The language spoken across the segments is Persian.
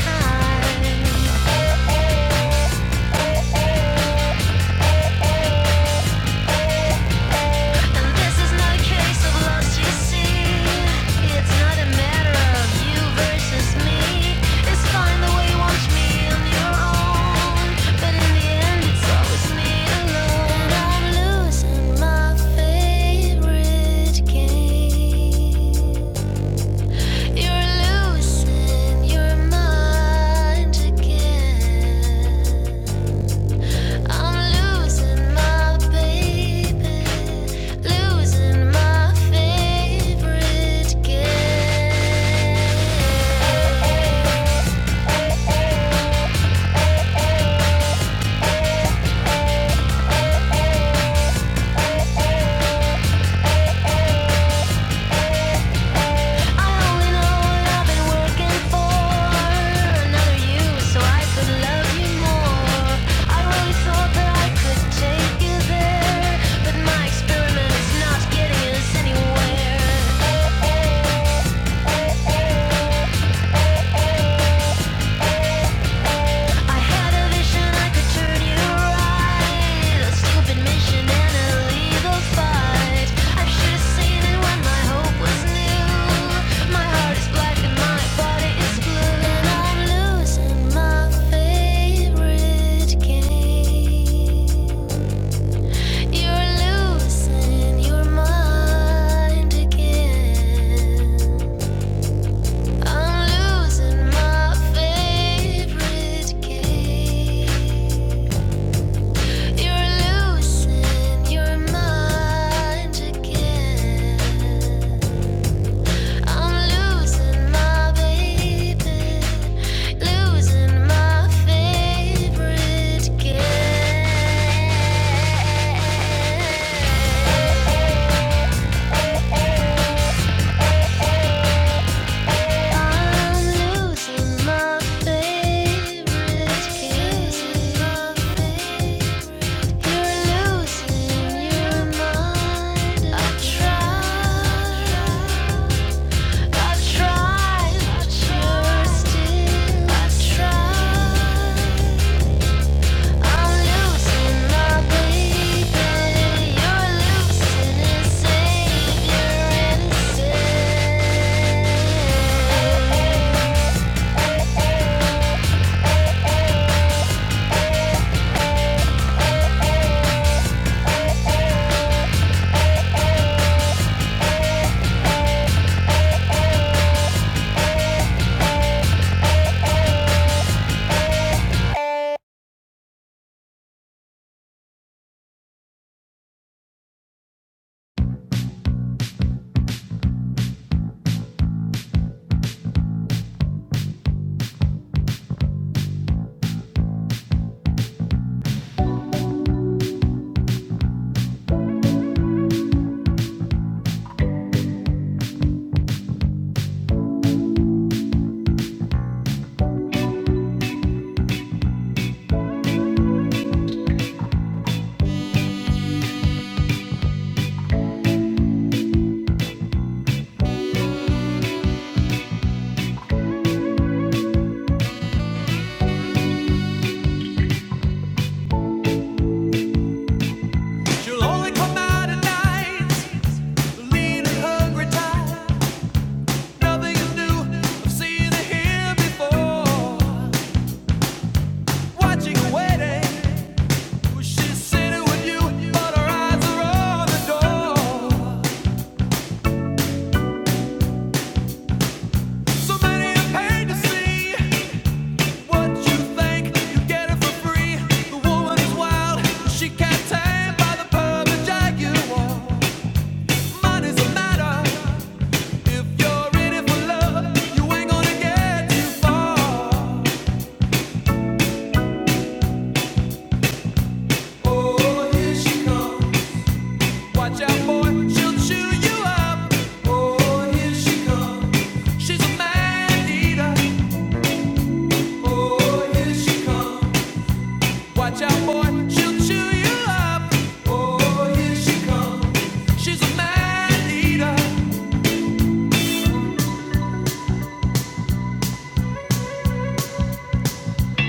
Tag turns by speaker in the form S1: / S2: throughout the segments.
S1: Time. And this is not a case of lust, you see. It's not a matter of you versus me. It's fine the way you want me on your own. But in the end, it's always me alone. I'm losing my favorite game. You're losing your mind again. Take you there, but my experiment is not getting us anywhere. I had a vision I could turn you right. A stupid mission and a legal fight. I should have seen it when my hope was new. My heart is black and my body is blue, and I'm losing my favorite game. You're losing your mind again. I'm losing my favorite game. You're losing your mind again. I'm losing my baby, losing my favorite kid. I'm losing my favorite kid. She'll only come out at night, lean and hungry tired. Nothing is new. I've seen it here before. Watching waiting. she's sitting with you, but her eyes are on the door. So many are paid to see what you think. You get it for free. The woman is wild. She can't tame by the perfect jaguar. Mine a matter. If you're in it for love, you ain't gonna get too far. Oh, here she comes. Watch out, boy, she'll chew you up. Oh, here she comes. She's a man eater. Oh, here she comes. Watch out, boy, she'll chew you up. Oh, here she comes. She's a man eater.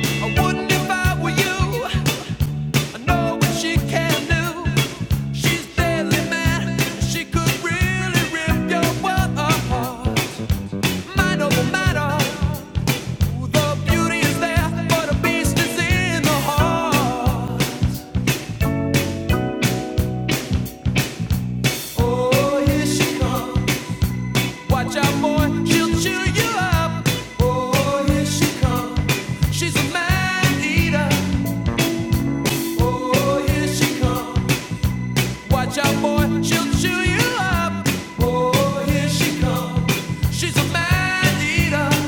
S1: I wouldn't if I were you. I know what she can do. She's deadly mad. She could really rip your world apart. Mind over matter. The beauty is there, but a beast is in the heart. Oh, here she comes. Watch out, boy, she'll chew you up. Oh, here she comes. She's a man eater. Oh, here she comes. Watch out, boy, she'll chew you up. Oh, here she comes. She's a man eater.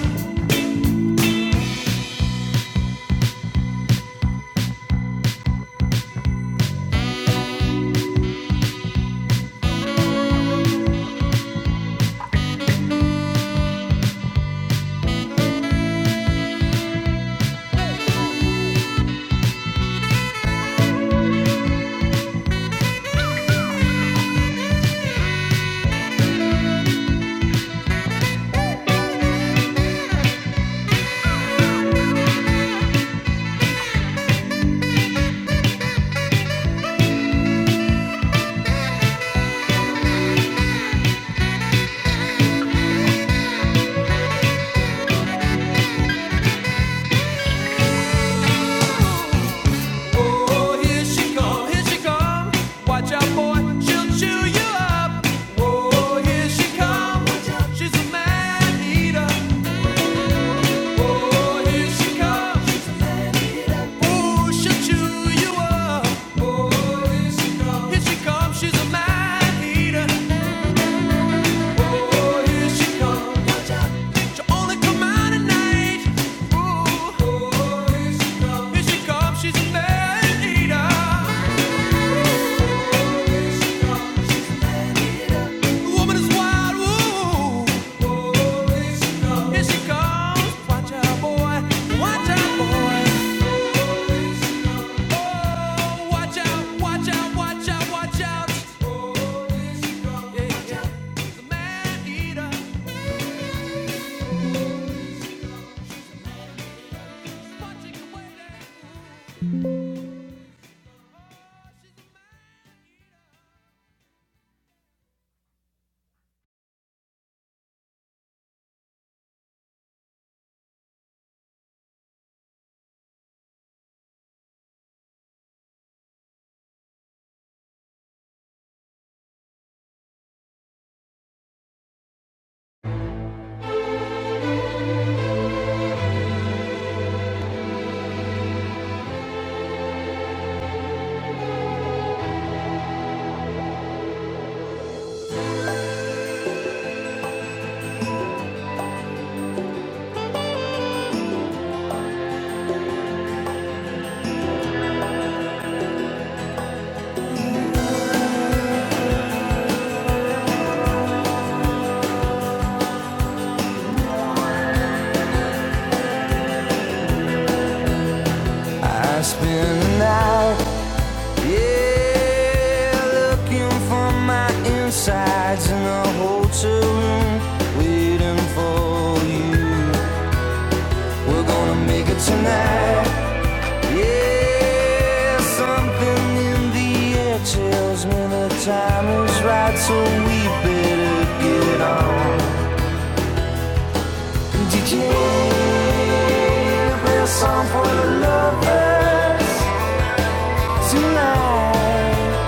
S1: Oh, here she come, here she come. Watch out, boy, she'll chew you up. Oh, here she come. She's a man eater. Oh, here she comes. Ooh, she'll chew you up. Oh, here she comes. Here she comes, she's a man eater. Watch out, watch out, watch out, watch out. I spend the night, yeah, looking for my insides in a hotel room, waiting for you. We're gonna make it tonight, yeah. Something in the air tells me the time is right, so we better get on. DJ, play a song for the lovers tonight.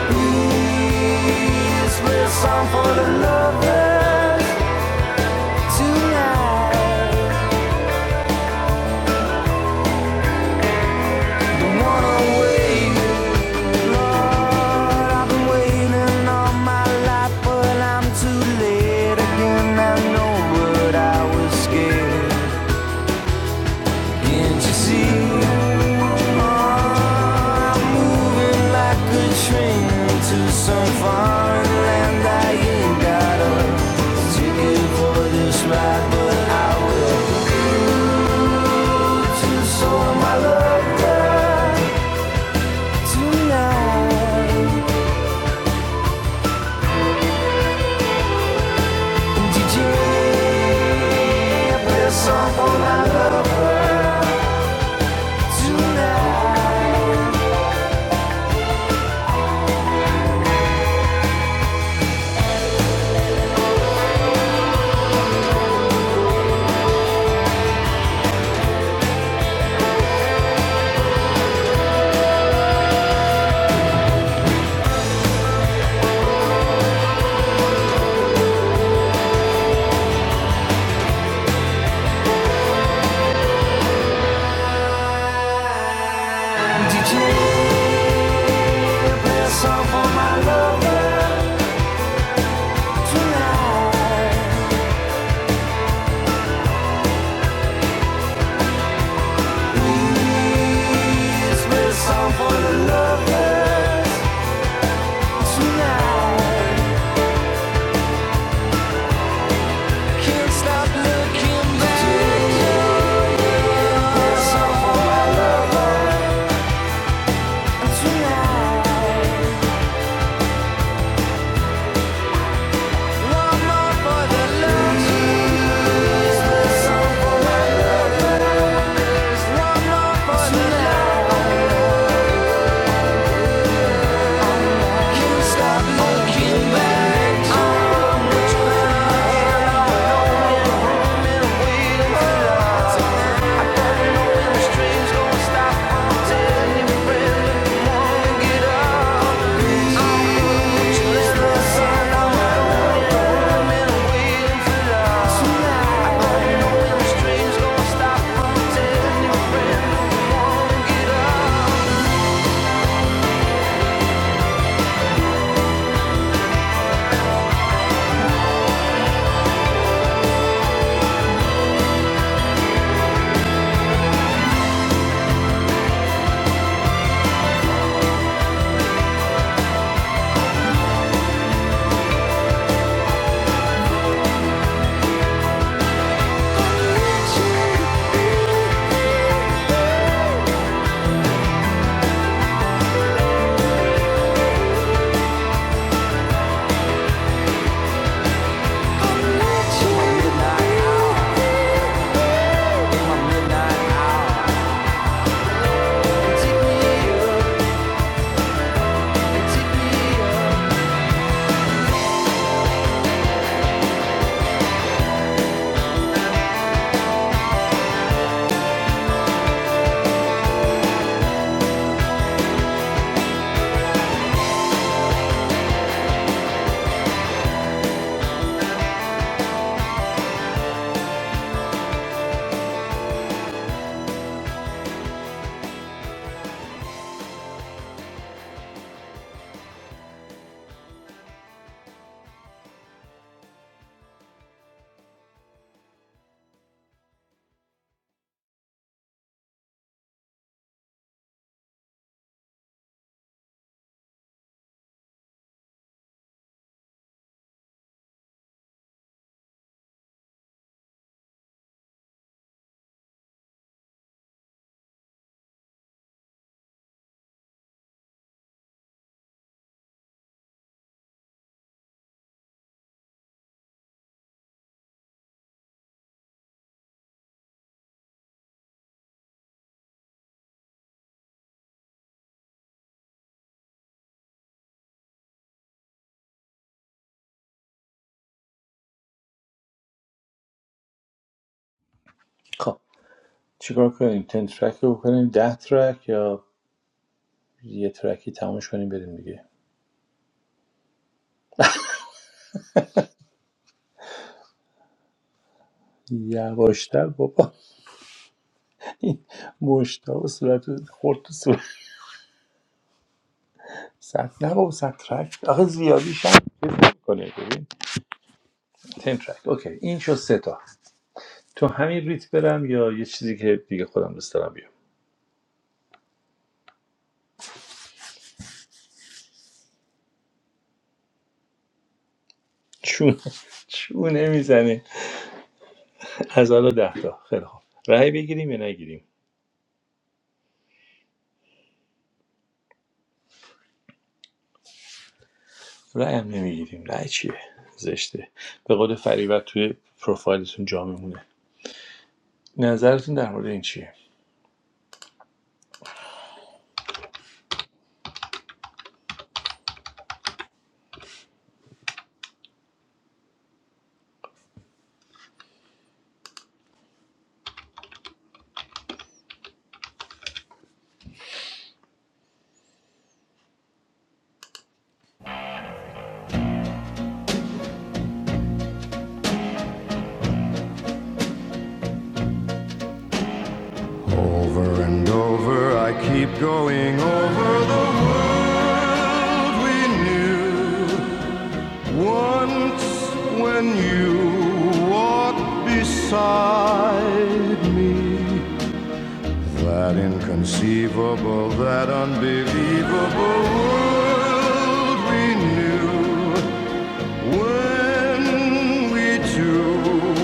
S1: Please play a song for the lovers tonight. Don't wanna wait, Lord. I've been waiting all my life, but I'm too late again. I know, but I was scared. Can't you see I could shrink to some foreign land I ain't got a Ticket for this ride, but I just sold my love tonight. DJ, there's song for my love tonight. DJ, play a song for my lover tonight. This is song for the lovers tonight. Can't stop looking back tonight. One more for the love. tonight. one more for the love. tonight. Can't stop looking back.
S2: خب چیکار کنیم تن ترک رو بکنیم ده ترک یا یه ترکی تمامش کنیم بریم دیگه یواشتر بابا این مشتا و صورت خورد تو صورت صد نه بابا صد ترک آخه زیادیش هم چیز کنه ببین تن ترک اوکی این شد سه تا تو همین ریت برم یا یه چیزی که دیگه خودم دوست دارم بیام چون چونه میزنه از حالا ده تا خیلی خوب رأی بگیریم یا نگیریم رأی هم نمیگیریم رأی چیه زشته به قول فریبت توی پروفایلتون جا میمونه نظرتون در مورد این چیه
S1: Over and over, I keep going over the world we knew. Once, when you walked beside me, That inconceivable, that unbelievable world we knew when we two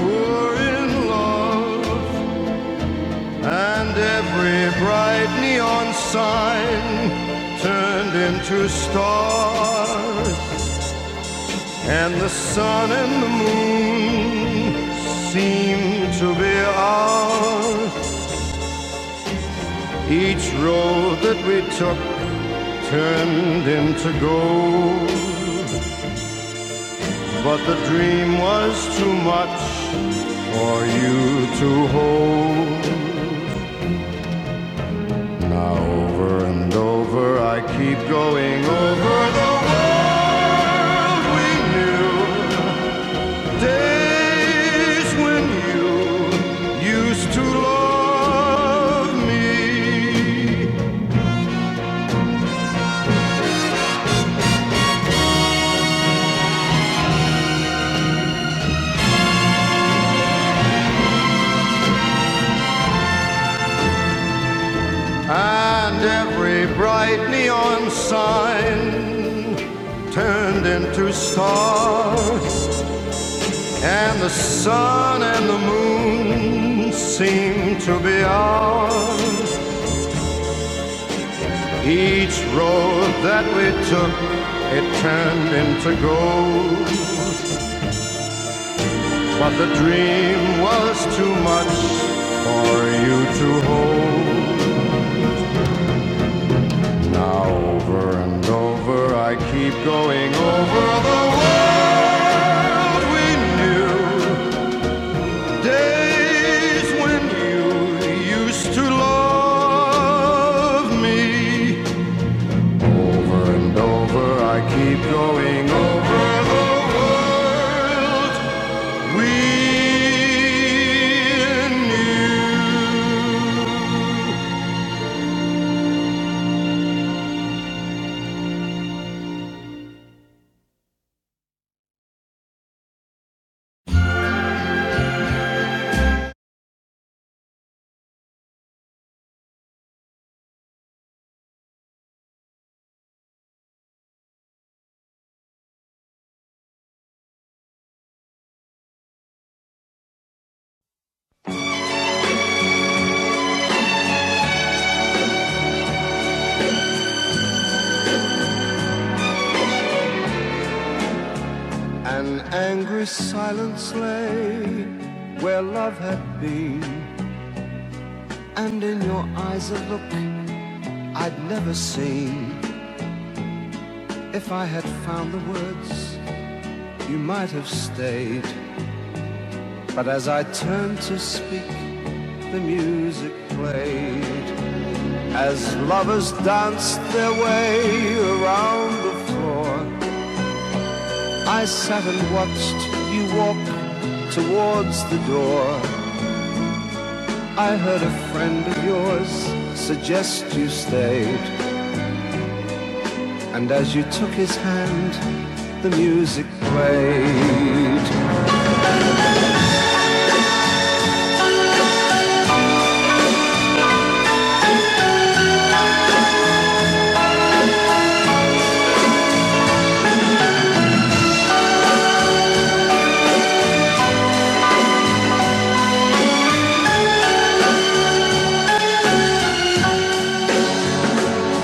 S1: were in love, and every bright neon sign turned into stars, and the sun and the moon seemed to be ours. Each road that we took turned him to gold. But the dream was too much for you to hold. Now over and over I keep going over the world we knew. Days when you used to love me. And every bright neon sign turned into stars, and the sun and the moon seemed to be ours. Each road that we took, it turned into gold, but the dream was too much for you to hold. Now over and over I keep going over the world we knew. Days when you used to love me. Over and over I keep going over the world we knew. An angry silence lay where love had been, and in your eyes a look I'd never seen. If I had found the words, you might have stayed. But as I turned to speak, the music played. As lovers danced their way around the floor, I sat and watched you walk towards the door. I heard a friend of yours suggest you stayed, and as you took his hand, the music played.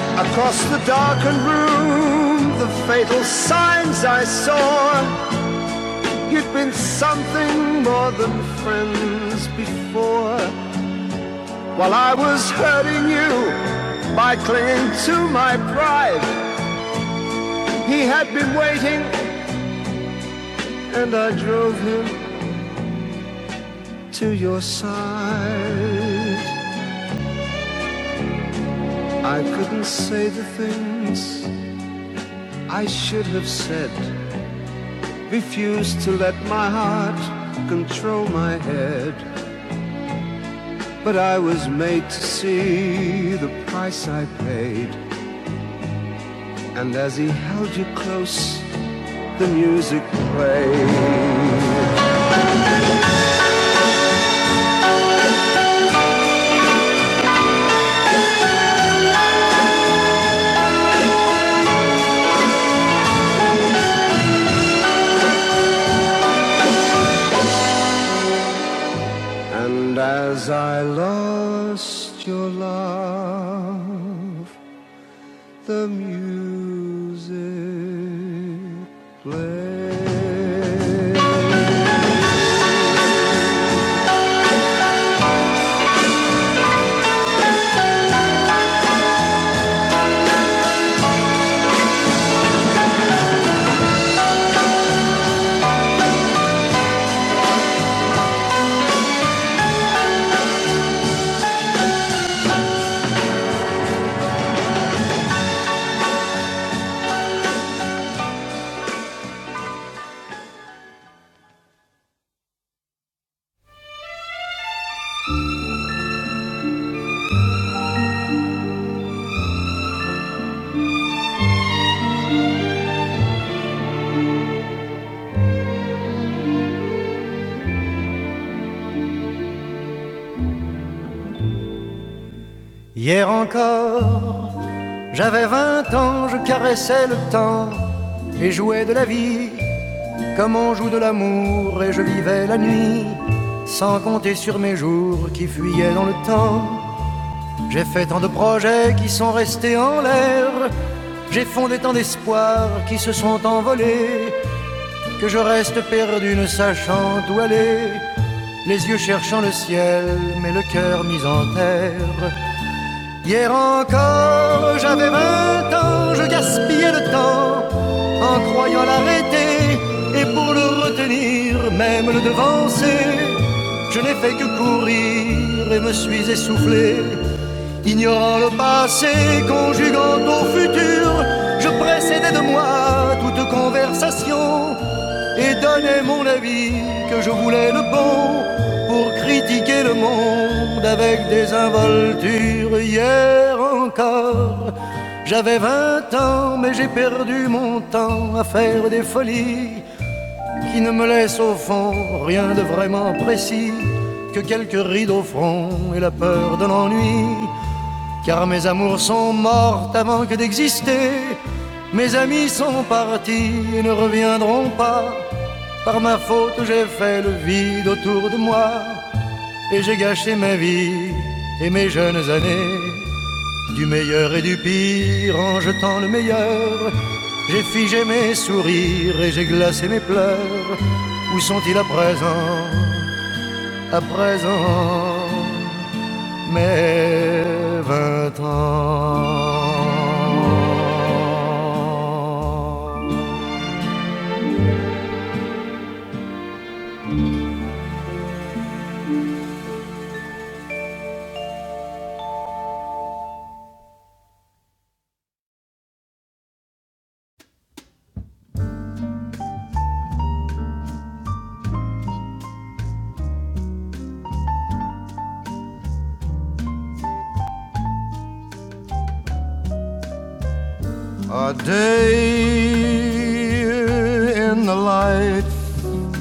S1: Across the darkened room, the fatal signs I saw. You'd been something more than friends before. While I was hurting you by clinging to my pride, he had been waiting, and I drove him to your side. I couldn't say the things I should have said. Refused to let my heart control my head. But I was made to see the price I paid. And as he held you close, the music played. And as I lost your love, the music played. Hier encore, j'avais vingt ans, je caressais le temps et jouais de la vie comme on joue de l'amour et je vivais la nuit sans compter sur mes jours qui fuyaient dans le temps. J'ai fait tant de projets qui sont restés en l'air, j'ai fondé tant d'espoirs qui se sont envolés que je reste perdu ne sachant où aller, les yeux cherchant le ciel mais le cœur mis en terre. Hier encore, j'avais vingt ans, je gaspillais le temps en croyant l'arrêter et pour le retenir, même le devancer. Je n'ai fait que courir et me suis essoufflé Ignorant le passé, conjuguant au futur, je précédais de moi toute conversation et donnais mon avis que je voulais le bon pour critiquer le monde avec des involtures. Hier encore, j'avais vingt ans, mais j'ai perdu mon temps à faire des folies qui ne me laissent au fond rien de vraiment précis que quelques rides au front et la peur de l'ennui. Car mes amours sont mortes avant que d'exister. Mes amis sont partis et ne reviendront pas. Par ma faute, j'ai fait le vide autour de moi. Et j'ai gâché ma vie et mes jeunes années. Du meilleur et du pire en jetant le meilleur. J'ai figé mes sourires et j'ai glacé mes pleurs. Où sont-ils à présent À présent mes vingt ans. A day in the life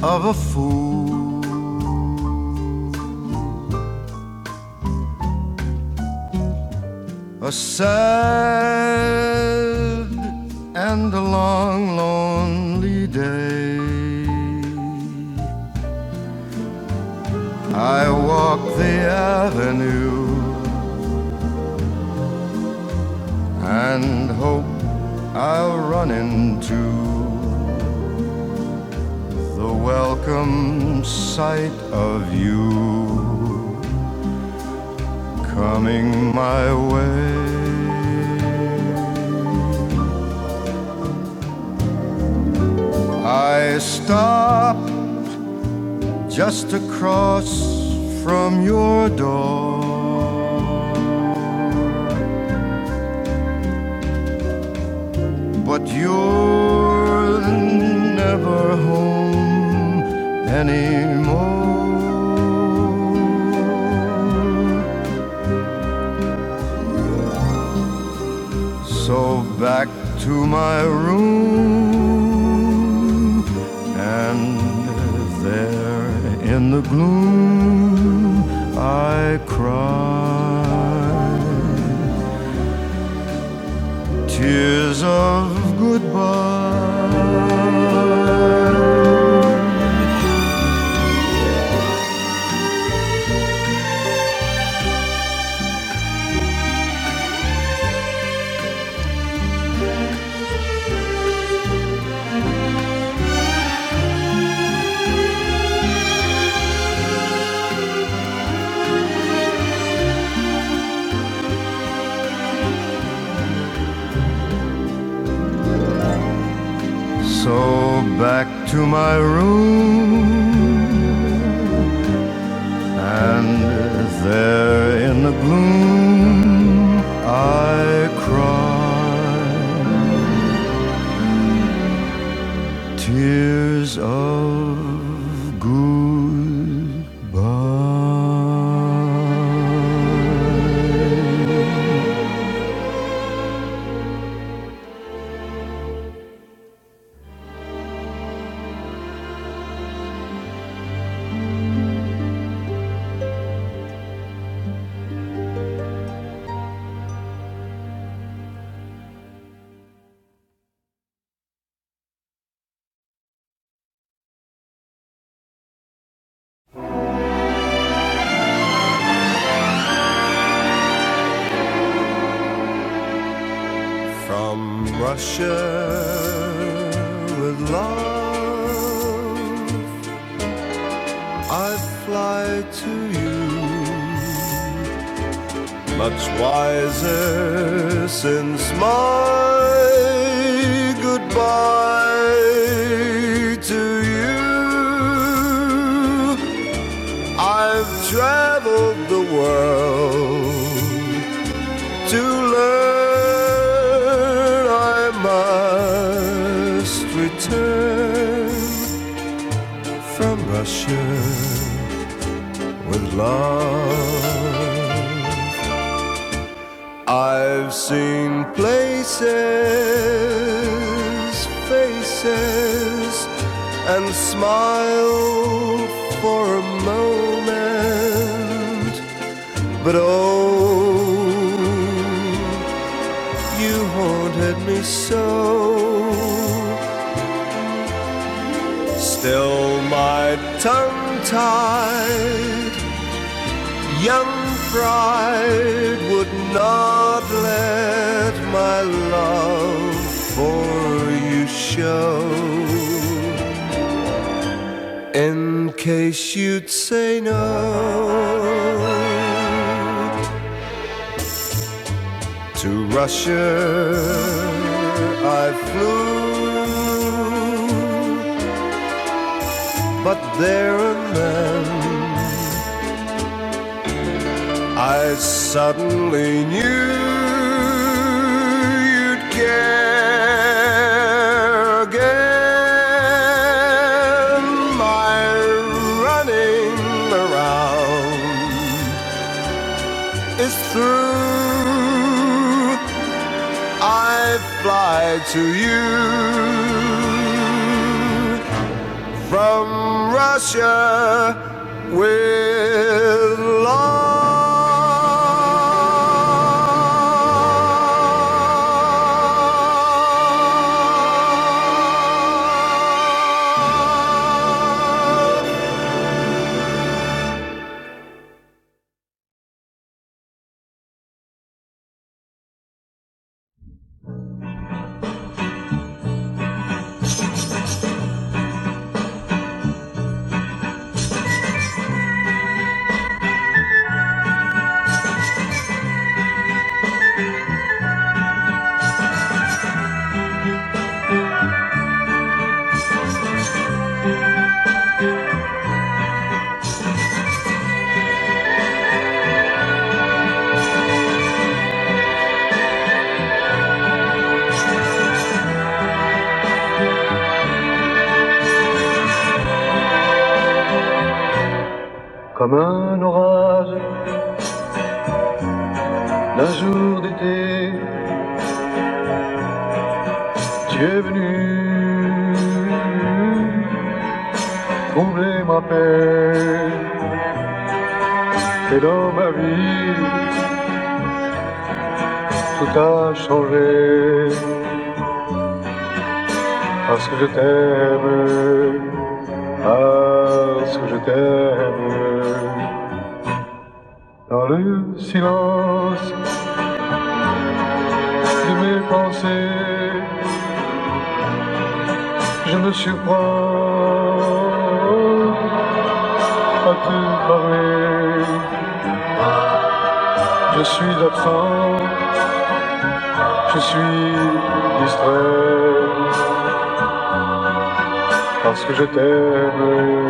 S1: of a fool, a sad and a long, lonely day. I walk the avenue and hope I'll run into The welcome sight of you coming my way. I stop just across from your door, but you're never home anymore. So back to my room, and there in the gloom, I cried tears of goodbye. So back to my room, and there in the gloom, I cried Tears of goodbye from Russia with love. I fly to you, much wiser since my goodbye to you. I've traveled the world to learn I must return from Russia with love. I've seen places, faces, and smiled for a moment But oh, you haunted me so. Still my tongue tied, young pride would not let my love for you show. In case you'd say no. To Russia I flew, but there and then I suddenly knew you'd care again. My running around is through. I fly to you from Russia with love. Comme un orage d'un jour d'été, tu es venu troubler ma peine, Et dans ma vie, tout a changé parce que je t'aime, parce que je Dans le silence de mes pensées, je me surprends à te parler. Je suis absent, je suis distrait, parce que je t'aime,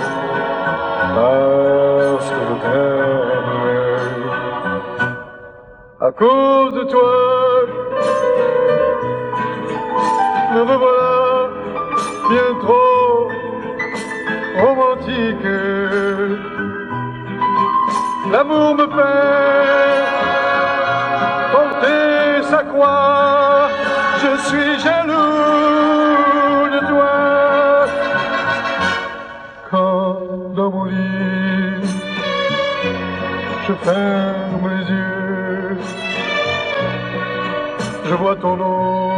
S1: parce que je t'aime. À cause de toi, me revoilà bien trop romantique. L'amour me fait Comptez à quoi je suis jaloux de toi. Quand dans mon lit, je ferme les yeux, je vois ton nom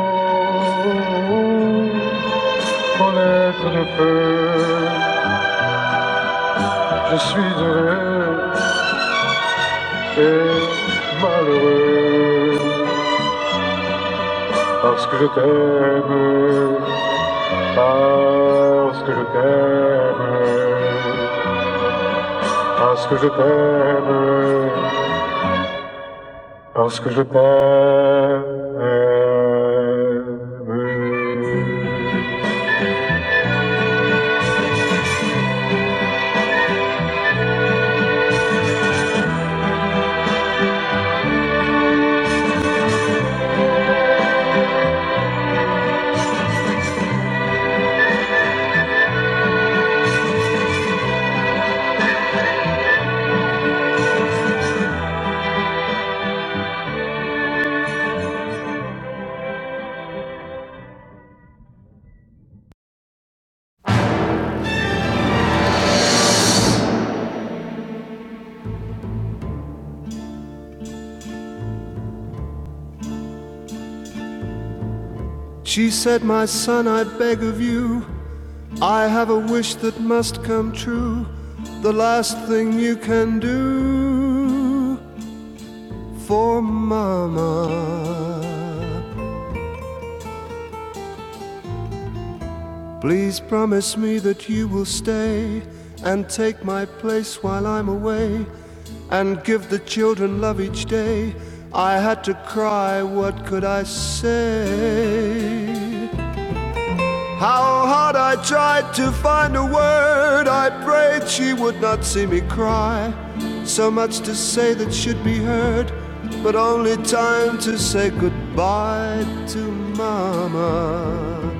S1: en lettres de feu. Je suis heureux et malheureux parce que je t'aime, parce que je t'aime. Parce que je t'aime, parce que je t'aime. She said, My son, I beg of you, I have a wish that must come true. The last thing you can do for Mama. Please promise me that you will stay and take my place while I'm away. and give the children love each day. I had to cry, what could I say? How hard I tried to find a word, I prayed she would not see me cry. So much to say that should be heard, but only time to say goodbye to Mama.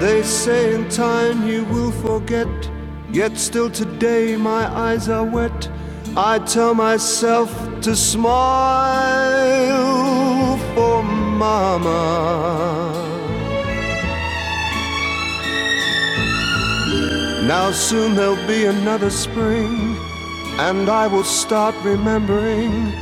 S1: They say in time you will forget, yet still today my eyes are wet. I tell myself to smile for Mama. Now soon there'll be another spring, and I will start remembering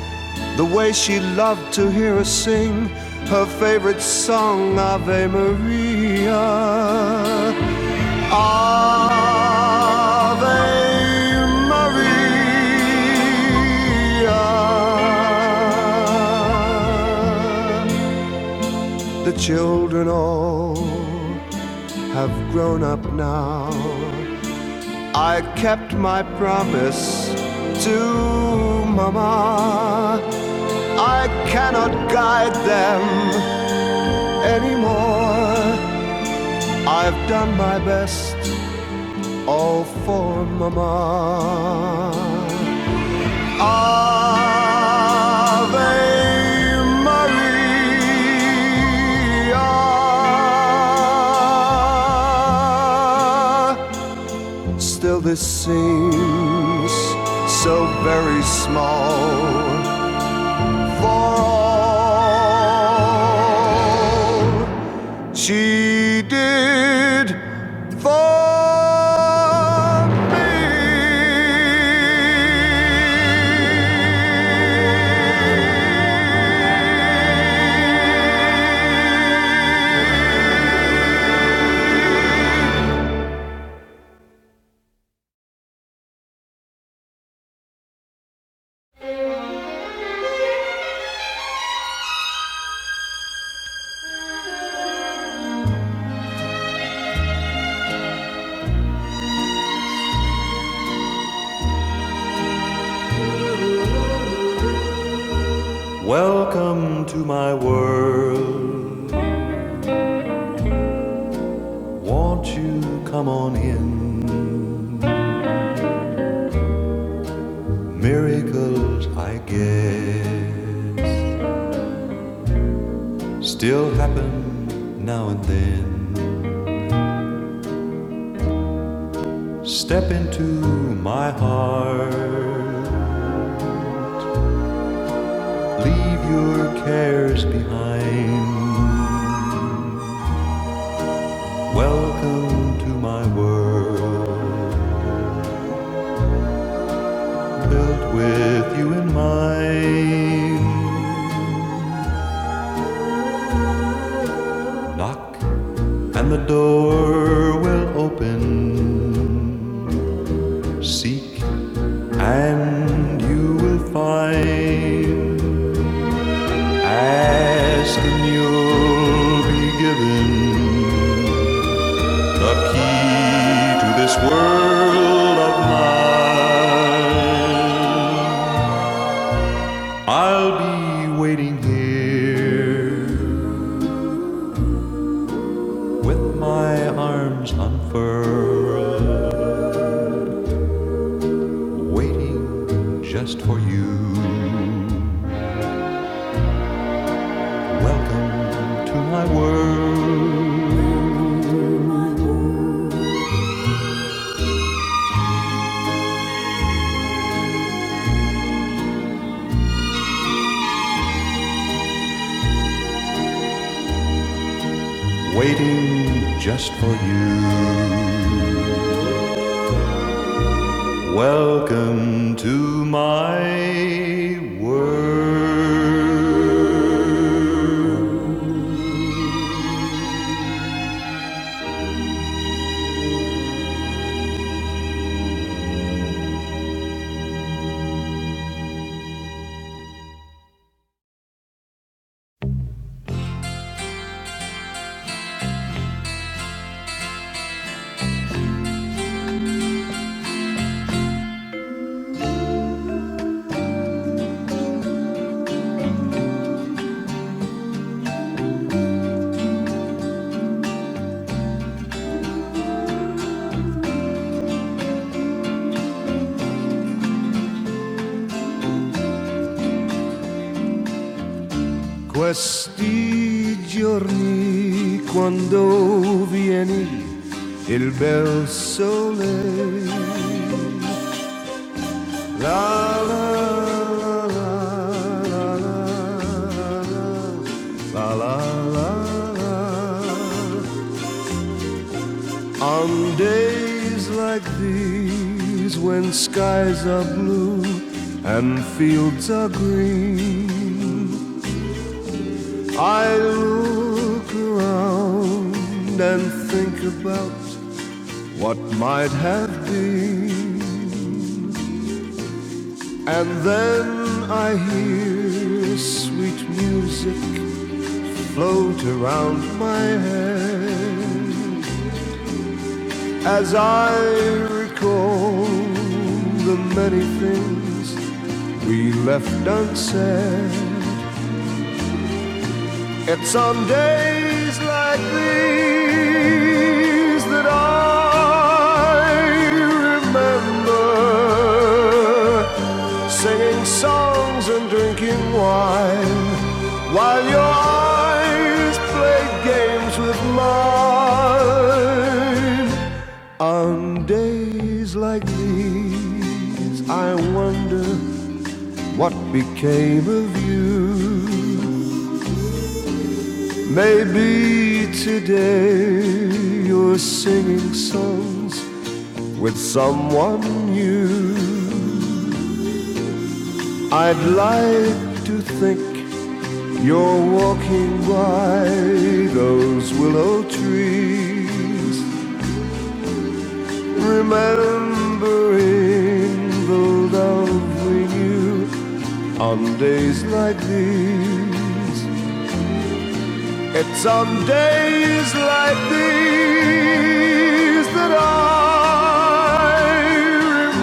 S1: the way she loved to hear us sing her favorite song, Ave Maria. Ave Maria. The children all have grown up now. I kept my promise to Mama. I cannot guide them anymore. I've done my best, all for Mama. Ave Maria. Still, this seems so very small for all she did for me. Welcome to my world. Won't you come on in? Miracles, I guess, still happen now and then. Step into my heart, leave your cares behind. Welcome to my world, built with you in mind. Knock, and the door will open. Seek And you will find, ask and you'll be given the key to this world of mine. I'll be waiting here with my arms unfurled, waiting just for you. Welcome to my world, waiting just for you. Welcome to my world. Questi giorni quando vieni il bel sole. La la la la la la la la la la On days like these, when skies are blue and fields are green, I look around and think about what might have been. And then I hear sweet music float around my head as I recall the many things we left unsaid. It's on days like these that I remember singing songs and drinking wine while your eyes played games with mine. On days like these, I wonder what became of you. Maybe today you're singing songs with someone new. I'd like to think you're walking by those willow trees, remembering the love we knew on days like these. It's on days like these that I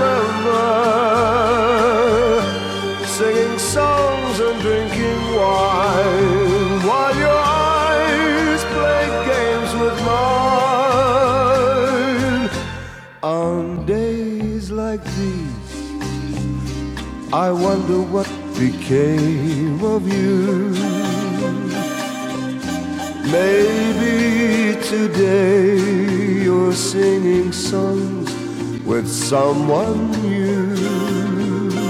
S1: remember singing songs and drinking wine while your eyes play games with mine. On days like these, I wonder what became of you. Maybe today you're singing songs with someone new.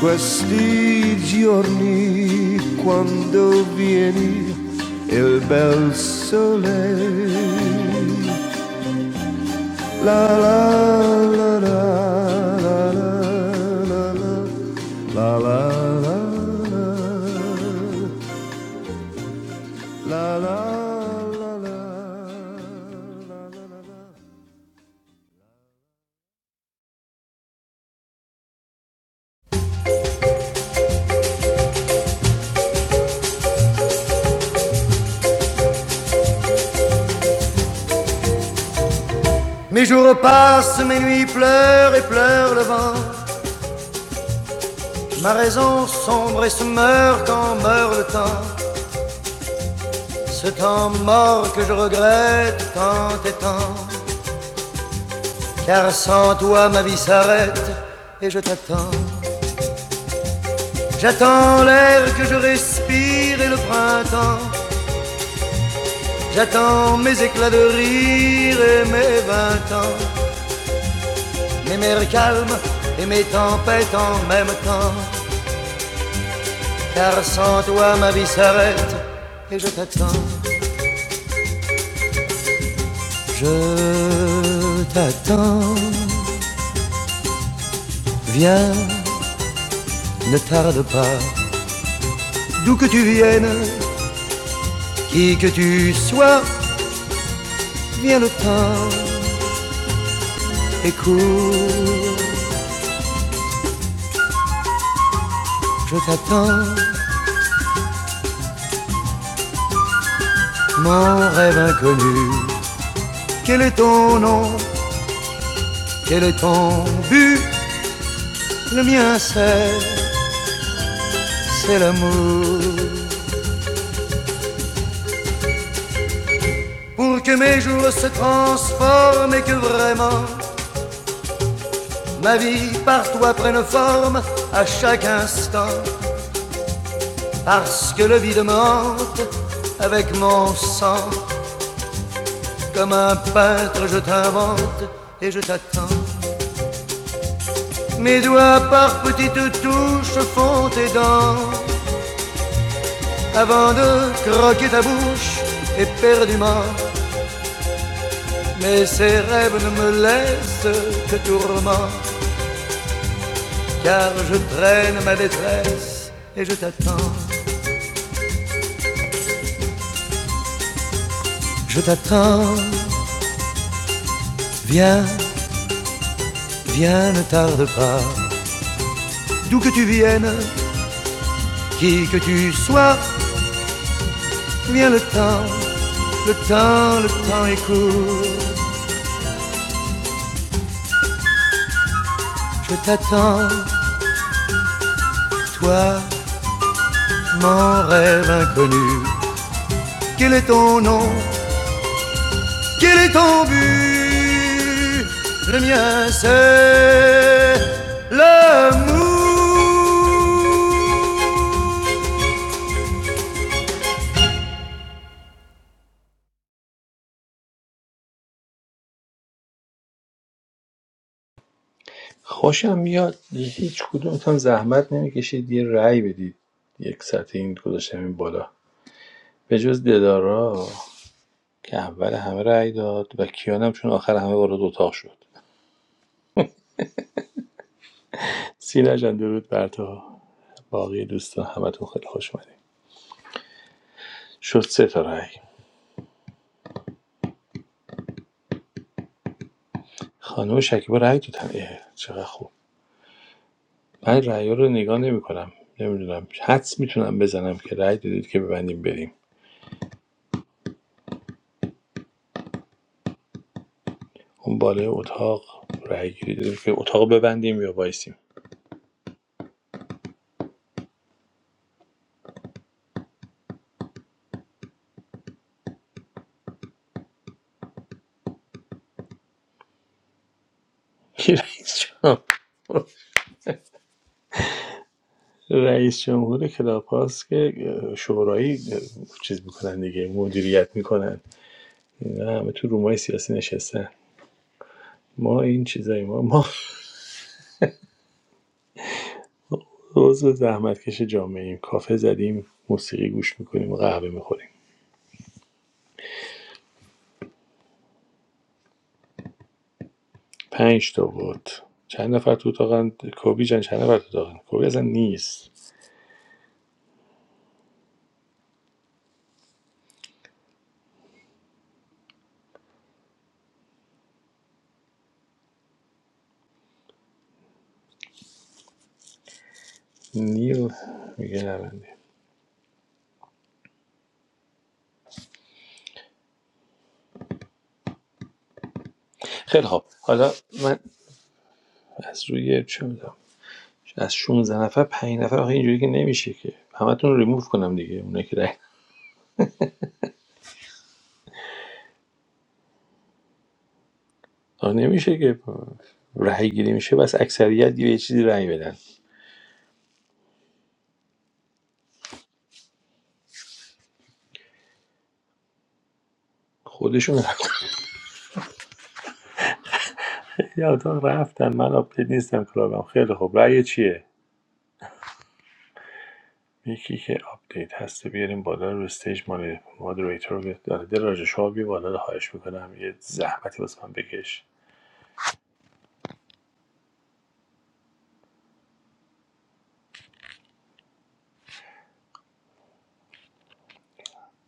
S1: Questi giorni quando vieni il bel sole. La la la la la la la la la la la la la la Mes jours passent, mes nuits pleurent et pleure le vent. Ma raison sombre et se meurt quand meurt le temps. Que j'aurais tant et tant, car sans toi ma vie s'arrête. Et je t'attends, je respire et le printemps, j'attends l'éclat de rire et mes vingt ans, air calme et mes tempêtes en même temps, car sans toi ma vie s'arrête et je t'attends, je t'attends, viens, ne tarde pas. D'où que tu viennes, qui que tu sois, viens le temps et cours. Je t'attends, mon rêve inconnu. Quel est ton nom Quel est ton but Le mien c'est, c'est l'amour. Pour que mes jours se transforment et que vraiment ma vie par toi prenne forme à chaque instant. Parce que le vide me hante avec mon sang. Comme un peintre, je t'invente et je t'attends. Mes doigts par petites touches font tes dents avant de croquer ta bouche éperdument. Mais ces rêves ne me laissent que tourment, car je traîne ma détresse et je t'attends. Je t'attends, viens, viens, ne tarde pas. D'où que tu viennes, qui que tu sois, viens le temps, le temps, le temps est court. Je t'attends, toi, mon rêve inconnu. Quel est ton nom Quel est ton but Le mien, c'est l'amour.
S2: خوشم میاد هیچ کدومتون زحمت نمیکشید یه رأی بدید یک سطح این گذاشتم این بالا به جز ددارا که اول همه رأی داد و کیانم چون آخر همه وارد اتاق شد سینا جان درود بر تو باقی دوستان همتون خیلی خوش اومدید شد سه تا رأی خانم شکیبا رأی دادن اه، چقدر خوب من رأیا رو نگاه نمی‌کنم نمی‌دونم حدس میتونم بزنم که رأی دادید که ببندیم بریم اون بالای اتاق رأی گیری دادید که اتاق ببندیم یا وایسیم کی رئیس جمهور رئیس جمهور کلاپاس که شورایی چیز میکنن دیگه مدیریت میکنن اینا همه تو رومای سیاسی نشستن ما این چیزای ما ما روز زحمتکش جامعه ایم کافه زدیم موسیقی گوش میکنیم و قهوه میخوریم پنج تا بود چند نفر تو اتاقن کوبی جان چند نفر تو اتاقن کوبی اصلا نیست نیل میگه نبنده خیلی خب حالا من از روی چه میدونم از 16 نفر پنج نفر آخه اینجوری که نمیشه که همتون رو ریموو کنم دیگه اونایی که رای آه نمیشه که رای گیری میشه بس اکثریت یه چیزی رای بدن خودشون رفتن. یه اتاق رفتن من آپدیت نیستم کلابم خیلی خب رای چیه یکی که آپدیت هسته بیاریم بالا رو استیج مادریتور که داره دل راجع شما بیا بالا خواهش میکنم یه زحمتی واسه من بکش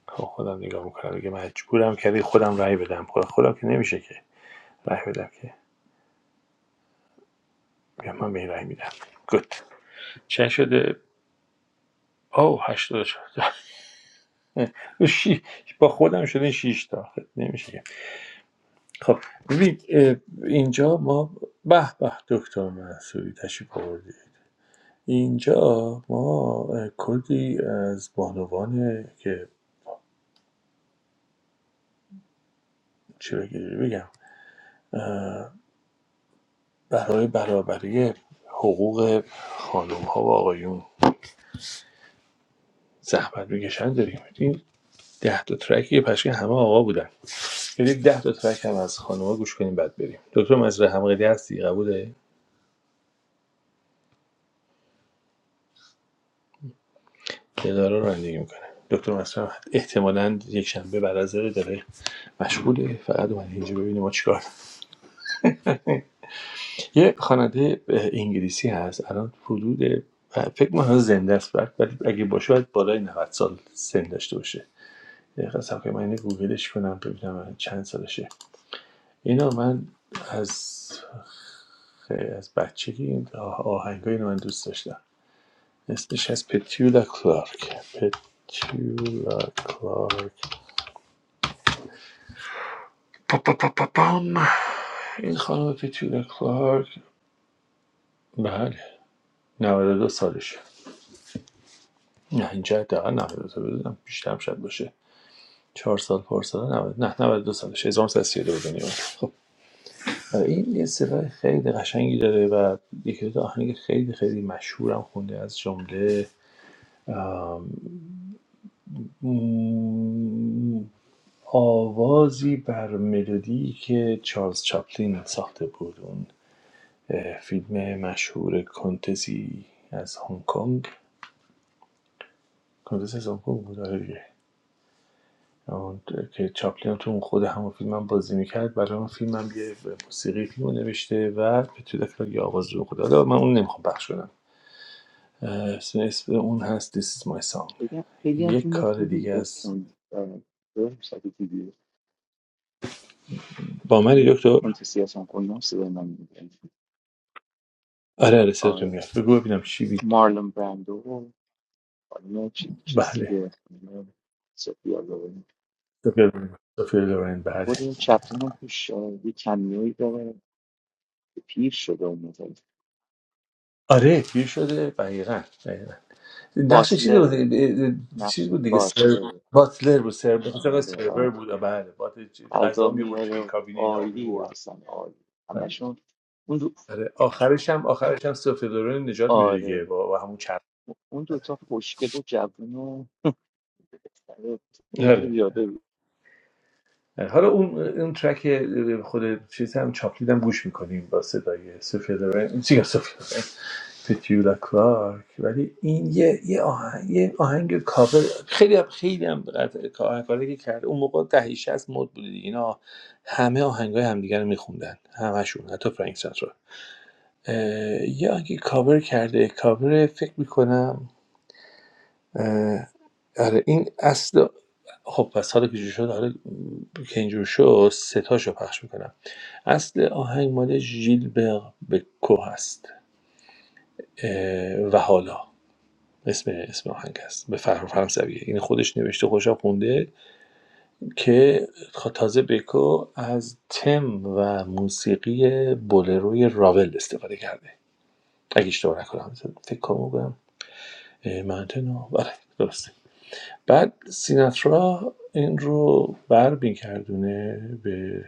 S2: خب خودم نگاه میکنم دیگه مجبورم کردی خودم رأی بدم خب، خودم که نمیشه که رأی بدم که بیا من به این رأی میدم گود چه شده او هشتاد شد شی- با خودم شده شیش تا خب، نمیشه خب ببین اینجا ما به به دکتر منصوری تشریف آوردی اینجا ما اه، کلی از بانوان که چی بگی- بگم اه، برای برابری حقوق خانم ها و آقایون زحمت میکشن داریم این ده تا ترکیه پشکه همه آقا بودن برید ده تا ترک هم از خانوما گوش کنیم بعد بریم دکتر مزرعه حمقلی هستی قبوله اداره رو رانندگی میکنه دکتر مزرعه احتمالاً یک شنبه بعد از ظهر داره مشغوله فقط اومده اینجا ببینه ما چیکار یه خواننده انگلیسی هست الان حدود فکر می‌کنم هنوز زنده است بعد ولی اگه باشه باید بالای 90 سال سن داشته باشه یه دقیقه صبر کنید، من اینو گوگلش کنم ببینم چند سالشه اینا من از خیلی از بچگی این آهنگ اینو من دوست داشتم اسمش از پتیولا کلارک پتیولا کلارک پا پا پا پا پام. این خانم پتیولا کلارک بله 92 سالشه نه اینجا حداقل 92 بدونم بیشتر هم شاید باشه چهار سال پر سال 90 نه نود و دو سالش 1932 به دنیا اومد. خب این یه صدای خیلی قشنگی داره و یکی دو تا آهنگ خیلی خیلی مشهورم خونده از جمله آوازی بر ملودی که چارلز چاپلین ساخته بود اون فیلم مشهور کنتسی از هنگ کنگ کنتس از هنگ کنگ بود آره آه، که چاپلین تو اون خود همون فیلم هم بازی میکرد برای اون فیلم هم یه موسیقی فیلم رو نوشته و به تو دفعه یه آواز رو خود حالا من اون نمیخوام پخش کنم اه، اسم اون هست This is my song
S3: خیلی هم خیلی هم
S2: یک
S3: فیلم
S2: کار
S3: خوبی
S2: دیگه از
S3: اون ساعت دیدی
S2: با
S3: فیلم
S2: منی دکتر
S3: کنتسیاسان کنم صدای من میگن
S2: آره آره صداتون
S3: آره
S2: میاد بگو ببینم چی بی...
S3: مارلون برندو و خانم چی- چیز
S2: بله
S3: دیگه خانم سوفیا لورن
S2: سفیر لورن بله
S3: خود این چپلین هم توش آه، یه کمیایی داره که پیر شده اون موقع
S2: آره پیر شده دقیقا دقیقا نقش چی بود اه،
S3: باتلره
S2: اه، چیز بود
S3: نفسون
S2: دیگه سر...
S3: باتلر
S2: باتلر بود سر... بخاطر
S3: آره
S2: سرور
S3: آره
S2: بود آه، بله باتلر چی- غذا
S3: غذا
S2: میبرد
S3: میاره
S2: توی
S3: و
S2: کابین اینا
S3: عالی
S2: میبرد
S3: اصلا عالی همشون اون دو
S2: آره آخرش هم آخرش هم سوفی لورن نجات میده دیگه
S3: آره
S2: با, با همون چرخ
S3: اون دوتا خوشگل و جوون و اینو
S2: آره
S3: بیا بگو
S2: حالا اون اون ترک خود چیز هم چاپلین هم گوش میکنیم با صدای سوفی لورن چیه سوفی لورن پتیولا کلارک ولی این یه یه آهنگ یه آهنگ کاور خیلی هم خیلی هم قطع- کاوری که کرد اون موقع دهه 60 مد بود دیگه. اینا همه آهنگای همدیگه رو میخوندن همشون حتی فرانک سنترا اه، یه آهنگی کاور کرده کاور فکر میکنم اه، آره این اصل خب پس حالا که جور شد حالا که اینجور شد ستاشو پخش میکنم اصل آهنگ مال ژیلبر بکو هست اه، و حالا اسم اسم آهنگ است. به فر فرانسویه این خودش نوشته خودش هم خونده که خ- تازه بکو از تم و موسیقی بولروی راول استفاده کرده اگه اشتباه نکنم فکر کنم بگم اه، منتنو بله درسته بعد سیناترا این رو بر میگردونه به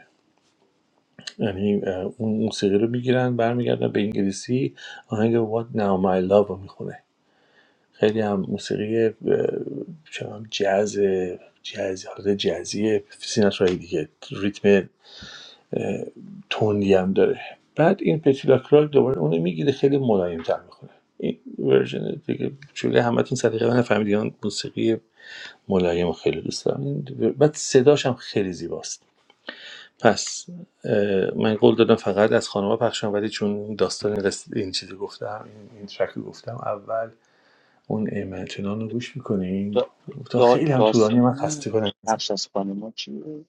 S2: یعنی اه، اون موسیقی رو میگیرن برمیگردن به انگلیسی آهنگ What Now My Love رو میخونه خیلی هم موسیقی اه، چنان جاز جاز حالت جزی سیناترای دیگه ریتم اه، تندی هم داره بعد این پتیلا کراک دوباره اونو میگیره خیلی ملایمتر میخونه این ورژن دیگه چون همتون صدقه و نفهمیدین موسیقی ملایم و خیلی دوست دارم بعد صداش هم خیلی زیباست پس من قول دادم فقط از خانوما پخشم ولی چون داستان رس- این چیزی گفتم این, این گفتم اول اون ایمن چنان رو گوش میکنیم
S3: دا
S2: تا
S3: دا
S2: خیلی هم طولانی من
S3: داستان
S2: خسته کنم
S3: نقش از خانوما چیه؟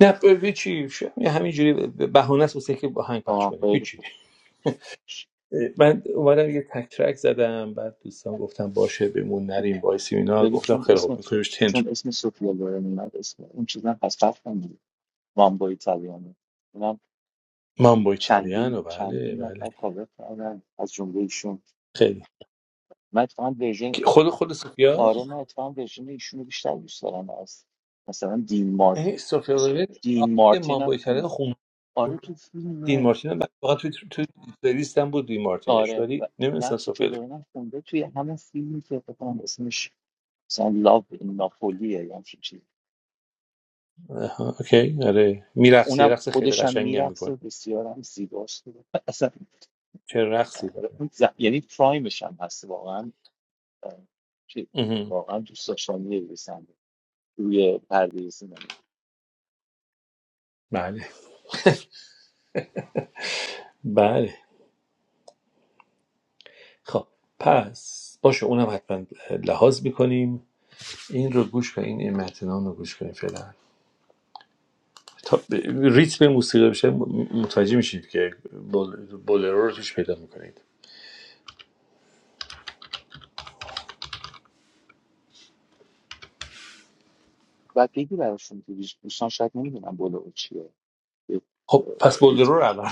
S2: نه ب- هیچی ش- همینجوری بهانه است واسه که آهنگ پخش
S3: آه
S2: کنیم
S3: خیلی
S2: هیچی
S3: خوش
S2: من اومدم یه تک ترک زدم بعد دوستان گفتم باشه بمون نریم وایسیم اینا
S3: ببین
S2: گفتم
S3: چون
S2: خیلی خوب
S3: اسم
S2: میکنیمش تنت
S3: چون اسم سوفیا لورن اومد اسم اون چیزا پس رفتم دیگه وامبو ایتالیانو اونم
S2: مام بوی
S3: چندین
S2: و بله
S3: چندین
S2: بله
S3: نفر کاور کردن از جمله ایشون
S2: خیلی
S3: من اتفاقا ورژن
S2: که خود خود سوفیا
S3: آره من اتفاقا ورژن ایشون رو بیشتر دوست دارم از مثلا دین مار
S2: یعنی سوفیا وگل
S3: دین
S2: آهنگ
S3: مارتین
S2: مان
S3: هم
S2: بای کردن
S3: خوند.
S2: خون
S3: آره تو
S2: دین
S3: فیلمه
S2: مارتین هم فقط توی تو پلیلیست هم بود دین مارتینش
S3: آره و
S2: ولی نمیدونستم
S3: نقش
S2: سوفیا وگل-
S3: کلورن خونده توی همون فیلمی که فکر کنم اسمش مثلا لاو این ناپولیه یا همچین چیزی
S2: آها، اوکی آره میرقصه
S3: اونم
S2: رقص خیلی
S3: خودش هم
S2: قشنگی هم
S3: میرقصه
S2: میکنه
S3: و بسیار هم زیباست و اصلا
S2: چه رقصی داره
S3: اون ز... یعنی پرایمش هم هست واقعا اه، چی-
S2: اها،
S3: واقعا دوست داشتنیه یه صحنه روی پرده سینما
S2: بله بله خب پس باشه اونم حتما لحاظ میکنیم این رو گوش کنیم این متنان رو گوش کنیم فعلا تا ب- ریتم موسیقی بشه م- متوجه میشید که بول- بولرو رو توش پیدا میکنید
S3: و بگی براشون که دوست- دوستان شاید نمیدونم بلو چیه یه، اه،
S2: خب پس
S3: ریتم.
S2: بولرو رو الان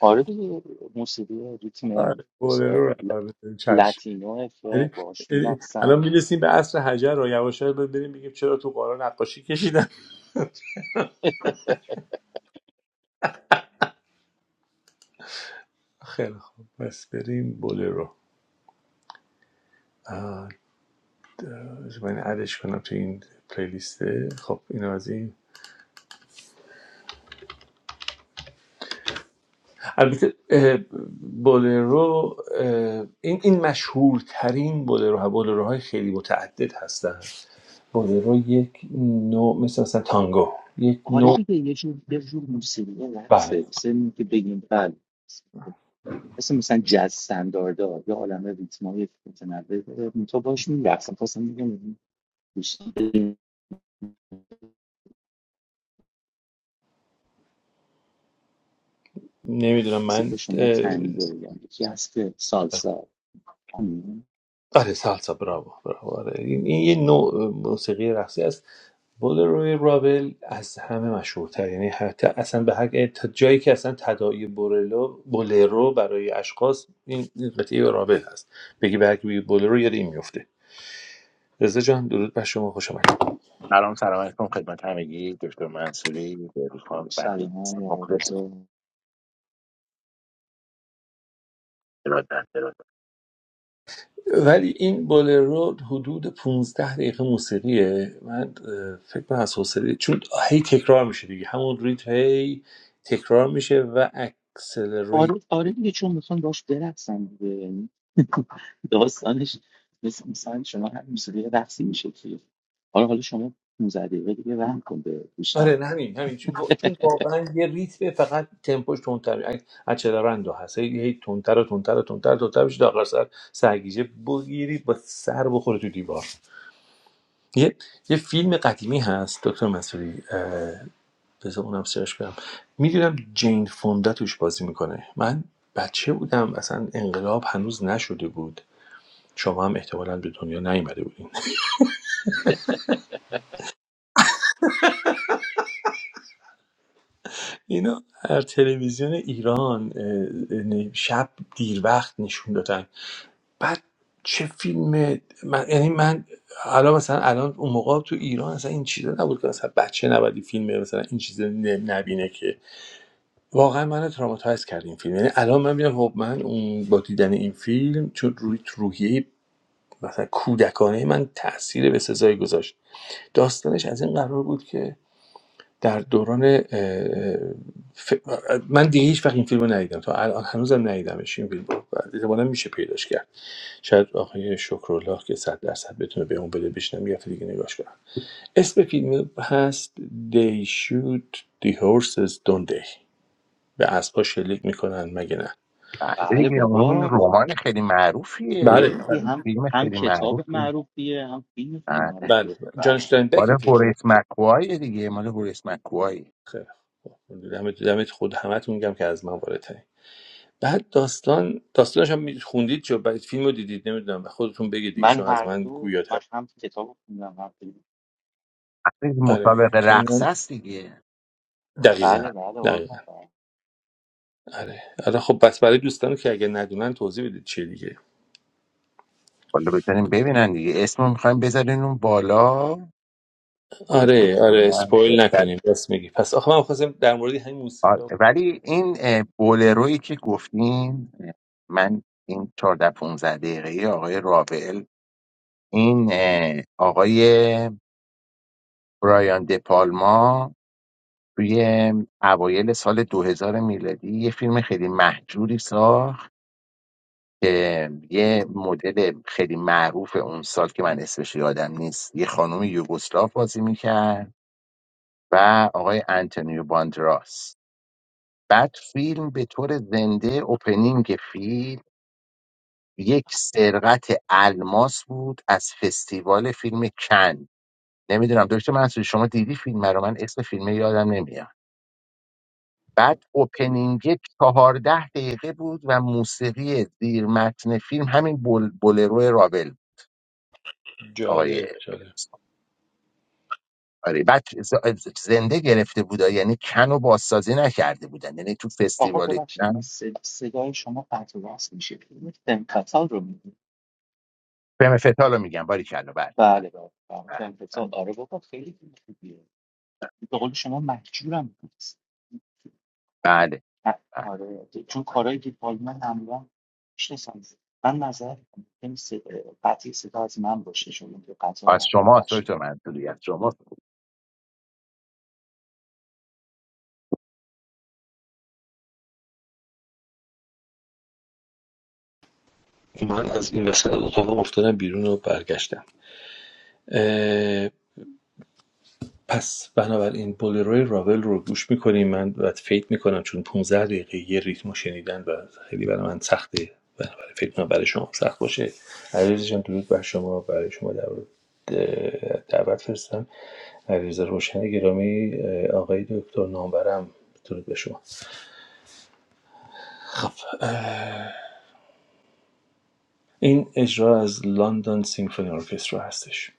S3: آره دیگه موسیقی
S2: آره
S3: ریتم
S2: بولرو
S3: بسیار
S2: رو
S3: ل-
S2: اول بزنیم چشم
S3: لاتینوه که
S2: یعنی
S3: باهاش
S2: یعنی الان
S3: میرقصن
S2: میرسیم به عصر حجر رو یواش یواش باید بریم بگیم چرا تو قارا نقاشی کشیدن خیلی خوب پس بریم بولرو آه، من ادش کنم تو این پلیلیسته خب اینو از این البته اه، بولرو اه، این این مشهورترین بولرو ها بولرو های خیلی متعدد هستن بولرو یک نوع مثل مثلا تانگو یک
S3: آره
S2: نوع
S3: دیگه یه جور یه جور موسیقی
S2: بله
S3: رقصه مثل این که بگیم بله مثل مثلا جز سنداردار یا عالم ریتمای متنوع داره تو باش میرقصم خواستم بگم بیشتر
S2: نمیدونم من
S3: مثل شما تنگو یا یکی هست که سالسا آمین
S2: آره سالسا براو براو آره این, این یه نوع موسیقی رقصی است بولروی راول از همه مشهورتر یعنی حتی اصلا به هر تا جایی که اصلا تداعی بورلو بولرو برای اشخاص این این قطعه راول هست بگی به هر کی بگی بولرو یاد این میفته رضا جان درود بر شما خوش آمد
S4: سلام سلام علیکم خدمت همگی دکتر منصوری بهروز خان بقیه
S3: سلام
S4: دوستان
S3: و
S4: مخلصم
S3: آرزو
S4: ارادت ارادت
S2: ولی این بولرو حدود 15 دقیقه موسیقیه من اه، فکر کنم از حوصله چون هی تکرار میشه دیگه همون ریتم هی تکرار میشه و اکسلریت
S3: آره آره دیگه چون میخوان باش برقصم دیگه یعنی داستانش مثل مثلا شما هم موسیقی رقصی میشه که آره حالا شما 15 دقیقه دیگه رحم کن به دوستان
S2: آره نه همین همین چون چون واقعا یه ریتم فقط تمپوش تندتر اچلرندو هست هی هی تندتر و تندتر و تندتر تندتر بشه تا آخر سر سرگیجه بگیری با سر بخوره تو دیوار یه یه فیلم قدیمی هست دکتر مسئولی بذار اونم سرش کنم میدونم جین فوندا توش بازی میکنه من بچه بودم اصلا انقلاب هنوز نشده بود شما هم احتمالا به دنیا نیومده بودین اینا هر تلویزیون ایران اه، اه، شب دیر وقت نشون دادن بعد چه فیلم من یعنی من حالا مثلا الان اون موقع تو ایران اصلا این چیزا نبود که مثلا بچه نبودی فیلم مثلا این چیزا ن- نبینه که واقعا منو تراماتایز کرد این فیلم یعنی الان من میگم خب من اون با دیدن این فیلم چون روی تو روحیه مثلا کودکانه من تاثیر به سزایی گذاشت داستانش از این قرار بود که در دوران اه، ف... من دیگه هیچ وقت این فیلم رو ندیدم تا الان هنوزم ندیدمش این فیلم رو احتمالا میشه پیداش کرد شاید آقای شکرالله که صد درصد بتونه به اون بده بشنم یه هفته دیگه نگاش کنم اسم فیلم هست They shoot the horses don't they به اسبا شلیک میکنن مگه نه
S4: بله
S3: بله
S4: دیگه اون
S3: بابا
S4: رمان خیلی
S2: بله
S4: معروفیه
S3: خیلی
S2: بله
S4: اون
S3: هم
S4: فیلم
S3: هم
S4: خیلی
S3: کتاب
S4: معروفیه
S3: معروفیه هم فیلم خیلی
S4: بله
S2: بله
S3: معروفیه
S2: جان
S3: بله.
S4: مال
S2: اشتاینبک فیلم کنم
S4: هوریس مکوای دیگه مال هوریس مکوای
S2: خیلی خوب. دمت دمت خود همتون میگم که از من بالاترین بعد داستان داستانش هم خوندید چه بعد فیلم رو دیدید نمیدونم به خودتون بگید دیگه
S3: من
S2: شما از
S3: هر
S2: من
S3: دو من
S2: گویاتر
S3: هم کتاب خوندم هم فیلم
S4: اصلا
S2: آره
S4: مسابقه
S2: که
S4: رقص
S2: اینا
S4: است دیگه
S2: دقیقا
S3: بله
S4: بله.
S3: بله
S2: دقیقا
S3: قربان برم.
S2: آره آره خب بس برای دوستان که اگه ندونن توضیح بدید چیه دیگه
S4: حالا بتونیم ببینن دیگه اسمو میخوایم بذارین اون بالا خودشون
S2: آره آره
S4: ببینن
S2: اسپویل
S4: بهتره
S2: نکنیم بس میگی پس آخه من خواستم در مورد همین موسیقی
S4: آره. ولی این اه، بولرویی که گفتین اه، من این 14 15 دقیقه آقای رافائل این اه، آقای برایان دپالما توی اوایل سال 2000 میلادی یه فیلم خیلی محجوری ساخت که یه مدل خیلی معروف اون سال که من اسمش یادم نیست یه خانم یوگسلاو بازی میکرد و آقای انتونیو باندراس بعد فیلم به طور زنده اوپنینگ فیلم یک سرقت الماس بود از فستیوال فیلم کن نمیدونم دکتر منصوری شما دیدی فیلم رو من اسم فیلم یادم نمیاد بعد اوپنینگ چهارده دقیقه بود و موسیقی زیر متن فیلم همین بول بولرو رابل آقای
S2: جالب جالب
S4: آره بعد ز- زنده گرفته بودا یعنی کن و بازسازی نکرده بودن یعنی تو
S3: آقا
S4: فستیوال
S3: ببخشید من
S4: کن
S3: صد- صدای شما قطع و وصل میشه فیلم تمپتال رو میگید
S4: فیلم فتالو میگم باری کلا بله بله
S3: بله بله بله تمپتال آره بابا خیلی فیلم خوبیه به قول شما مهجورم نیست
S4: بله
S3: نه،
S4: بله.
S3: آره چون کارهای که من معمولا میشناسم من نظر می‌کنم. این صدا- قطعی صدا از من باشه شما که
S4: از
S3: قطارم
S4: شما دکتر منصوری از شما
S2: من از این وسط اتاق افتادم بیرون و برگشتم پس بنابراین بولیروی راول رو گوش میکنیم من و فکر میکنم چون 15 دقیقه یه ریتم رو شنیدن و خیلی برای من سخته بنابراین فکر کنم برای شما سخت باشه علیرضا جان درود بر شما برای شما دعوت دعوت فرستم علیرضا روشن گرامی آقای دکتر نامبرم درود به شما خب این اجرا از لندن سیمفونی ارکسترا هستش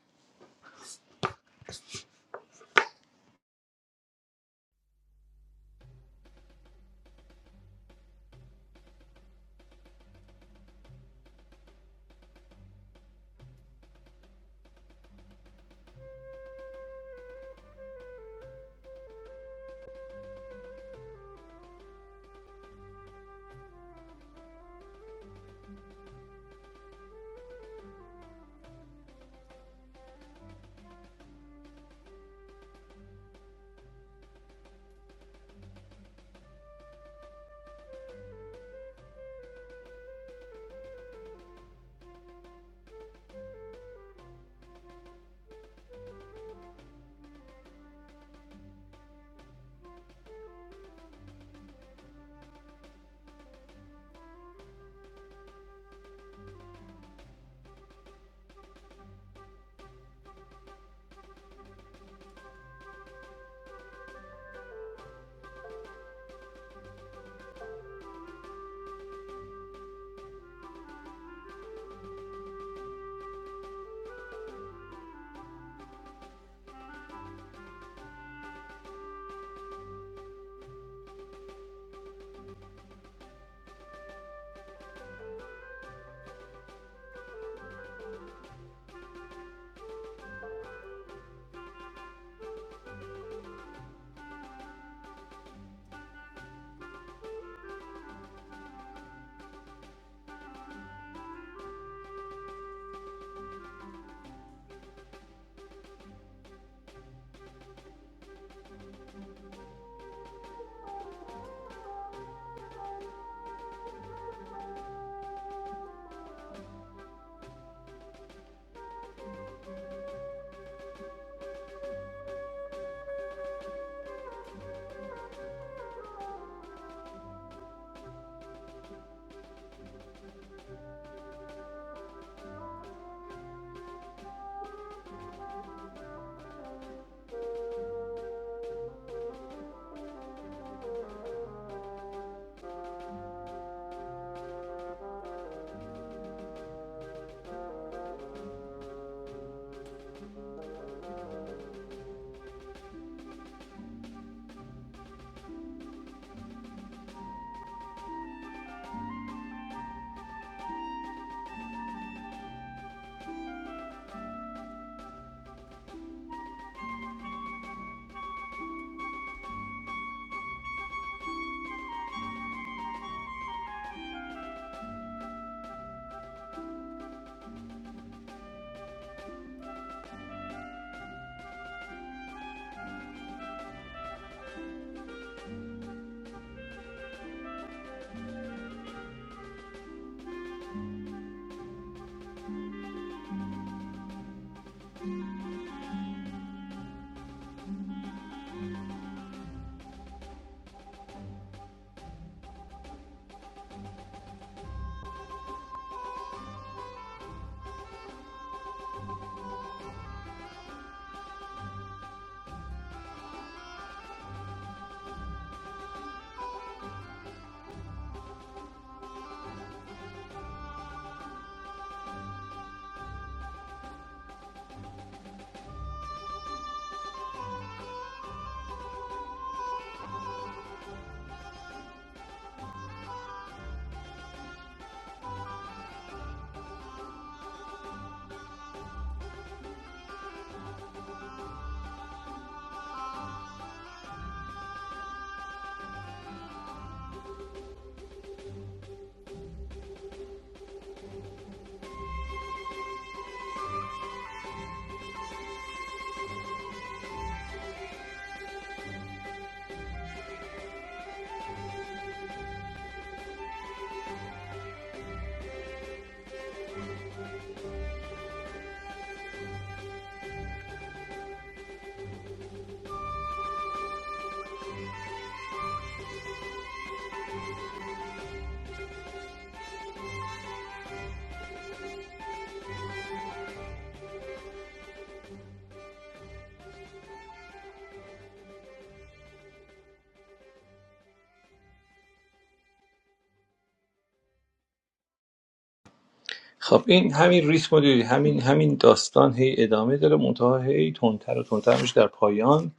S2: خب این همین ریتم رو دیدی همین همین داستان هی ادامه داره منتها هی تندتر و تندتر میشه در پایان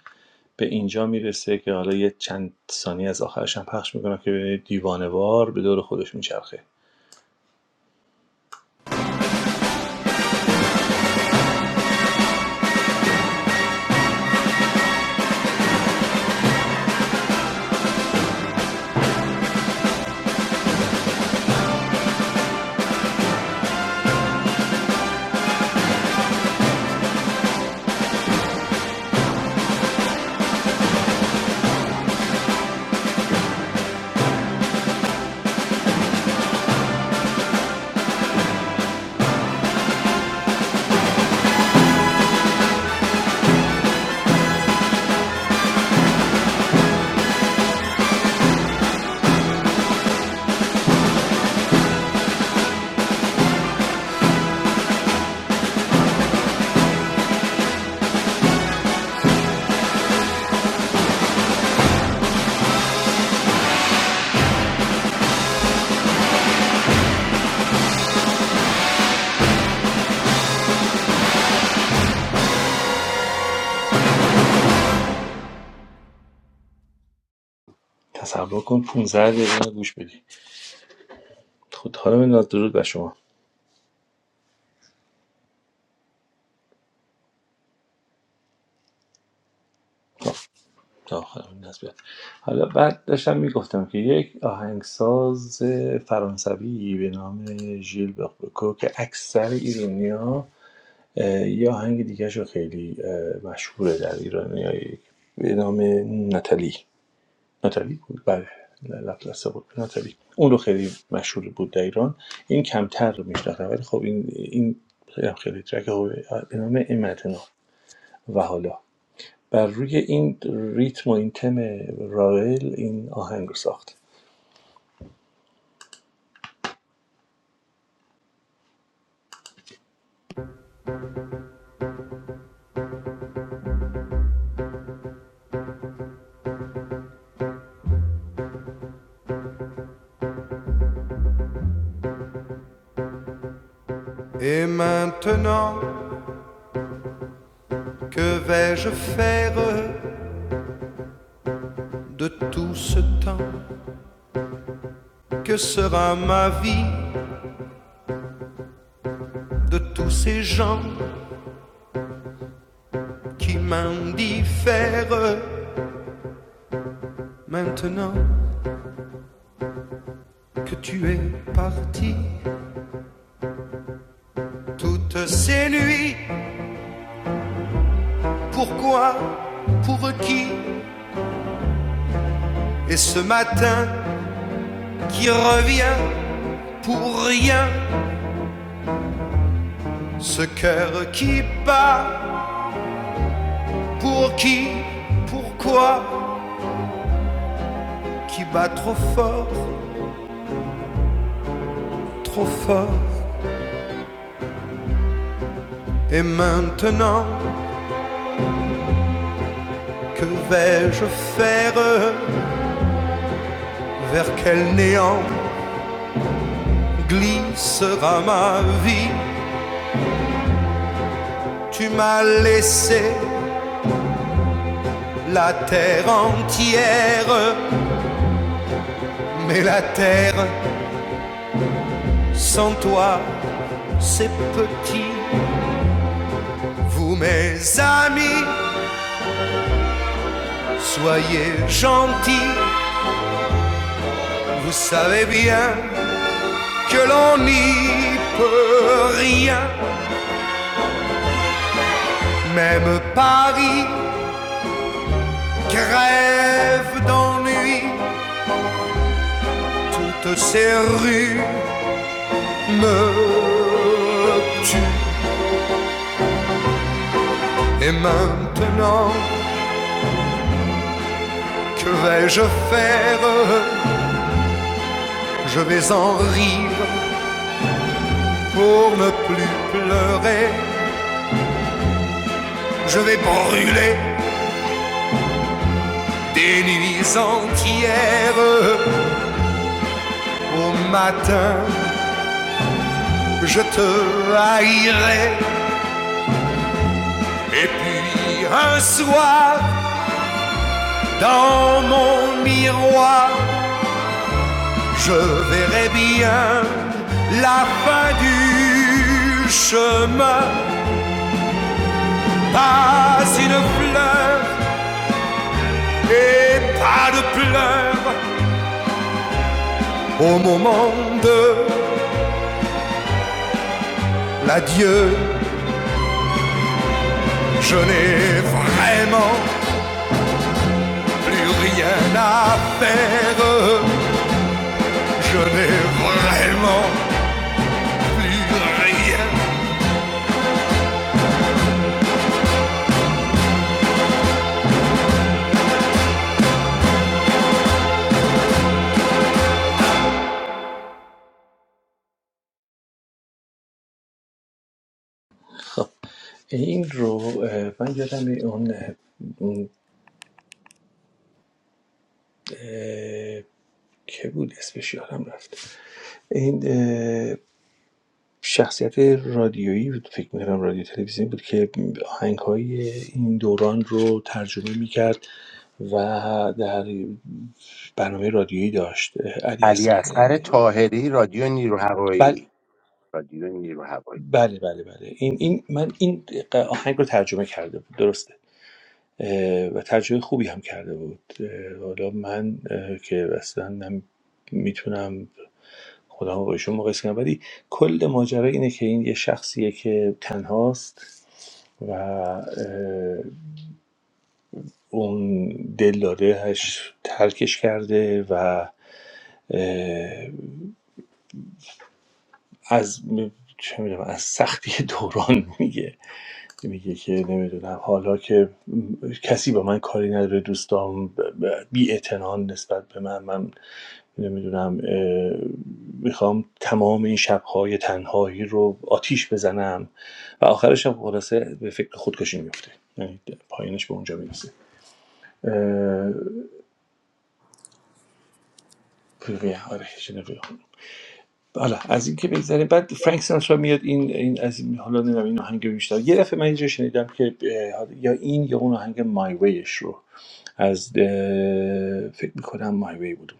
S2: به اینجا میرسه که حالا یه چند ثانیه از آخرش هم پخش میکنم که ببینید دیوانوار به دور خودش میچرخه تصور کن 15 دقیقه اینو گوش بدی خود حالا من درود بر شما تا- تا آخر این دست بیاد. حالا بعد داشتم میگفتم که یک آهنگساز فرانسوی به نام ژیل بوکو که اکثر ایرانیا اه، یه آهنگ دیگه خیلی مشهوره در ایرانیا به نام ناتالی ناتالی بود بله لپلاسه بود ناتالی اون رو خیلی مشهور بود در ایران این کمتر رو میشناختم ولی خب این این خیلی خیلی ترک خوبی به نام امتنا و حالا بر روی این ریتم و این تم راول این آهنگ رو ساخت
S1: Et maintenant, que vais-je faire de tout ce temps Que sera ma vie de tous ces gens qui m'indiffèrent Maintenant que tu es parti, toutes ces nuits Pourquoi Pour qui Et ce matin qui revient pour rien Ce cœur qui bat Pour qui Pourquoi Qui bat trop fort Trop fort Et maintenant Que vais-je faire Vers quel néant glissera ma vie Tu m'as laissé la terre entière, mais la terre sans toi c'est petit. Vous, mes amis, soyez gentils. Vous savez bien que l'on n'y peut rien. Même Paris grève d'ennui. Toutes ces rues me tuent. Et maintenant, que vais-je faire Je vais en rire pour ne plus pleurer. Je vais brûler Des nuits entières au matin, je te haïrai. Et puis un soir, dans mon miroir, je verrai bien la fin du chemin. Pas une fleur et pas de pleurs. Au moment de l'adieu, je n'ai vraiment Plus rien à faire, je n'ai vraiment plus rien.
S2: خب این رو من یادم اون که بود اسمش یادم رفت این شخصیت رادیویی بود فکر می‌کنم رادیو تلویزیونی بود که آهنگ‌های این دوران رو ترجمه می‌کرد و در برنامه رادیویی داشت علی
S4: علی
S2: اصغر
S4: اصغر طاهری رادیو نیرو
S2: بل...
S4: هوایی رادیو نیرو هوایی
S2: بله بله بله این این من این آهنگ رو ترجمه کرده بود درسته اه، و ترجمه خوبی هم کرده بود اه، حالا من اه، که اصلا من میتونم خودم رو با ایشون مقایسه کنم ولی کل ماجرا اینه که این یه شخصیه که تنهاست و اون دل ترکش کرده و از چه می‌دونم، از سختی دوران میگه میگه که نمیدونم حالا که کسی با من کاری نداره دوستام بی اعتنا نسبت به من من نمیدونم میخوام تمام این شبهای تنهایی رو آتیش بزنم و آخرش هم خلاصه به فکر خودکشی میفته یعنی پایینش به اونجا میرسه اه، آره حالا از این که بگذریم بعد فرانک سیناترا میاد این این از این حالا نمیدونم این آهنگ رو بیشتر یه دفعه من اینجا شنیدم که یا این یا اون آهنگ مای ویش رو از اه، فکر میکنم مای وی بود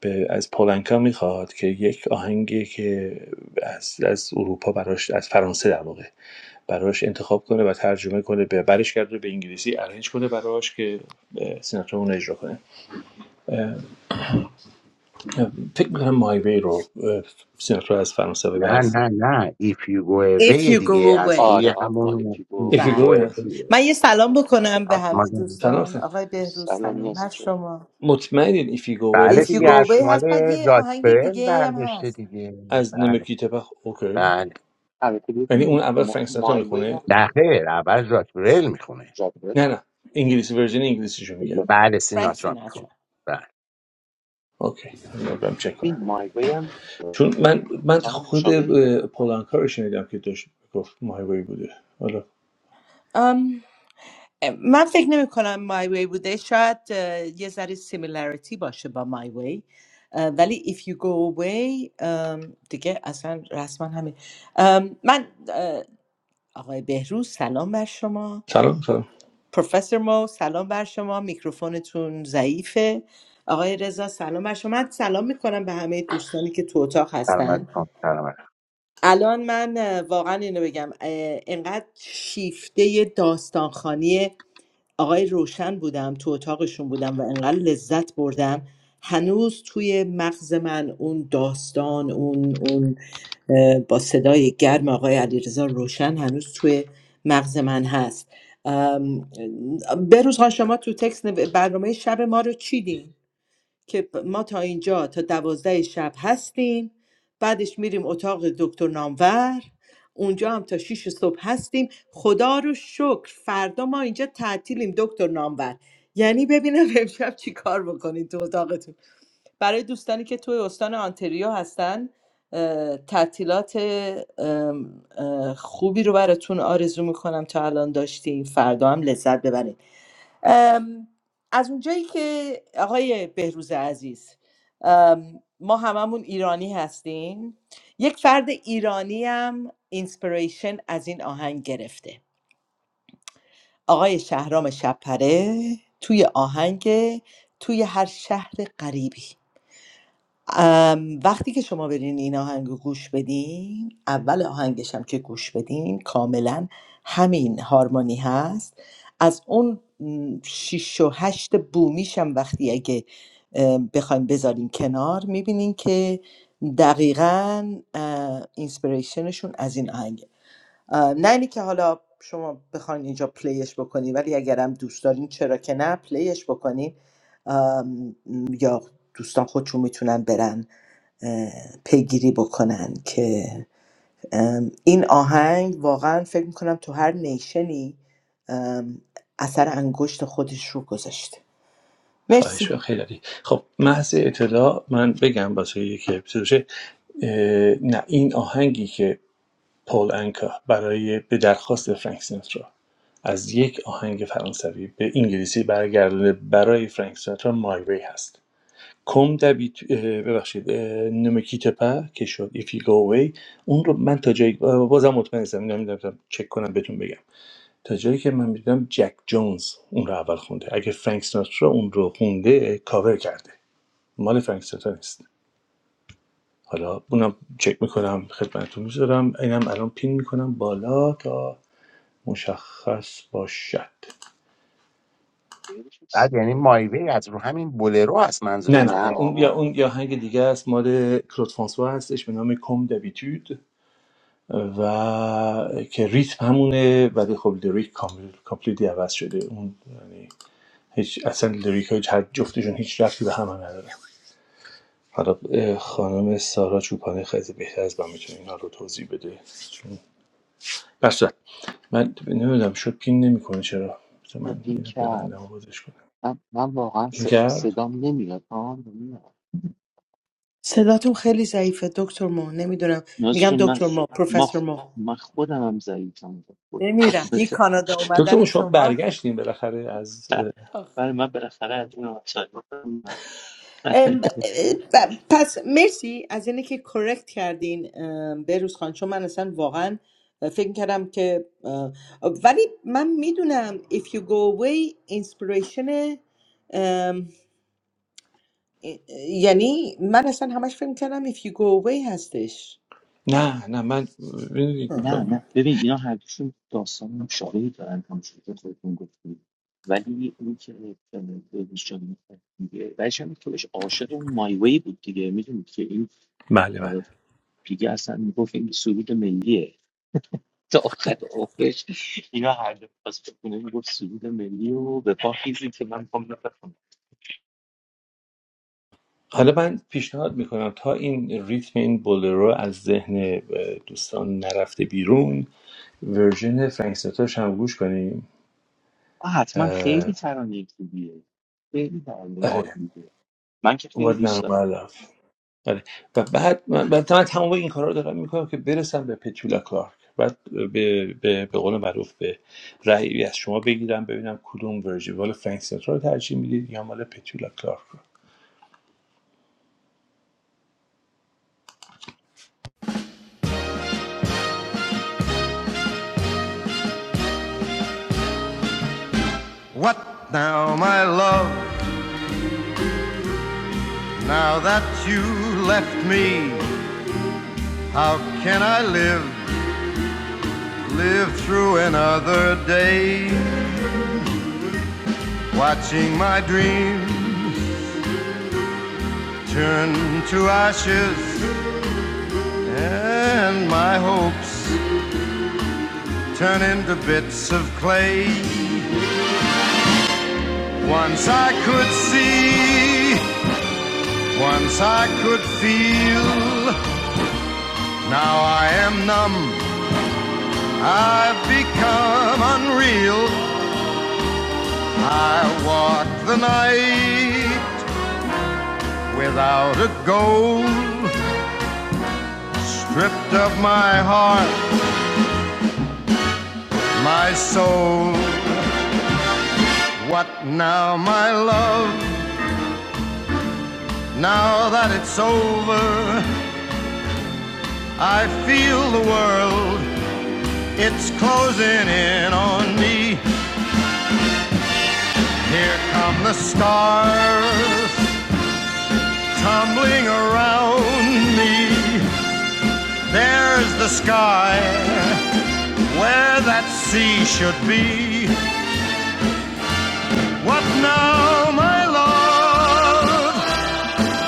S2: به از پولنکا میخواد که یک آهنگی که از از اروپا براش از فرانسه در واقع براش انتخاب کنه و ترجمه کنه به برش کرده به انگلیسی ارنج کنه براش که اه، سیناترا اون رو اجرا کنه فکر میکنم مای وی رو اه، سیناترا از فرانسه به
S4: نه
S2: بعد
S4: نه نه ایف یو گو
S5: If
S4: اوی
S5: you
S4: دیگه
S5: go
S4: از
S5: away
S3: آره
S4: روی
S3: آقا
S4: همون ایف
S2: If
S4: یو
S2: you
S5: بله
S4: گو
S3: گوه
S2: go
S4: اوی
S2: in.
S5: بله. من یه سلام بکنم به
S4: پس
S5: همه
S4: ما
S2: سلام
S4: نمی‌شیم.
S5: دوستان
S2: سلام
S5: آقای بهروز
S3: سلام
S5: سلام بر
S3: نیازی جون
S5: شما
S2: مطمئنین ایفیگوه
S5: If
S4: بله
S5: you
S4: دیگه
S5: go
S4: از
S5: away
S2: هستش
S4: مال
S5: هست بعد یه آهنگ
S4: راکبرل
S5: دیگه ای هم
S4: برداشته
S5: هست
S4: دیگه
S2: از
S4: بله
S2: نمکیته پخ اوکی
S4: بله
S3: البته
S2: یعنی اون
S3: ببین
S2: اول
S3: ما-
S2: فرانک سناترا
S3: مای وی
S2: میخونه
S3: هم
S4: نه
S3: یه
S4: خیر اول راکبرل میخونه
S3: جالبه.
S2: نه نه انگلیسی ورژن انگلیسیشو میگم
S4: بله
S5: فرانک
S4: سیناترا میخونه
S5: سیناترا
S4: بله
S2: اوکی من برم چک
S3: ببین
S2: کنم
S3: مای وی هم
S2: چون
S3: داستان
S2: من من خود
S3: مشابهی داره
S2: اه، پولانکا رو شنیدم که داشت گفت ماهیگویی بوده حالا
S5: ام، من فکر نمی کنم My Way بوده شاید اه، یه ذره سیمیلاریتی باشه با My Way اه، ولی If you go away ام، دیگه اصلا رسما همین ام، من آقای بهروز سلام بر شما
S2: سلام
S5: پر-
S2: سلام
S5: پروفسور مو سلام بر شما میکروفونتون ضعیفه آقای رضا سلام بر شما من سلام میکنم به همه دوستانی که تو اتاق
S4: سلام
S5: هستن
S4: علیکم سلام علیکم.
S5: الان من اه، واقعا اینو بگم اه، انقدر شیفته داستانخانی آقای روشن بودم تو اتاقشون بودم و انقدر لذت بردم هنوز توی مغز من اون داستان اون اون اه، با صدای گرم آقای علیرضا روشن هنوز توی مغز من هست ام، بهروز خان شما تو تکس نو- برنامه شب ما رو چیدین که ما تا اینجا تا دوازده شب هستیم بعدش میریم اتاق دکتر نامور اونجا هم تا 6 صبح هستیم خدا رو شکر فردا ما اینجا تعطیلیم دکتر نامور یعنی ببینم امشب چی کار بکنید تو اتاقتون برای دوستانی که توی استان آنتریو هستن اه، تعطیلات ام، اه، خوبی رو براتون آرزو میکنم تا الان داشتیم فردا هم لذت ببرید ام، از اونجایی که آقای بهروز عزیز ام، ما هممون ایرانی هستیم یک فرد ایرانی هم اینسپریشن از این آهنگ گرفته آقای شهرام شپره توی آهنگ توی هر شهر غریبی ام، وقتی که شما برین این آهنگ رو گوش بدین اول آهنگش هم که گوش بدین کاملا همین هارمونی هست از اون م، شیش و هشت بومیش هم وقتی اگه ام، بخوایم بذارین کنار میبینین که دقیقا اه، اینسپیریشنشون از این آهنگه اه، نه اینی که حالا شما بخواین اینجا پلیش بکنین ولی اگرم دوست دارین چرا که نه پلیش بکنین ام، یا دوستان خودشون میتونن برن پیگیری بکنن که این آهنگ واقعا فکر میکنم تو هر نیشنی ام، اثر انگشت خودش رو گذاشته
S2: خواهش
S5: مرسی
S2: و خیلی عالی. خب محض اطلاع من بگم واسه یکی که بسه باشه. اه، نه این آهنگی که پول انکا برای به درخواست فرانک سیناترا از یک آهنگ فرانسوی به انگلیسی برگردانده برای فرانک سیناترا مای وی هست کم دبیت ببخشید نمکیت پا که شد If You Go Away اون رو من تا جایی اه، بازم مطمئن نیستم اینو چک کنم بهتون بگم تا جایی که من میدونم جک جونز اون رو اول خونده اگه فرانک سیناترا اون رو خونده کاور کرده مال فرانک سیناترا نیست حالا اونم چک میکنم خدمتتون میذارم اینم الان پین میکنم بالا تا مشخص باشد
S3: بهش
S4: بعد یعنی
S3: صدای-
S4: مایوی از رو همین بولرو هست
S2: نه نه
S3: نه
S4: منظورتونه
S2: اون یا
S3: آقا
S2: اون یا آهنگ دیگه است مال کلود فرانسوا هستش به نام کم دویتود و که ریتم همونه ولی خب لیریک کامل کامپلیتی عوض شده اون یعنی هیچ اصلا لیریک های هر جفتشون هیچ ربطی به هم هم نداره حالا خانم سارا چوپانی خیلی بهتر از من میتونه اینا رو توضیح بده چون در من نمیدونم شد پین نمیکنه چرا بذار
S3: چرا
S2: من
S3: پین
S2: اینو
S3: کرد
S2: ببندم و بازش کنم
S3: من, من واقعا
S2: این
S3: ص-
S2: کرد
S3: صدام نمیاد آه نمیاد
S5: صداتون خیلی ضعیفه دکتر ما نمیدونم
S3: نیازی
S5: میگم
S3: جون من
S5: دکتر ما
S3: ما
S5: پروفسور
S3: خ-
S5: ما
S3: من خودم هم ضعیفم خود
S5: نمیرم
S3: خودم
S5: این
S3: تو
S5: کانادا
S2: دکتر ما
S5: اومدن
S2: شما
S5: شما
S2: برگشتیم بالاخره از
S5: آخ.
S3: برای من بالاخره از این آسایش
S5: ام، ب- پس مرسی از اینه که کرکت کردین ام، بهروز خان چون من اصلا واقعا فکر کردم که اه، ولی من میدونم if you go away inspiration ام، یعنی من اصلا همش فکر کردم if you go away هستش
S2: نه نه من می‌دونی-
S5: هم.
S3: نه نه ببین اینا هرکشون داستان هم شاهی دارن همونجوری که خودتون گفتید ولی اون که اه، بهش جان میگه بعدش هم که بهش عاشق اون مای وی بود دیگه میدونید که این
S2: بله بله
S3: اه، دیگه اصلا میگفت این سرود ملیه تا آخر عمرش اینا هر دو پاس بکنه میگفت سرود ملی و به پا خیزی که من میخوام اینو بخونم
S2: حالا من پیشنهاد میکنم تا این ریتم این بولرو از ذهن دوستان نرفته بیرون ورژن فرانک سیناتراش هم گوش کنیم
S3: آه، حتما خیلی
S2: اه،
S3: ترانه خوبیه خیلی ترانه
S2: آره
S3: عالیه من که خیلی
S2: What
S3: دوست
S2: Now
S3: دارم
S2: My Love. آره. و بعد من, بعد من تمام این کارا رو دارم میکنم که برسم به پتولا کلارک بعد به, به, به قول معروف به رأیی از شما بگیرم ببینم کدوم ورژن مال فرانک سیناترا رو ترجیح میدید یا مال پتولا کلارک
S1: What now, my love? Now that you left me, how can I live? Live through another day, watching my dream turn to ashes and my hopes turn into bits of clay. Once I could see, once I could feel. Now I am numb, I've become unreal. I walk the night without a goal, stripped of my heart, my soul. What now, my love? Now that it's over, I feel the world, it's closing in on me. Here come the stars tumbling around me. There's the sky where that sea should be. What now, my love?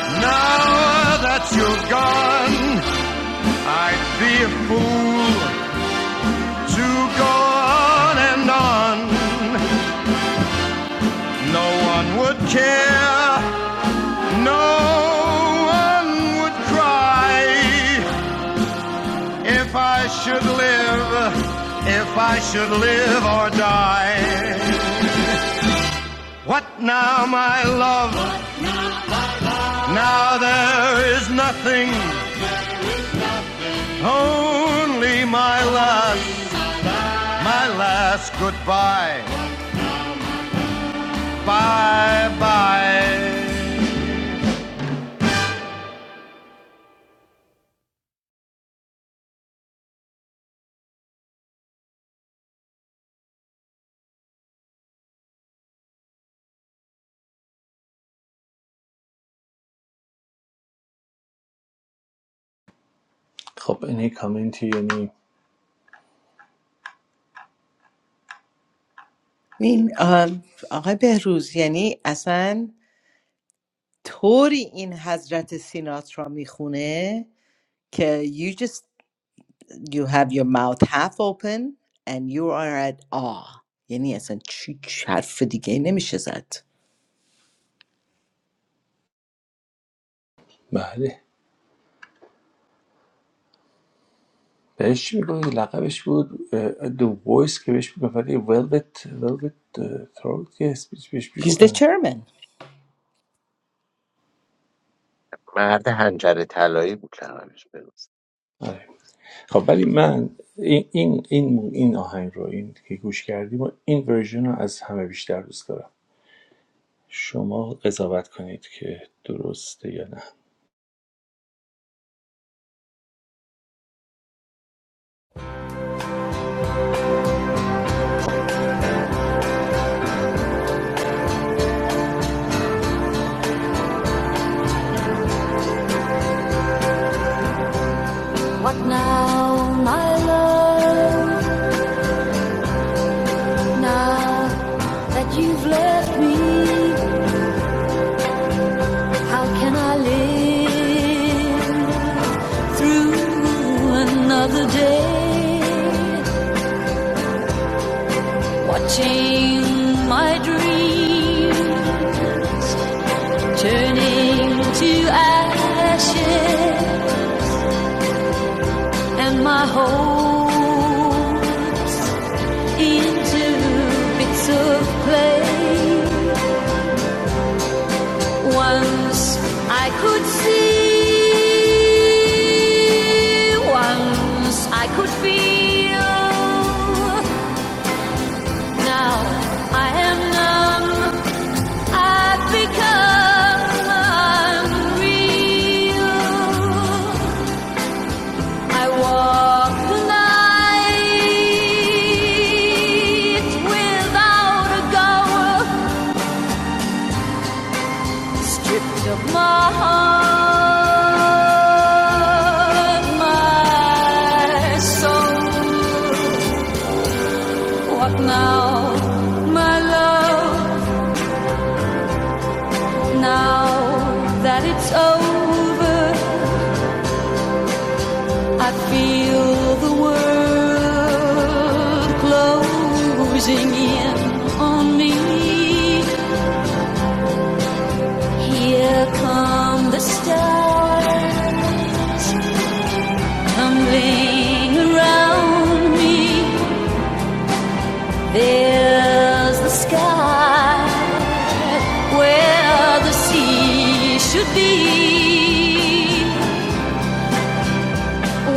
S1: Now that you're gone, I'd be a fool to go on and on. No one would care, no one would cry if I should live, if I should live or die. What now, my love? Now there is nothing, only my last, my last goodbye. Bye bye.
S2: خب این یک کامنتی یعنی
S5: این آه، آقای بهروز یعنی اصلا طوری این حضرت سینات را میخونه که you just you have your mouth half open and you are at awe یعنی اصلا چی چی- حرف دیگه نمیشه زد
S2: بله بهش چی میگوی لقبش بود دو وایس که بهش میگفت ولی Velvet Velvet اه، Throat که اسمش بهش
S5: he's
S2: میگفتن
S5: determined
S4: مرد هنجر طلایی بود کلمش بروز
S2: آره. خب ولی من این این این این آهنگ رو این که گوش کردیم و این ورژن رو از همه بیشتر دوست دارم شما قضاوت کنید که درسته یا نه
S1: my ruin and my whole into bits of clay. Once I could see, once I could feel Now I am numb. I've become unreal. I walk the night without a goal, stripped of my heart, my soul. What now, my love? Now that it's over. I feel the world closing in on me. Here come the stars tumbling around me. There's the sky where the sea should be.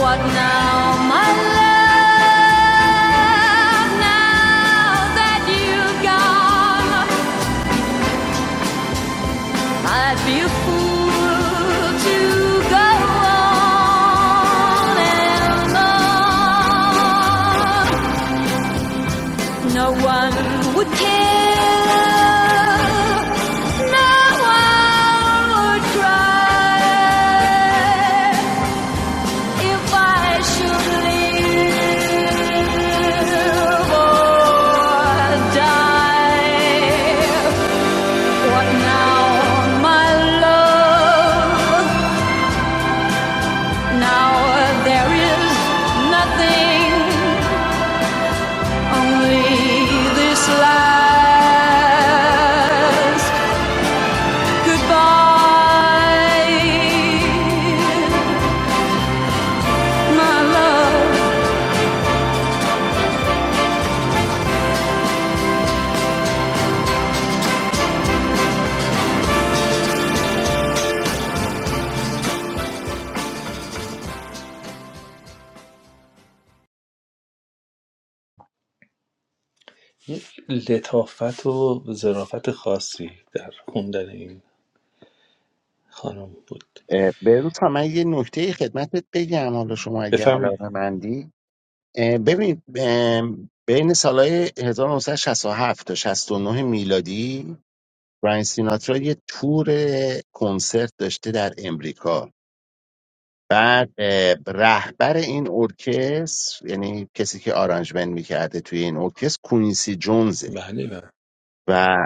S1: What now, my love? Now that you've gone. I'd be a fool to go on and on. No one would care. No one would cry if I should live or die. What now, my love? Now there is nothing, only this last goodbye, my love.
S2: یک لطافت و ظرافت خاصی در خوندن این خانم بود
S4: اه، بروز ها من یه نکته خدمتت بگم حالا شما اگه
S2: بفهمید
S4: علاقه اه، ببین اه، بین سالهای 1967 تا 69 میلادی براین سیناترا یه تور کنسرت داشته در امریکا بعد اه، رهبر این ارکستر یعنی کسی که آرانجمنت میکرده توی این ارکستر کوینسی جونزه
S2: بله
S4: و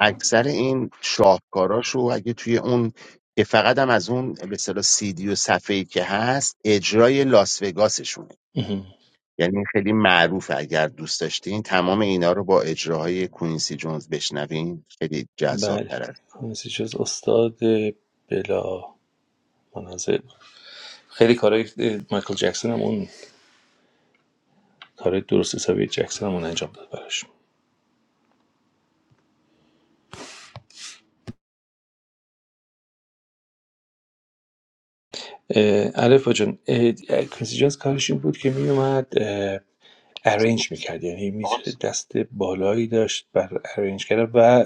S4: اکثر این شاهکاراشو اگه توی اون که فقط هم از اون به اصطلاح سیدی و صفحه‌ای که هست اجرای لاس وگاسشون
S2: بله
S4: یعنی این خیلی معروفه اگر دوست داشتین تمام اینا رو با اجراهای کوینسی جونز بشنوین خیلی جذاب
S2: بله
S4: است
S2: پرنسی جز استاد بلا منازع خیلی کارهای اه، مایکل جکسون هم اون کارهای درست حسابی جکسون هم اون انجام داد براش اه، الفا جان اه، پرنسی جونز کارش این بود که میومد
S3: مثلا
S2: ارنج میکرد یعنی می
S3: آقا
S2: دست بالایی داشت بر ارنج کرد و اه،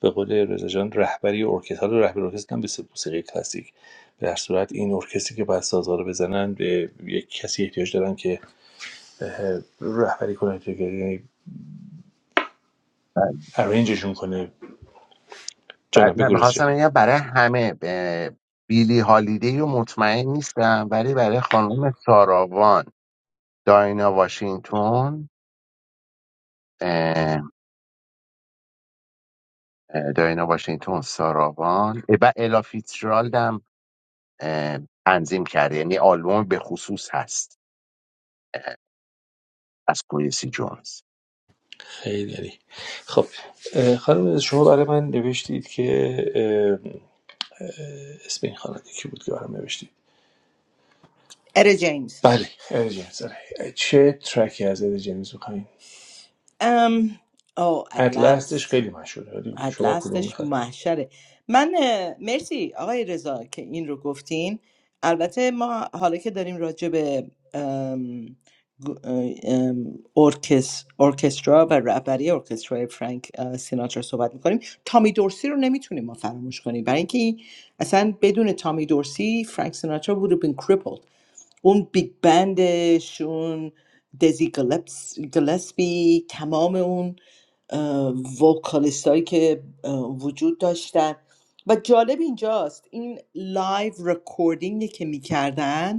S2: به قول رضا جان رهبری ارکستر حالا رهبری ارکستر هم مثل موسیقی کلاسیک در صورت این ارکستری که باید سازها رو بزنن به یک کسی احتیاج دارن که اه، رهبری کنه ارنجشون کنه
S4: بر...
S2: جانم
S4: نه
S2: بگو
S4: میخواستم
S2: جان
S4: بگم برای همه ب- بیلی هالیدی رو مطمئن نیستم ولی برای خانم ساراوان داینا واشنگتن اه، اه، داینا واشنگتن ساراوان اه، و الا فیتزجرالد هم اه، تنظیم کرده یعنی آلبوم به خصوص هست از کوینسی جونز
S2: خیلی عالی. خب اه، خانم شما برای من نوشتید که اه، اسم این خواننده کی بود که برام نوشتید
S5: Etta James
S2: بله اد جیمز آره. چه ترکی از اد جیمز میخواین
S5: um oh at
S2: اتلستش
S5: last
S2: خیلی مشهوره ولی
S5: عدل
S2: شما کدوم
S5: اصلش
S2: میخواین
S5: محشره من اه، مرسی آقای رضا که این رو گفتین البته ما حالا که داریم راجع به ام، گ- ام، ارکس، ارکسترا و رهبری ارکسترای فرانک اه، سیناترا صحبت میکنیم تامی دورسی رو نمیتونیم ما فراموش کنیم برای اینکه این- اصلا بدون تامی دورسی فرانک سیناترا would have been crippled اون بیگ بندش اون دزی گلپس- گلسپی تمام اون وکالیست هایی که اه، وجود داشتن و جالب اینجاست این لایو رکوردینگ که میکردن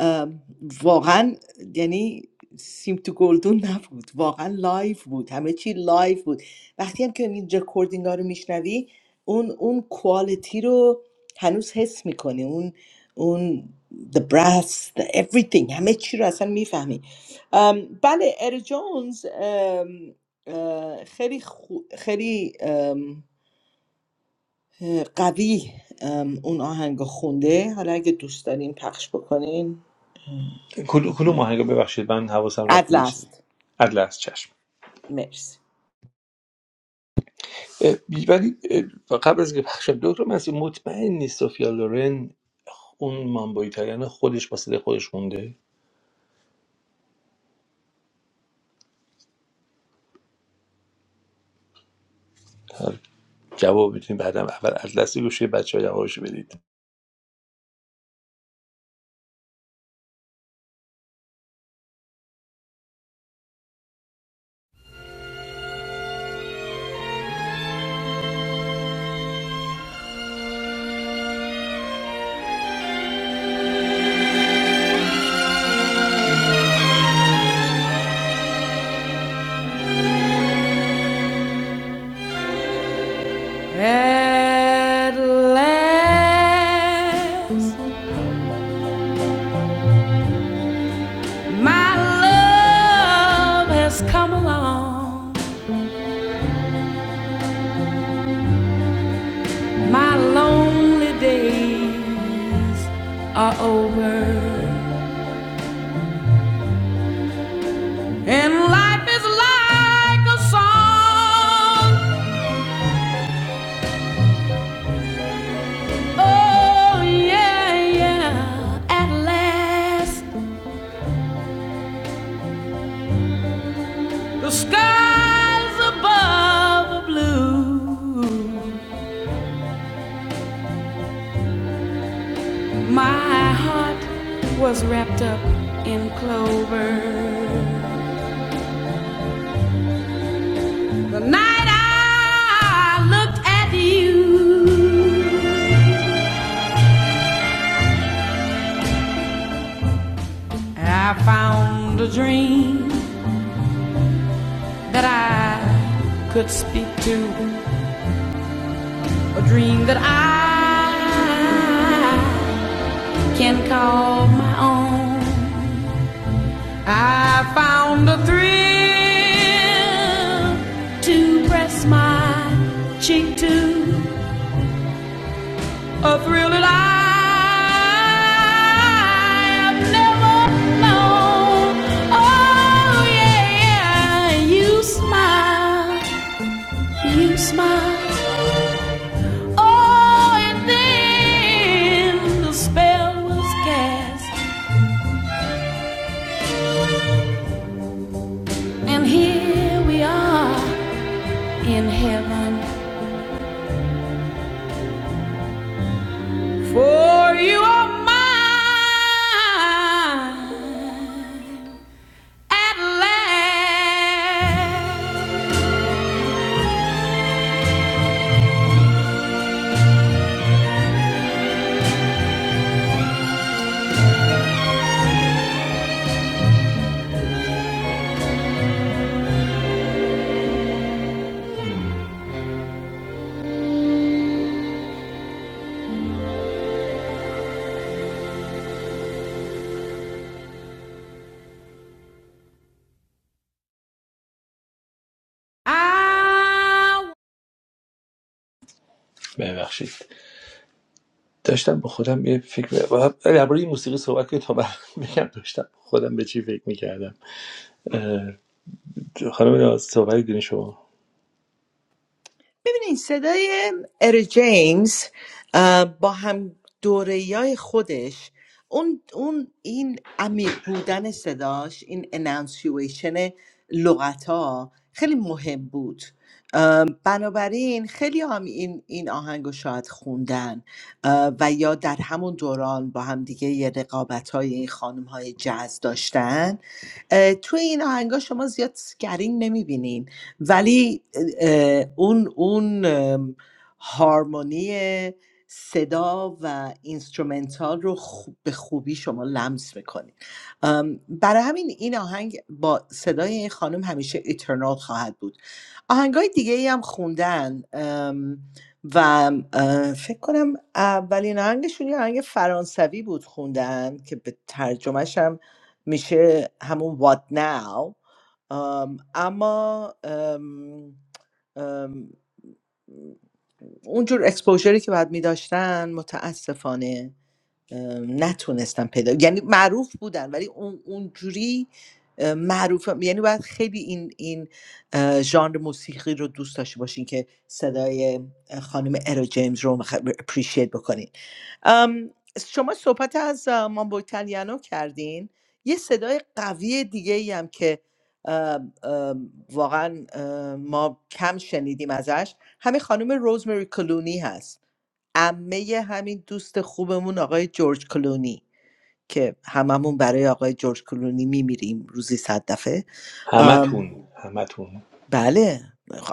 S5: ام، واقعا یعنی سیم تو گلدون نبود واقعا لایف بود همه چی لایف بود وقتی هم که این رکوردینگ ها رو میشنوی اون اون کوالیتی رو هنوز حس میکنی اون اون the brass the everything همه چی رو اصلا میفهمی بله ار جونز ام، اه، خیلی خو- خیلی ام، اه، قوی ام، اون آهنگ رو خونده حالا اگه دوست دارین پخش بکنین
S2: کدوم کدوم آهنگو ببخشید من حواسم رفت
S5: عدل
S2: به چیزی
S5: است
S2: اتلس چشم
S5: مرسی
S2: اه، بی- ولی قبل از که پخشم دکتر مسیح مطمئن نیست سوفیا لورن اون مامبو ایتالیانو خودش با صدای خودش خونده جواب میتونید بعدم اول از دست گوشی بچه ها جوابشو بدید
S1: At last, my love has come along. My lonely days are over. And life is like a song. Oh, yeah, yeah. At last, the skies above are blue. My heart was wrapped up in clover. The night I looked at you, I found a dream that I could speak to. A dream that I can call my own. I found a thrill to press my cheek to. A thrill that I have never known. Oh, yeah, yeah. You smile, you smile. Oh, and then the spell was cast, and here we are in heaven. For you are mine at last. I
S2: ببخشید داشتم با خودم یه فکر و درباره این موسیقی صحبت کنید تا بگم داشتم خودم به چی فکر می‌کردم. خانم ناز صحبت دونی شما
S5: ببینین صدای ار جیمز اه، با هم دوره خودش اون, اون این عمیق بودن صداش این انانسیویشن لغت ها خیلی مهم بود اه، بنابراین خیلی هم این, این آهنگ شاید خوندن اه، و یا در همون دوران با هم دیگه یه رقابت های این خانم های جز داشتن اه، توی این آهنگ شما زیاد سکرین نمیبینین ولی اه، اون اون ام، هارمونی صدا و اینسترومنتال رو خوب- به خوبی شما لمس میکنید برای همین این آهنگ با صدای این خانم همیشه ایترنال خواهد بود آهنگ های دیگه ای هم خوندن ام، و اه، فکر کنم اولین آهنگشون یه آهنگ فرانسوی بود خوندن که به ترجمهش هم میشه همون What Now آم، اما ام، ام، اونجور اکسپوژری که باید میداشتن متاسفانه ام، نتونستم پیدا یعنی معروف بودن ولی اون اونجوری ام، معروف یعنی باید خیلی این این اه، ژانر موسیقی رو دوست داشته باشین که صدای اه، خانم ارو جیمز رو اپریشیت بکنین ام، شما صحبت از اه، مامبو ایتالیانو کردین یه صدای قوی دیگه ای هم که ام، ام، واقعا ام، ما کم شنیدیم ازش همین خانم روزمری کلونی هست عمه همین دوست خوبمون آقای جورج کلونی که هممون برای آقای جورج کلونی میمیریم روزی صد دفعه
S2: همتون همتون
S5: بله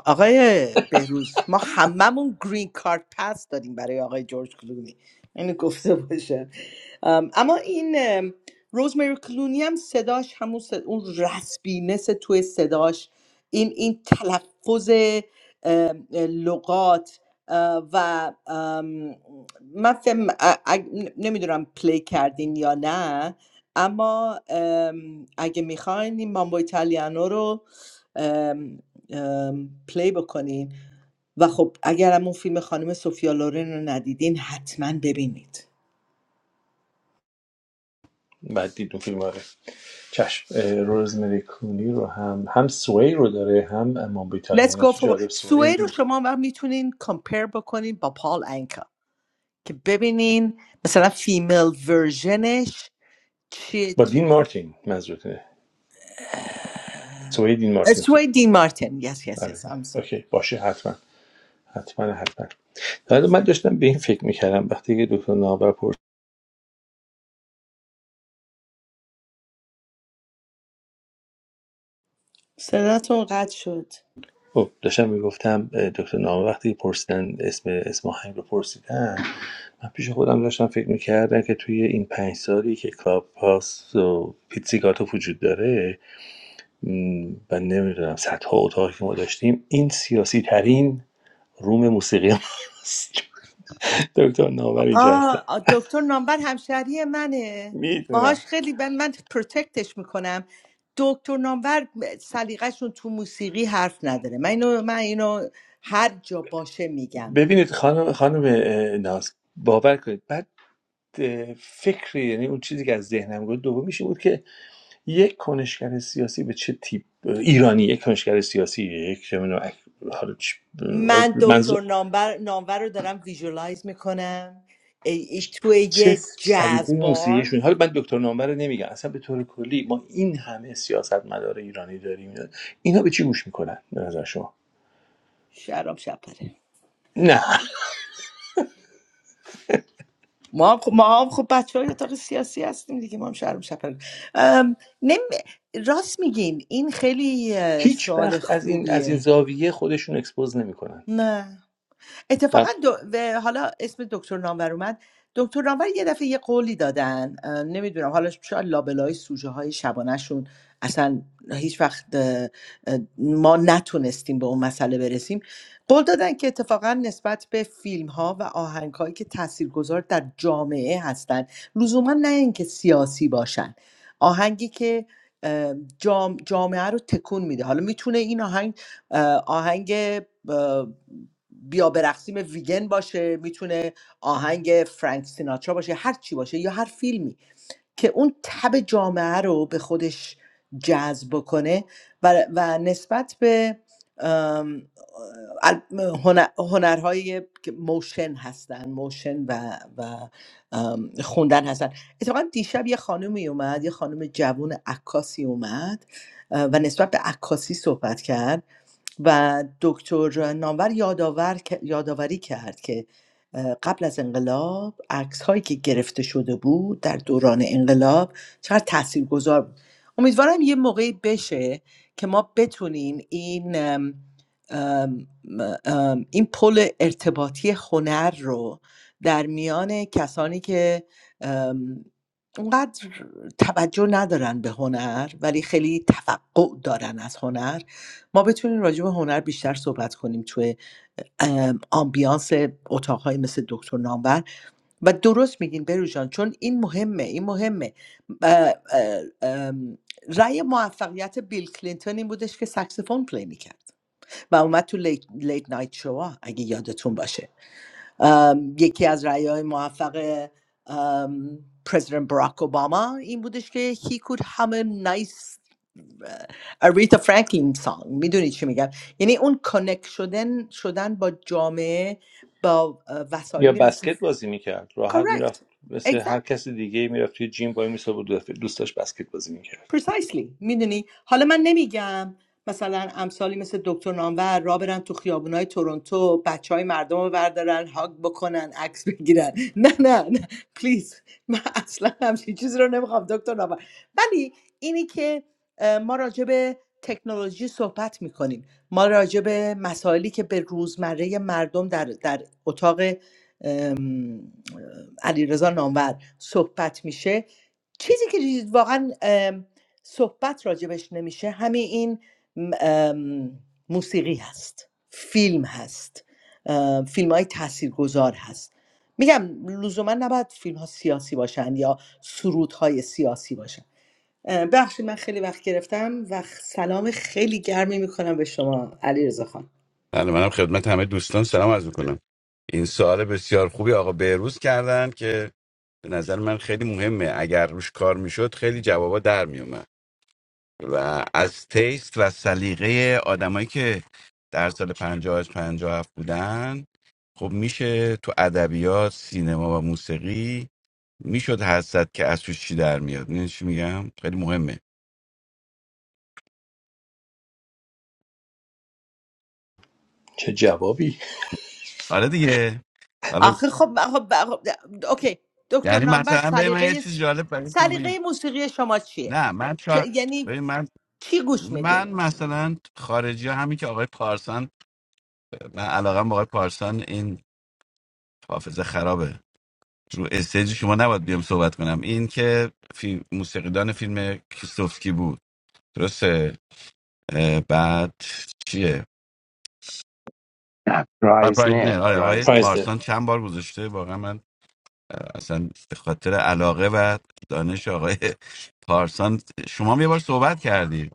S5: آقای بهروز ما هممون گرین کارت پس دادیم برای آقای جورج کلونی اینو گفته باشه ام، اما این ام، روزمری کلونی هم صداش همون صد- اون رسبینس توی صداش این این تلفظ ام، لغات اه، و ام، من فهم نمیدونم پلی کردین یا نه اما ام، اگه میخواین این مامبو ایتالیانو رو پلی بکنین و خب اگرم اون فیلم خانم سوفیا لورن رو ندیدین حتما ببینید
S2: بعد دید فیلم آره چشم اه، روزمری کلونی رو هم هم سوی رو داره هم امام
S5: Let's
S2: بیتالیان
S5: go
S2: چه
S5: for
S2: جالب سوی
S5: سوی رو شما هم میتونین کمپیر بکنین با پال انکا که ببینین مثلا فیمیل ورژنش چی
S2: با
S5: چی-
S2: دین مارتین منظورتونه سوی دین مارتین خود
S5: سوی دین مارتن yes yes yes
S2: آره آره.
S5: I'm
S2: اوکی
S5: sorry
S2: باشه حتما حتما حتما حالا من داشتم به این فکر میکردم وقتی که دکتر نامور پرس
S5: صداتون قطع شد
S2: خب، داشتم میگفتم دکتر نامور وقتی پرسیدن اسم اسم آهنگ رو پرسیدن من پیش خودم داشتم فکر میکردم که توی این پنج سالی که کلاب پاس و پیتزیگاتو وجود داره م، و نمیدونم صدها اتاقی که ما داشتیم این سیاسی ترین روم موسیقی ماست دکتر نامور اینجا هستن
S5: آه آ، دکتر نامبر همشهری منه باهاش
S2: میدونم
S5: خیلی ب- من پروتکتش میکنم دکتر نامبر سلیقهشون تو موسیقی حرف نداره من اینو من اینو هر جا باشه میگم
S2: ببینید خانم خانم اه، ناز باور کنید بعد فکری یعنی اون چیزی که از ذهنم گفت دومیش این بود که یک کنشگر سیاسی به چه تیپ ایرانی یک کنشگر سیاسی یک چه می‌دونم، اک- حالا چ- حالا
S5: من دکتر
S2: منظور
S5: نامبر نامور رو دارم ویژوالایز میکنم ای ای توی
S2: چه
S5: یه
S2: سلیقه
S5: جاز بار
S2: موسیقیشون حالا من دکتر نامبر رو نمیگم اصلا به طور کلی ما این همه سیاست مدار ایرانی داریم اینا به چی گوش میکنن به نظر شما
S5: شهرام شپره
S2: نه
S5: ما هم خب, ما هم خب بچه های اتاق سیاسی هستیم دیگه ما هم شهرام شپره ام، نمی- راست میگین این خیلی اه،
S2: هیچ
S5: سوال
S2: وقت از این از
S5: خوبیه
S2: این زاویه خودشون اکسپوز نمیکنن
S5: نه. اتفاقا دو... و حالا اسم دکتر نامور اومد دکتر نامور یه دفعه یه قولی دادن اه، نمیدونم حالا شاید لابلای سوژه های شبانهشون اصلا هیچ وقت اه، اه، ما نتونستیم به اون مسئله برسیم قول دادن که اتفاقا نسبت به فیلم ها و آهنگ هایی که تاثیرگذار در جامعه هستن لزوما نه اینکه سیاسی باشن آهنگی که اه، جام... جامعه رو تکون میده حالا میتونه این آهنگ اه، آهنگ بیا برقصیم ویگن باشه میتونه آهنگ فرانک سیناترا باشه هر چی باشه یا هر فیلمی که اون تب جامعه رو به خودش جذب کنه و, و نسبت به ام، ال- هنر- هنرهایی که موشن هستن موشن و, و ام، خوندن هستن اتفاقا دیشب یه خانمی اومد یه خانم جوون عکاسی اومد اه، و نسبت به عکاسی صحبت کرد و دکتر نامور یادآور یادآوری کرد که قبل از انقلاب عکس هایی که گرفته شده بود در دوران انقلاب چقدر تاثیرگذار بود امیدوارم یه موقعی بشه که ما بتونیم این ام، ام، ام، این پل ارتباطی هنر رو در میان کسانی که ام، اونقدر توجه ندارن به هنر ولی خیلی توقع دارن از هنر ما بتونیم راجع به هنر بیشتر صحبت کنیم توی ام، آمبیانس اتاقهای مثل دکتر نامور و درست میگین بروژان چون این مهمه این مهمه اه، اه، ام، رأی موفقیت بیل کلینتون این بودش که سکسفون پلی میکرد و اومد تو لیت, لیت نایت شوا اگه یادتون باشه ام، یکی از رأی های موفق ام، پرزیدنت براک اوباما این بودش که he could hum a nice اریتا فرانکلین سانگ میدونی چی میگم یعنی اون کانکت شدن شدن با جامعه با اه،
S2: یا
S5: وسایلی مثل
S2: بسکت بازی میکرد راحت میرفت مثل
S5: correct
S2: هر کس دیگه میرفت توی جیم وای میسا بود دفعه دوست داشت بسکت بازی میکرد
S5: precisely میدونی حالا من نمیگم مثلا امثالی مثل دکتر نامور را برن تو خیابونای تورنتو بچه های مردم رو بردارن هاگ بکنن عکس بگیرن نه نه نه پلیز من اصلا همچین چیزی رو نمیخوام دکتر نامور ولی اینی که اه، ما راجع به تکنولوژی صحبت میکنیم ما راجع به مسائلی که به روزمره مردم در, در اتاق علیرضا نامور صحبت میشه چیزی که واقعا صحبت راجبش نمیشه همین این ام، موسیقی هست فیلم هست فیلم های تاثیرگذار هست میگم لزوما نباید فیلم ها سیاسی باشن یا سرود های سیاسی باشن اه، ببخشید من خیلی وقت گرفتم و سلام خیلی گرمی میکنم به شما علیرضا خان
S6: بله منم خدمت همه دوستان سلام عرض میکنم این سوال بسیار خوبی آقا بهروز کردن که به نظر من خیلی مهمه اگر روش کار میشد خیلی جوابا در میومد و از تیست و سلیقه آدمایی که در سال 50 از 57 بودن خب میشه تو ادبیات سینما و موسیقی میشد حسد که از توش چی در میاد میدونی چی میگم خیلی مهمه
S2: چه جوابی
S6: حالا دیگه حالا
S5: آخه خب خب خب- اوکی دکتر
S6: یعنی
S5: نامبر
S6: مثلا به من
S5: سلیقه
S6: یه چیز جالب برای شما بگم.
S5: سلیقه موسیقی شما چیه
S6: نه من شا...
S5: چه- یعنی
S6: ببین من
S5: چی گوش میدین
S6: من مثلا خارجی ها همین که آقای پارسان من علاقه با آقای پارسان این حافظه خرابه رو استیج شما نباید بیام صحبت کنم این که فی... موسیقیدان فیلم کیسوفسکی بود درسته اه، بعد چیه
S4: نه
S6: آقای پارتنر
S4: پرایزنر
S6: آره آقای
S4: پرایزنر
S2: پرایزر
S6: پارسان چند بار گذاشته واقعا من اصلا به خاطر علاقه و دانش آقای پارسان شما هم یه بار صحبت کردی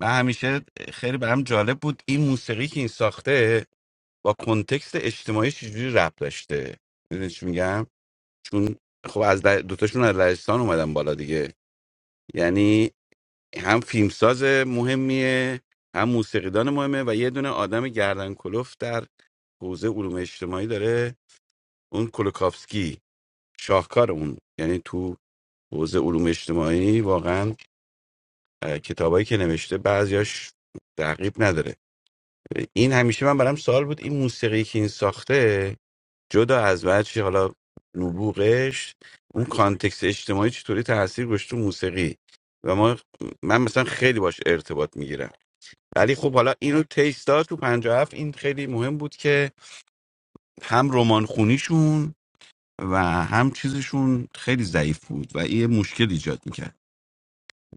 S6: من همیشه خیلی برام جالب بود این موسیقی که این ساخته با کنتکست اجتماعی چجوری ربط داشته میدونی چی میگم چون خب از لج- دوتاشون از لهستان اومدن بالا دیگه یعنی هم فیلمساز مهمیه هم موسیقیدان مهمه و یه دونه آدم گردن کلوف در حوزه علوم اجتماعی داره اون کلوکافسکی شاهکار اون یعنی تو حوزه علوم اجتماعی واقعا اه، کتابایی که نوشته بعضیاش تعقیب نداره این همیشه من برام سوال بود این موسیقی که این ساخته جدا از بچه حالا نبوغش اون کانتکست اجتماعی چطوری تاثیر گذاشت تو موسیقی و ما من مثلا خیلی باش ارتباط میگیرم ولی خب حالا اینو تیستا تو 57 این خیلی مهم بود که هم رمان خونیشون و هم چیزشون خیلی ضعیف بود و این یه مشکل ایجاد میکرد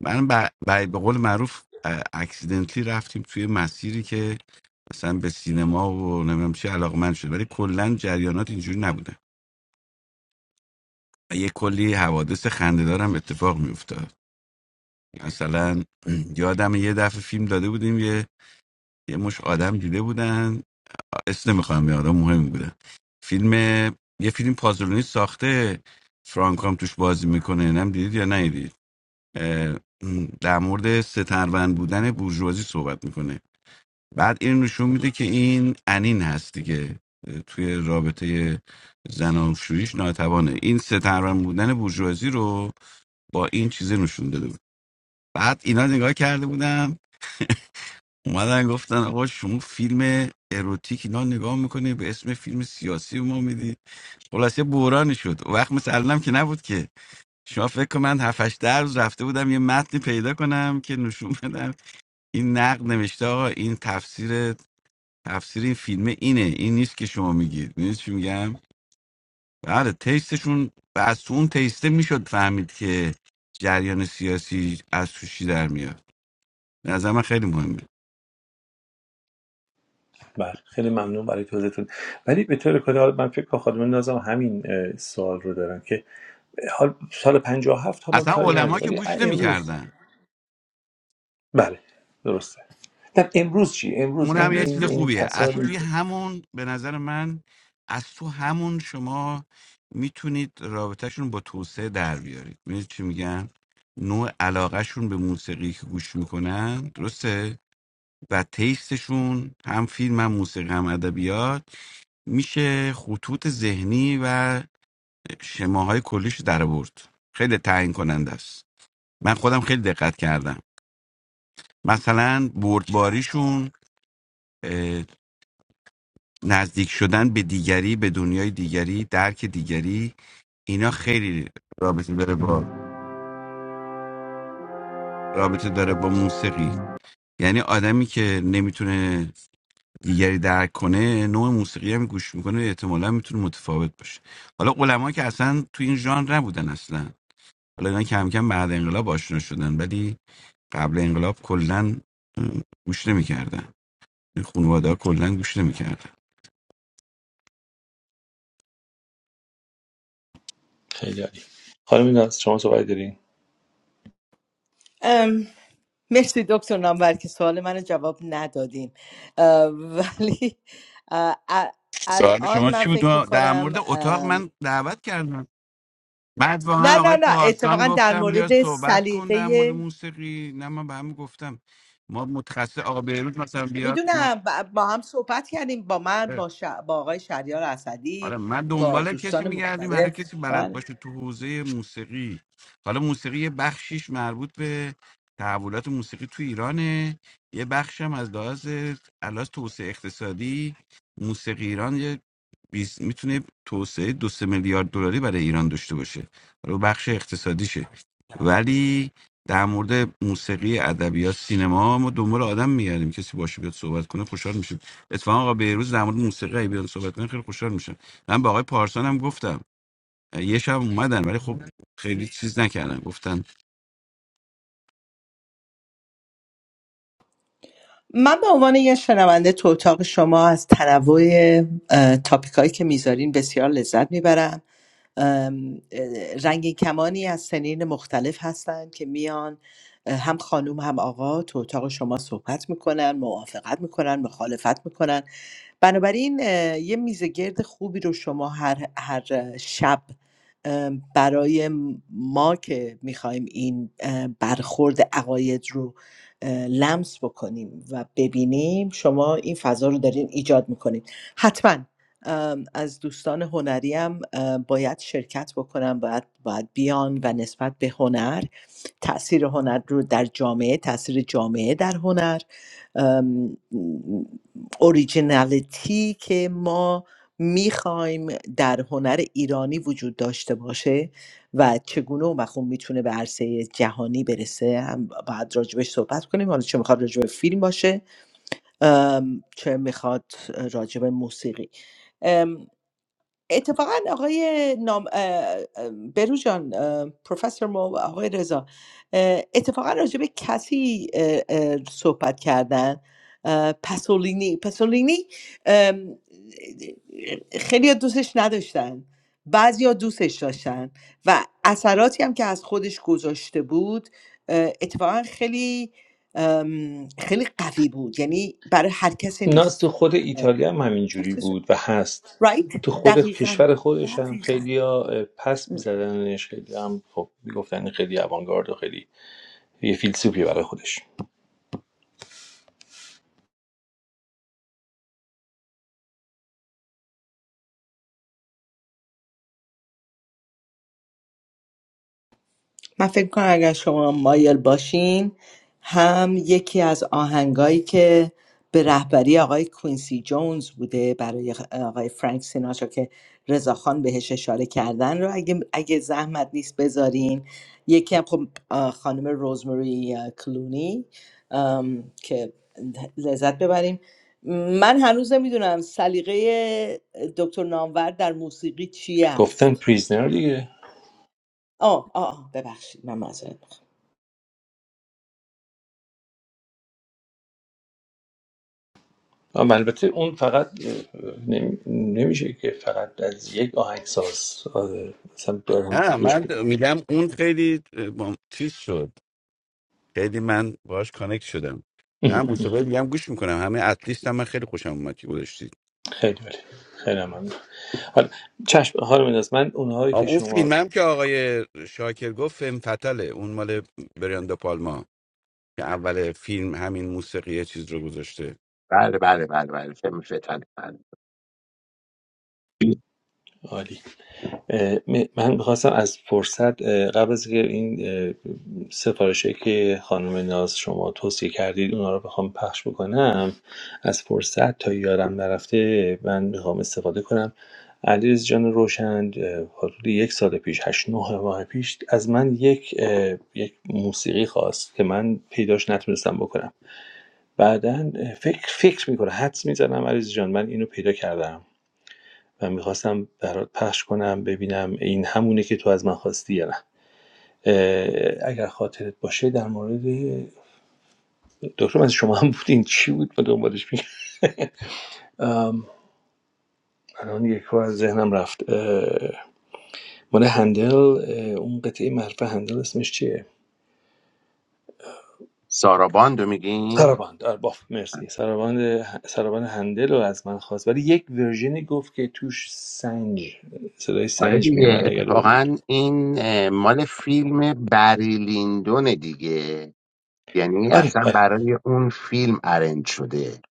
S6: من ب- ب- به قول معروف اه، اکسیدنتلی رفتیم توی مسیری که مثلا به سینما و نمیدونم چی علاقمند شد ولی کلا جریانات اینجوری نبوده یه کلی حوادث خنده‌دار هم اتفاق میافتاد مثلا یادم یه دفعه فیلم داده بودیم یه یه مش آدم دیده بودن اسم نمیخوام یه آدم مهم بودن فیلم یه فیلم پازلونی ساخته فرانک هم توش بازی میکنه نم دیدید یا ندیدید اه، در مورد سترون بودن بورژوازی صحبت میکنه بعد این نشون میده که این انین هست دیگه توی رابطه زناشوییش ناتوانه این سترون بودن بورژوازی رو با این چیزه نشون داده بود بعد اینا نگاه کرده بودم اومدن گفتن آقا شما فیلم اروتیک اینا نگاه میکنه به اسم فیلم سیاسی به ما میدی خلاصه بحرانی شد اون وقت مثل الانم که نبود که شما فکر کن من 7 8 روز رفته بودم یه متنی پیدا کنم که نشون بدم این نقد نوشته آقا این تفسیر تفسیر این فیلم اینه این نیست که شما میگید میدونید چی میگم بله تیستشون و از تو اون تیسته میشد فهمید که جریان سیاسی از توشی در میاد به نظر من خیلی مهمه
S2: بله خیلی ممنون برای توضیحتون ولی به طور کلی حالا من فکر کنم خانم نازم همین اه، سوال رو دارن که حال سال 57 حالا
S6: اصلا
S2: کاری
S6: علما
S2: نداره
S6: که
S2: ولی
S6: گوش
S2: امروز
S6: نمیکردن
S2: بله درسته نه امروز چی امروز
S6: اون هم
S2: این
S6: یه چیز
S2: این این
S6: خوبیه از
S2: کسانی
S6: توی
S2: که-
S6: همون به نظر من از تو همون شما میتونید رابطهشون با توسعه در بیارید میدونید چی میگم نوع علاقهشون به موسیقی که گوش میکنن درسته و تیستشون هم فیلم هم موسیقی هم ادبیات میشه خطوط ذهنی و شماهای کلیش در برد خیلی تعیین کننده است من خودم خیلی دقت کردم مثلا بردباریشون اه، نزدیک شدن به دیگری به دنیای دیگری درک دیگری اینا خیلی رابطه داره با رابطه داره با موسیقی یعنی آدمی که نمیتونه دیگری درک کنه نوع موسیقی هم گوش میکنه احتمالا میتونه متفاوت باشه حالا علما که اصلا تو این ژانر نبودن اصلا حالا اینا کم کم بعد انقلاب آشنا شدن ولی قبل انقلاب کلا گوش نمیکردن خانواده ها کلا گوش نمیکردن
S2: خیلی عالی خانم ناز شما صحبت دارین
S5: ام، مرسی دکتر نامور که سوال منو جواب ندادین اه، ولی اه، ا-
S6: سوال
S5: الان
S6: شما
S5: من
S6: چی بود
S5: فکر
S6: ما در
S5: میکنم
S6: مورد اتاق من دعوت کردم بعد
S5: نه
S6: واقعا آقای
S5: نه نه
S6: پارسان
S5: اتفاقا در
S6: گفتم بیا
S5: مورد
S6: صحبت کن در مورد
S5: سلیقه
S6: موسیقی نه من به همه گفتم ما متخصص آقا بیروت مثلا بیاد ما
S5: میدونم با هم صحبت کردیم با من
S6: آره
S5: با, ش... با آقای شهریار
S6: آره
S5: اسدی
S6: من
S5: با
S6: دنبال کسی
S5: دوستان
S6: میگردیم هر
S5: مختلف
S6: کسی بلد
S5: بله.
S6: باشه تو حوزه موسیقی حالا موسیقی یه بخشیش مربوط به تحولات موسیقی تو ایرانه یه بخشم از لحاظ از لحاظ توسعه اقتصادی موسیقی ایران بیز- میتونه توسعه دو سه میلیارد دلاری برای ایران داشته باشه رو بخش اقتصادیشه ولی در مورد موسیقی ادبیات سینما ما دنبال آدم میگردیم کسی باشه بیاد صحبت کنه خوشحال میشیم اتفاقا آقا بهروز در مورد موسیقی اگه بیاد صحبت کنه خیلی خوشحال میشم من به آقای پارسان هم گفتم یه شب اومدن ولی خب خیلی چیز نکردن گفتن
S5: من به عنوان یه شنونده تو اتاق شما از تنوع تاپیک هایی که میذارین بسیار لذت میبرم رنگین کمانی از سنین مختلف هستن که میان اه، هم خانوم هم آقا تو اتاق شما صحبت میکنن موافقت میکنن مخالفت میکنن بنابراین اه، یه میزه گرد خوبی رو شما هر, هر شب اه، برای ما که میخوایم این اه، برخورد عقاید رو اه، لمس بکنیم و ببینیم شما این فضا رو دارین ایجاد میکنید حتما ام، از دوستان هنری هم اه، باید شرکت بکنم باید, باید بیان و نسبت به هنر تاثیر هنر رو در جامعه تاثیر جامعه در هنر ام، اوریجینالیتی که ما میخوایم در هنر ایرانی وجود داشته باشه و چگونه اومخون میتونه به عرصه جهانی برسه هم باید راجبش صحبت کنیم حالا چه میخواد راجب فیلم باشه ام، چه میخواد راجب موسیقی اتفاقا آقای نام اه، اه، بهروز جان اه، پروفسور ما و آقای رضا اه، اتفاقا راجع به کسی اه، اه، صحبت کردن اه، پاسولینی پاسولینی ام، خیلی دوستش نداشتن بعضیا دوستش داشتن و اثراتی هم که از خودش گذاشته بود اه، اتفاقا خیلی ام، خیلی قوی بود یعنی برای هر کسی
S2: ناز تو خود
S5: نیست
S2: ایتالیا هم همینجوری بود و هست
S5: right
S2: تو خود
S5: دقیقا
S2: کشور خودش هم
S5: دقیقا
S2: خیلی ها پس میزدنش خیلی هم خب میگفتن این خیلی اوانگارد و خیلی یه فیلسوفی برای خودش
S5: من فکر کنم اگر شما مایل باشین هم یکی از آهنگایی که به رهبری آقای کوینسی جونز بوده برای آقای فرانک سیناترا که رضاخان بهش اشاره کردن رو اگه, اگه زحمت نیست بذارین یکی هم خب آه، خانم روزمری آه، کلونی آم، که لذت ببریم من هنوز نمیدونم سلیقه دکتر نامور در موسیقی چی
S2: گفتن
S5: است
S2: پریزنر دیگه
S5: آه آه آه، ببخشید من معذرت میخوام
S2: اما البته اون فقط اه، نمی- نمیشه که فقط از یک آهنگساز آره، مثلا دارم
S6: نه
S2: گوش
S6: من
S2: بدیم
S6: میگم اون خیلی اه، با- چیز شد خیلی من باهاش کانکت شدم
S2: اه،
S6: نه موسیقی
S2: اه.
S6: میگم گوش میکنم همه اتلیست هم من خیلی خوشم اومد که
S2: خیلی عالی خیلی ممنون حالا چشم حالا من من اونهایی
S6: آه،
S2: که
S6: اون
S2: شما
S6: فیلمم که آقای شاکر گفت فیلم فتله اون مال بریان پالما که اول فیلم همین موسیقی چیز رو گذاشته
S4: بله بله بله بله فیلم فتنه بله
S2: عالی من میخواستم از فرصت اه، قبل از که این سفارشی که خانم ناز شما توصیه کردید اونا رو بخوام پخش بکنم از فرصت تا یارم نرفته من میخوام استفاده کنم علیرضا جان روشن اه، حدود یک سال پیش هشت نه ماه پیش از من یک یک موسیقی خواست که من پیداش نتونستم بکنم بعدن اه، فکر فکر میکنه حدس میزنم علیرضا جان من اینو پیدا کردم و میخواستم برات پخش کنم ببینم این همونه که تو از من خواستی یا نه اگر خاطرت باشه در مورد دکتر از شما هم بودین چی بود ما دنبالش میگم الان یک بار از ذهنم رفت مال هندل اون قطعه معروف هندل اسمش چیه
S4: سارا باندو میگین
S2: سراباند آره، باف مرسی سراباند سراباند هندل رو از من خواست ولی یک ورژنی گفت که توش سنج صدای
S4: آره
S2: سنج
S4: دیگه
S2: میومد اگر درست-
S4: اتفاقا این اه، مال فیلم بری لیندونه دیگه یعنی
S2: آره
S4: اصلا
S2: آره
S4: برای اون فیلم ارنج شده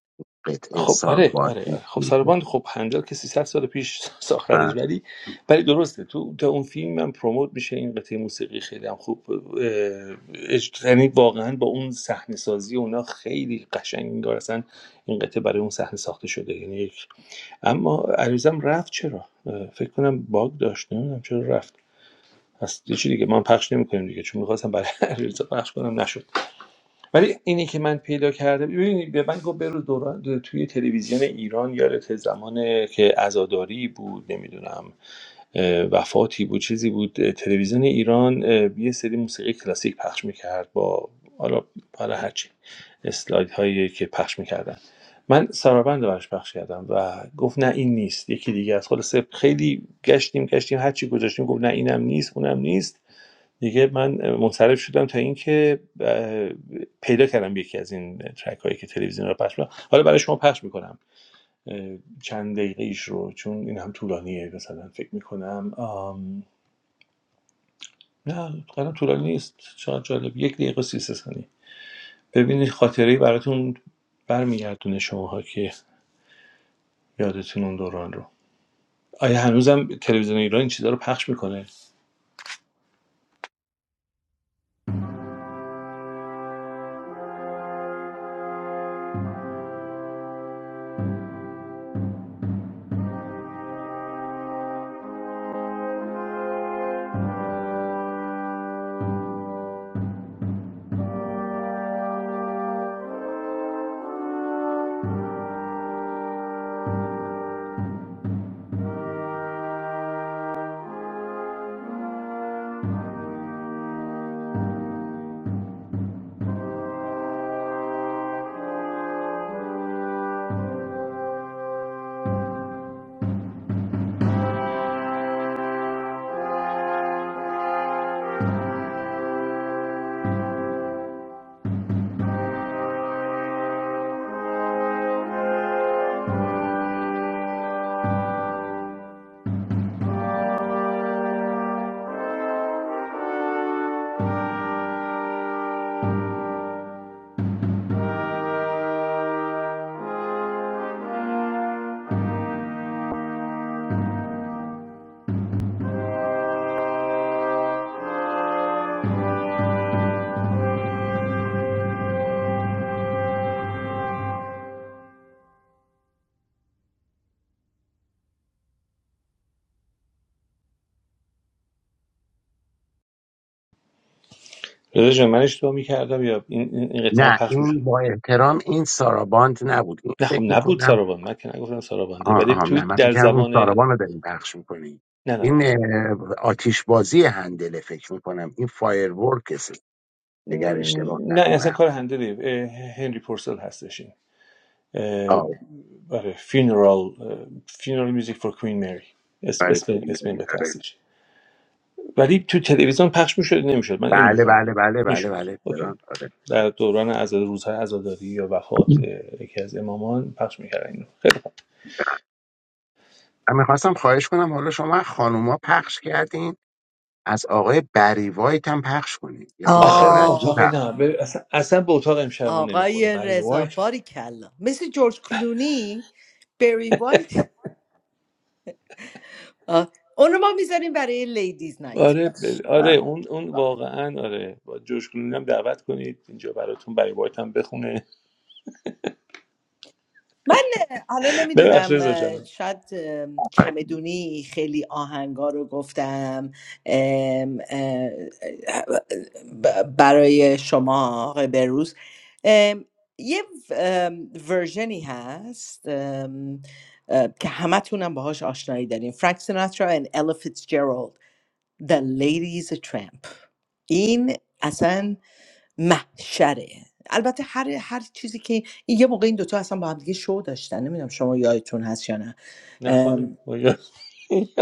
S4: قطعه
S2: خب
S4: سارا
S2: آره
S4: باند
S2: آره, آره. خب
S4: فیلم.
S2: سالبان خب 50 که 300 سال پیش
S4: و-
S2: ساختنش ولی ولی درسته تو تا اون فیلم هم پروموت میشه این قطعه موسیقی خیلی هم خوب اه، اج- یعنی واقعا با اون صحنه سازی اونا خیلی قشنگ انگار اصلا این قطعه برای اون صحنه ساخته شده یعنی یک اما عریضم رفت چرا اه، فکر کنم باگ داشت نمیدونم چرا رفت هست یه چی دیگه من پخش نمیکنیم دیگه چون میخواستم برای علیرضا پخش کنم ولی اینی که من پیدا کردم ببینید به من گفت برو دوران توی تلویزیون ایران یادت زمان که عزاداری بود نمیدونم وفاتی بود چیزی بود تلویزیون ایران اه، یه سری موسیقی کلاسیک پخش میکرد با حالا حالا هرچی اسلاید هایی که پخش میکردن من سرابند رو براش پخش کردم و گفت نه این نیست یکی دیگه از خلاصه خیلی گشتیم گشتیم هرچی گذاشتیم گفت نه اینم نیست اونم نیست دیگه من منصرف شدم تا اینکه اه، پیدا کردم یکی از این ترک هایی که تلویزیون رو پخش می‌کنن. حالا برای شما پخش میکنم چند دقیقه ایش رو چون این هم طولانیه مثلا فکر میکنم آم... نه قدم طولانی نیست چقدر جالب یک دقیقه و سی و سه ثانیه ببینید خاطره براتون برمیگردونه شماها که یادتون اون دوران رو آیا هنوزم تلویزیون ایران این چیزا رو پخش میکنه رضا جان، من اشتباه میکردم یا این این این قطعه
S4: نه
S2: پخش میشه؟
S4: این با احترام این سارا باند نبود این
S2: نه خب
S4: فکر
S2: نبود
S4: میکنم
S2: ساراباند من که نگفتم سارابانده
S4: آه
S2: ولی
S4: آه نه
S2: توی
S4: من فکر
S2: در
S4: کردم اون
S2: زبان نه
S4: سارا باند رو داریم پخش میکنیم
S2: نه
S4: این
S2: نه
S4: اه، آتیش بازی هندله فکر میکنم این فایر ورکس اگر اشتباه
S2: نه
S4: نکنم
S2: اصلا کار هندلی هنری پورسل هستش این اه،
S4: آه
S2: آره فینرال فینرال میوزیک فور کوین مری اسم
S4: برای
S2: اسم
S4: کلی
S2: اسم این
S4: ملی
S2: قطعه
S4: آره
S2: هستش ولی تو تلویزیون پخش میشد نمیشد من اینو
S4: بله
S2: میخوام بگم
S4: بله بله بله
S2: میشد
S4: بله
S2: اوکی
S4: فران آره, آره.
S2: در دوران عزاد روزهای عزاداری یا وفات اه، یکی از امامان پخش میکردن اینو خیلی خوب
S4: من میخواستم خواهش کنم حالا شما خانوما پخش کردین از آقای بری وایت هم پخش کنین یه خود
S2: آخه به
S4: آرندی
S2: اتاق
S4: پخش
S2: نه
S5: آه
S2: به- اصلا, اصلا به اتاق امشب ما نمیخوره
S5: آقای
S2: برای
S5: رضا
S2: وایت
S5: باری کلا مثل جورج کلونی بری وایت آه. اونو ما میذاریم برای لیدیز نایت
S2: آره
S5: باش
S2: ب- آره اون اون
S5: باش
S2: واقعا آره با جوشگلون هم دعوت کنید اینجا براتون برای بایت هم بخونه
S5: من حالا
S2: ببخش
S5: نمیدونم
S2: رضا جانم
S5: شاید اه،
S4: آفرین.
S5: چمدونی خیلی آهنگا رو گفتم ام، اه، ب- برای شما آقای بروز ام، یه ام، ورژنی هست ام، اه، که همتونم باهاش آشنایی داریم فرانک سیناترا و Ella فیتزجرالد The Lady is a Tramp این اصلا محشره البته هر هر چیزی که این- یه موقع این دوتا اصلا با هم دیگه شو داشتن نمیدونم شما یادتون هست یا نه
S2: نخوانیم
S5: ام،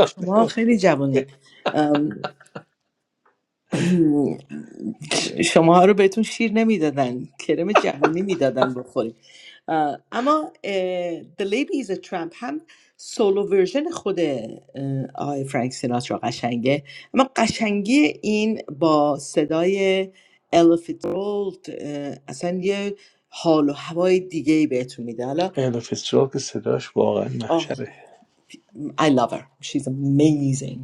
S5: شما خیلی جوانی شما رو بهتون شیر نمیدادن کرم جهونی میدادن بخوریم اه، اما اه، The Lady is a Tramp هم سولو ورژن خود اه، آقای فرانک سیناترا قشنگه اما قشنگی این با صدای الا فیتزجرالد اه، اصلا یه حال و هوای دیگه ای بهتون میده حالا
S2: الوفسترال که صداش واقعا
S5: آه
S2: محشره
S5: I love her she's amazing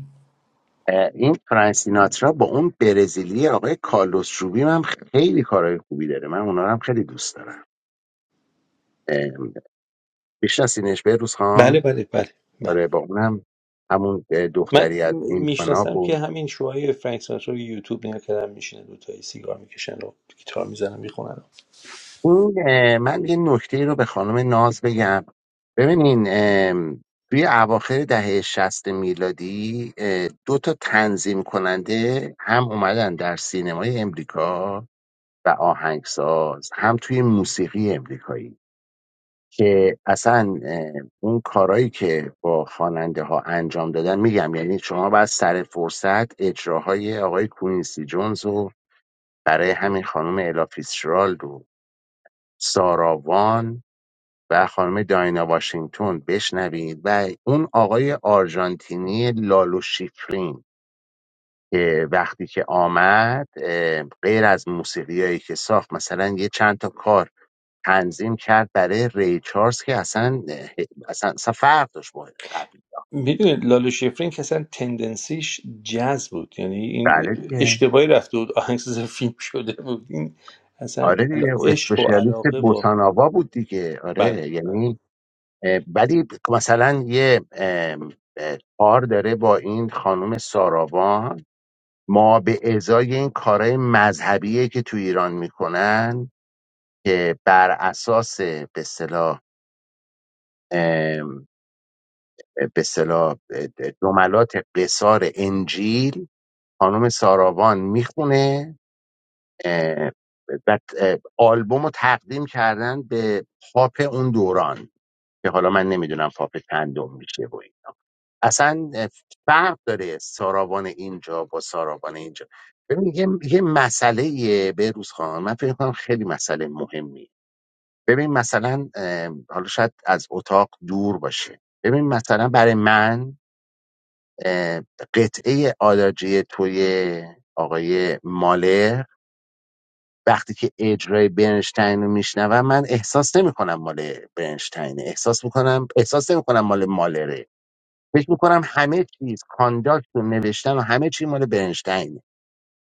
S4: اه، این فرانسیناترا با اون برزیلی آقای کارلوس روبیم هم خیلی کارهای خوبی داره من اونا رو هم خیلی دوست دارم اه، بیشناسینش به روز
S2: بله
S4: خان
S2: بله بله بله
S4: آره با اونم همون اه،
S2: من
S4: دختری از این
S2: میشناسم
S4: فنا
S2: که همین شوهای فرانک سیناترا رو یوتیوب نگاه کردن میشینه دوتایی سیگار میکشن و گیتار میزنن
S4: این اه، من یه نکته رو به خانم ناز بگم ببینین ام، توی اواخر دهه شست میلادی اه، دو تا تنظیم کننده هم اومدن در سینمای امریکا و آهنگساز هم توی موسیقی امریکایی که اصلا اه، اون کارایی که با خواننده ها انجام دادن میگم یعنی شما باید سر فرصت اجراهای آقای کوینسی جونز و برای همین خانم الا فیtzgerald و ساراوان و خانم داینا واشنگتن بشنوید و اون آقای آرژانتینی لالو شیفرین که وقتی که آمد اه، غیر از موسیقیایی که ساخت مثلا یه چند تا کار تنظیم کرد برای ری چارلز که اصلا اه، اصلا, اصلا فرق داشت با قبلی
S2: میدونید لاله شفرین که اصلا تندنسیش جاز بود یعنی این
S4: بله دیگه
S2: اشتباهی رفته بود آهنگساز فیلم شده بود این اصلا
S4: آره
S2: علا-
S4: دیگه
S2: عشق و
S4: اسپشیالیست
S2: علاقه با
S4: بوساناوا بود دیگه
S2: بله
S4: آره
S2: بله
S4: یعنی اه، ولی مثلا یه ام، اه، کار داره با این خانم ساراوان ما به ازای این کارهای مذهبیه که تو ایران میکنن که بر اساس به اصطلاح ام، به اصطلاح جملات قصار انجیل خانم ساراوان میخونه و آلبوم رو تقدیم کردن به پاپ اون دوران که حالا من نمیدونم پاپ چندم میشه و اصلا فرق داره سارابان اینجا با سارابان اینجا ببین یه, یه مسئله به روز خواهم من فکر کنم خیلی مسئله مهمی ببین مثلا اه، حالا شاید از اتاق دور باشه ببین مثلا برای من اه، قطعه آلاجی توی آقای مالر وقتی که اجرای برنشتین رو میشنوم من احساس نمیکنم مال برنشتینه احساس میکنم احساس نمیکنم مال مالره فکر میکنم همه چیز کانداکت و نوشتن و همه چی مال برنشتینه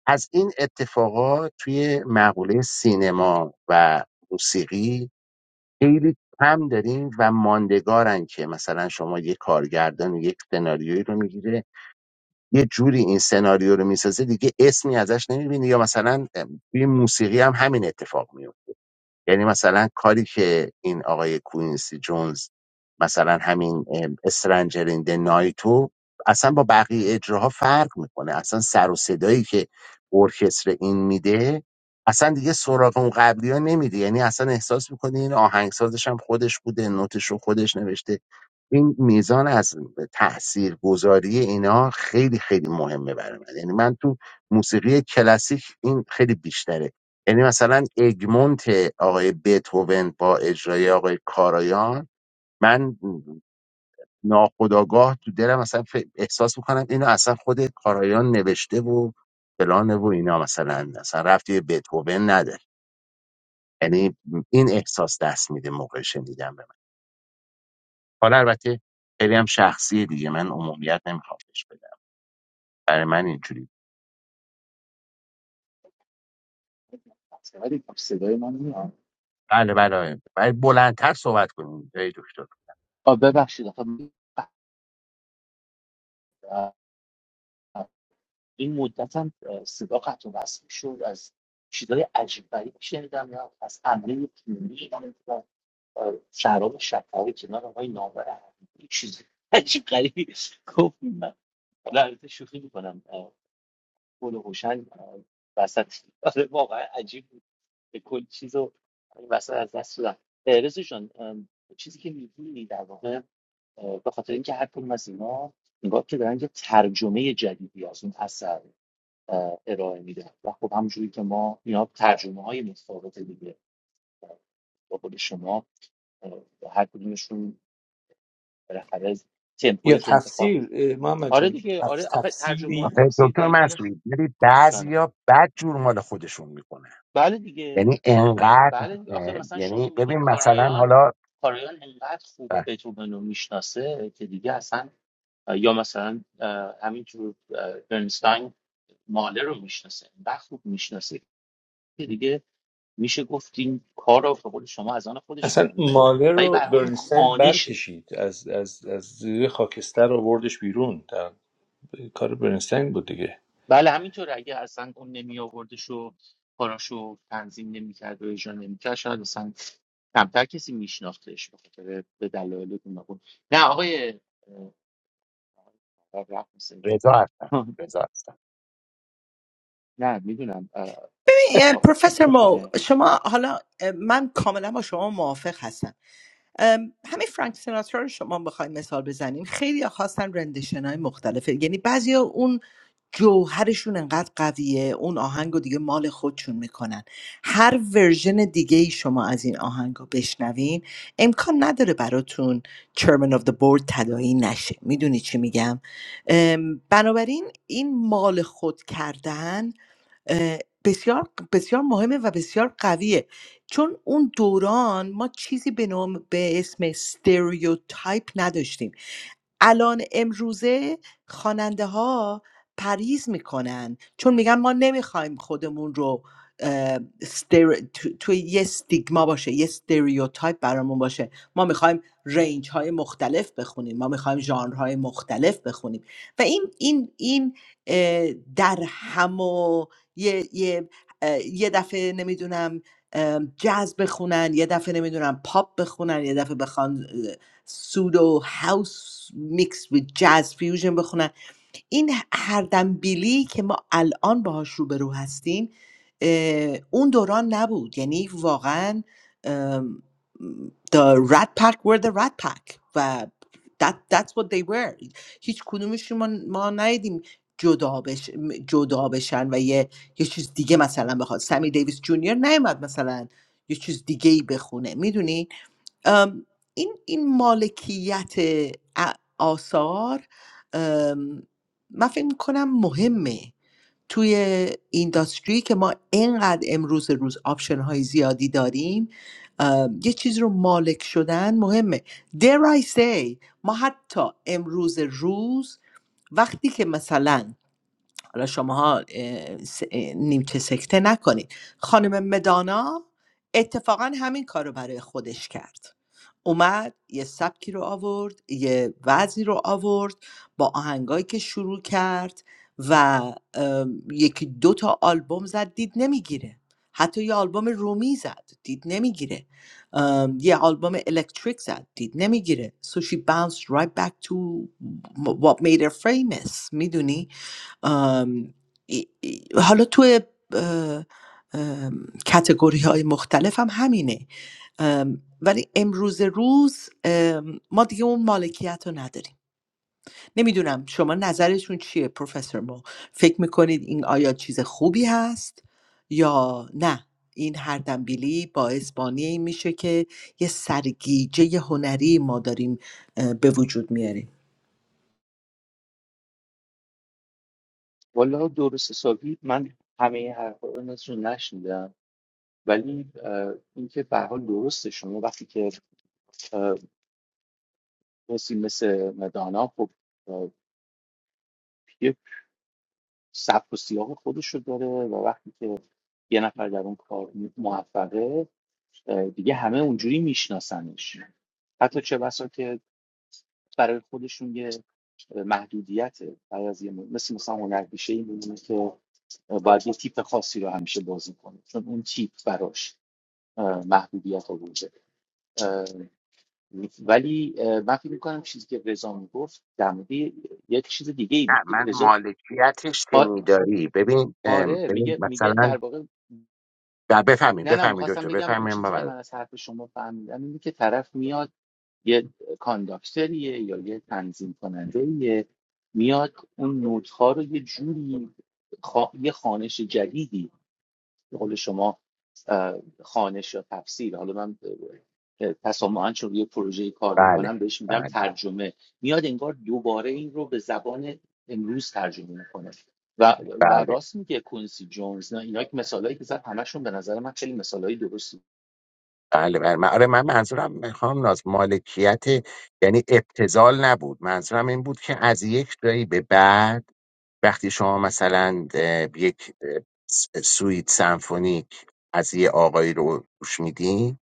S4: از این اتفاقات توی مقوله سینما و موسیقی خیلی کم داریم و ماندگارن که مثلا شما یه کارگردان یک سناریویی رو میگیره یه جوری این سناریو رو میسازه دیگه اسمی ازش نمیبینی یا مثلا توی موسیقی هم همین اتفاق میفته یعنی مثلا کاری که این آقای کوینسی جونز مثلا همین استرنجرین نایتو اصلا با بقیه اجراها فرق میکنه اصلا سر و صدایی که ارکستر این میده اصلا دیگه سراغ اون قبلی ها نمیده یعنی اصلا احساس میکنه این آهنگسازش هم خودش بوده نوتش رو خودش نوشته این میزان از تأثیر گذاری اینا خیلی خیلی مهمه برای من یعنی من تو موسیقی کلاسیک این خیلی بیشتره یعنی مثلا اگمونت آقای بتهوون با اجرای آقای کارایان من ناخداگاه تو دلم مثلا ف- احساس میکنم اینو اصلا خود کارایان نوشته و فلانه و اینا مثلا اصلا رفتی به بتهوون نداره یعنی این احساس دست میده موقع شنیدن به من حالا البته خیلی هم شخصیه دیگه من عمومیت نمیخوام بهش بدم. برای من اینجوری بود.
S3: ولی خب صدای من میاد
S4: بله بله بله بلندتر صحبت کنیم ای دکتر
S3: آه، ببخشید آخه من- این مدت هم آه، صدا قطع و وصل شد از چیزای عجیب غریب شنیدم یا از حمله پیونی شراب شکر کنار آقای نامور حقیقی چیز عجیب غریبی گفت من حالا البته شوخی میکنم گل و هوشنگ آه، وسط آره واقعا عجیب بود به کل چیز رو این وسط از دست دادم رزو جان آم، چیزی که میگی در واقع اه، به خاطر اینکه هر کدوم از اینا انگار که دارن یه ترجمه جدیدی از اون اثر اه، ارائه میدن و خب همونجوری که ما اینا ترجمه های متفاوت دیگه اه، با قول شما اه، هر کدومشون بالاخره از
S2: یا
S3: تمپویی که انتخاب
S2: تفسیر
S3: می‌کنن.
S2: اه، محمد
S3: آره
S2: جان
S3: دیگه
S2: تف-
S3: آره آخه ترجمه و
S2: تفسیری
S4: آخه
S3: تفسیر
S4: دکتر
S3: در این خ...
S4: مسعودی یعنی
S3: جانم.
S4: بعضیا بد جور مال خودشون میکنه.
S3: بله دیگه
S4: یعنی انقدر
S3: بله دیگه. آخه
S4: اه،
S3: مثلا شما
S4: یعنی
S3: میگی
S4: ببین مثلا
S3: کارایان
S4: حالا
S3: کارایان انقدر خوب
S4: اه،
S3: بتوون رو میشناسه که دیگه اصلا یا مثلا اه، همینجور اه، برنستاین ماله رو میشناسه انقدر خوب میشناسه که دیگه میشه گفت این کار رو به قول شما از آن خودش
S2: اصلا
S3: میکنه دیگه
S2: مالر
S3: ولی به
S2: رو
S3: هر حال اون
S2: برنستین
S3: خانشه
S2: برکشید از, از, از زیر خاکستر آوردش بیرون در کار برنستین بود دیگه
S3: بله همینطور اگه اصلا اون نمی آوردش و کاراشو تنظیم نمیکرد و اجرا نمیکرد شاید مثلا کمتر کسی میشناختش به خاطر به دلایل گوناگون نه آقای اه، رفت مثل اینکه.
S4: رضا هستم رضا هستم
S3: نه میدونم
S5: اه،
S3: آقا
S5: پروفسور مو
S3: جون.
S5: شما حالا اه، من کاملا با شما موافق هستم ام، همین فرانک سیناترا رو شما بخوایم مثال بزنین خیلی خواستن رندشن های مختلفه یعنی بعضی اون جوهرشون انقدر قویه اون آهنگ دیگه مال خودشون میکنن هر ورژن دیگه ای شما از این آهنگ رو بشنوین امکان نداره براتون چرمن of the board تداعی نشه میدونی چی میگم ام، بنابراین این مال خود کردن اه، بسیار بسیار مهمه و بسیار قویه چون اون دوران ما چیزی به نام به اسم استریوتایپ نداشتیم الان امروزه خواننده ها پریز میکنن چون میگن ما نمیخوایم خودمون رو اه، ستر... تو... توی یه ستیگما باشه یه ستریوتایپ برامون باشه ما میخوایم رنج های مختلف بخونیم ما میخوایم ژانر های مختلف بخونیم و این این این اه، در هم و یه یه اه، یه دفعه نمیدونم جاز بخونن یه دفعه نمیدونم پاپ بخونن یه دفعه بخوان سودو هاوس میکس with جاز فیوژن بخونن این هر دنبیلی که ما الان باهاش روبرو هستیم اه، اون دوران نبود یعنی واقعا ام، the rat pack were the rat pack و that, that's what they were هیچ کدومشون ما, ما ندیدیم جدا, بش، جدا بشن و یه, یه چیز دیگه مثلا بخواد سمی دیویس جونیور نیومد مثلا یه چیز دیگه ای بخونه میدونی ام، این این مالکیت ا- آثار ام، من فکر میکنم مهمه توی اینداستری که ما اینقدر امروز روز آپشن های زیادی داریم ام، یه چیز رو مالک شدن مهمه dare I say ما حتی امروز روز وقتی که مثلا حالا شماها نیمچه سکته نکنید خانم مدانا اتفاقا همین کار رو برای خودش کرد اومد یه سبکی رو آورد یه وضعی رو آورد با آهنگایی که شروع کرد و ام، یکی دو تا آلبوم زد دید نمیگیره حتی یه آلبوم رومی زد دید نمیگیره یه آلبوم الکتریک زد دید نمیگیره so she bounced right back to what made her famous میدونی آم، ای- ای- حالا توی کتگوری های مختلف هم همینه ام، ولی امروز روز ام، ما دیگه اون مالکیت رو نداریم نمیدونم شما نظرشون چیه پروفسور مو فکر میکنید این آیا چیز خوبی هست یا نه این هر دنبیلی باعث بانی این میشه که یه سرگیجه هنری ما داریم اه، به وجود میاریم
S3: والا درست حسابی من همه حرفا رو نشون نشنیدم ولی اه، اینکه به هر حال درسته شما وقتی که اه، کسی مثل دانا خب اه، یه سبک و سیاق خودش رو داره و وقتی که یه نفر در اون کار موفقه اه، دیگه همه اونجوری میشناسنش حتی چه بسا که برای خودشون یه محدودیت برای از یه م- مثل مثلا هنرپیشه این می‌مونه که باید یه تیپ خاصی رو همیشه بازی کنه چون اون تیپ براش اه، محدودیت آورده ولی اه، من فکر میکنم چیزی که رضا میگفت در مورد یه یه چیز دیگه ای بود.
S4: نه من
S3: رضا
S4: مالکیتش
S3: آ-
S4: شنیداری ببین ام،
S3: آره
S4: ببین
S3: میگه میگه در
S4: مثلا
S3: واقع
S4: بفهمیم
S3: نه نه
S4: بفهمیم
S3: میخواستم
S4: دکتر
S3: بگم اون
S4: بفهمیم
S3: چیزی که من
S4: بله
S3: از حرف شما فهمیدم اینه که طرف میاد یه کانداکتریه یا یه تنظیم کننده میاد اون نوت‌ها رو یه جوری خا... یه خانش جدیدی به قول شما اه، یا تفسیر حالا من اه، تسامحاً چون یه پروژه‌ای کار
S4: بله
S3: میکنم بهش میگم ترجمه میاد انگار دوباره این رو به زبان امروز ترجمه میکنه و, و
S4: بله
S3: راست میگه کونسی جونز نه اینا که مثالایی که زد همشون به نظر من خیلی مثالایی درستی
S4: بله بله من آره من منظورم میخوام ناز مالکیت یعنی ابتذال نبود منظورم این بود که از یک جایی به بعد وقتی شما مثلا اه، یک اه، س- سویت سمفونیک از یه آقایی رو گوش میدین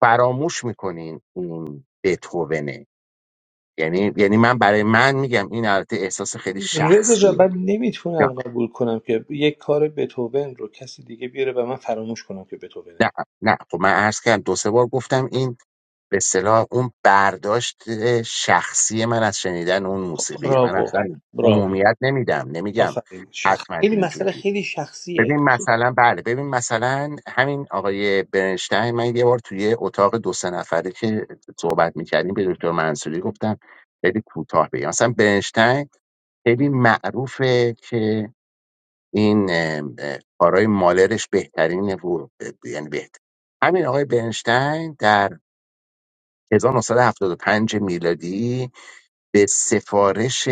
S4: فراموش میکنین این بتوونه یعنی یعنی من برای من میگم این البته احساس خیلی
S2: رضا جان من
S4: شخصیه نه
S2: نمیتونم قبول کنم که یک کار بتوون رو کسی دیگه بیاره و من فراموش کنم که بتوونه
S4: نه نه. خب من عرض کردم دو سه بار گفتم این به اصطلاح اون برداشت شخصی من از شنیدن اون موسیقیه من
S2: براوو
S4: اصلا
S2: براوو
S4: عمومیت نمیدم نمیگم
S2: آفرین شخص
S4: حتما
S2: خیلی مسئله
S4: اینجوری
S2: خیلی شخصیه
S4: ببین مثلا بله ببین مثلا همین آقای برنشتین من یه بار توی اتاق دو سه نفره که صحبت میکردیم به دکتر منصوری گفتم خیلی کوتاه بگم مثلا برنشتین خیلی معروفه که این اه، اه، کارهای مالرش بهترینه و ب- یعنی بهتر همین آقای برنشتین در 1975 میلادی به سفارش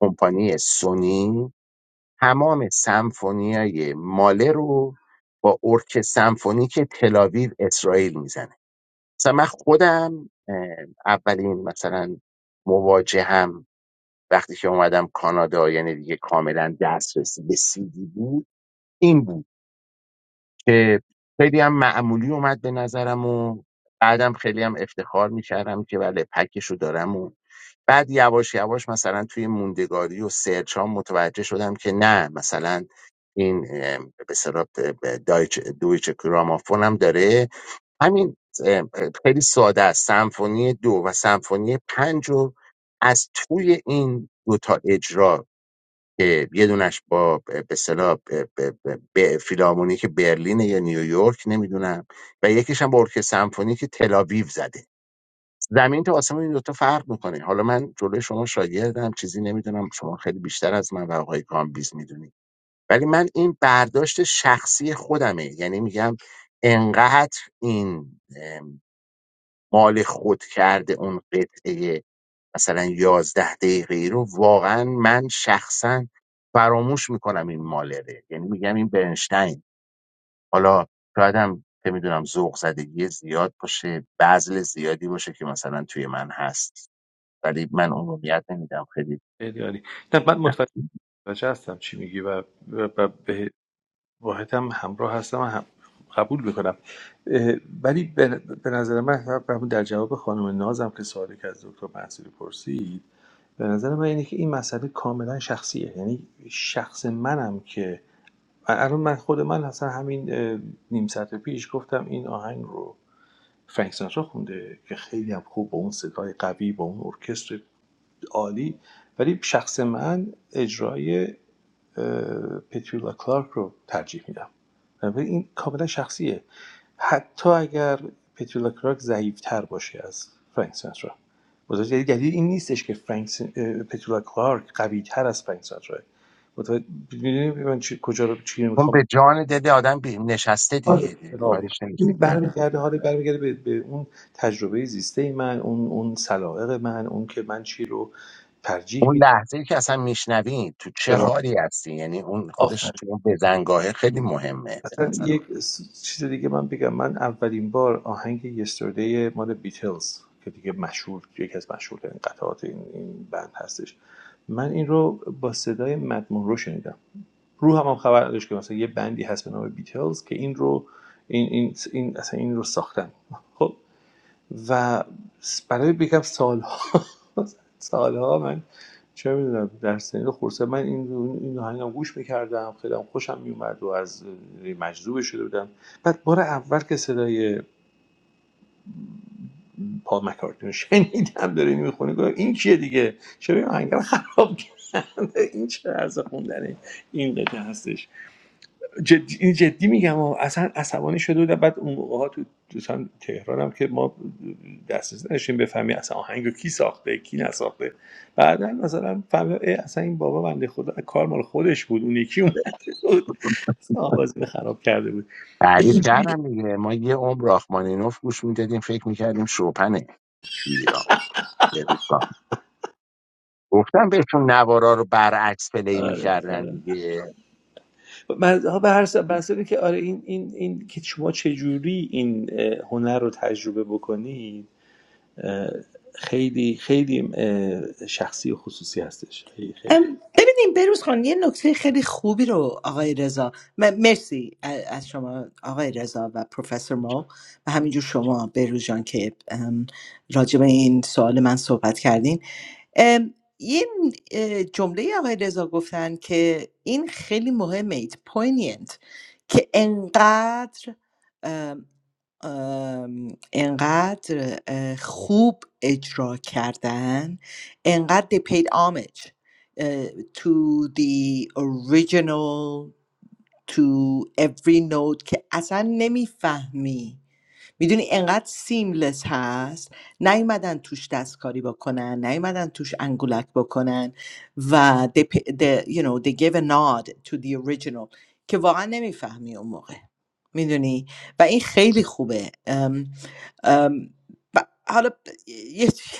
S4: کمپانی سونی تمام سمفونیای ماله رو با ارک سمفونیک تلاویو اسرائیل میزنه مثلا من خودم اه، اولین مثلا مواجهم وقتی که اومدم کانادا یعنی دیگه کاملا دسترسی به سیدی بود این بود که خیلی هم معمولی اومد به نظرم و بعدم خیلی هم افتخار میکردم که بله پکش رو دارم و بعد یواش یواش مثلا توی موندگاری و سرچ ها متوجه شدم که نه مثلا این اه، به اصطلاح دایچ دویچ گرامافون هم داره همین اه، خیلی ساده است سمفونی دو و سمفونی پنج رو از توی این دو تا اجرا که یه دونش با به اصطلاح ب- ب- ب- ب- فیلارمونیک برلین یا نیویورک نمیدونم و یکیش هم با ارکستر سمفونیک تل آویو زده زمین تا آسمون این دوتا فرق میکنه حالا من جلوی شما شاگردم چیزی نمیدونم شما خیلی بیشتر از من و آقای کامبیز میدونی ولی من این برداشت شخصی خودمه یعنی میگم انقدر این ام، مال خود کرده اون قطعه مثلا یازده دقیقه رو واقعا من شخصا فراموش میکنم این مالره یعنی میگم این برنشتین حالا شاید هم که میدونم ذوق زدگی زیاد باشه بذل زیادی باشه که مثلا توی من هست ولی من عمومیت نمیدم خیلی
S2: خیلی عالی نه من متوجه هستم چی میگی و, و, و به واحد هم همراه هستم و هم قبول میکنم ولی به, به نظر من همون در جواب خانم نازم که سوالی که از دکتر محصولی پرسید به نظر من اینه که این مسئله کاملا شخصیه یعنی شخص منم که الان من خود من اصلا همین اه، نیم ساعت پیش گفتم این آهنگ رو فرانک سیناترا خونده که خیلی هم خوب با اون صدای قوی با اون ارکستر عالی ولی شخص من اجرای پتریولا کلارک رو ترجیح میدم بنابراین این کاملا شخصیه حتی اگر پتریولا کلارک ضعیف‌تر باشه از فرانک سیناترا متوجه یعنی دلیل این نیستش که فرانک سین... پترولا کلارک قوی تر از فرانک سیناترا متوجه می‌دونی من کجا رو چی
S4: اون
S2: میخوام
S4: به جان دل آدم بی- نشسته
S2: آره.
S4: دیگه دیگه
S2: کتابو
S4: کاریش
S2: این
S4: نمیشه کرد
S2: برمیگرده حالا برمیگرده به, به اون تجربه زیسته من اون اون سلائق من اون که من چی رو ترجیح
S4: اون
S2: میدم
S4: لحظه ای که اصلا میشنوی تو چه
S2: برام
S4: حالی هستی یعنی اون خودش
S2: آفرین
S4: تو اون بزنگاهه خیلی مهمه به
S2: اصلا
S4: نظر من
S2: یک س- چیز دیگه من بگم من اولین بار آهنگ یستردی مال بیتلز که دیگه مشهور یکی از مشهورترین قطعات این, این بند هستش من این رو با صدای مد رو شنیدم رو هم, هم خبر نداشت که مثلا یه بندی هست به نام بیتلز که این رو این این این اصلا این رو ساختن خب و برای یکم سالها سالها من چه میدونم در سنین خورسه من این این آهنگم گوش میکردم خیلی هم خوشم میومد و از مجذوب شده بودم بعد بار اول که صدای پا مکارتنی رو شنیدم داره اینو میخونه گفتم این کیه دیگه چرا این آهنگ رو خراب کرده این چه عرض خوندن این قطعه هستش جدی, این جدی میگم و اصلا عصبانی شده بودم بعد اون موقع ها تو دوستان تهرانم که ما دسترسی نداشتیم بفهمیم اصلا آهنگو کی ساخته کی نساخته بعدا مثلا فهمیدم اه، اصلا این بابا بنده خدا کار مال خودش بود اون یکی اومده بود آوازی رو خراب کرده بود
S4: تعریف
S2: اینجوری
S4: کردم دیگه ما یه عمر راخمانینوف گوش میدادیم فکر میکردیم شوپنه تو ایران به روزگار. گفتم بهشون نوارا رو برعکس پلی
S2: آره
S4: میکردن
S2: آره
S4: دیگه
S2: من ها به هر سبب که آره این این این که شما چه جوری این اه، هنر رو تجربه بکنید خیلی خیلی شخصی و خصوصی هستش خیلی خیلی
S5: ام، ببینیم بروز خان یه نکته خیلی خوبی رو آقای رضا م- مرسی ا- از شما آقای رضا و پروفسور ما و همینجور شما بروز جان که ام، راجع به این سوال من صحبت کردین ام، یه اه، جمله آقای رضا گفتن که این خیلی مهمه ایت پوینینت که انقدر ام، انقدر اه، خوب اجرا کردن انقدر they paid homage اه، to the original to every note که اصلا نمیفهمی میدونی انقدر سیملس هست نیومدن توش دستکاری بکنن نیومدن توش انگولک بکنن و they, p- they, you know, they gave a nod to the original که واقعا نمیفهمی اون موقع میدونی و این خیلی خوبه ام، ام، ب- حالا ب-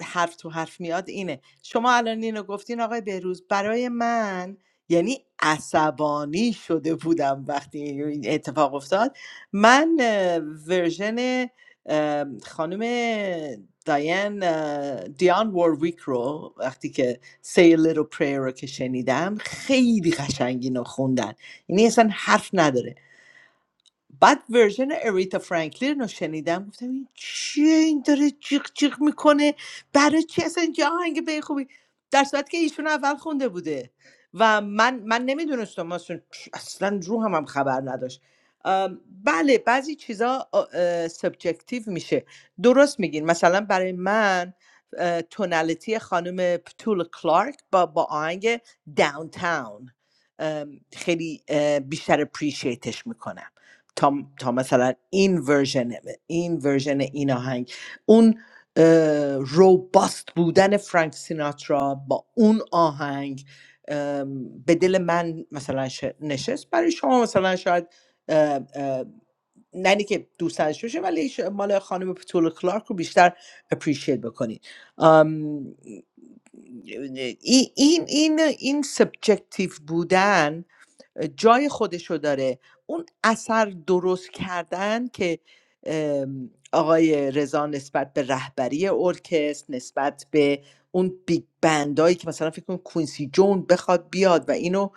S5: حرف تو حرف میاد اینه شما الان اینو گفتین آقای بهروز برای من یعنی عصبانی شده بودم وقتی این اتفاق افتاد من ورژن خانم داین دیان وارویک رو وقتی که سی لیتل پریر رو که شنیدم خیلی قشنگین رو خوندن یعنی اصلا حرف نداره بعد ورژن اریتا فرانکلین رو شنیدم گفتم این چیه این داره جیغ جیغ میکنه برای چی اصلا اینجا آهنگ به این خوبی در صورتی که ایشون اول خونده بوده و من من نمیدونستم اصلا اصلا روحم هم هم خبر نداشت ام، بله بعضی چیزا سبجکتیو میشه درست میگین مثلا برای من اه، تونالیتی خانم پتول کلارک با با آهنگ داونتاون ام، خیلی اه، بیشتر اپریشیتش میکنم تا, تا مثلا این ورژن این ورژن این آهنگ اون اه، روباست بودن فرانک سیناترا با اون آهنگ ام، به دل من مثلا ش- نشست برای شما مثلا شاید اه، اه، نه اینی که دوست داشته باشه ولی ش- مال خانم پتول کلارک رو بیشتر اپریشیت بکنید ام، ای- این این این سبجکتیو بودن جای خودشو داره اون اثر درست کردن که آقای رضا نسبت به رهبری ارکستر نسبت به اون بیگ بندایی که مثلا فکر کن کوینسی جون بخواد بیاد و اینو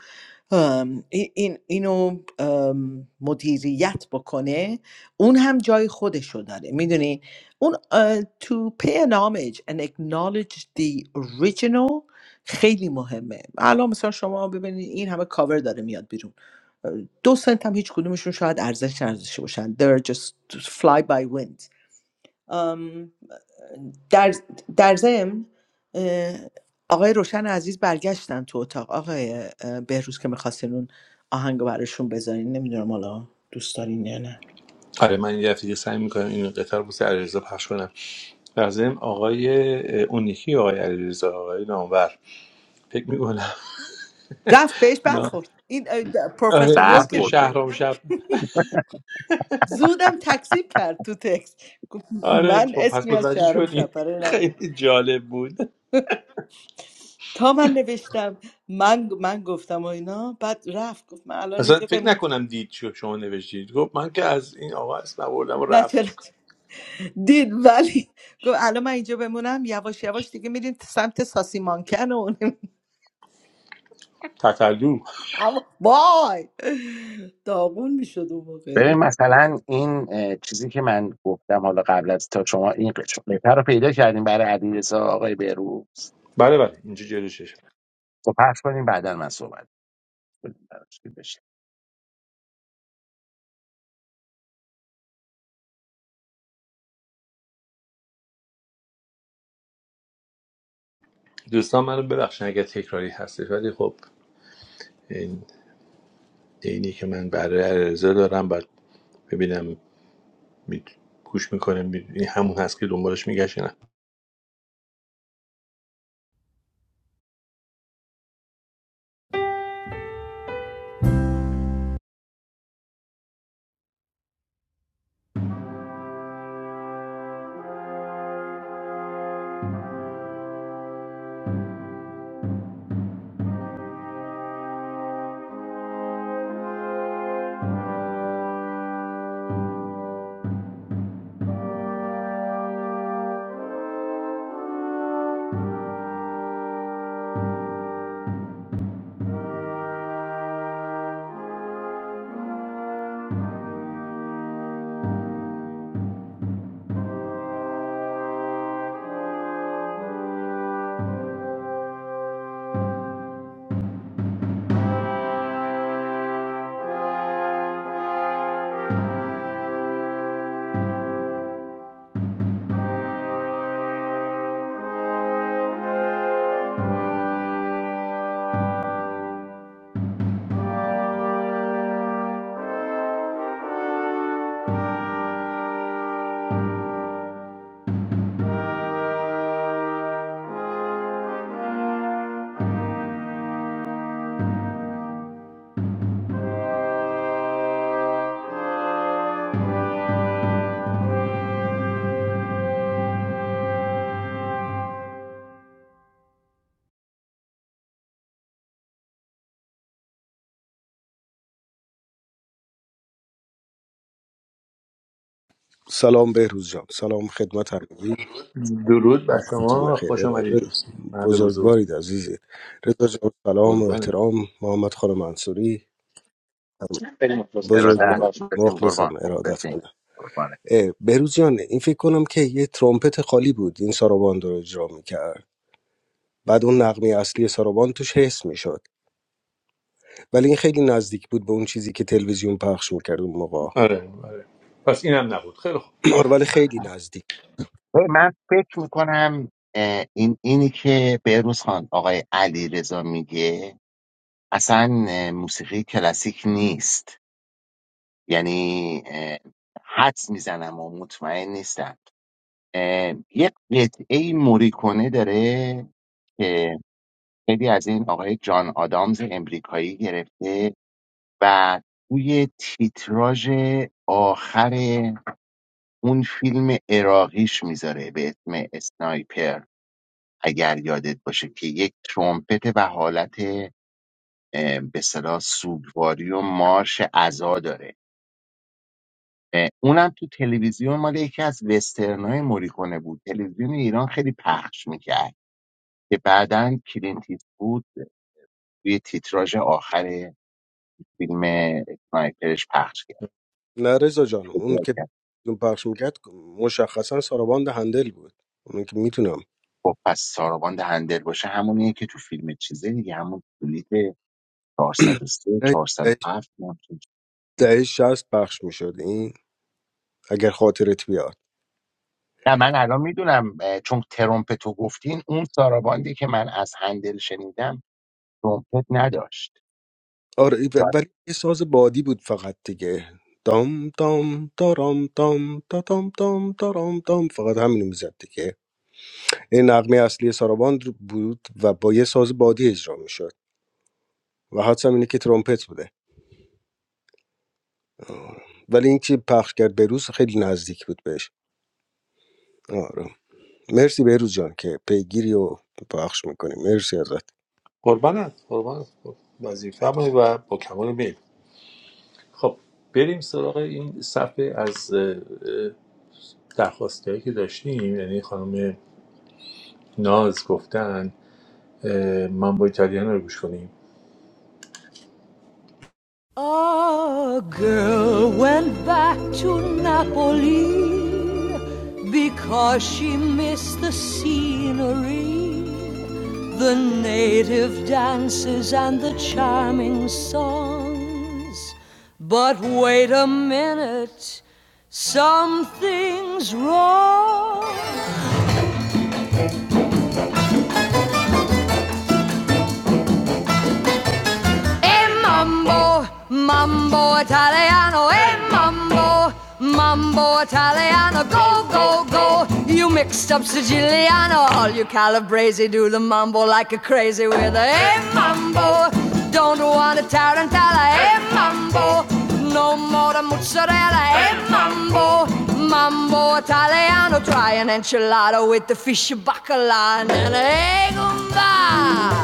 S5: ام، ای- این اینو ام، مدیریت بکنه اون هم جای خودشو داره میدونی اون اه، to pay an homage and acknowledge the original خیلی مهمه الان مثلا شما ببینید این همه کاور داره میاد بیرون دو سنت هم هیچ کدومشون شاید ارزش نداشته باشن they're just fly by wind ام، در در ضمن اه، آقای روشن عزیز برگشتن تو اتاق آقای اه، بهروز که میخواستین اون آهنگ رو براشون بذارین نمیدونم حالا دوست دارین یا نه
S2: آره من یه دفعه سعی می‌کنم این قطار بوس علیرضا پخش کنم در ضمن آقای اونیکی آقای علیرضا آقای نامور فکر می‌کنم
S5: رفت بهش
S2: اینا
S5: برخورد این اه، د-
S2: آره
S5: پروفسور مو
S2: اسم
S5: که
S4: برخورده
S2: شهرام شب
S5: زودم تکسیب کرد تو تکست گفت
S2: آره
S5: من
S2: خب پس
S5: اسمی از
S2: متوجه
S5: شهرام
S2: شدی
S5: شپره
S2: خیلی جالب بود
S5: تا من نوشتم من من گفتم و اینا بعد رفت گفت من الان
S2: اصلا
S5: اینجا
S2: فکر
S5: بمون
S2: نکنم دید چی شما نوشتید گفت من که از این آقا اسم آوردم و
S5: نه چرا
S2: رفت
S5: دید ولی گفت الان من اینجا بمونم یواش یواش دیگه میریم سمت ساسی مانکن و
S2: تتلو
S5: اما بای داغون میشد اون موقع
S4: ببین مثلا این اه، چیزی که من گفتم حالا قبل از تا شما این قش- قطعه رو پیدا کردیم برای علیرضا آقای بهروز
S2: بله بله اینجا جلوشش
S4: خب پخش کنیم بعدا من صحبت کنیم براش که بشه
S2: دوستان منو ببخشید اگر تکراری هستش ولی خب این اینی که من برای عرضه دارم بعد ببینم می... گوش میکنه این همون هست که دنبالش میگشت نه
S7: سلام بهروز جان سلام خدمت همگی
S2: درود بر
S7: وقتتون
S2: شما
S7: بخیر
S2: خوش آمدید
S7: ارائه
S2: مرد بزرگ
S7: بزرگوارید عزیزی رضا جان سلام و
S2: قربانت
S7: احترام محمد خان منصوری
S3: خیلی مخلصم سلام
S4: ارادت
S7: بزرگوارید
S3: برشون
S4: بسیم
S7: مخلصم
S4: قربان
S7: ارادت
S4: بسیم
S7: کنم
S4: قربانه
S7: بهروز جان این فکر کنم که یه ترومپت خالی بود این ساراباند رو اجرا میکرد بعد اون نقمی اصلی ساراباند توش حس میشد ولی این خیلی نزدیک بود به اون چیزی که تلویزیون پخش میکرد اون موقع
S2: آره آره پس اینم نبود خیلی خوب
S7: آره، ولی خیلی نزدیک
S4: ببین، من فکر میکنم این اینی که بهروز خان آقای علیرضا میگه اصلا اه، موسیقی کلاسیک نیست یعنی اه، حدس میزنم و مطمئن نیستم اه، یه قطعه موریکونه داره که خیلی از این آقای جان آدامز امریکایی گرفته و توی تیتراژ آخر اون فیلم عراقیش میذاره به اسم اسنایپر اگر یادت باشه که یک ترومپت و حالت اه، به صلاح سوگواری و مارش عزا داره اه، اونم تو تلویزیون مال یکی از وسترنای موریکونه بود تلویزیون ایران خیلی پخش میکرد که بعدا کلینت بود توی تیتراژ آخر فیلم اسنایپرش پخش کرد
S7: نه رضا جان اون
S4: اجرا
S7: که
S4: کرد.
S7: پخش میکرد مشخصا ساراباند هندل بود اون که میتونم
S4: خب پس ساراباند هندل باشه همونیه که تو فیلم چیزه دیگه همون کلیت 403
S7: دهه
S4: 407 ممکن
S7: دهه 60 پخش میشد این اگر خاطرت بیاد
S4: نه من الان میدونم اه، چون ترومپت رو گفتین اون ساراباندی که من از هندل شنیدم ترومپت نداشت
S7: آره ای-
S4: شاید-
S7: ولی یه ساز بادی بود فقط دیگه دام دام دارام دام دا دام دام دارام دام فقط همینو میزد دیگه این نغمه اصلی ساراباند بود و با یه ساز بادی اجرا میشد و حدسم اینه که ترومپت بوده آه. ولی این که پخش کرد بروز خیلی نزدیک بود بهش آره. مرسی بهروز جان که پیگیری و پخش میکنیم مرسی ازت
S2: قربانت قربانت خب، وظیفه و با کمال میل خب بریم سراغ این صفحه از درخواستی هایی که داشتیم یعنی خانم ناز گفتن اه، مامبو ایتالیانو رو گوش کنیم
S1: a girl went back to Napoli because she missed the scenery. the native dances and the charming songs. But wait a minute, something's wrong. E mambo, mambo italiano, e mambo, mambo italiano, go, go, go. You mixed up Siciliano, all you calabrese do the mambo like a crazy with a e mambo. Don't want a tarantella, e mambo. No more the mozzarella, e mambo. Mambo Italiano, try an enchilada with the fish bacala and an egg umba.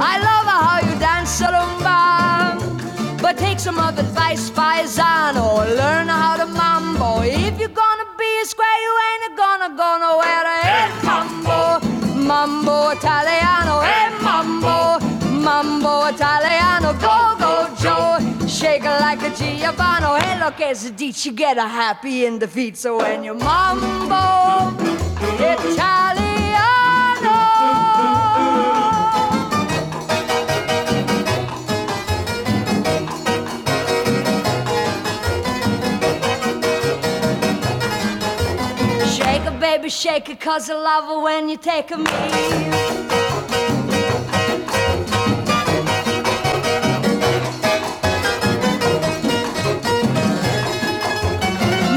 S1: I love how you dance a rumba, but take some of advice, paisano. Learn how to mambo. If you're gonna be a square, you ain't gonna go nowhere. Hey, mambo, mambo Italiano, hey, mambo. Mambo Italiano, go go Joe, shake it like a Giovanni. Hey, look, as a ditch, you get a happy in the feet. So when you mambo Italiano, shake it, baby, shake it 'cause I love it when you take a me.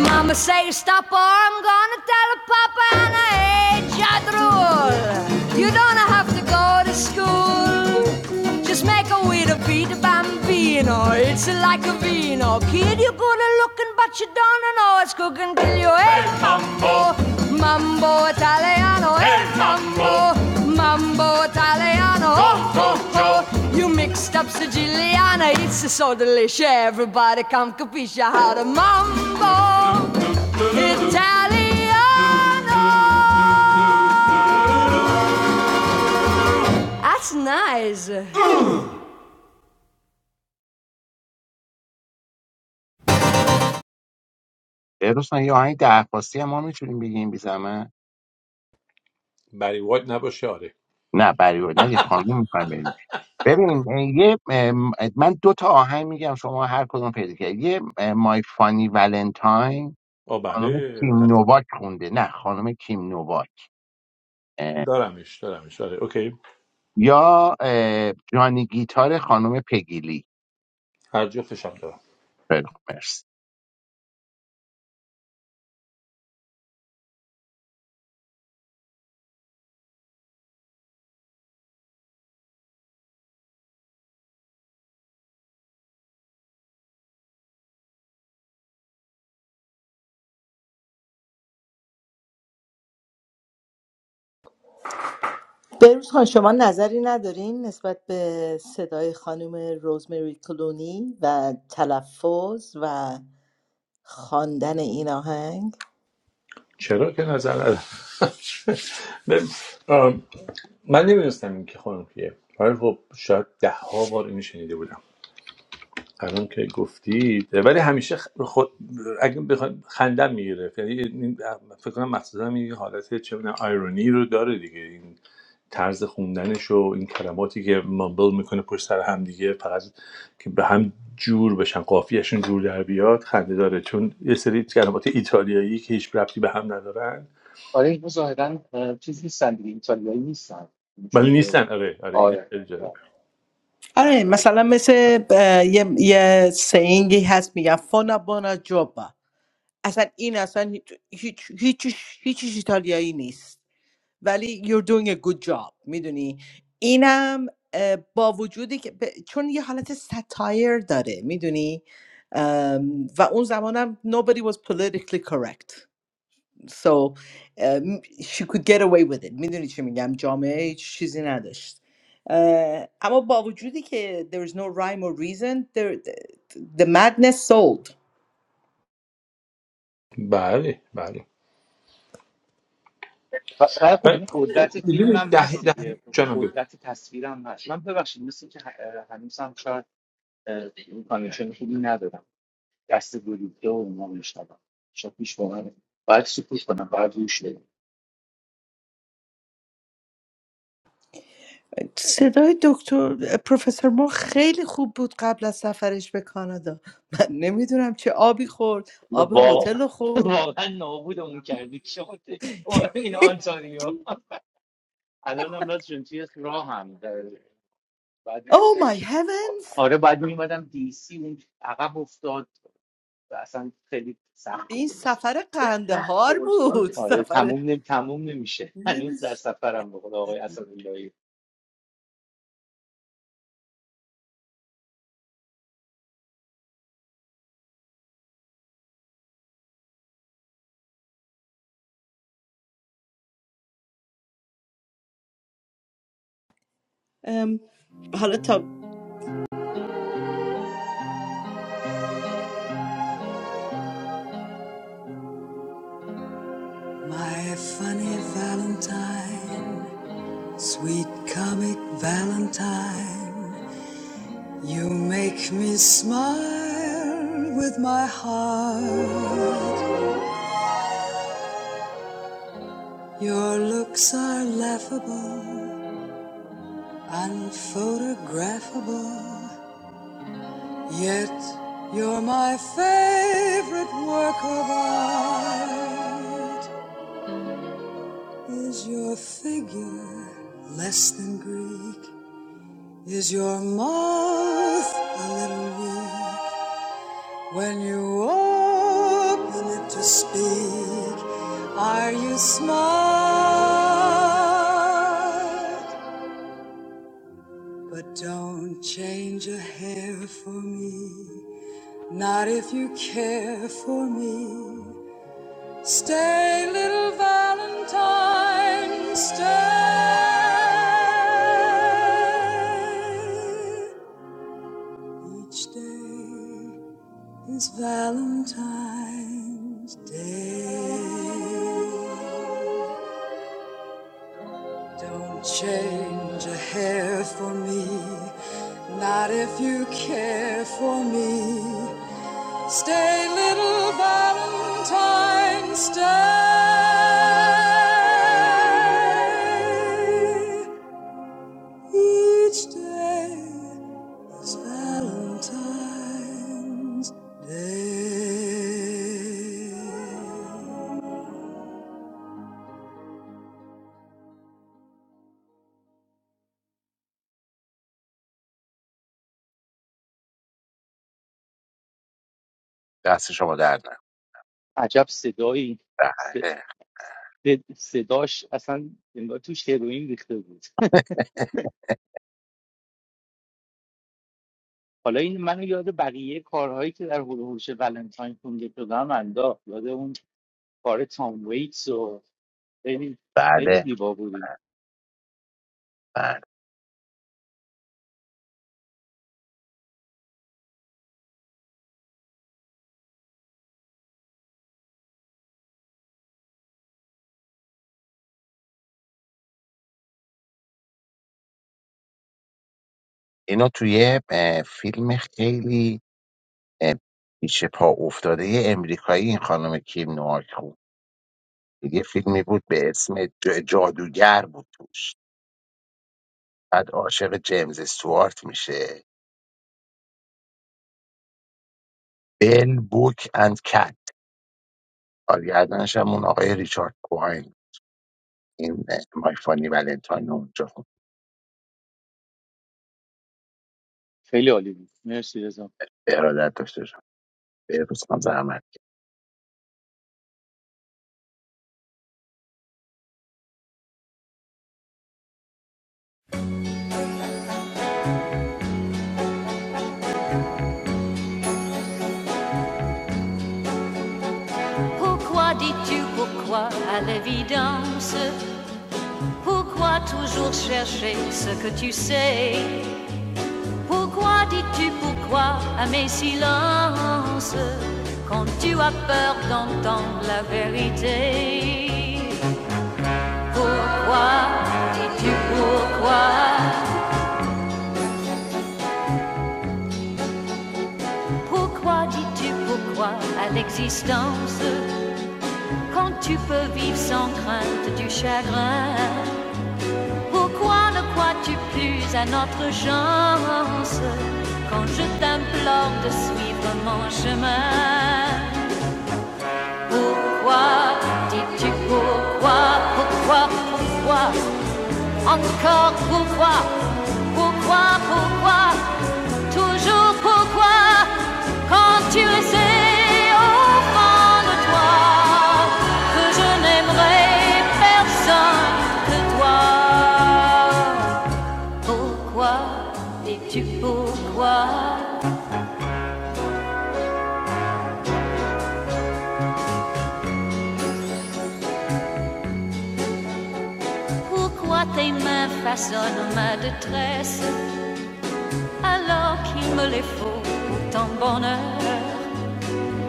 S1: Mama say stop or I'm gonna tell Papa and I ain't got rule. You don't have to go to school. Just make a way to beat a bambino. It's like a vino. Kid, you're good at looking, but you don't know it's cooking till you ain't mambo, mambo italiano, Hey, hey mambo, mambo italiano, ho ho ho. You mixed up Siciliana, it's so delicious. Everybody come capisce how to mambo italiano. That's nice.
S4: اه، رستم، یه آهنگ درخواستی هم ما میتونیم بگیم بی زحمت؟
S2: بری وایت نباشه آره
S4: نه برای نه دیگه، خانم میخوایم ببین اه، یه ام، من دو تا آهنگ میگم شما هر کدوم پیدا کرد یه مای فانی ولنتاین
S2: آ
S4: خانم
S2: بله
S4: کیم نوواک خونده نه خانم کیم نوواک اه،
S2: دارمش دارمش داره اوکی
S4: یا اه، جانی گیتار خانم پگیلی
S2: هر جفتشم دارم
S4: خیلی خوب، مرسی
S5: بروز خان شما نظری ندارین نسبت به صدای خانم روزمری کلونی و تلفظ و خواندن این آهنگ
S2: چرا که نظر ندارم من نمیدونستم این که خانم کیه ولی خب شاید ده ها بار اینو شنیده بودم الان که گفتید ولی همیشه خ- خود اگه بخواد خندم میگیره یعنی این- فکر کنم مخصوصا این حالت چه می‌دونم آیرونی رو داره دیگه این طرز خوندنش و این کلماتی که مامبل میکنه پشت سر هم دیگه فقط که به هم جور بشن قافیهشون جور در بیاد خنده داره چون یه سری کلمات ایتالیایی که هیچ ربطی به هم ندارن
S3: آره اینو ظاهرا اه، چیز نیستن دیگه ایتالیایی نیستن اینجوری
S2: ولی
S3: که
S2: نیستن آره آره این
S3: آره
S2: خیلی جالبه
S5: آره مثلا مثل اه، یه, یه سینگی هست میگن فونا بونا جوبا اصلا این اصلا هیچ هیچ هیچ هیچیش ایتالیایی نیست ولی you're doing a good job میدونی اینم اه، با وجودی که ب- چون یه حالت ستایر داره میدونی و اون زمانم nobody was politically correct So um, she could get away with it میدونی چی میگم جامعه هیچ چیزی نداشت اه، اما با وجودی که there is no rhyme or reason there, the madness sold
S2: بله بله
S3: پس خیلی خوب
S2: بله
S3: این قدرت فیلم
S2: میدونی
S3: هم
S2: ده
S3: هست
S2: ده
S3: دیگه
S2: جانم بگو.
S3: قدرت تصویر هم هست من ببخشید مثل که ه- هنوز هم شاید اه، اون کانکشن خوبی ندارم دست گلوته و اونا میشنوم شاید پیش واقعا باید سکوت کنم باید روش بدم
S5: صدای دکتر پروفسور ما خیلی خوب بود قبل از سفرش به کانادا من نمیدونم چه آبی خورد آب هتل
S3: واقعا
S5: رو خورد
S3: واقعا نابودمون کردی شما اومد این آنتاریو الان هم راستشون توی راه هم در- بعد
S5: Oh my heavens
S3: آره بعد میومدم دی سی اون عقب افتاد و اصلا خیلی سخت
S5: این
S3: بود
S5: سفر قندهار بود
S3: آره
S5: سفر
S3: تموم نمی تموم نمیشه هنوز در سفرم به خدا آقای اسداللهی
S5: ام، حالا تا
S1: My funny Valentine, sweet, quick Valentine, make smile with my heart. Your looks are laughable. Unphotographable, yet you're my favorite work of art. Is your figure less than Greek? Is your mouth a little weak? When you open it to speak, are you smart? But don't change a hair for me. Not if you care for me. Stay, little Valentine, stay. Each day is Valentine's Day. Don't change a hair for me. Not if you care for me. Stay, little Valentine, stay. Each day is Valentine's Day.
S4: دست شما در نه
S3: عجب صدایی س-
S4: بله
S3: صد- صداش اصلا انگار توش هروئین ریخته بود حالا این منو یاد بقیه کارهایی که در هلوهوش ولنتاین خونده شدم انداخت یاد اون کار تام ویتس و خیلی خیلی
S4: بله
S3: زیبا بود این.
S4: بله اینا توی اه، فیلم خیلی اه، پیش پا افتاده یه امریکایی این خانم کیم نوواک خون یه فیلمی بود به اسم ج- جادوگر بود توش بعد عاشق جیمز استوارت میشه بل بوک اند کت کارگردانش هم اون آقای ریچارد کوهاین این مای فانی ولنتاین اونجا خوب
S3: خیلی عالی بود مرسی رضا
S4: به ارادت داشته شد بهروز خان زحمت کشید.
S1: Pourquoi dis-tu pourquoi à l'évidence Pourquoi toujours chercher ce que tu sais Pourquoi dis-tu pourquoi à mes silences quand tu as peur d'entendre la vérité Pourquoi dis-tu pourquoi Pourquoi dis-tu pourquoi à l'existence quand tu peux vivre sans crainte du chagrin Pourquoi ne crois-tu plus à notre chance quand je t'implore de suivre mon chemin Encore pourquoi, pourquoi, pourquoi, toujours pourquoi, quand tu le sais au fond de toi, que je n'aimerai personne que toi. Pourquoi dis-tu pourquoi, pourquoi tes mains façonnent ma détresse? alors qu'il me les faut tant bonheur.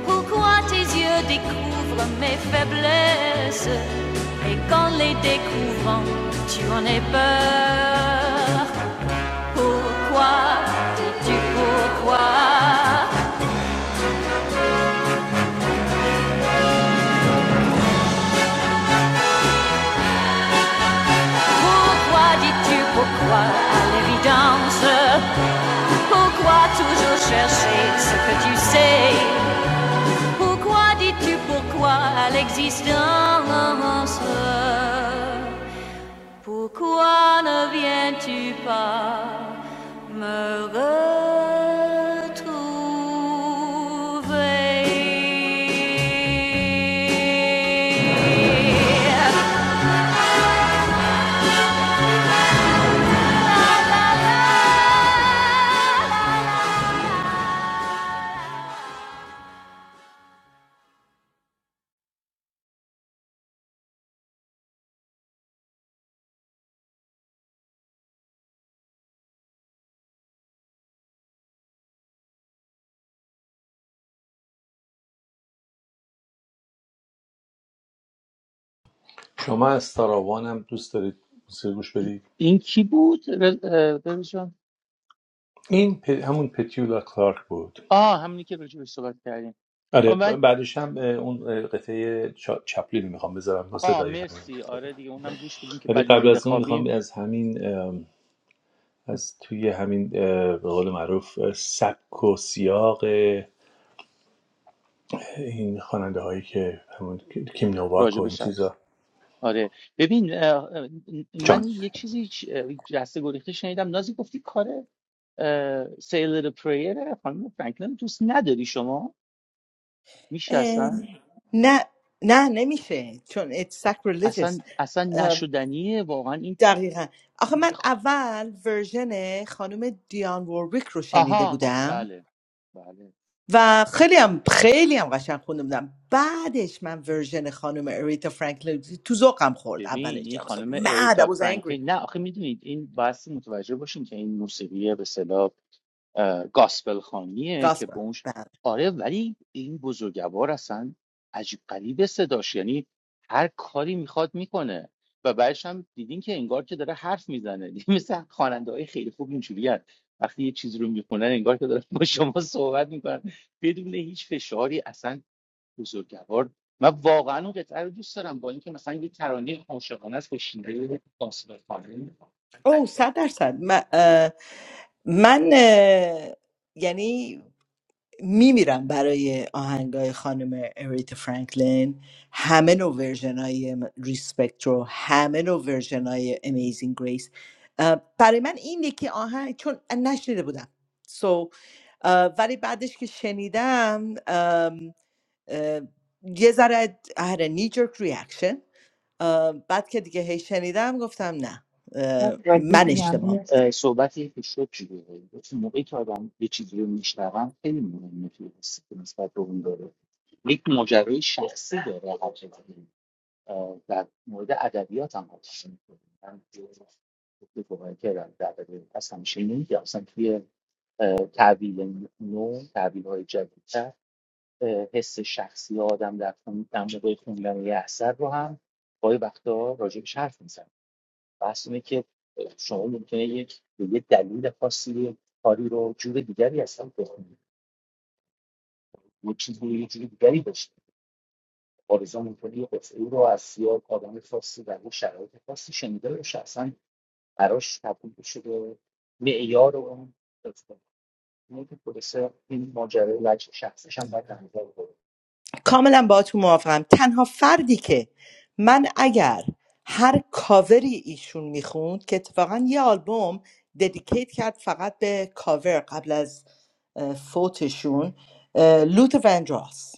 S1: Pourquoi tes yeux découvrent mes faiblesses et qu'en les découvrant, tu en es peur Pourquoi dis-tu pourquoi Pourquoi dis-tu pourquoi à l'évidence Pourquoi toujours chercher ce que tu sais Pourquoi dis-tu pourquoi à l'existence Pourquoi ne viens-tu pas me retrouver?
S2: شما از ساراوان هم دوست دارید موسیقی گوش
S3: این
S2: بدید
S3: این کی بود رضا جان
S2: این پ- همون پتیولا کلارک بود
S3: آه همونی که راجع بهش صحبت
S2: آره
S3: کردیم
S2: بعدش هم اون قطعه چا- چپلین میخوام بذارم با
S3: آ
S2: صدای همین
S3: مرسی آره دیگه اونم گوش بدیم که
S2: ولی
S3: بعد
S2: قبل
S3: میریم
S2: از اون میخوام
S3: بخوابیم
S2: از همین از توی همین اه، به قول معروف اه، سبک و سیاق این خواننده هایی که همون کیم نوواک
S3: راجع
S2: و
S3: به
S2: این
S3: شب
S2: چیزا
S3: آره ببین اه، اه،
S2: جان
S3: من یک چیزی چ- اه، جسته گریخته شنیدم نازی گفتی کار سیلر پریر خانم فرانکلین دوست نداری شما میشه
S5: اه،
S3: اصلا
S5: نه نه نمیشه چون it's sacrilegious
S3: اصلا اصلا
S5: ام،
S3: نشدنیه واقعا این
S5: دقیقا آخه من اول ورژن خانم دیان ووربیک رو شنیده
S3: آها
S5: بودم
S3: بله بله
S5: و خیلی هم خیلی هم قشنگ خونده بودم بعدش من ورژن خانم اریتا فرانکلین تو ذوقم خورد اولش
S3: ببین این
S5: I was like
S3: خانم
S5: mad
S3: اریتا
S5: I was angry
S3: فرانکلین نه آخه میدونید این بحث متوجه باشین که این موسیقی به اصطلاح اه، گاسپل خانیه که
S5: gospel
S3: بونش
S5: بله.
S3: آره ولی این بزرگوار اصلا عجیب غریب صداش یعنی هر کاری میخواد میکنه و بعدش هم دیدین که انگار که داره حرف میزنه مثل خواننده های خیلی خوب اینجوری هست، وقتی یه چیز رو میخونن انگار که دارن با شما صحبت میکنن بدون هیچ فشاری اصلا بزرگوار من واقعا اون قطعه رو دوست دارم با اینکه مثلا یه ترانه عاشقانه است با شیوه گاسپل خانی
S5: او صد درصد من, اه، من اه، یعنی میمیرم برای آهنگای خانم اریتا فرانکلین همه نوع ورژن های ریسپکت رو همه نوع ورژن های امیزینگ گریس برای من این یکی آهنگ چون نشنیده بودم سو ولی بعدش که شنیدم ام، اه، یه ذره I had a knee jerk reaction اه، بعد که دیگه هی شنیدم گفتم نه اه،
S3: ولی
S5: من اشتباه
S3: ممنون اه، صحبتی که شد چی بود گفت موقعی که آدم یه چیزی رو میشنون خیلی مهمه توی حسی که نسبت به اون داره یک ماجرای شخصی داره حتی اه، در مورد ادبیات هم حتی میکنه، من گفته صحبت کردم در مورد- از همیشه نمیگم اصلا توی اه، تحویل نو تحویل های جدیدتر اه، حس شخصی آدم در خون- در موقع خوندن یه اثر رو هم گاهی وقتا راجبش حرف می‌زنه. بحث اینه که شما ممکنه یک به یه دلیل خاصی کاری رو جور دیگری اصلا بکنید یه چیزی رو یه جور دیگری باشه آرزو ممکنه یه قطعه رو از سیاه آدم خاصی در یه شرایط خاصی شنیده باشه اصلا براش تبدیل بشه به معیار اون داستان. اینه که خلاصه این ماجرای وجه شخصش هم باید در نظر بگیریم.
S5: کاملا باهاتون موافقم تنها فردی که من اگر هر کاوری ایشون میخوند که اتفاقا یه آلبوم ددیکیت کرد فقط به کاور قبل از اه، فوتشون اه، لوتر وندراس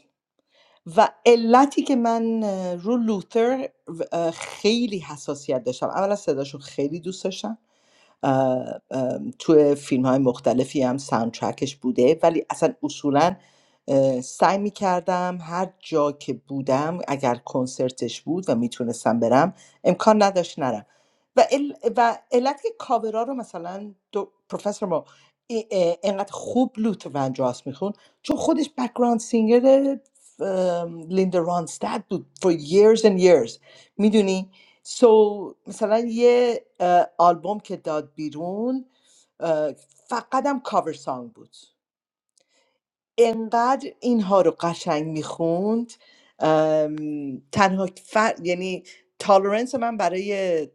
S5: و علتی که من اه، رو لوتر اه، خیلی حساسیت داشتم اولا صداشون خیلی دوست داشتم اه، اه، توی فیلم های مختلفی هم ساوندترکش بوده ولی اصلا اصولا اه، سعی می کردم هر جا که بودم اگر کنسرتش بود و میتونستم برم امکان نداشت نرم و, ال... و علت که کاورا رو مثلا دو... پروفسور ما ای- اه، اینقدر خوب لوت ونجاس میخون چون خودش بکگراند سینگر لیندا رانستاد بود for years and years میدونی سو مثلا یه اه، آلبوم که داد بیرون اه، فقط هم کاور سانگ بود انقدر اینها رو قشنگ میخوند تنها فر... یعنی تالرنس من برای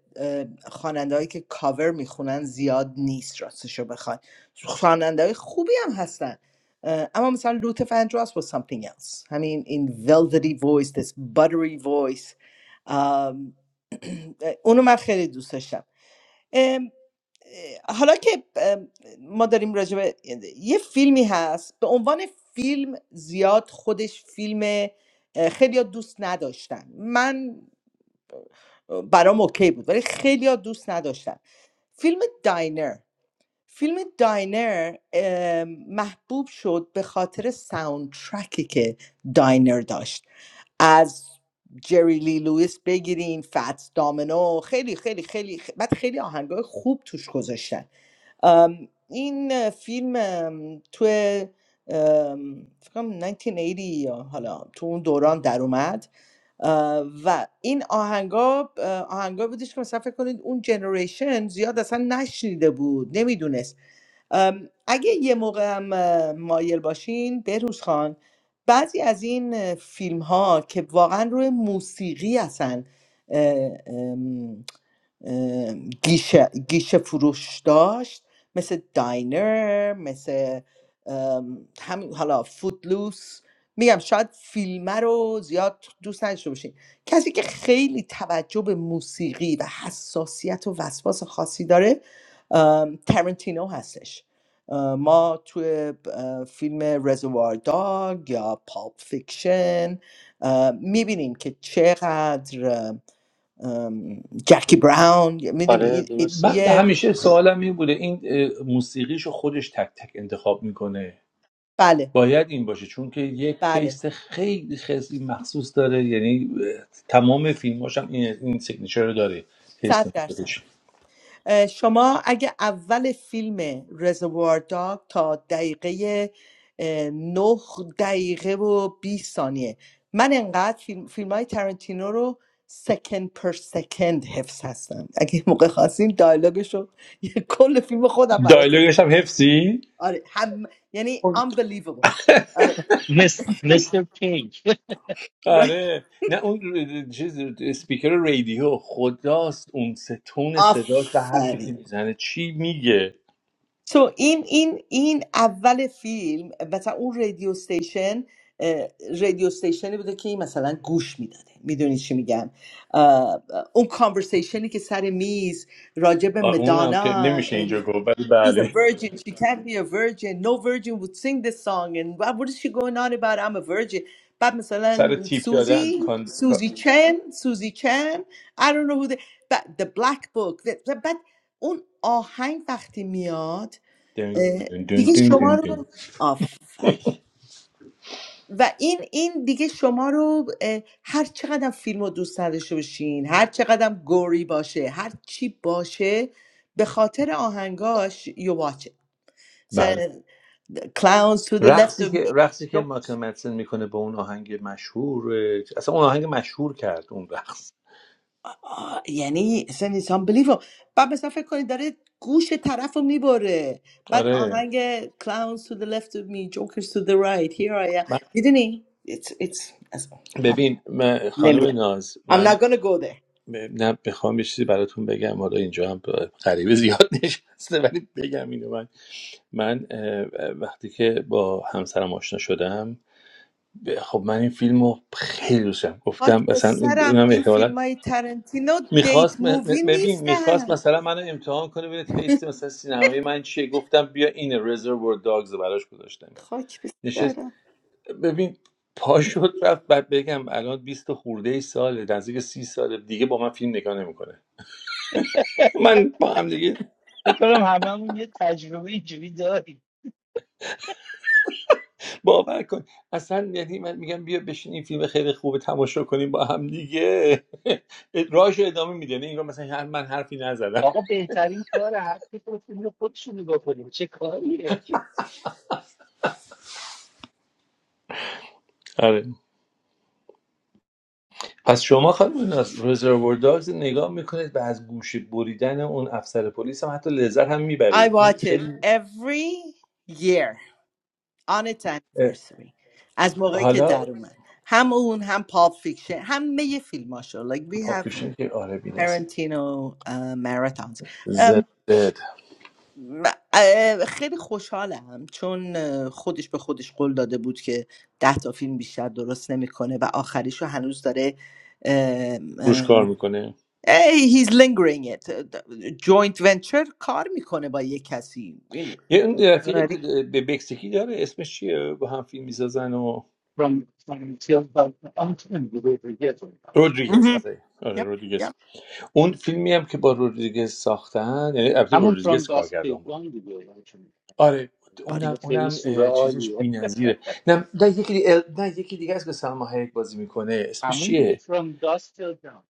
S5: خواننده هایی که کاور میخونن زیاد نیست راستش رو بخوای خواننده های خوبی هم هستن اه، اما مثلا لوت فندراس با something else همین این velvety voice this buttery voice ام، اونو من خیلی دوست داشتم حالا که ام، ما داریم راجع به یه فیلمی هست به عنوان فیلم زیاد خودش فیلم خیلی دوست نداشتن من اه، برام اوکی بود ولی خیلی دوست نداشتن فیلم داینر فیلم داینر ام، محبوب شد به خاطر ساوندترکی که داینر داشت از جری لی لویس بگیرین فت دامنو خیلی خیلی خیلی خ- بعد خیلی آهنگای خوب توش گذاشتن ام، این فیلم ام، توی ام، فکر کنم 1980 یا حالا تو اون دوران در اومد اه، و این آهنگا اه، آهنگا بودش که مثلا فکر کنید اون جنریشن زیاد اصلا نشنیده بود نمیدونست اگه یه موقع هم اه، مایل باشین بهروز خان بعضی از این فیلم ها که واقعا روی موسیقی اصلا اه، گیشه گیشه فروش داشت مثل داینر مثل ام، همین حالا فودلوس میگم شاید فیلمه رو زیاد دوست نداشته باشین کسی که خیلی توجه به موسیقی و حساسیت و وسواس خاصی داره ام، ترنتینو هستش اه، ما توی اه، فیلم رزوار داگ یا پاپ فیکشن میبینیم که چقدر ام، جکی براون
S3: آره
S5: میدونی
S2: من
S3: درسته
S2: به
S5: یه
S2: همیشه
S3: درسته
S2: سوالم این بوده این موسیقیشو خودش تک تک انتخاب میکنه
S5: بله
S2: باید این باشه چون که یک
S5: بله
S2: تیست خیلی خیلی مخصوص داره یعنی تمام فیلماش هم این این سیگنیچر رو داره
S5: صد
S2: تیست
S5: درصد
S2: موسیقیش
S5: اه، شما اگه اول فیلم رزوار داگ تا دقیقه اه، نه دقیقه و 20 ثانیه من انقدر فیلم, فیلم های ترنتینو رو سکند پر سکند حفظ هستم اگه موقع خواستین دایلوگش رو یه کل فیلم خودم براتون
S2: دایلوگش هم حفظی
S5: آره هم یعنی unbelievable آره،
S3: مثل مثل پینک
S5: right.
S2: آره نه اون ر- چیز اسپیکر رادیو خداست اون ستون صداش و حرفی
S5: آفرین
S2: که میزنه چی میگه
S5: سو این این این اول فیلم مثلا اون رادیو استیشن اه، رادیو استیشنی بوده که این مثلا گوش میداده میدونی چی میگم اه، اون کانورسیشنی که سر میز راجع به
S2: آه، اون هم که
S5: مدانا
S2: نمیشه
S5: and
S2: اینجا گفت ولی
S5: she's a
S2: بله
S5: virgin she can't be a virgin no virgin would sing this song and what what is she going on about I'm a virgin بعد
S2: سر
S5: مثلا
S2: تیپ دادن
S5: سوزی
S2: کان... کا-
S5: سوزی چن سوزی چن I don't know who the, but the black book the, the, بعد اون آهنگ وقتی میاد
S2: دن-
S5: اه،
S2: دن- دن-
S5: دیگه
S2: دن-
S5: شما
S2: دن- دن.
S5: رو آفر و این این دیگه شما رو اه، هر چقدر فیلم رو دوست نداشته باشین هر چقدر گوری باشه هر چی باشه به خاطر آهنگاش you watch it So, the clowns to the left
S2: رقصی
S5: of
S2: که
S5: me
S2: رقصی که مایکل مدسن میکنه به اون آهنگ مشهور اه، اصلا اون آهنگ مشهور کرد اون رقص
S5: آه، یعنی اصلا it's unbelievable بعد مثلا فکر کنید داره گوش طرف رو میبره بعد
S2: آره
S5: آهنگ clowns to the left of me jokers to the right here I am
S2: من
S5: میدونی it's, it's...
S2: ببین من خانم ناز
S5: I'm
S2: من
S5: not gonna go there.
S2: ب- نه بخوام یه چیزی براتون بگم حالا اینجا هم ب- غریبه زیاد نشسته ولی بگم اینو من من اه، وقتی که با همسرم آشنا شدم ب- خب من این فیلم رو خیلی دوست دارم
S5: Watch
S2: گفتم
S5: the
S2: مثلا
S5: serum. This
S2: اونم
S5: Tarantino date
S2: میخواست
S5: movie
S2: ببین میخواست
S5: isn't.
S2: مثلا منو امتحان کنه ببینه تیست مثلا سینمایی من چیه گفتم بیا این رزرور داگز رو براش گذاشتم
S5: Watch the
S2: نشست
S5: serum.
S2: ببین پا شد رفت بعد بگم الان 20 خورده ای ساله نزدیک سی ساله دیگه با من فیلم نگاه نمیکنه من با هم دیگه
S3: فکر کنم هممون یه تجربه اینجوری داریم
S2: باور کن اصلا یعنی من میگم بیا بشین این فیلم خیلی خوبه تماشا کنیم با هم دیگه راهش ادامه میده یعنی انگار مثلا هر من حرفی نزدم
S3: آقا بهترین کار هر کی پروفیل خودشون نگاه کنیم چه کاریه
S2: آره پس شما خانم رزرور داگز نگاه میکنید و از گوشه بریدن اون افسر پلیس هم حتی لذت هم
S5: I
S2: میبرید این
S5: watch it
S2: خیلی
S5: every year on its
S2: اه،
S5: anniversary. As much as we
S2: حالا
S5: do, we have both. We have
S2: پاپوشین که آره بی‌نصیب
S5: both.
S2: زد
S5: م- اه، خیلی خوشحالم چون اه، خودش به خودش قول داده بود که ده تا فیلم بیشتر درست نمیکنه و آخریشو هنوز داره اه،
S2: روش
S5: اه،
S2: کار میکنه
S5: ای he's lingering it joint venture کار میکنه با یه کسی این
S2: یه اون رفیقی
S5: آره.
S2: که به مکزیکی داره اسمش چیه با هم فیلم میسازن و
S3: from from till from آن تو نمی‌گو، بگو، یه تو.
S2: رودریگز
S5: مهم.
S2: آره آره
S5: یپ،
S2: رودریگز
S5: یپ.
S2: اون فیلمی هم که با رودریگز ساختن یعنی البته
S3: همون from
S2: رودریگز
S3: dusk
S2: کارگردان
S3: till
S2: بود
S3: dawn دیگه یعنی چون-
S2: آره
S3: چون
S2: اونم
S5: باریکلا.
S3: خیلی
S2: اونم
S3: سوره
S2: اه، چیزش
S3: عالیه
S2: بی‌نظیره نه نه یکی دیگه نه یکی دیگه است که سلما هایک بازی میکنه اسمش
S3: همون دیگه
S2: چیه
S3: from dusk till dawn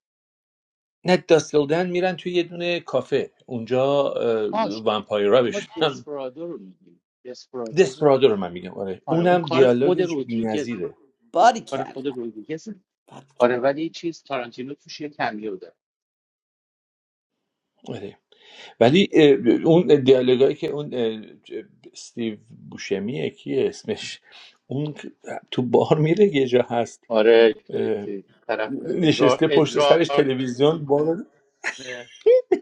S2: نه داستلدن میرن توی یه دونه کافه اونجا اه،
S3: آه
S2: ومپایرا
S3: شما
S2: بشن
S3: دسپرادو رو میگیم دسپرادو رو
S2: دسپرادو رو من میگم آره
S3: آره اون
S2: اونم
S3: کار خود
S2: دیالوگش
S3: رودریگزه
S2: بی‌نظیره
S3: کار خود
S5: باریکلا.
S3: رودریگزه آره ولی چیز تارانتینو توش یه کمیو داره
S2: آره ولی اه، اون دیالوگایی که اون اه، استیو بوشمیه کیه اسمش اون تو بار میره یه جا هست
S3: آره که-
S2: اه،
S3: که طرف ادرار
S2: نشسته پشت سرش
S3: ادرار
S2: تلویزیون
S3: می‌کنه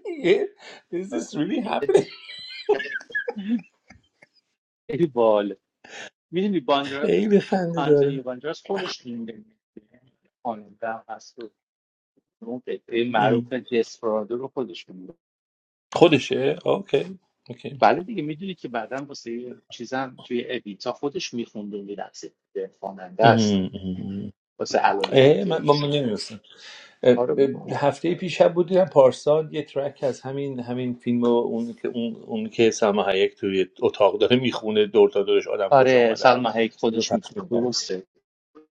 S2: Yeah. Is this really happening?
S3: خیلی بال میدونی باندرا
S2: خیلی خنده
S3: آنتونی
S2: داره
S3: باندراس خودش میده خانم در هست و اون قطعه معروف
S2: ام.
S3: دسپرادو رو خودش میده
S2: خودشه اوکی اوکی
S3: بله دیگه میدونی که بعدا واسه یه چیزم توی ابیتا خودش میخونده و میرقصه خواننده
S2: ام،
S3: است
S2: ام، ام.
S3: واسه الان
S2: اه من,
S3: پارکر
S2: من نمیدونستم
S3: آره بابا
S2: هفته پیش هم بودیم پارسال یه ترک از همین همین فیلم و اون که اون, اون که سلما هایک توی اتاق داره میخونه دور تا دورش آدم کش
S3: آره
S2: اومدن
S3: سلما هیک
S2: اونو
S3: خودش
S2: پخش
S3: میخونه
S2: میکرد
S3: درسته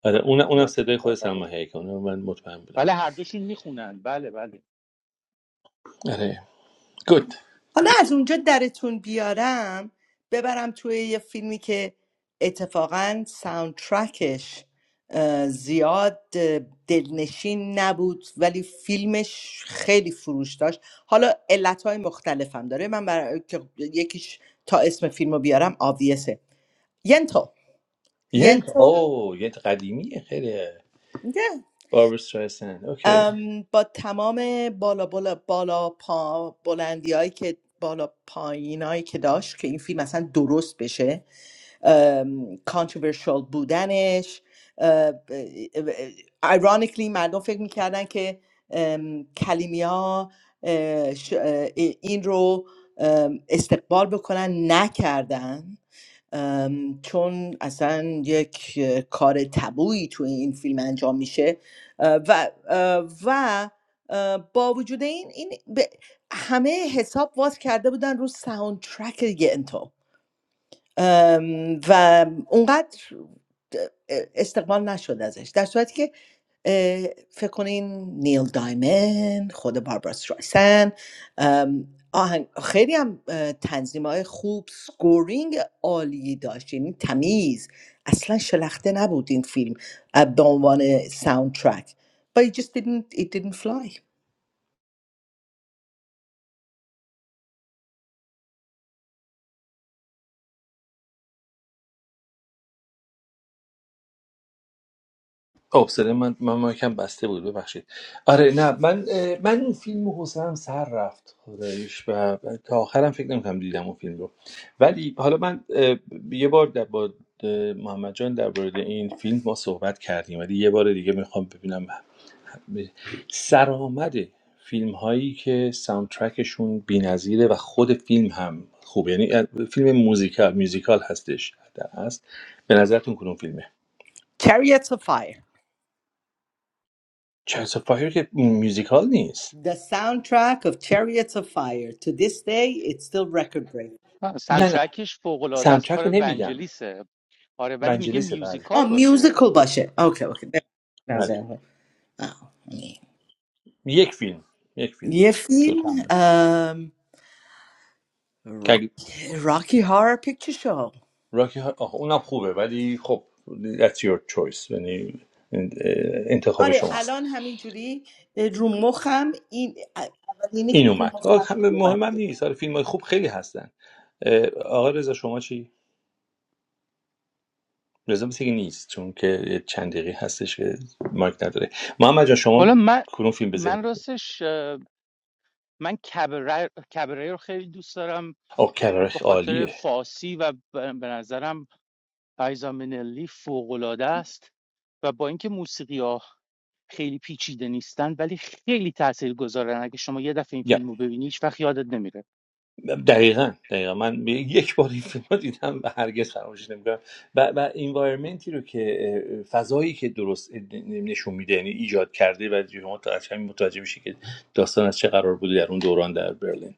S2: آره اون اونم صدای خود سلما هایک اونو من مطمئن بودم
S3: بله هر دوشون میخونن بله بله
S2: آره گود
S5: حالا از اونجا درتون بیارم ببرم توی یه فیلمی که اتفاقا ساوندترکش اه، زیاد اه، دلنشین نبود ولی فیلمش خیلی فروش داشت حالا علتهای مختلف هم داره من برای که یکیش تا اسم فیلم رو بیارم آویسه ینتو
S2: ینت
S5: ینتو
S2: او ینت قدیمیه خیلی
S5: نه.
S2: باربر استرایسند اوکی
S5: ام، با تمام بالا بالا بالا پا بلندی که بالا پایینایی که داشت که این فیلم اصلا درست بشه کانتروورشال بودنش اه، ایرانیکلی مردم فکر میکردن که ام، کلیمیا اه، ش- اه، این رو ام، استقبال بکنن نکردن ام، چون اصلا یک اه، کار تبویی توی این فیلم انجام میشه اه، و اه، و اه، با وجود این این به- همه حساب واس کرده بودن رو ساوند ترک گنتو، ام، و اونقدر استقبال نشد ازش در صورتی که اه، فکر کنین نیل دایمن خود باربارا استرایسن ام، آهنگ خیلی هم تنظیم های خوب سکورینگ عالی داشت یعنی تمیز اصلا شلخته نبود این فیلم اه، به عنوان ساوند ترک but it just didn't it didn't fly
S2: آب صدا من من مایکم بسته بود ببخشید آره نه من اه، من اون فیلم حوصله‌ام سر رفت خداییش و و تا آخرم فکر نمی‌کنم دیدم اون فیلم رو ولی حالا من اه، یه بار در با اه، محمد جان در مورد این فیلم ما صحبت کردیم ولی یه بار دیگه میخوام ببینم سرآمد فیلم هایی که ساوندترکشون بی‌نظیره و خود فیلم هم خوبه یعنی فیلم موزیکال میوزیکال هستش در هست به نظرتون کدوم فیلمه
S5: chariots of fire
S2: چایز فایر که میوزیکال نیست
S5: the soundtrack of chariots of fire to this day it's still record breaking
S2: نه نه
S3: سنترکش فوق العاده است
S2: سمچک
S3: کار
S2: رو نمیگم
S3: ونجلیسه آره ولی میگه
S2: منجلیسه بله
S5: آه
S3: میوزیکال باشه
S5: میوزیکل باشه اوکی اوکی به
S2: بله
S5: نظر من. آه، اوکی.
S2: یک فیلم یک فیلم
S5: یه
S2: دو تا
S5: فیلم
S2: هم نه. که اگه
S5: راکی هارر پیکچر شو
S2: راکی ها... آخه اونم خوبه ولی خب that's your choice یعنی اه، انتخاب
S5: آره الان
S2: شماست
S5: همینجوری اه، رو مخم این اولینی
S2: این
S5: که تو
S2: اومد آه،
S5: مخم بود
S2: همه
S5: اومد
S2: مهم هم نیست آره فیلم های خوب خیلی هستن اه، آقا رضا شما چی رضا مثل که نیست چون که یه چند دقیقه هستش که مایک نداره محمد جان
S3: حالا
S2: شما
S3: من
S2: کدوم فیلم به ذهن
S3: من راستش اه، من کبره, کبره رو خیلی دوست دارم
S2: آه
S3: به
S2: کرارخ
S3: خاطر
S2: عالیه
S3: فارسی و به به نظرم پایزا منلی فوق‌العاده است و با اینکه موسیقی ها خیلی پیچیده نیستن ولی خیلی تأثیر گذارن اگه شما یه دفعه این فیلم رو ببینی هیچ وقت یادت نمیره
S2: دقیقا دقیقا من یک بار این فیلم رو دیدم و هرگز فراموشش نمیکنم و و انوایرمنتی رو که فضایی که درست نشون میده یعنی ایجاد کرده و شما تا از همین متوجه میشه که داستان از چه قرار بوده در اون دوران در برلین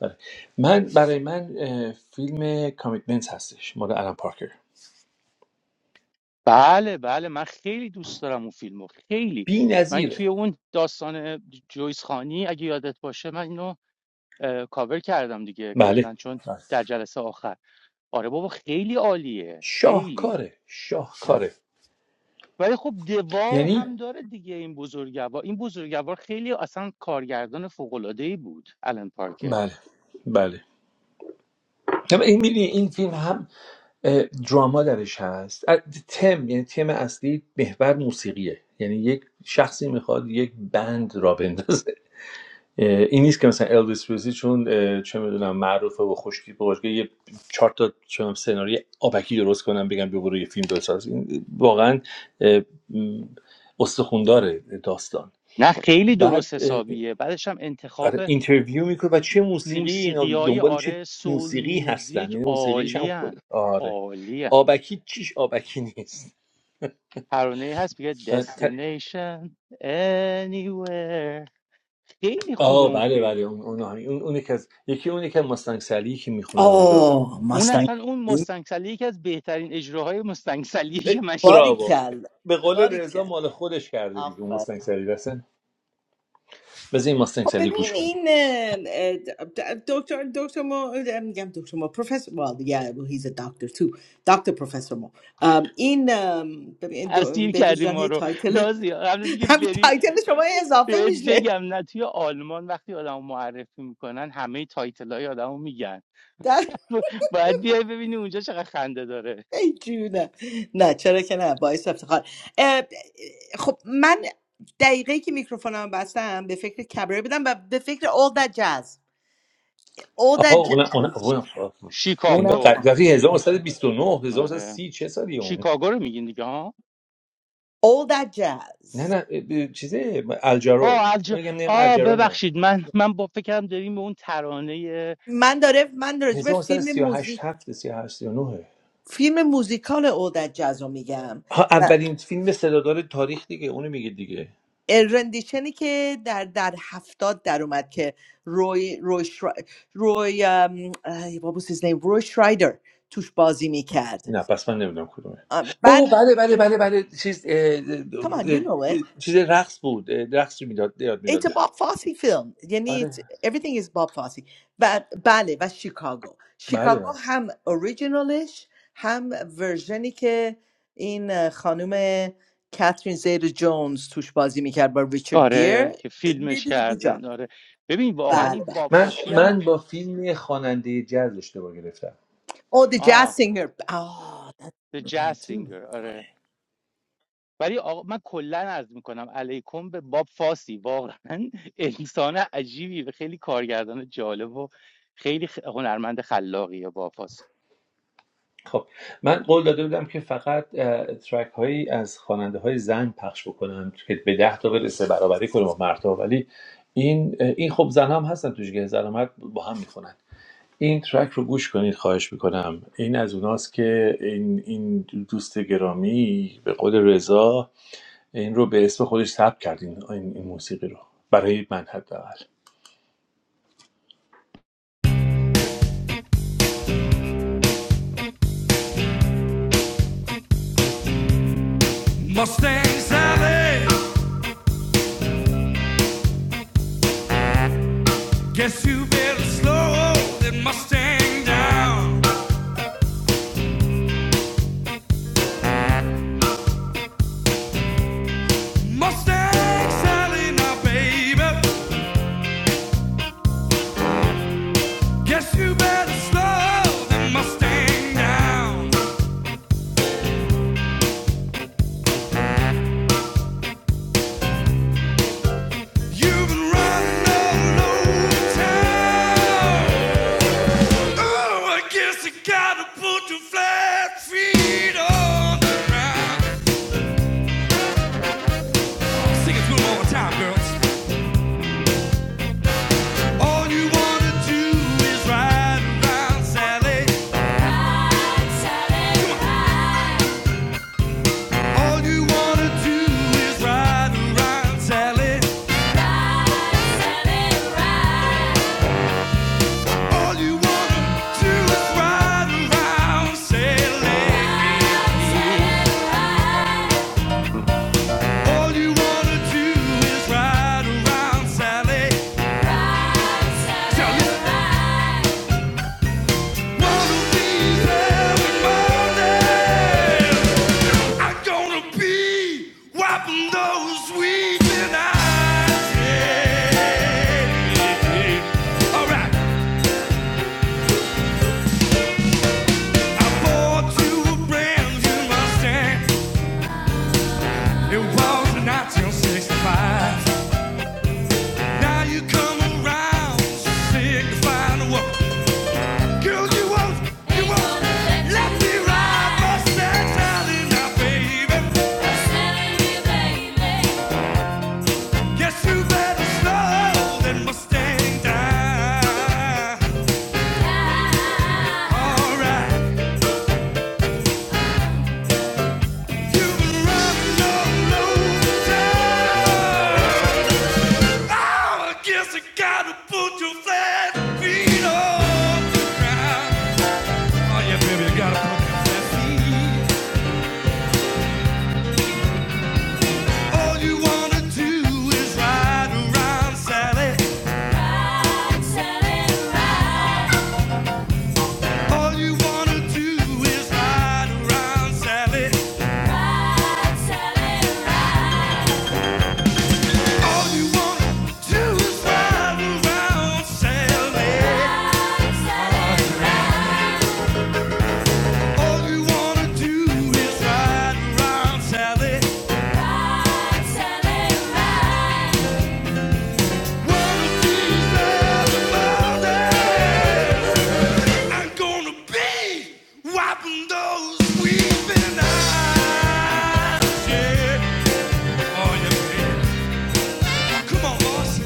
S2: بله. من برای من اه، فیلم کامیتمنت هستش مال الان پارکر
S3: بله بله من خیلی دوست دارم اون فیلم رو خیلی
S2: بی
S3: من توی
S2: نظیره
S3: اون داستان جویس خانی اگه یادت باشه من اینو کاور کردم دیگه
S2: بله
S3: کلا چون
S2: بله.
S3: در جلسه آخر آره بابا خیلی عالیه خیلی
S2: شاهکاره شاهکاره
S3: ولی خب دوا
S2: یعنی
S3: هم داره دیگه این بزرگوار این بزرگوار خیلی اصلا کارگردان فوق‌العاده‌ای بود الان پارکر
S2: بله بله اما این می‌دونی این فیلم هم اه، دراما درش هست اه، تم یعنی تم اصلی محور موسیقیه یعنی یک شخصی میخواد یک بند را بندازه اه، این نیست که مثلا الویس پرسلی چون اه، چه میدونم معروفه و خوشتیپ و باشگاه یه چهار تا چه می‌دونم سناریو آبکی درست کنم بگم بیا برو یه فیلم بساز این واقعا اه، م، استخوندار داستان
S3: نه خیلی درست
S2: بعد
S3: حسابیه بعدش هم انتخاب
S2: آره اینترویو میکنه و چه موسیقی اینا
S3: موسیقیای های
S2: دنبال چه
S3: آره سول
S2: موسیقی هستن
S3: میوزیک
S2: یعنی موسیقیش هم خوده
S3: عالیان
S2: آره
S3: عالی
S2: آبکی چیش آبکی نیست
S3: ترانه هست بگه
S2: و ت-
S3: destination anywhere خیلی خوبه
S2: آه
S3: اون
S2: بله
S3: فیلم
S2: بله اون اون اون اونی که از یکی اونی که مستنگ سلی که میخونن اونجا
S5: آه
S3: اون
S5: مستنگ
S3: اصلا اون مستنگسلی یکی از بهترین اجراهای مستنگسلی
S2: اه،
S3: که من شنید
S5: باری
S2: براوو
S5: کل
S2: به قول
S5: باری
S2: رضا مال خودش کرده دیگه اون
S5: کل
S2: مستنگ سلی رسن بذار این مستنگ
S5: خب
S2: سلی گوش
S5: ببین
S2: کنیم
S5: این اه، د- دکتر دکتر ما اه، میگم دکتر ما پروفسور well yeah well he's a doctor too دکتر پروفسور ما ام، این ام، ببین دو-
S3: اسیر
S5: بهروز
S3: کردیم
S5: جان
S3: ما
S5: هی
S3: رو
S5: تایتل
S3: نازی قبل از اینکه
S5: هم
S3: بری
S5: تایتل شما هی اضافه
S3: بهت
S5: میشه
S3: بگم نه توی آلمان وقتی آدمو معرفی میکنن همه تایتلای های آدمو میگن
S5: در
S3: باید بیای ببینی اونجا چقدر خنده داره
S5: ای جونه نه چرا که نه باعث افتخار اه، خب من دقیقه که میکروفونم بستم به فکر کبره بدم و به فکر all that jazz all
S2: آها
S5: that
S2: اون اون
S5: jazz
S2: اون فیلم
S5: اونم
S3: شیکاگو
S5: نه
S2: قدیم 1929
S3: آره
S2: 1930 چه سالی اون
S3: شیکاگو رو میگین دیگه ها
S5: all that jazz
S2: نه نه اه، چیزه الجارو
S3: آه, از جا-
S2: میگم نیم
S3: آه
S2: الجارو نه
S3: ببخشید من من با فکرم داریم به اون ترانه
S5: من داره من راجع به فیلم
S2: 1938
S5: موزیک
S2: هفته 38 39
S5: فیلم موزیکال اودت جزو میگم
S2: ها
S5: و
S2: اولین فیلم صدادار تاریخ دیگه اونو میگه دیگه
S5: رندیشنی که در در هفتاد در اومد که روی روی شرا... روی ام، اه، what was his name روی شرایدر توش بازی میکرد
S2: نه پس من نمیدونم کدومه
S5: بعد
S2: اوه، بله بله بله بله چیز اه، اه،
S5: come on you know
S2: اه،
S5: it
S2: چیز رقص بود اه، رقص رو میداد یاد
S5: It's
S2: میداد
S5: a
S2: به هم
S5: Bob Fosse film یعنی it's-
S2: آره
S5: everything is Bob Fosse و بله و شیکاگو
S2: بله
S5: شیکاگو
S2: بله
S5: هم اوریجینالش هم ورژنی که این خانم کاترین زیر جونز توش بازی میکرد با ریچارد
S3: آره
S5: گیر
S3: که
S5: They
S3: فیلمش
S5: did a good job.
S3: کردن آره ببین واقعا
S2: آره.
S5: بله
S3: این
S5: بله
S2: من
S3: بابفاسی
S2: من
S3: هم
S2: با فیلم خواننده جاز اشتباه گرفتم
S5: Oh the jazz
S3: آه
S5: singer آه
S3: The
S5: that's the
S3: Jazz
S5: one too.
S3: Singer. آره
S5: آره.
S3: ولی آقا من کلا عرض میکنم علیکم به باب فاسی واقعا انسان عجیبی و خیلی کارگردان جالب و خیلی خ- هنرمند خلاقیه باب فاسی
S2: خب من قول داده بودم که فقط ترک هایی از خواننده های زن پخش بکنم که به ده تا برسه برابری کنم با مردها ولی این این خب زن هم هستن توش که زن و با هم میخونن این ترک رو گوش کنید خواهش میکنم این از اوناست که این, این دوست گرامی به قول رضا این رو به اسم خودش ثبت کرد این, این, این موسیقی رو برای من حداقل
S1: Mustang Sally, guess you better slow that Mustang down. Mustang Sally, now baby, guess you better slow that Mustang down. You've been running all over town. Oh, I guess you gotta put your flat feet on the ground. Sing it through one time, girls. All you wanna do is ride around, Sally. All you wanna do is ride around, Sally. All you wanna do is ride around, Sally. All you wanna do is ride around, Sally. Tell me. Girl, you won't, you won't let me ride my sex out baby. Guess you better slow than Mustang die. All right, you've been running all over town. Oh, I guess I gotta put your flat feet on the ground. Oh yeah, baby, you gotta put your flat feet. All you wanna do is ride around, Sally. All you wanna do is ride around, Sally. Wiping those weeping eyes, yeah. Oh, yeah, baby. Come on, boss.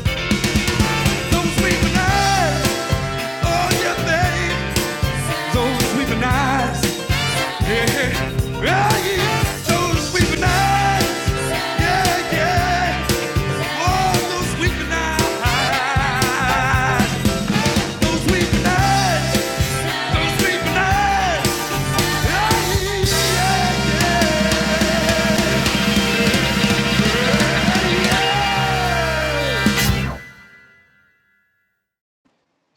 S1: Those weeping eyes, oh, yeah, baby. Oh, those weeping eyes.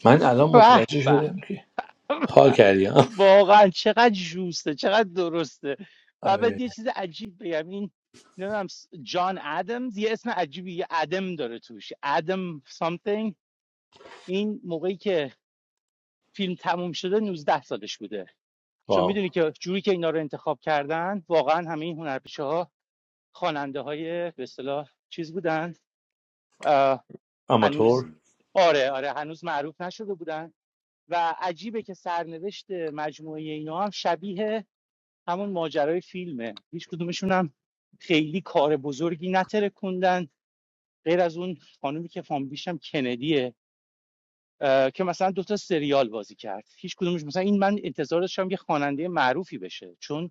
S2: من الان
S3: به
S2: متوجه
S3: به
S2: شدم که حال
S3: به.
S2: کردی ها
S3: واقعا چقدر جوسته چقدر درسته و بعد
S2: آره
S3: یه چیز عجیب بگم این نمیدونم جان ادمز یه اسم عجیبی یه ادم داره توش ادم something این موقعی که فیلم تموم شده نوزده سالش بوده چون
S2: واو
S3: میدونی که جوری که اینا رو انتخاب کردن واقعا همه این هنرپیشه ها به اصطلاح چیز بودن اه، هنوز
S2: آماتور
S3: آره آره هنوز معروف نشده بودن و عجیبه که سرنوشت مجموعه اینا هم شبیه همون ماجرای فیلمه هیچ کدومشون هم خیلی کار بزرگی نترکوندن غیر از اون خانومی که فامیلیش هم کندیه اه، که مثلا دوتا سریال بازی کرد هیچ کدومش مثلا این من انتظار داشتم که خواننده معروفی بشه چون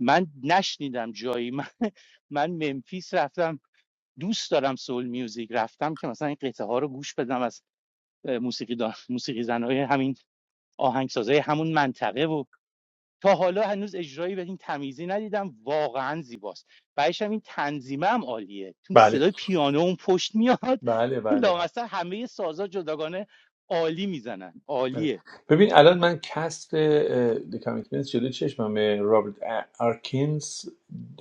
S3: من نشنیدم جایی من, من ممفیس رفتم دوست دارم سول میوزیک رفتم که مثلا این قطعه ها رو گوش بدم از موسیقی دان... موسیقی زنهای همین آهنگسازهای همون منطقه و تا حالا هنوز اجرایی به این تمیزی ندیدم واقعا زیباست بعدش هم این تنظیمه هم عالیه تو
S2: بله
S3: صدای پیانو اون پشت میاد
S2: بله بله بله
S3: لامصب همه سازا جداگانه عالی میزنن
S2: بله.
S3: عالیه
S2: ببین الان من کست کامیتمنت جلوی چشمم رابرت ا- آرکینز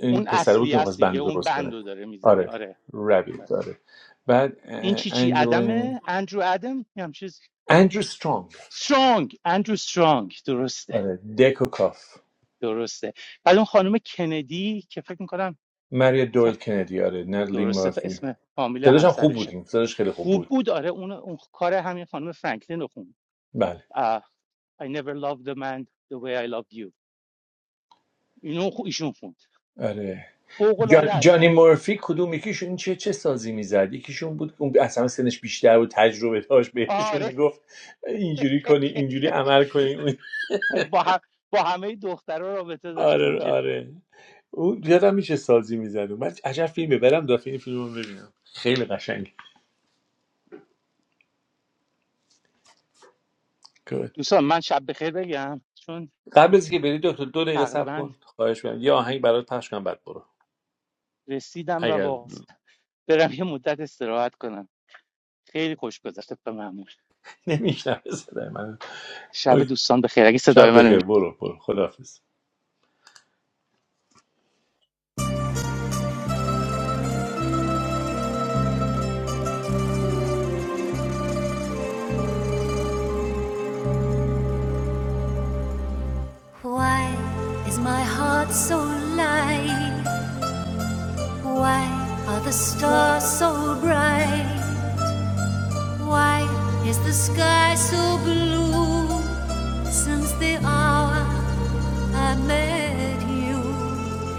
S2: این
S3: اون
S2: پسر بود
S3: اصلی
S2: که
S3: است
S2: میخواست بند
S3: دیگه اون
S2: درست
S3: بند
S2: کنه
S3: رو داره میزنه
S2: آره
S3: آره
S2: رابیت آره بعد
S3: این
S2: اه،
S3: چی چی
S2: انجلین
S3: آدمه؟ اندرو آدم؟ یه هم چیز
S2: اندرو سترانگ
S3: سترانگ اندرو سترانگ درسته
S2: آره دکو کاف
S3: درسته بعد اون خانم کندی که فکر میکنم
S2: مریا دویل کندی آره نادلی
S3: درسته ف-
S2: مورفی
S3: اسم فامیل
S2: صداش هم خوب بود
S3: همسرشه
S2: این صداش خیلی خوب
S3: خوب
S2: بود
S3: بود آره اون, اون کار همین خانم فرانکلین رو خوند
S2: بله
S3: آه، I never loved a man the way I loved you اینو خو- ایشون خوند
S2: آره
S3: فوق العاده
S2: جان،
S3: است
S2: جانی مورفی کدوم یکیشون چه چه سازی میزد یکیشون بود که اون اصلا سنش بیشتر بود تجربه داشت بهشون
S3: آره
S2: میگفت اینجوری کنی اینجوری عمل کنی اون-
S3: با هم با همه دخترها رابطه داشت
S2: آره
S3: اونجا
S2: آره اون یادم میشه سازی میزد من عجب فیلمه برم دفعه این فیلم رو ببینم خیلی قشنگ
S3: دوستان من شب بخیر بگم چون
S2: قبل از که بری دکتر دو دقیقه صبر
S3: تقریبا
S2: کن خواهش می‌کنم یه آهنگ برات پخش کنم بعد برو
S3: رسیدم و
S2: اگر
S3: واقعا برم یه مدت استراحت کنم خیلی خوش گذشت به معمول
S2: نمیشنوه صدای من
S3: شب
S2: اوکی.
S3: دوستان بخیر اگه صدای
S2: شب
S3: منو
S2: بخیر برو برو خداحافظ
S1: Why is my heart so light? Why are the stars so bright? Why is the sky so blue? Since the hour I met you,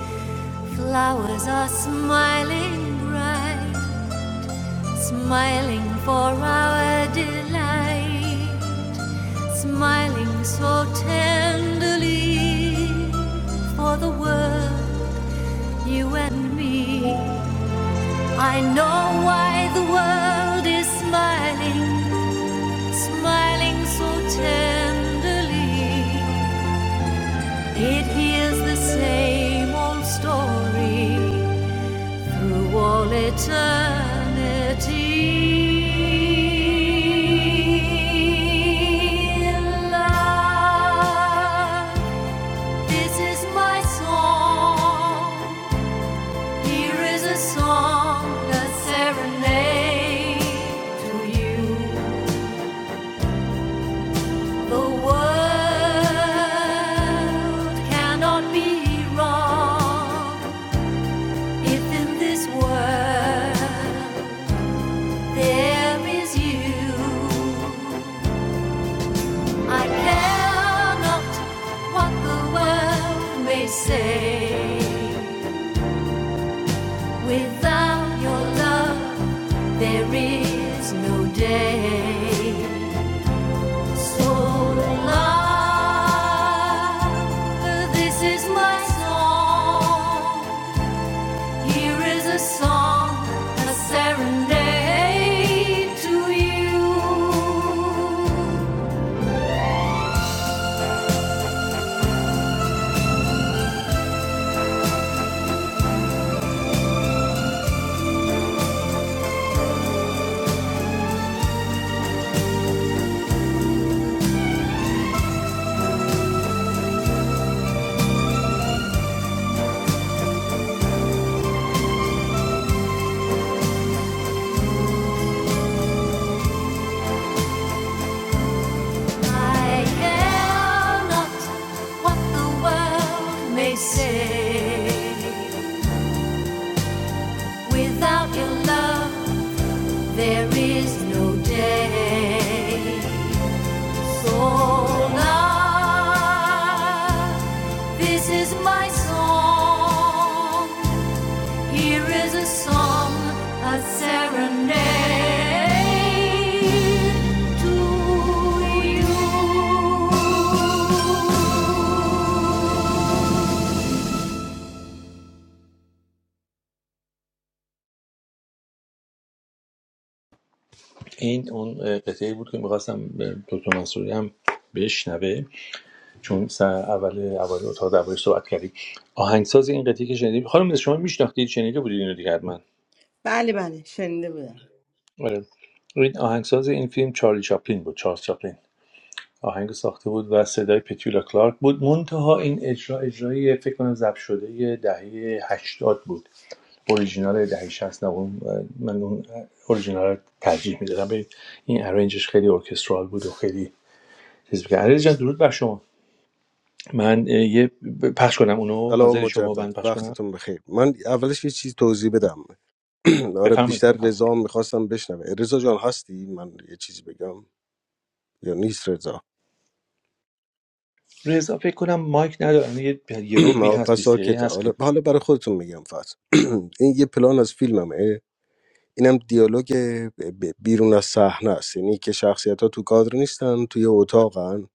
S1: flowers are smiling bright, smiling for our delight smiling so tenderly for the world You and me, I know why the world is smiling, smiling so tenderly. It hears the same old story through all eternity. Love, this is my song. Here is a song, a serenade to you. The world cannot be wrong if in this world there is you. I care not what the world may say. Without your love, there is no day. Without your love, there is no day. So love This is my song. Here is a song, a serenade to you.
S2: این اون قطعه بود که میخواستم دکتر منصوری هم بشنوه چون سر اول اول اتاق درباره صحبت کردیم آهنگساز این قطعه که شنیدیم خانم نسیم، شما میشناختید شنیده بودید اینو دیگه حتما
S5: بله بله شنیده بودم
S2: آره. این آهنگساز این فیلم چارلی چاپلین بود چارلز چاپلین آهنگ ساخته بود و صدای پتیولا کلارک بود منتها این اجرا اجرایی فکر کنم ضبط شده دهه هشتاد بود اوریجینال دهه شصت نه من اون اوریجینال رو ترجیح میدادم به این ارنجش خیلی ارکسترال بود و خیلی چیز بود علی جان درود بر شما من یه پخش کنم اونو
S7: سلام
S2: حاضر شما
S7: مجدد
S2: من پخش کنم
S7: وقتتون بخیر من اولش یه چیز توضیح بدم آره
S2: بفرمایید
S7: بیشتر
S2: بفرمایید
S7: رضا میخواستم بشنوه رضا جان هستی من یه چیزی بگم یا نیست رضا
S2: رضا فکر کنم مایک ندارن یه یه ربی
S7: آه،
S2: هست
S7: پس
S2: 20 دقیقه
S7: ساکته
S2: هست
S7: حالا
S2: که
S7: حالا برای خودتون میگم فقط این یه پلان از فیلممه اینم دیالوگ ب- بیرون از صحنه است یعنی که شخصیت ها تو کادر نیستن توی اتاقن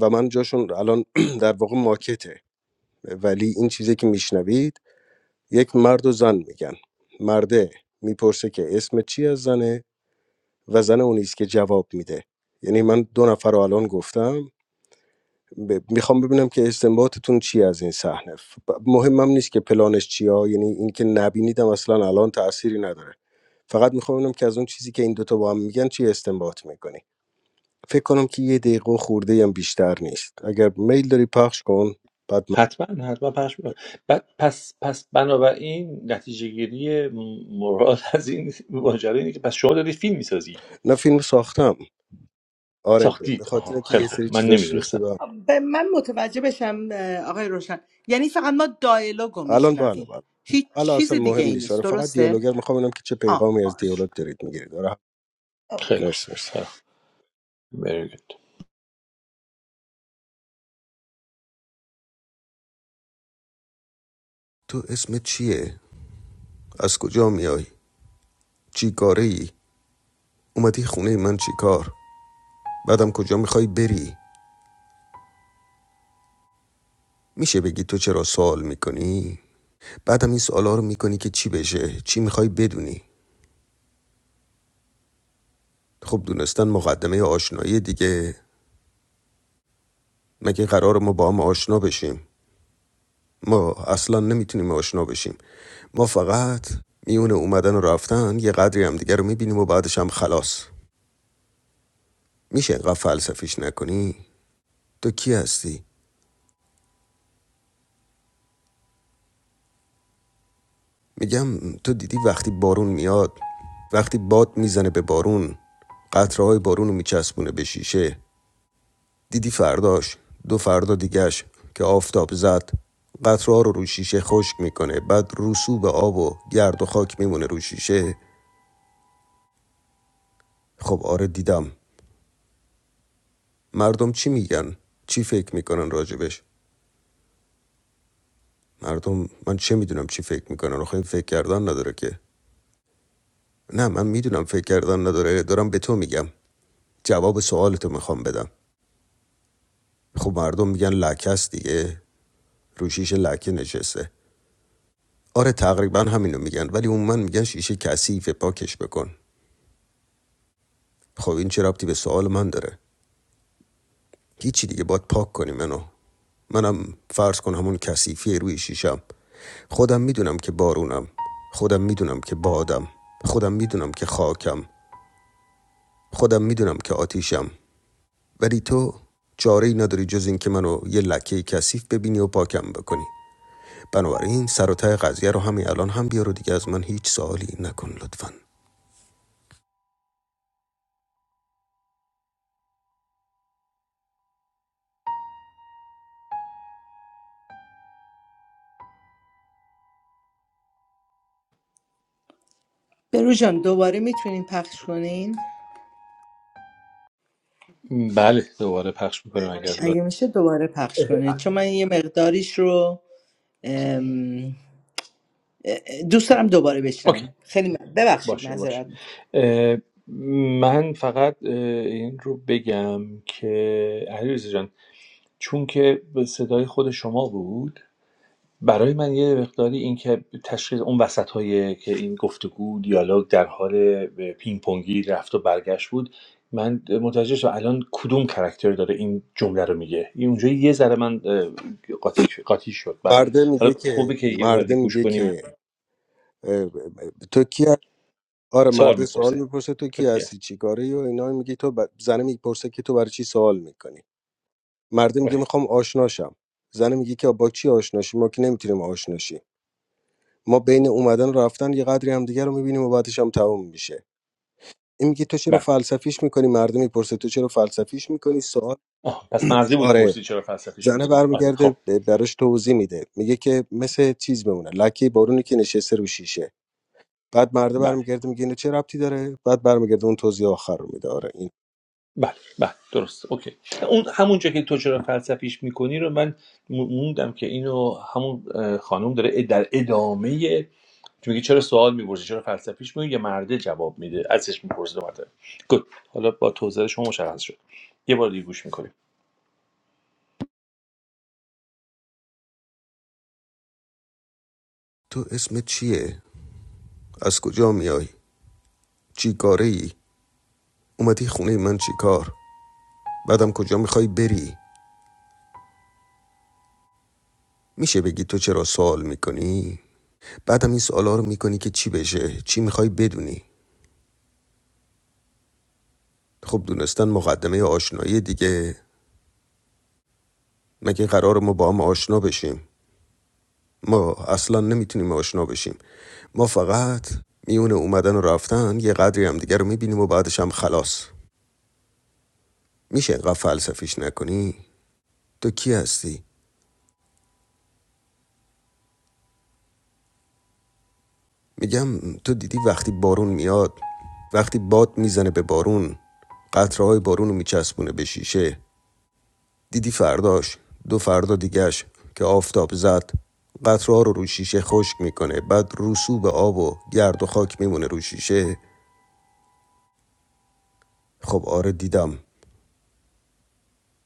S7: و من جاشون الان در واقع ماکته ولی این چیزی که میشنوید یک مرد و زن میگن مرده میپرسه که اسم چی از زنه و زن اون نیست که جواب میده یعنی من دو نفر رو الان گفتم ب- میخوام ببینم که استنباطتون چی از این صحنه ف- مهمم نیست که پلانش چیه یعنی اینکه نبینیدم اصلا الان تأثیری نداره فقط میخوام ببینم که از اون چیزی که این دوتا با هم میگن چی استنباط میکنی فکر کنم که یه دقیقه و خورده هم بیشتر نیست اگر میل داری پخش کن بعد من...
S2: حتما حتما پخش می‌کنن. بعد پس پس بنابراین نتیجه گیری مراد از این ماجرا اینه که پس شما دارید فیلم میسازی
S7: نه فیلم ساختم آره ب- به
S2: ساختید
S7: خاطر
S2: آها
S7: که
S2: خیلی
S7: یه
S2: خوب
S7: سری
S2: من
S7: چیزاش ریخته
S2: نمیدونستم
S7: به هم.
S5: به من متوجه بشم اه، آقای روشن یعنی فقط ما دایلوگو
S7: الان بله
S5: میشنویم
S7: بله
S5: هیچ
S7: حالا
S5: چیز
S7: اصلا
S5: دیگه
S7: مهم
S5: ای
S7: نیست
S5: نیست
S7: آره فقط
S5: درسته؟
S7: دیالوگر میخوام ببینم که چه
S5: آه
S7: پیغامی از
S5: باش
S7: دیالوگ دارید میگیرید آره
S5: اوکی.
S2: خیلی خوب
S7: مرسی مرسی
S2: خیلی خوب. Very good.
S1: To is me. Chee, as kujamii ay. Chee karii. Umati khunei man chee kar. Badam kujamii khayi beri. Mische begi toche rasol mikoni. Badam is alor mikoni ke chee beje. Chee mikhayi beduni. Khub dunastan maghdamey aashnayi dige. مگه قرار ما با هم آشنا بشیم ما اصلا نمیتونیم آشنا بشیم ما فقط میونه اومدن و رفتن یه قدری هم دیگر رو میبینیم و بعدش هم خلاص میشه اینقدر فلسفیش نکنی تو کی هستی میگم تو دیدی وقتی بارون میاد وقتی باد میزنه به بارون قطره‌های بارون رو میچسبونه به شیشه دیدی فرداش دو فردا دیگش که آفتاب زد قطره‌ها رو رو شیشه خشک میکنه بعد رسوب آب و گرد و خاک میمونه رو شیشه خب آره دیدم مردم چی میگن چی فکر میکنن راجبش مردم من چه میدونم چی فکر میکنن آخه این فکر کردن نداره که نه من میدونم فکر کردن نداره دارم به تو میگم جواب سوالتو میخوام بدم خب مردم میگن لکه است دیگه رو شیشه لکه نشسته آره تقریبا همینو میگن ولی اون من میگن شیشه کثیفه پاکش بکن خب این چه ربطی به سوال من داره هیچی دیگه باید پاک کنی منو منم فرض کن همون کثیفی روی شیشم خودم میدونم که بارونم خودم میدونم که بادم خودم میدونم که خاکم خودم میدونم که آتیشم ولی تو چاره ای نداری جز این که منو یه لکه کثیف ببینی و پاکم بکنی بنابراین سر و ته قضیه رو همین الان هم بیار و دیگه از من هیچ سوالی نکن لطفا
S5: برو جان دوباره میتونین پخش کنین
S2: بله دوباره پخش میکنم اگر لازم
S5: اگه میشه دوباره پخش کنین چون من یه مقداریش رو ام، اه، دوست دارم دوباره
S2: اوکی
S5: بشنوم خیلی من. ببخشید
S2: باشه باشه
S5: معذرت می‌خوام.
S2: اه، من فقط اه، این رو بگم که علیرضا جان چون که به صدای خود شما بود برای من یه مقداری این که تشخیص اون وسط که این گفتگو دیالوگ در حال پینگ پونگی رفت و برگشت بود من متوجه شدم الان کدوم کرکتر داره این جمله رو میگه این اونجا یه ذره من اه، قاطی, قاطی شد برام
S7: مرده میگه
S2: حالا
S7: که
S2: خوبه که یه
S7: مرده
S2: واردی گوش
S7: میگه
S2: کنیم
S7: که اه، اه، تو کی هست؟ آره
S2: سوال
S7: مرده سوال
S2: میپرسه
S7: میپرسه تو
S2: تو
S7: کی
S2: کی هست
S7: هستی چیکاره و اینا میگی تو ب... زنه میپرسه که تو برای چی سوال میکنی مرده میگه
S2: آره
S7: میخوام آشناشم زنه میگه که با چی آشناشی ما که نمیتونیم آشناشی ما بین اومدن و رفتن یه قدری هم دیگه رو میبینیم و بعدش هم تموم میشه این میگه تو چرا
S2: بله
S7: فلسفیش میکنی مرده میپرسه تو چرا فلسفیش میکنی سوال
S2: آه، پس مرزی بود
S7: آره
S2: پرسید چرا فلسفیش
S7: زنه
S2: میکنیم آره
S7: برمیگرده
S2: خب
S7: ب- براش توضیح میده میگه که مثل چیز بمونه لکه بارونی که نشسته رو شیشه بعد مرده
S2: بله
S7: برمیگرده میگه اینو چه ربطی داره بعد برمیگرده اون توضیح آخر رو میده آره این
S2: بله بله درست اوکی اون همون جا که تو چرا فلسفیش میکنی رو من موندم که اینو همون خانم داره در ادامه چون میگه چرا سوال میپرسی چرا فلسفیش میگه یه مرده جواب میده ازش میپرسه دو مرتبه گود حالا با توضیح شما مشخص شد یه بار دیگه گوش میکنیم
S1: تو اسمت چیه از کجا میای چی کاره اومدی خونه من چی کار بعدم کجا میخوای بری میشه بگی تو چرا سوال میکنی؟ بعدم این سوالا رو میکنی که چی بشه؟ چی میخوای بدونی؟ خب دونستن مقدمه آشنایی دیگه مگه قرار ما با هم آشنا بشیم ما اصلا نمیتونیم آشنا بشیم ما فقط میون اومدن و رفتن یه قدری هم دیگه رو میبینیم و بعدش هم خلاص میشه اینقدر فلسفیش نکنی تو کی هستی میگم تو دیدی وقتی بارون میاد وقتی باد میزنه به بارون قطره‌های بارون رو میچسبونه به شیشه دیدی فرداش دو فردا دیگش که آفتاب زد قطرها رو رو شیشه خشک میکنه بعد رسوب آب و گرد و خاک میمونه رو شیشه خب آره دیدم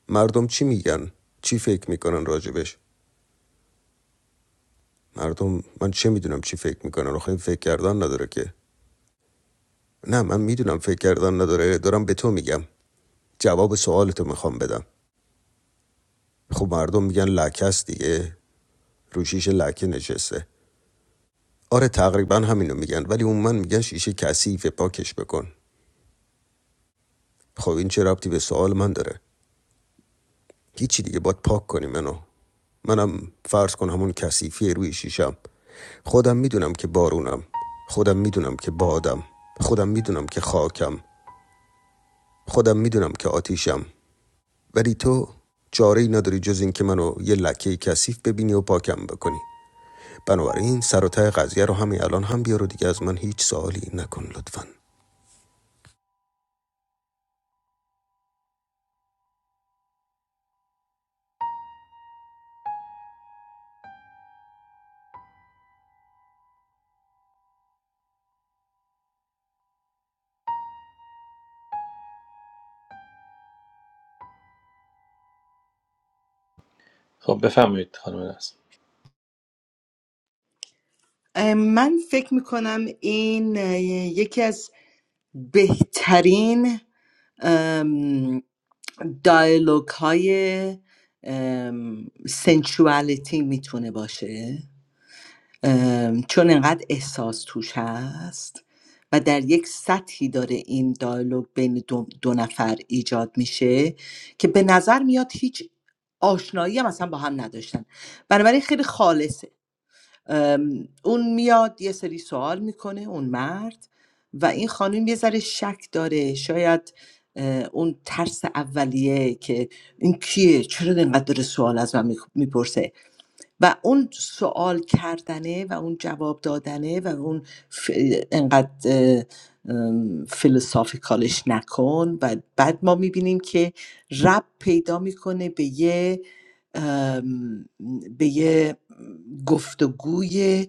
S1: مردم چی میگن چی فکر میکنن راجبش مردم من چه میدونم چی فکر میکنن آخه این فکر کردن نداره که نه من میدونم فکر کردن نداره دارم به تو میگم جواب سوالتو میخوام بدم خب مردم میگن لکست دیگه رو شیشه لکه نشسته آره تقریبا همینو میگن ولی اون من میگن شیشه کثیفه پاکش بکن خب این چه ربطی به سوال من داره هیچی دیگه باید پاک کنی منو منم فرض کن همون کثیفی روی شیشم خودم میدونم که بارونم خودم میدونم که بادم خودم میدونم که خاکم خودم میدونم که آتیشم ولی تو چاره ای نداری جز این که منو یه لکه کثیف ببینی و پاکم بکنی بنابراین سر و ته قضیه رو همین الان هم بیار و دیگه از من هیچ سوالی نکن لطفا
S2: خب بفرمایید خانم نسل
S5: ام، من فکر میکنم این اه، یکی از بهترین دایلوگ های سنشوالیتی میتونه باشه ام، چون انقدر احساس توش هست و در یک سطحی داره این دیالوگ بین دو, دو نفر ایجاد میشه که به نظر میاد هیچ آشنایی هم اصلا با هم نداشتن بنابراین خیلی خالصه ام، اون میاد یه سری سوال میکنه اون مرد و این خانم یه ذره شک داره شاید اه، اون ترس اولیه که این کیه چرا اینقدر داره سوال از من میپرسه و اون سوال کردنه و اون جواب دادنه و اون ف... انقدر اه، نکن و بعد ما میبینیم که رب پیدا میکنه به یه به یه گفتگوی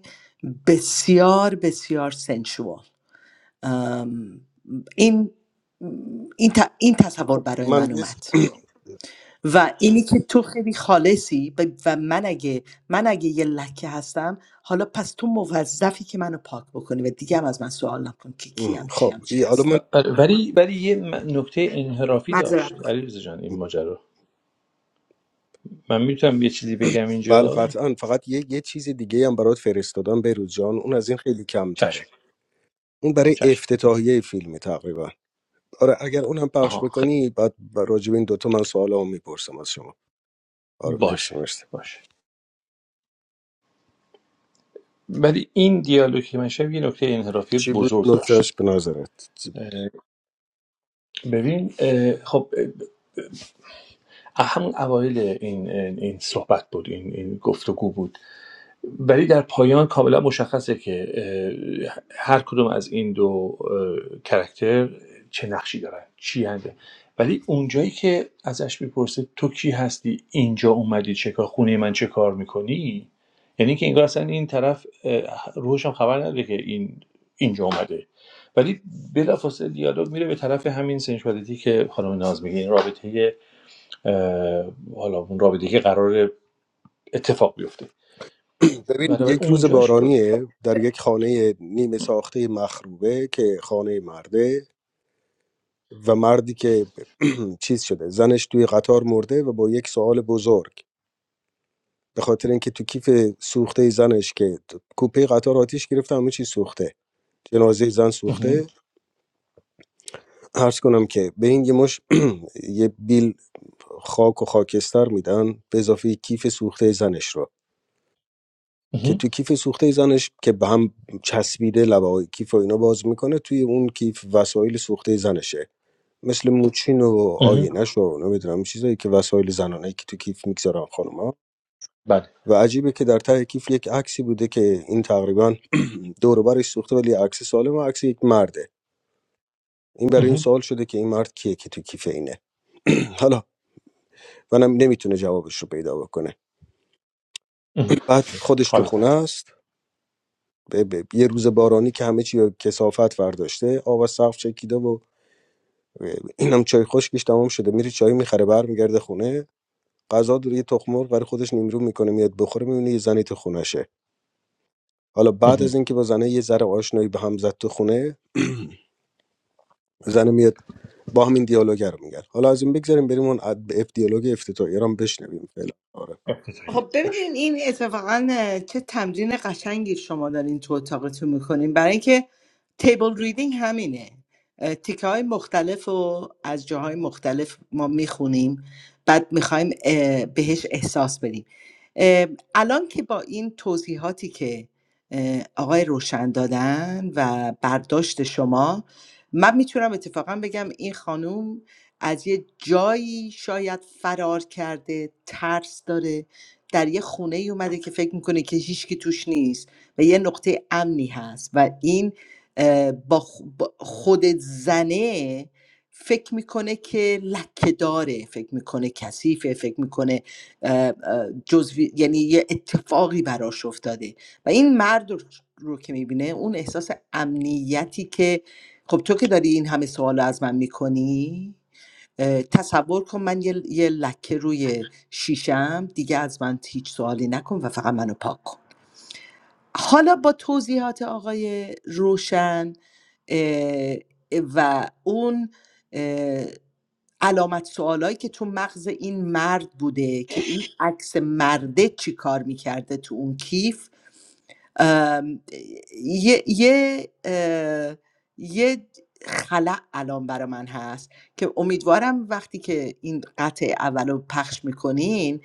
S5: بسیار بسیار سنشوال این این, ت- این تصور
S7: خب
S5: برای
S7: من
S5: من
S7: یه س-
S5: اومد و اینی که تو خیلی خالصی و و من اگه من اگه یه لکه هستم حالا پس تو موظفی که منو پاک بکنی و دیگه هم از من سوال نکن که کیم
S7: خب
S5: چیم چی
S7: ای- حالا من
S2: آره، ولی ولی یه نکته انحرافی
S5: هستم
S2: داشت علیرضا جان این ماجرا من میتونم یه چیزی بگم
S7: بله
S2: اینجا
S7: قطعا فقط یه, یه چیز دیگه هم برات فرستادم بروز جان اون از این خیلی
S2: چشم
S7: کمتره اون برای
S2: چشم
S7: افتتاحیه فیلمه تقریبا آره اگر اونم پخش
S2: آها خیلی
S7: بکنی بعد راجب این دوتا من سوالامو میپرسم از شما آره مرسی
S2: باشه
S7: مرسی
S2: باشه ولی این دیالوگ که من شنیدم یه نکته انحرافی
S7: چی بود
S2: بزرگ داشت
S7: نکتهش به نظرت
S2: اه، ببین اه، خب اه، همون اوایل این این این صحبت بود این این گفتگو بود ولی در پایان کاملا مشخصه که هر کدوم از این دو اه، کرکتر چه نقشی دارن چی هنده ولی اونجایی که ازش میپرسه تو کی هستی اینجا اومدی چه کار خونه من چه کار میکنی یعنی که انگار اصلا این طرف اه، روحش هم خبر نداره که این اینجا اومده ولی بلافاصله دیالوگ میره به طرف همین سنشوالیتی که خانم ناز میگه این رابطه اه، حالا اون رابطه که قرار اتفاق بیفته
S7: ببین
S2: بنابراین
S7: یک روز
S2: اونجاش
S7: بارانیه در یک خانه نیمه ساخته مخروبه که خانه مرده و مردی که چیز شده زنش توی قطار مرده و با یک سوال بزرگ به خاطر اینکه تو کیف سوخته زنش که تو- کوپه قطار آتیش گرفته همه چیز سوخته جنازه زن
S2: مهم
S7: سوخته عرض کنم که به این یه مش یه بیل خاک و خاکستر میدن به اضافه کیف سوخته زنش رو که
S2: مهم
S7: تو کیف سوخته زنش که به هم چسبیده لبه کیف و اینا باز میکنه توی اون کیف وسایل سوخته زنشه مثل موچین و
S2: مهم
S7: آینش و نمیدونم چیزایی که وسایل زنانه که تو کیف میگذارن خانوما
S2: بله
S7: و عجیبه که در ته کیف یک عکسی بوده که این تقریبا دور و برش سوخته ولی عکس سالم و عکس یک مرده این برای این
S2: مهم.
S7: سوال شده که این مرد کیه که تو کیف اینه حالا منم نمیتونه جوابش رو پیدا بکنه
S2: مهم.
S7: بعد خودش تو
S2: حالا
S7: خونه است به- به- یه روز بارانی که همه چی رو کسافت ورداشته آب از سقف چکیده و اینم چای خشکش تمام شده میره چای میخره برمیگرده خونه غذا دور یه تخم مرغ برای خودش نیمرو میکنه میاد بخوره میبینه یه زنی تو خونشه حالا بعد از
S2: فهمیدم
S7: اینکه با زنه یه ذره آشنایی به هم زد تو خونه زنه میاد با همین دیالوگ رو میگن حالا از این بگذاریم بریم اون اد- اف دیالوگ افتتاحیه ایران هم بشنویم فعلا آره
S2: ابتدایی
S5: خب
S2: باش
S5: ببینین این اتفاقا اه، چه تمرین قشنگی شما دارین تو اتاقتون میکنین برای اینکه تیبل ریدینگ همینه اه، تیکه های مختلف رو از جاهای مختلف ما میخونیم بعد میخوایم بهش احساس بدیم اه، الان که با این توضیحاتی که اه، آقای روشن دادن و برداشت شما من میتونم اتفاقا بگم این خانوم از یه جایی شاید فرار کرده ترس داره در یه خونه ای اومده که فکر میکنه که هیچکی توش نیست و یه نقطه امنی هست و این اه، با خ- با خود زنه فکر میکنه که لکه داره فکر میکنه کثیفه فکر میکنه جزوی یعنی یه اتفاقی براش افتاده و این مرد رو رو که میبینه اون احساس امنیتی که خب تو که داری این همه سوال از من میکنی اه، تصور کن من یه, یه لکه روی شیشم دیگه از من هیچ سوالی نکن و فقط منو پاک کن حالا با توضیحات آقای روشن اه، و اون اه، علامت سوالایی که تو مغز این مرد بوده که این عکس مرده چی کار میکرده تو اون کیف ام، یه یه اه، یه خلع الان برا من هست که امیدوارم وقتی که این قطع اول رو پخش میکنین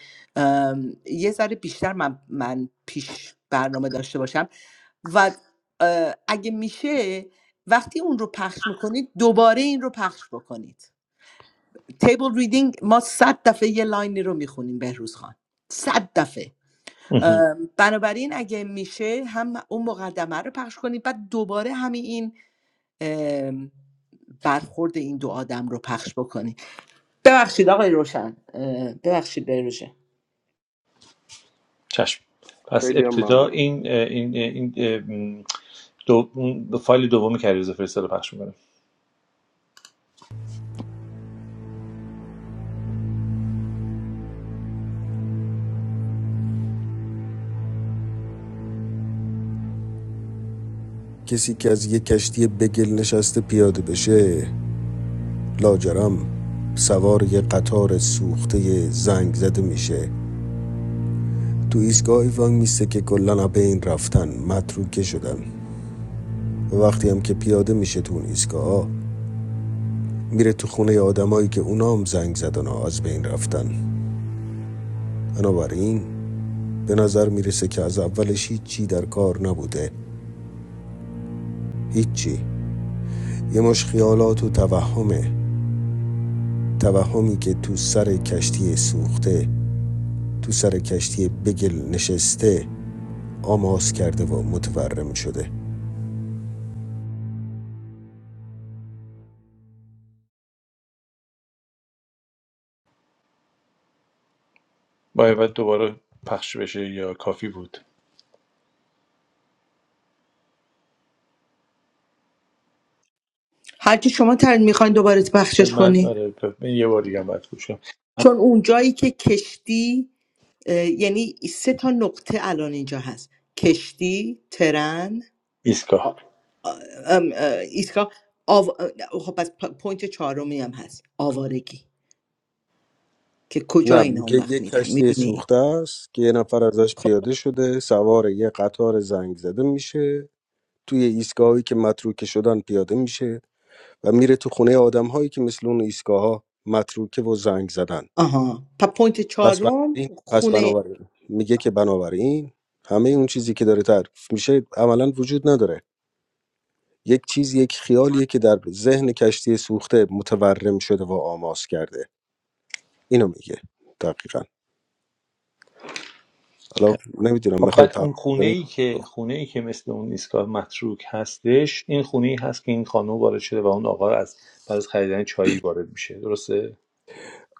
S5: یه ذره بیشتر من, من پیش برنامه داشته باشم و اه، اگه میشه وقتی اون رو پخش میکنید دوباره این رو پخش بکنید تیبل ریدینگ ما صد دفعه یه لاینی رو میخونیم بهروز خان صد دفعه
S2: مهم.
S5: ام، بنابراین اگه میشه هم اون مقدمه رو پخش کنید بعد دوباره همین این ام، برخورد این دو آدم رو پخش بکنید ببخشید آقای روشن اه، ببخشید بیروژه
S2: چشم پس
S7: خیلی هم
S2: ابتدا
S7: ممنون
S2: این این این اه، دو اون فایل دومی که علیرضا فرستاد رو پخش می‌کنم
S1: کسی که از یه کشتی بگل نشسته پیاده بشه لاجرم سوار یه قطار سوخته زنگ زده میشه تو ایستگاهی وانگ میسته که کلا به این رفتن متروکه شدن و وقتی هم که پیاده میشه تو اون ایستگاه میره تو خونه آدمایی که اونا هم زنگ زدن و از بین رفتن بنابراین به نظر میرسه که از اولش هیچی در کار نبوده هیچی یه مش خیالات و توهمه توهمی که تو سر کشتی سوخته تو سر کشتی بگل نشسته آماس کرده و متورم شده
S2: باید بعد دوباره پخش بشه یا کافی بود
S5: هر کی شما تر میخواین دوباره پخشش
S2: من
S5: کنی
S2: آره ب- من یه بار دیگه هم باید گوش کنم من
S5: چون اون جایی که کشتی اه، یعنی سه تا نقطه الان اینجا هست کشتی ترن آ-
S2: ایستگاه
S5: آ- ام، اه، ایستگاه آو... خب پس پ- پوینت چهارمی هم هست آوارگی که کجا
S7: نه
S5: اینا اون
S7: میگه
S5: وقت
S7: یه
S5: میرن
S7: کشتی
S5: میدونی
S7: سوخته است که یه نفر ازش
S5: خب
S7: پیاده شده سوار یه قطار زنگ زده میشه توی ایستگاهایی که متروکه شدن پیاده میشه و میره تو خونه آدمهایی که مثل اون ایستگاهها متروکه و زنگ زدن
S5: آها پس پوینت
S7: پس
S5: چهارم
S7: بنابراین پس
S5: خونه
S7: بنابراین میگه که بنابراین همه اون چیزی که داره تعریف میشه عملا وجود نداره یک چیز یک خیالیه که در ذهن کشتی سوخته متورم شده و آماس کرده اینو میگه دقیقا حالا نمیدونم
S2: خب
S7: میخوای
S2: بعد
S7: تعریف
S2: اون خونه
S7: کنی
S2: ای که خونه ای که مثل اون ایستگاه متروک هستش این خونه ای هست که این خانم وارد شده و اون آقا از بعد از خریدن چایی وارد میشه درسته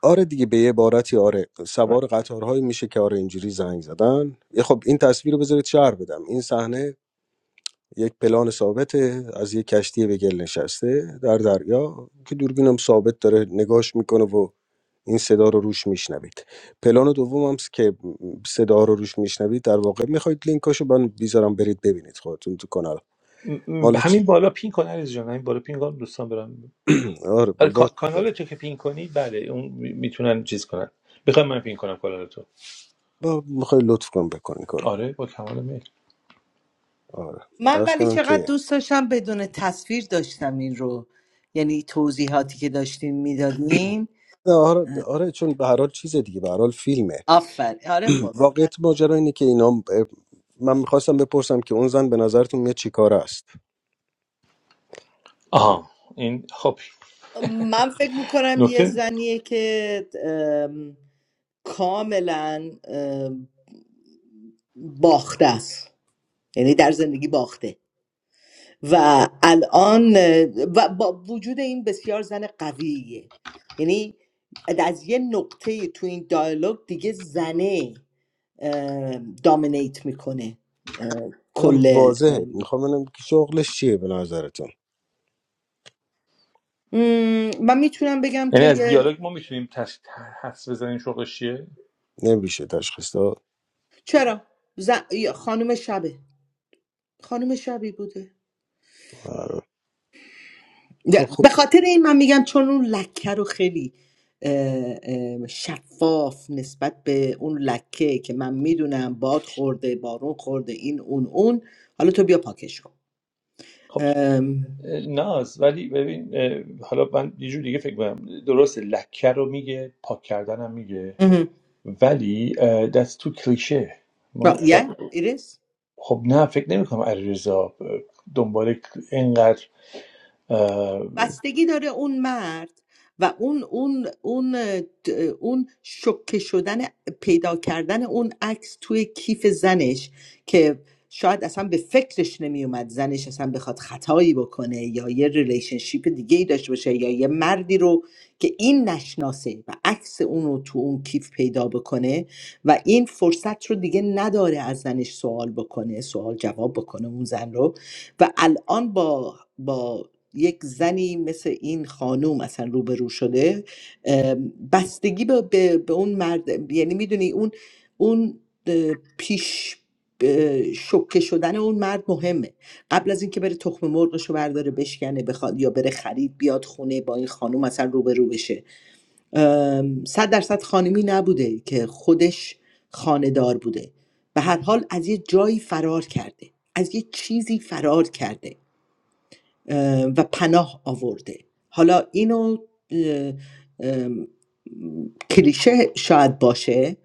S7: آره دیگه به یه عبارتی آره سوار قطارهایی میشه که آره اینجوری زنگ زدن یه خب این تصویر رو بذارید شهر بدم این صحنه یک پلان ثابته از یک کشتی به گل نشسته در دریا که دوربینم ثابت داره نگاش میکنه و این صدا رو روش میشنوید پلان دوم هم که صدا رو روش میشنوید در واقع میخواید لینکاشو من بیذارم برید ببینید خودتون تو کانال
S2: م- م-
S7: مال چی
S2: همین بالا پین کن عزیز جان همین بالا پین کن دوستان برم
S7: آره با,
S2: آره کا-
S7: با,
S2: کانال تو که پین کنی بله اون می- میتونن چیز کنن میخوام من پین کنم کانال تو
S7: میخوای لطف کن بکنی کارو
S2: آره با کمال میل
S7: آره
S5: من
S7: عرض
S5: ولی
S7: کنم
S5: چقدر
S7: که
S5: دوست داشتم بدون تصویر داشتم این رو یعنی توضیحاتی که داشتیم میدادیم
S7: آره, آره چون به هر حال چیز دیگه به هر حال فیلمه
S5: آفر آره خب
S7: واقعیت ماجرا اینه که اینا من میخواستم بپرسم که اون زن به نظرتون یه چیکار است
S2: آها این خب
S5: من فکر میکنم یه
S2: نکته
S5: زنیه که ام، کاملا ام، باخته است یعنی در زندگی باخته و الان و با وجود این بسیار زن قویه یعنی از یه نقطه تو این دیالوگ دیگه زنه اه، دامینیت میکنه اه،
S7: دارم
S5: کل اه،
S7: واضحه میخوام ببینم که شغلش چیه به نظرتون
S5: مم، من میتونم بگم
S2: یعنی
S5: که
S2: از
S5: یه-
S2: دیالوگ ما میتونیم تش... حس بزنیم شوقش چیه
S7: نمیشه تشخیص داد
S5: چرا زن... یه خانم شبه خانم شبی بوده
S7: آره. خب
S5: نه،
S7: خب
S5: به خاطر این من میگم چون اون لکه رو خیلی اه، اه، شفاف نسبت به اون لکه که من میدونم باد خورده بارون خورده این اون اون حالا تو بیا پاکش کن
S2: خب
S5: ام،
S2: اه، ناز ولی ببین اه، حالا من یه جور دیگه فکر کنم درسته لکه رو میگه پاک کردن هم میگه
S5: مهم.
S2: ولی دست تو کلیشه
S5: Well,
S2: ما
S5: yeah, it is.
S2: خب نه فکر نمی‌کنم علیرضا دنبال اینقدر اه،
S5: بستگی داره اون مرد و اون اون اون اون شوکه شدن پیدا کردن اون عکس توی کیف زنش که شاید اصلا به فکرش نمیومد زنش اصلا بخواد خطایی بکنه یا یه ریلیشنشیپ دیگه ای داشته باشه یا یه مردی رو که این نشناسه و عکس اون رو تو اون کیف پیدا بکنه و این فرصت رو دیگه نداره از زنش سوال بکنه سوال جواب بکنه اون زن رو و الان با با یک زنی مثل این خانوم اصلا روبرو شده ام، بستگی به, به, به اون مرد یعنی میدونی اون اون اه، پیش اه، شوکه شدن اون مرد مهمه قبل از اینکه بره تخم مرغش رو برداره بشکنه بخواد یا بره خرید بیاد خونه با این خانوم اصلا روبرو بشه ام، صد درصد خانمی نبوده که خودش خانه دار بوده به هر حال از یه جایی فرار کرده از یه چیزی فرار کرده و پناه آورده حالا اینو کلیشه شاید باشه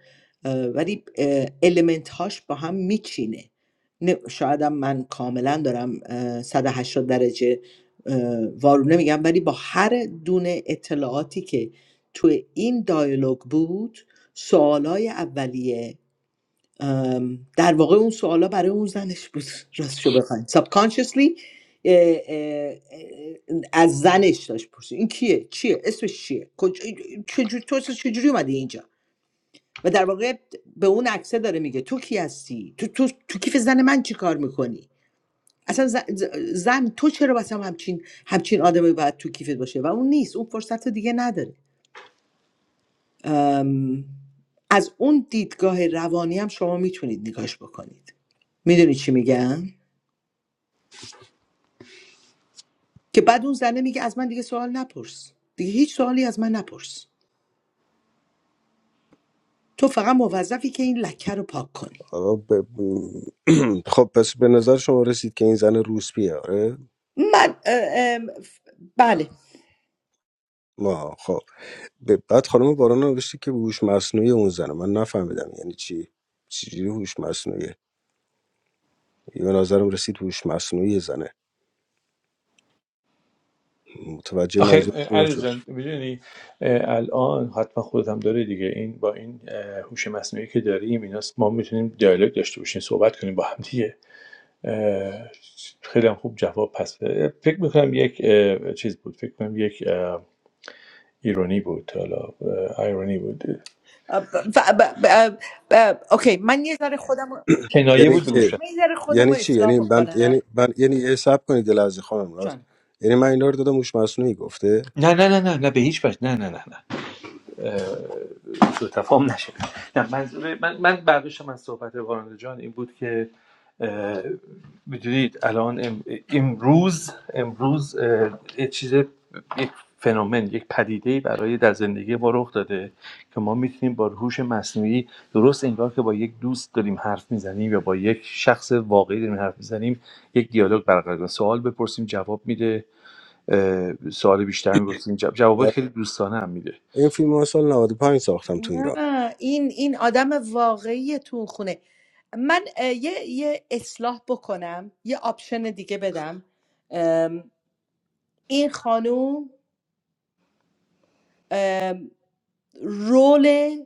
S5: ولی المنت هاش با هم میچینه شاید هم من کاملا دارم اه، 180 درجه وارونه میگم ولی با هر دونه اطلاعاتی که توی این دایالوگ بود سوالای اولیه ام، در واقع اون سوالا برای اون زنش بود راستشو بخواین سابکانشسلی از زنش داشت پرسید این کیه چیه اسمش چیه کجا چجور... تو اصلا چجوری اومدی اینجا و در واقع به اون عکسه داره میگه تو کی هستی تو تو, تو کیف زن من چی کار میکنی اصلا ز- ز- زن تو چرا مثلا همچین همچین آدمی باید تو کیفت باشه و اون نیست اون فرصت رو دیگه نداره ام، از اون دیدگاه روانی هم شما میتونید نگاش بکنید میدونی چی میگم که بعد اون زنه میگه از من دیگه سوال نپرس دیگه هیچ سوالی از من نپرس تو فقط موظفی که این لکه رو پاک کنی
S7: آره، ب- خب پس به نظر شما رسید که این زن روسپیه آره
S5: من اه، ام، بله
S7: ما خب ب- بعد خانم باران نوشته که هوش مصنوعی اون زنه من نفهمیدم یعنی چی چجوری هوش مصنوعی به نظرم رسید هوش مصنوعی زنه متوجه
S2: آخه
S7: منظورتون نشد
S2: علیرضا میدونی الان حتما خودت هم داره دیگه این با این هوش مصنوعی که داریم ایناست ما میتونیم دیالوگ داشته باشیم صحبت کنیم با هم دیگه اه، خیلی هم خوب جواب پس بده. فکر میکنم یک اه، چیز بود فکر کنم یک اه، ایرونی بود حالا اه، ایرونی بود
S5: اه، ب- ب- ب- ب- اوکی من یه ذره خودم رو-
S2: کنایه
S7: یعنی
S2: بود به
S7: که
S2: گوش من.
S5: من یه ذره خودم
S7: یعنی
S5: رو
S7: چی
S5: اصلاح
S7: یعنی من
S5: کنم
S7: یعنی من یعنی یه صبر کنید دل از خانم راست
S5: جان
S7: یعنی من اینا رو دادم موش مصنوعی گفته
S2: نه نه نه نه نه به هیچ وجه نه نه نه نه سوء تفاهم نشه نه منظور من, من برداشتم از صحبت وارنده جان این بود که اه، میدونید الان ام- امروز امروز اه، یه چیز یک فنومن یک پدیده برای در زندگی ما رخ داده که ما میتونیم با هوش مصنوعی درست انگار که با یک دوست داریم حرف میزنیم یا با یک شخص واقعی داریم حرف میزنیم یک دیالوگ برقرار کنیم سوال بپرسیم جواب میده سوال بیشتر میپرسیم جواب جوابای
S7: آه.
S2: خیلی دوستانه هم میده
S7: این فیلم ها سال 95 ساختم تو ایران
S5: نه، این این آدم واقعی تو اون خونه من اه، یه یه اصلاح بکنم یه آپشن دیگه بدم ام، این خانوم ام، رول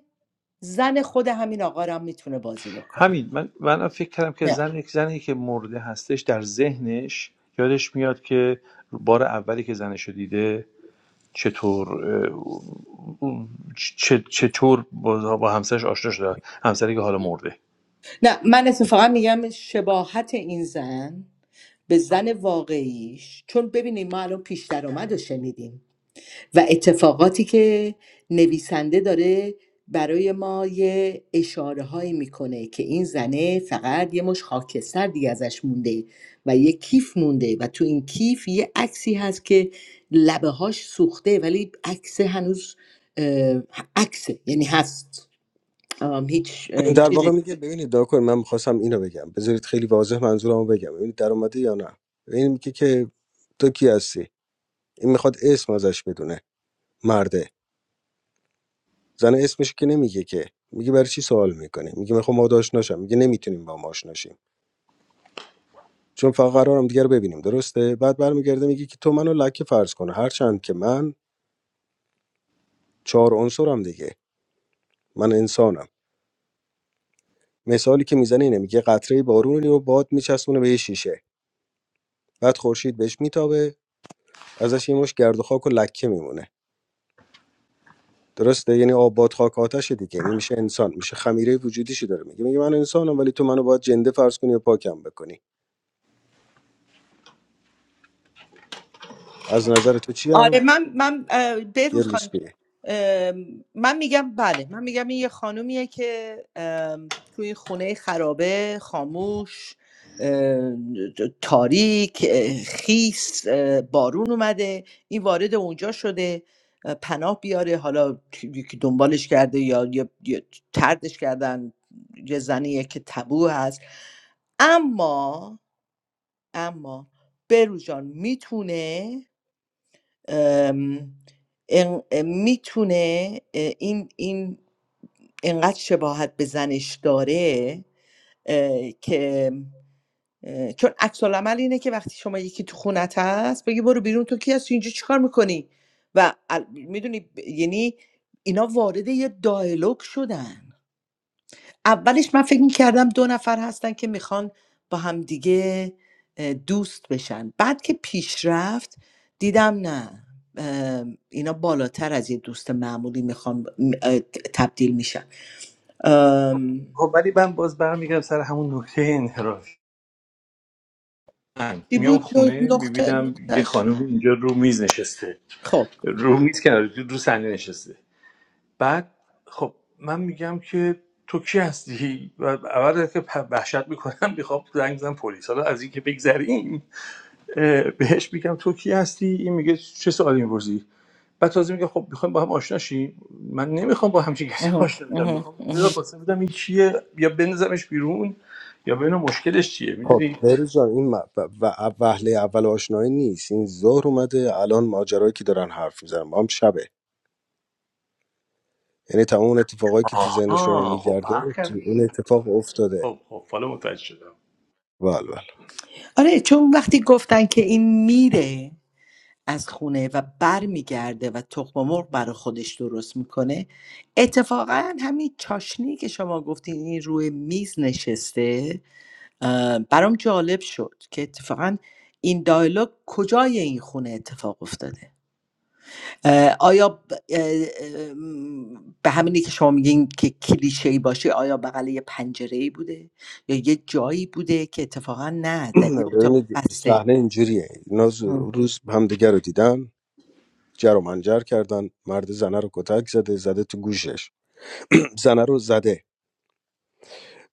S5: زن خود همین آقا رو هم میتونه بازی بکنه
S2: همین من من فکر کردم که
S5: نه
S2: زن یک زنی که مرده هستش در ذهنش یادش میاد که بار اولی که زنش رو دیده چطور اه، چ- چطور با با همسرش آشنا شده همسری که حالا مرده
S5: نه من اتفاقا میگم شباهت این زن به زن واقعیش چون ببینید ما الان پیش درآمد رو شنیدیم و اتفاقاتی که نویسنده داره برای ما یه اشاره هایی میکنه که این زنه فقط یه مش خاکستر دیگه ازش مونده و یه کیف مونده و تو این کیف یه عکسی هست که لبه هاش سوخته ولی عکس هنوز اه، عکسه یعنی هست ام، هیچ ام،
S7: در واقع
S5: چیزی
S7: میگه ببینید داکر من میخواستم اینو بگم بذارید خیلی واضح منظورمو بگم ببینید در اومده یا نه این میگه که تو کی هستی این میخواد اسم ازش بدونه مرده زن اسمش که نمیگه که میگه برای چی سوال میکنه میگه میخوام ما آشنا شم میگه نمیتونیم با ما آشنا شیم. چون فقط قرارم دیگه رو ببینیم درسته بعد برمیگرده میگه که تو منو لکه فرض کنه هرچند که من چهار عنصرم دیگه من انسانم مثالی که میزنه اینه میگه قطره بارونی و باد میچسبونه به یه شیشه بعد خورشید بهش میتابه ازش یه مش گرد و خاک و لکه میمونه درسته یعنی آب باد خاک آتش دیگه یعنی میشه انسان میشه خمیره وجودیشی داره میگه میگه من انسانم ولی تو منو باید جنده فرض کنی و پاکم بکنی از نظر تو چیم
S5: آره من من اه،
S7: یه
S5: بهروز خانم
S7: روسپیه
S5: ام، من میگم بله من میگم این یه خانومیه که ام، توی خونه خرابه خاموش ام، تاریک اه، خیس اه، بارون اومده این وارد اونجا شده اه، پناه بیاره حالا یکی دنبالش کرده یا یا- یا طردش کردن یه زنیه که تبو هست اما اما برو میتونه ام، ان- میتونه اه، این این انقدر شباهت به زنش داره اه، که اه، چون عکس العمل اینه که وقتی شما یکی تو خونت هست بگی برو بیرون تو کی هستی اینجا چیکار میکنی و ال... میدونی یعنی اینا وارد یه دایلوگ شدن اولش من فکر میکردم دو نفر هستن که میخوان با همدیگه اه، دوست بشن بعد که پیش رفت دیدم نه اه، اینا بالاتر از یه دوست معمولی میخوان تبدیل میشن ام،
S2: خب ولی من باز برمیگردم سر همون نکته انحرافی من
S5: چی
S2: میام
S5: بود
S2: خونه
S5: نقطه
S2: میبینم یه
S5: نقطهش
S2: خانم اینجا رو میز نشسته
S5: خب
S2: رو میز کنار رو صندلی نشسته بعد خب من میگم که تو کی هستی و اول که پ- وحشت میکنم میخوام زنگ بزنم پلیس حالا از اینکه بگذریم اه، بهش میگم تو کی هستی این میگه چه سوالی میپرسی بعد تازه میگه خب میخوایم با هم آشنا شیم من نمیخوام با همچین کسی
S5: آها،
S2: آشنا بشم
S5: آها،
S2: میخوام
S5: آها.
S2: بلافاصله بدم این کیه یا بندازمش بیرون یا ببینم مشکلش چیه
S7: خب
S2: میدونی
S7: بهروز جان این م- و- و- وهله اول آشنایی نیست این ظهر اومده الان ماجرایی که دارن حرف میزنن ما هم شبه یعنی تمام اون اتفاقایی که تو ذهن شما
S2: آها خب فرق
S7: میگرده تو
S2: کرد
S7: این اتفاق افتاده
S2: خب خب حالا متوجه شدم
S7: بله
S5: آره چون وقتی گفتن که این میره از خونه و بر میگرده و تخم مرغ برا خودش درست میکنه اتفاقا همین چاشنی که شما گفتین این روی میز نشسته اه، برام جالب شد که اتفاقا این دایلوگ کجای این خونه اتفاق افتاده آیا ب- اه، اه، م، به همینی که شما میگین که کلیشه ای باشه آیا بغل یه پنجره بوده یا یه جایی بوده که اتفاقا نه در یه
S7: بله
S5: اتاق
S7: ببینید
S5: بسته
S7: صحنه اینجوریه اینا ز-
S5: ام.
S7: روز همدیگه رو دیدن جر و منجر کردن مرد زنه رو کتک زده زده تو گوشش زنه رو زده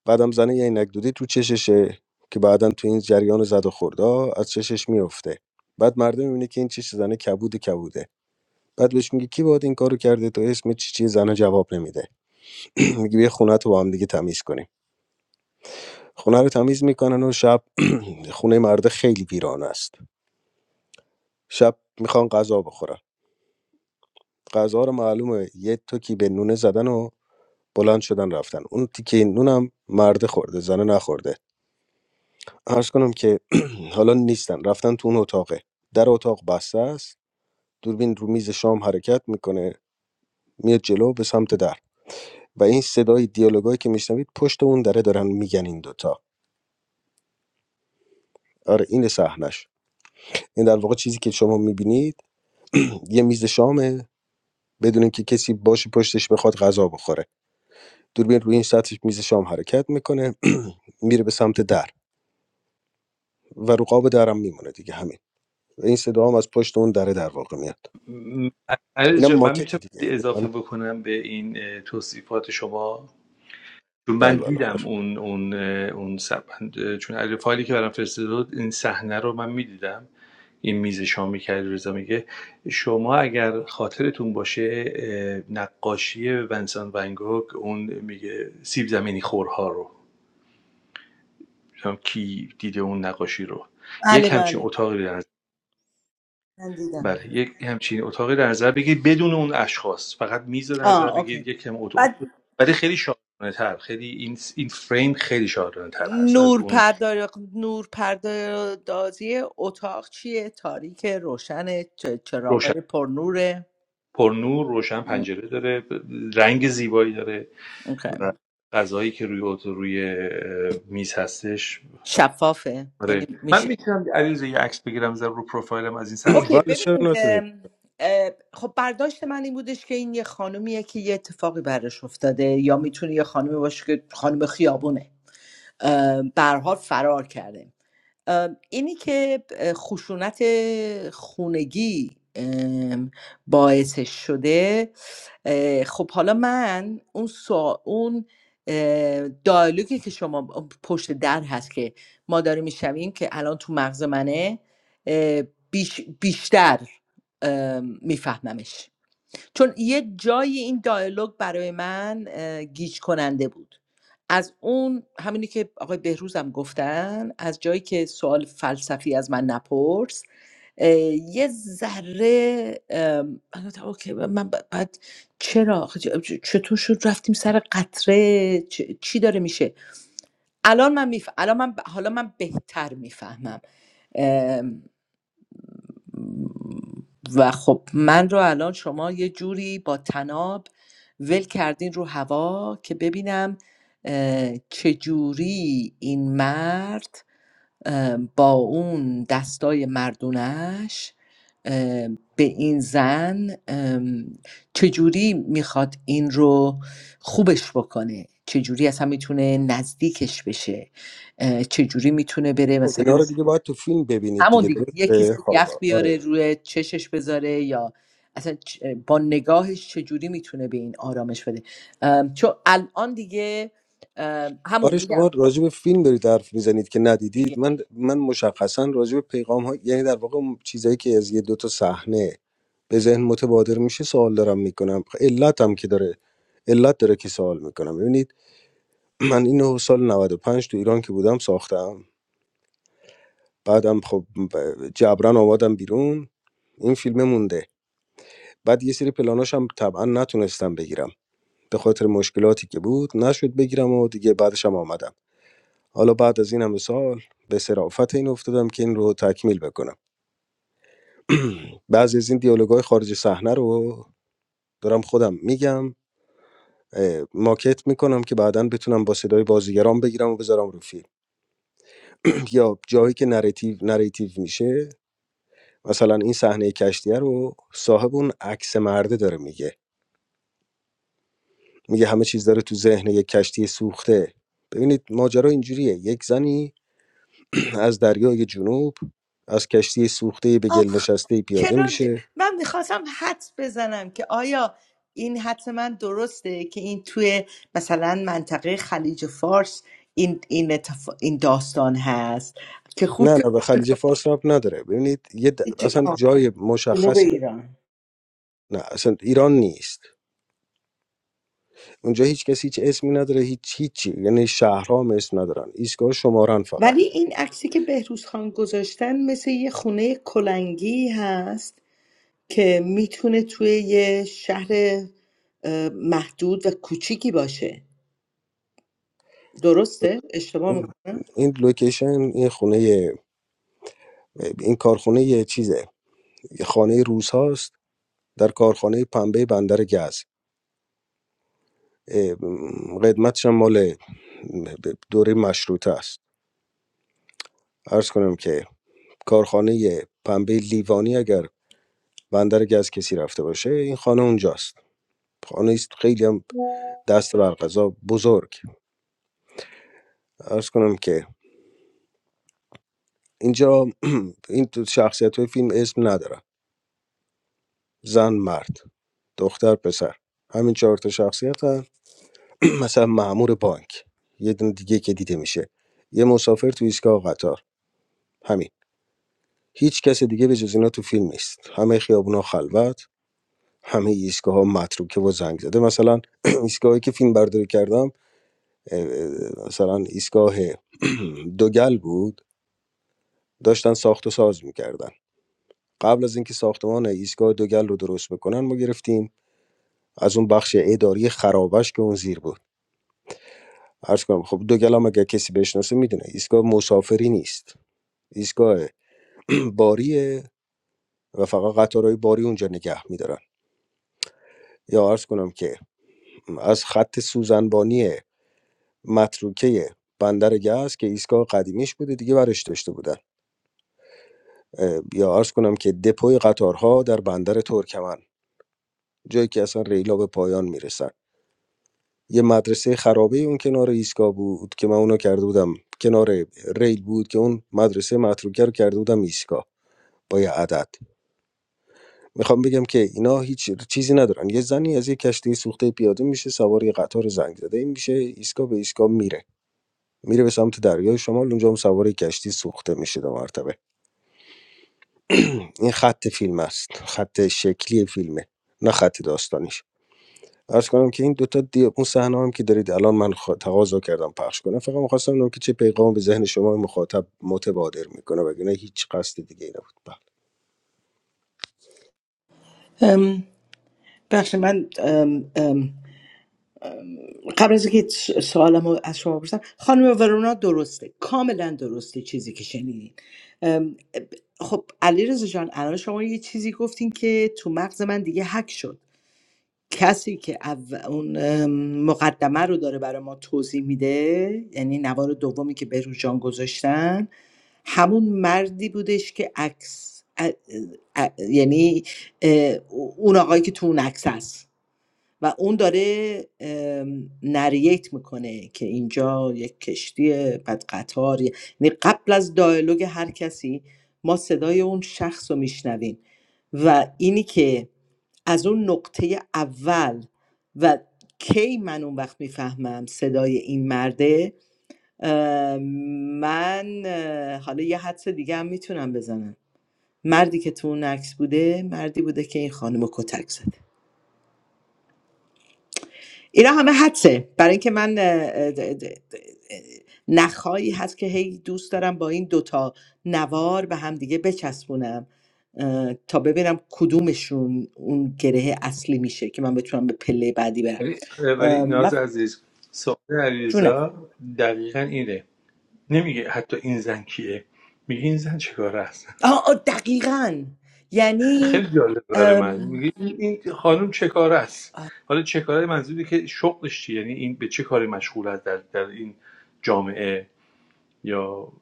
S7: بعدم زنه یه عینک دودی تو چششه که بعدا تو این جریان زد و خوردا از چشش میفته بعد مردم میبینه که این چش زنه کبود کبوده بعد بهش میگی کی باهات این کارو کرده تو اسم چی چی زنه جواب نمیده میگی بیا خونه تو با هم دیگه تمیز کنیم خونه رو تمیز میکنن و شب خونه مرده خیلی ویران است شب میخوان غذا بخورن غذا رو معلومه یه تکی به نونه زدن و بلند شدن رفتن اون تیکه نونم مرده خورده زنه نخورده عرض کنم که حالا نیستن رفتن تو اون اتاقه در اتاق بسته است دوربین رو میز شام حرکت میکنه میاد جلو به سمت در و این صدای دیالوگایی که میشنوید پشت اون دره دارن میگن این دوتا آره این صحنش این در واقع چیزی که شما میبینید یه میز شامه بدون اینکه کسی باشه پشتش بخواد غذا بخوره دوربین روی این سطح میز شام حرکت میکنه میره به سمت در و رو قاب درم میمونه دیگه همین و این صدا هم از پشت اون دره در واقع میاد
S2: م- علی
S7: اینم
S2: جان، من
S7: ماکت
S2: میتونم
S7: دیگه
S2: اضافه
S7: من-
S2: بکنم به این اه، توصیفات شما چون من
S7: بله بله
S2: دیدم
S7: خوش
S2: اون اون اون سب- چون علی فایلی که برام فرستاده این صحنه رو من میدیدم این میز شامی که رضا میگه شما اگر خاطرتون باشه نقاشی ونسان ونگوک اون میگه سیب زمینی خورها رو نمی‌دونم کی دیده اون نقاشی رو
S5: بله
S2: یک همچین
S5: بله
S2: اتاقی در نظر
S5: من دیدم
S2: بله یک همچین اتاقی در نظر بگیرید بدون اون اشخاص فقط میز رو در نظر
S5: آه اوکی
S2: بگیرید یک هم اتاق
S5: بعد
S2: ولی خیلی شاعرانه تر خیلی این این فریم خیلی شاعرانه تر هست از
S5: نور
S2: اون
S5: پردار نور پردازی اتاق چیه تاریک روشن
S2: روشن
S5: چراغای پر نوره
S2: پرنور روشن
S5: م،
S2: پنجره داره رنگ زیبایی داره
S5: اوکی.
S2: و غذایی که روی اتو روی اه، میز هستش
S5: شفافه یعنی
S2: آره من
S5: میشه
S2: میتونم علیرضا یه عکس بگیرم زر رو پروفایلم از این صحنه
S5: اوکی
S7: بله چرا
S5: ببینید
S7: نتونید
S5: ام، اه، خب برداشت من این بودش که این یه خانومیه که یه اتفاقی براش افتاده یا میتونه یه خانومی باشه که خانم خیابونه ام، به هر حال فرار کرده ام، اینی که اه، خشونت خونگی ام، باعثش شده اه، خب حالا من اون سا... اون اه، دیالوگی که شما ب- پشت در هست که ما داریم میشنویم که الان تو مغز منه اه، بیش... بیشتر ام، میفهممش چون یه جایی این دیالوگ برای من اه، گیج کننده بود از اون همینی که آقای بهروز هم گفتن از جایی که سوال فلسفی از من نپرس اه، یه ذره ام، من گفتم اوکی من ب- بعد چرا آخه چ- چ- چطور شد رفتیم سر قطره چ- چی داره میشه الان من میف... الان من ب- حالا من بهتر میفهمم و خب من رو الان شما یه جوری با تناب ول کردین رو هوا که ببینم اه، چجوری این مرد با اون دستای مردونش به این زن ام، چجوری میخواد این رو خوبش بکنه چجوری اصلا میتونه نزدیکش بشه اه، چجوری میتونه بره
S7: خب
S5: مثلا
S7: اینا رو دیگه باید تو فیلم ببینید
S5: همون
S7: دیگه
S5: دیگه یه کسی
S7: درسته خب
S5: یخ بیاره
S7: آره
S5: روی چشش بذاره یا اصلا چ- با نگاهش چجوری میتونه به این آرامش بده ام، چون الان دیگه ام، همون
S7: آره
S5: میگم
S7: شما راجع به فیلم دارید حرف میزنید که
S5: دیگه
S7: ندیدید من من مشخصا راجع به پیغام ها یعنی در واقع اون چیزایی که از یه دو تا صحنه به ذهن متبادر میشه سوال دارم میکنم علت هم که داره علت داره که سوال میکنم ببینید من اینو سال نود و پنج تو ایران که بودم ساختم بعدم خب ب- جبران آمادم بیرون این فیلم مونده بعد یه سری پلاناش هم طبعا نتونستم بگیرم به خاطر مشکلاتی که بود نشد بگیرم و دیگه بعدش هم آمدم حالا بعد از این همه سال به صرافت این افتادم که این رو تکمیل بکنم بعضی از این دیالوگای خارج صحنه رو دارم خودم میگم اه، ماکت میکنم که بعدا بتونم با صدای بازیگران بگیرم و بذارم رو فیلم یا جایی که نریتیو نریتیو میشه مثلا این صحنه کشتیه رو صاحب اون عکس مرده داره میگه میگه همه چیز داره تو ذهن یک کشتی سوخته ببینید ماجرا اینجوریه یک زنی از دریای جنوب از کشتی سوخته به گل
S5: آخ
S7: نشسته پیاده
S5: چرا د-
S7: میشه
S5: من میخواستم حدس بزنم که آیا این حدس من درسته که این توی مثلا منطقه خلیج فارس این این, اتف... این داستان هست که خوب
S7: نه نه به خلیج فارس رب نداره ببینید یه د-
S5: شد-
S7: اصلا
S5: آه،
S7: جای
S5: جنوب
S7: مشخصی
S5: ایران
S7: نه اصلا ایران نیست اونجا هیچ کسی هیچ اسمی نداره هیچ هیچی یعنی شهرها هم اسم ندارن ایستگاه شمارن
S5: ولی
S7: فقط
S5: این عکسی که بهروز خان گذاشتن مثل یه خونه کلنگی هست که میتونه توی یه شهر اه، محدود و کوچیکی باشه درسته؟ اشتباه
S7: این
S5: میکنم؟
S7: این لوکیشن این خونه این کارخونه یه چیزه یه خانه روس هاست در کارخانه پنبه بندر گز اه، قدمتش هم مال دوره مشروطه است عرض کنم که کارخانه پنبه لیوانی اگر بندر گز کسی رفته باشه این خانه اونجاست خانه است خیلی هم دست بر قضا بزرگ عرض کنم که اینجا این تو شخصیت های فیلم اسم نداره زن مرد دختر پسر همین چهار تا شخصیت هم مثلا مامور بانک یه دونه دیگه که دیده میشه یه مسافر تو ایستگاه قطار همین هیچ کس دیگه به جز اینا تو فیلم نیست همه خیابونا خلوت همه ایستگاه ها متروکه و زنگ زده مثلا ایستگاهی که فیلم برداری کردم اه، اه، مثلا ایستگاه دوگل بود داشتن ساخت و ساز میکردن قبل از اینکه ساختمان ایستگاه دوگل رو درست بکنن ما گرفتیم از اون بخش اداری خرابش که اون زیر بود عرض کنم خب دوگل هم اگر کسی بشناسه میدونه ایستگاه مسافری نیست ایستگاه باریه و فقط قطارهای باری اونجا نگه میدارن یا عرض کنم که از خط سوزنبانی متروکه بندر گاز که ایستگاه قدیمیش بوده دیگه برش داشته بودن اه، یا عرض کنم که دپوی قطارها در بندر ترکمن جایی که اصلا ریلا به پایان میرسن یه مدرسه خرابه اون کنار ایستگاه بود که من اونو کرده بودم کنار ریل بود که اون مدرسه متروکه رو کرده بودم ایستگاه با یه عدد میخوام بگم که اینا هیچ چیزی ندارن یه زنی از یه کشتی سوخته پیاده میشه سوار یه قطار زنگ زده این میشه ایستگاه به ایستگاه میره میره به سمت دریای شمال اونجا هم سوار یه کشتی سوخته میشه دو مرتبه این خط فیلم است خط شکلی فیلمه نه خط داستانیش عرض کنم که این دوتا دی... اون صحنه هم که دارید الان من خوا- تقاضا کردم پخش کنم فقط میخواستم ببینم که چه پیغام به ذهن شما مخاطب متبادر میکنه وگرنه هیچ قصد دیگه ای نبود بله.
S5: ام، بخش من ام، ام، قبل از اینکه س- سوالم رو از شما بپرسم خانم ورونا درسته کاملا درسته چیزی که شنیدین ام، ب- خب علی جان الان شما یه چیزی گفتین که تو مغز من دیگه حک شد کسی که اول اون ام، مقدمه رو داره برای ما توضیح میده یعنی نوار دومی که بهروز جان گذاشتن همون مردی بودش که عکس ا- ا- یعنی اه، اون آقایی که تو اون عکس هست و اون داره ام، نریت میکنه که اینجا یک کشتی بعد قطار یعنی قبل از دایلوگ هر کسی ما صدای اون شخص رو میشنویم و اینی که از اون نقطه اول و کی من اون وقت میفهمم صدای این مرده اه، من اه، حالا یه حدس دیگه هم میتونم بزنم مردی که تو اون عکس بوده مردی بوده که این خانم رو کتک زده اینا همه حدسه برای اینکه من اه، د- د- د- نخایی هست که هی دوست دارم با این دوتا نوار به هم دیگه بچسبونم اه، تا ببینم کدومشون اون گره اصلی میشه که من بتونم به پله بعدی برم
S2: ولی ولی
S5: اه،
S2: ناز
S5: من
S2: عزیز سوال
S5: جونم
S2: علیرضا دقیقا اینه نمیگه حتی این زن کیه میگه این زن چه کاره است
S5: آه آه، دقیقا یعنی
S2: خیلی جالب برای من
S5: ام،
S2: میگه این این خانم چه کاره است حالا چه کاره منظوری که شغلش چیه یعنی این به چه کاری مشغول است در, در این جامعه یا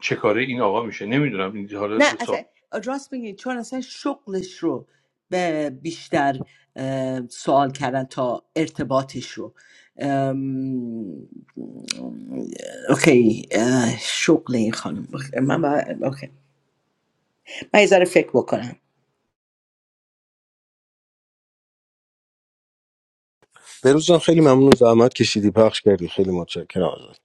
S2: چه کاره این آقا میشه نمیدونم این
S5: نه
S2: حالا سوال-
S5: اصلا راست میگی چون اصلا شغلش رو به بیشتر اه، سوال کردن تا ارتباطش رو ام، اوکی اه، شغل این خانم من با... اوکی من یه ذره فکر بکنم
S7: بهروز جان خیلی ممنون زحمت کشیدی پخش کردی خیلی متشکرم ازت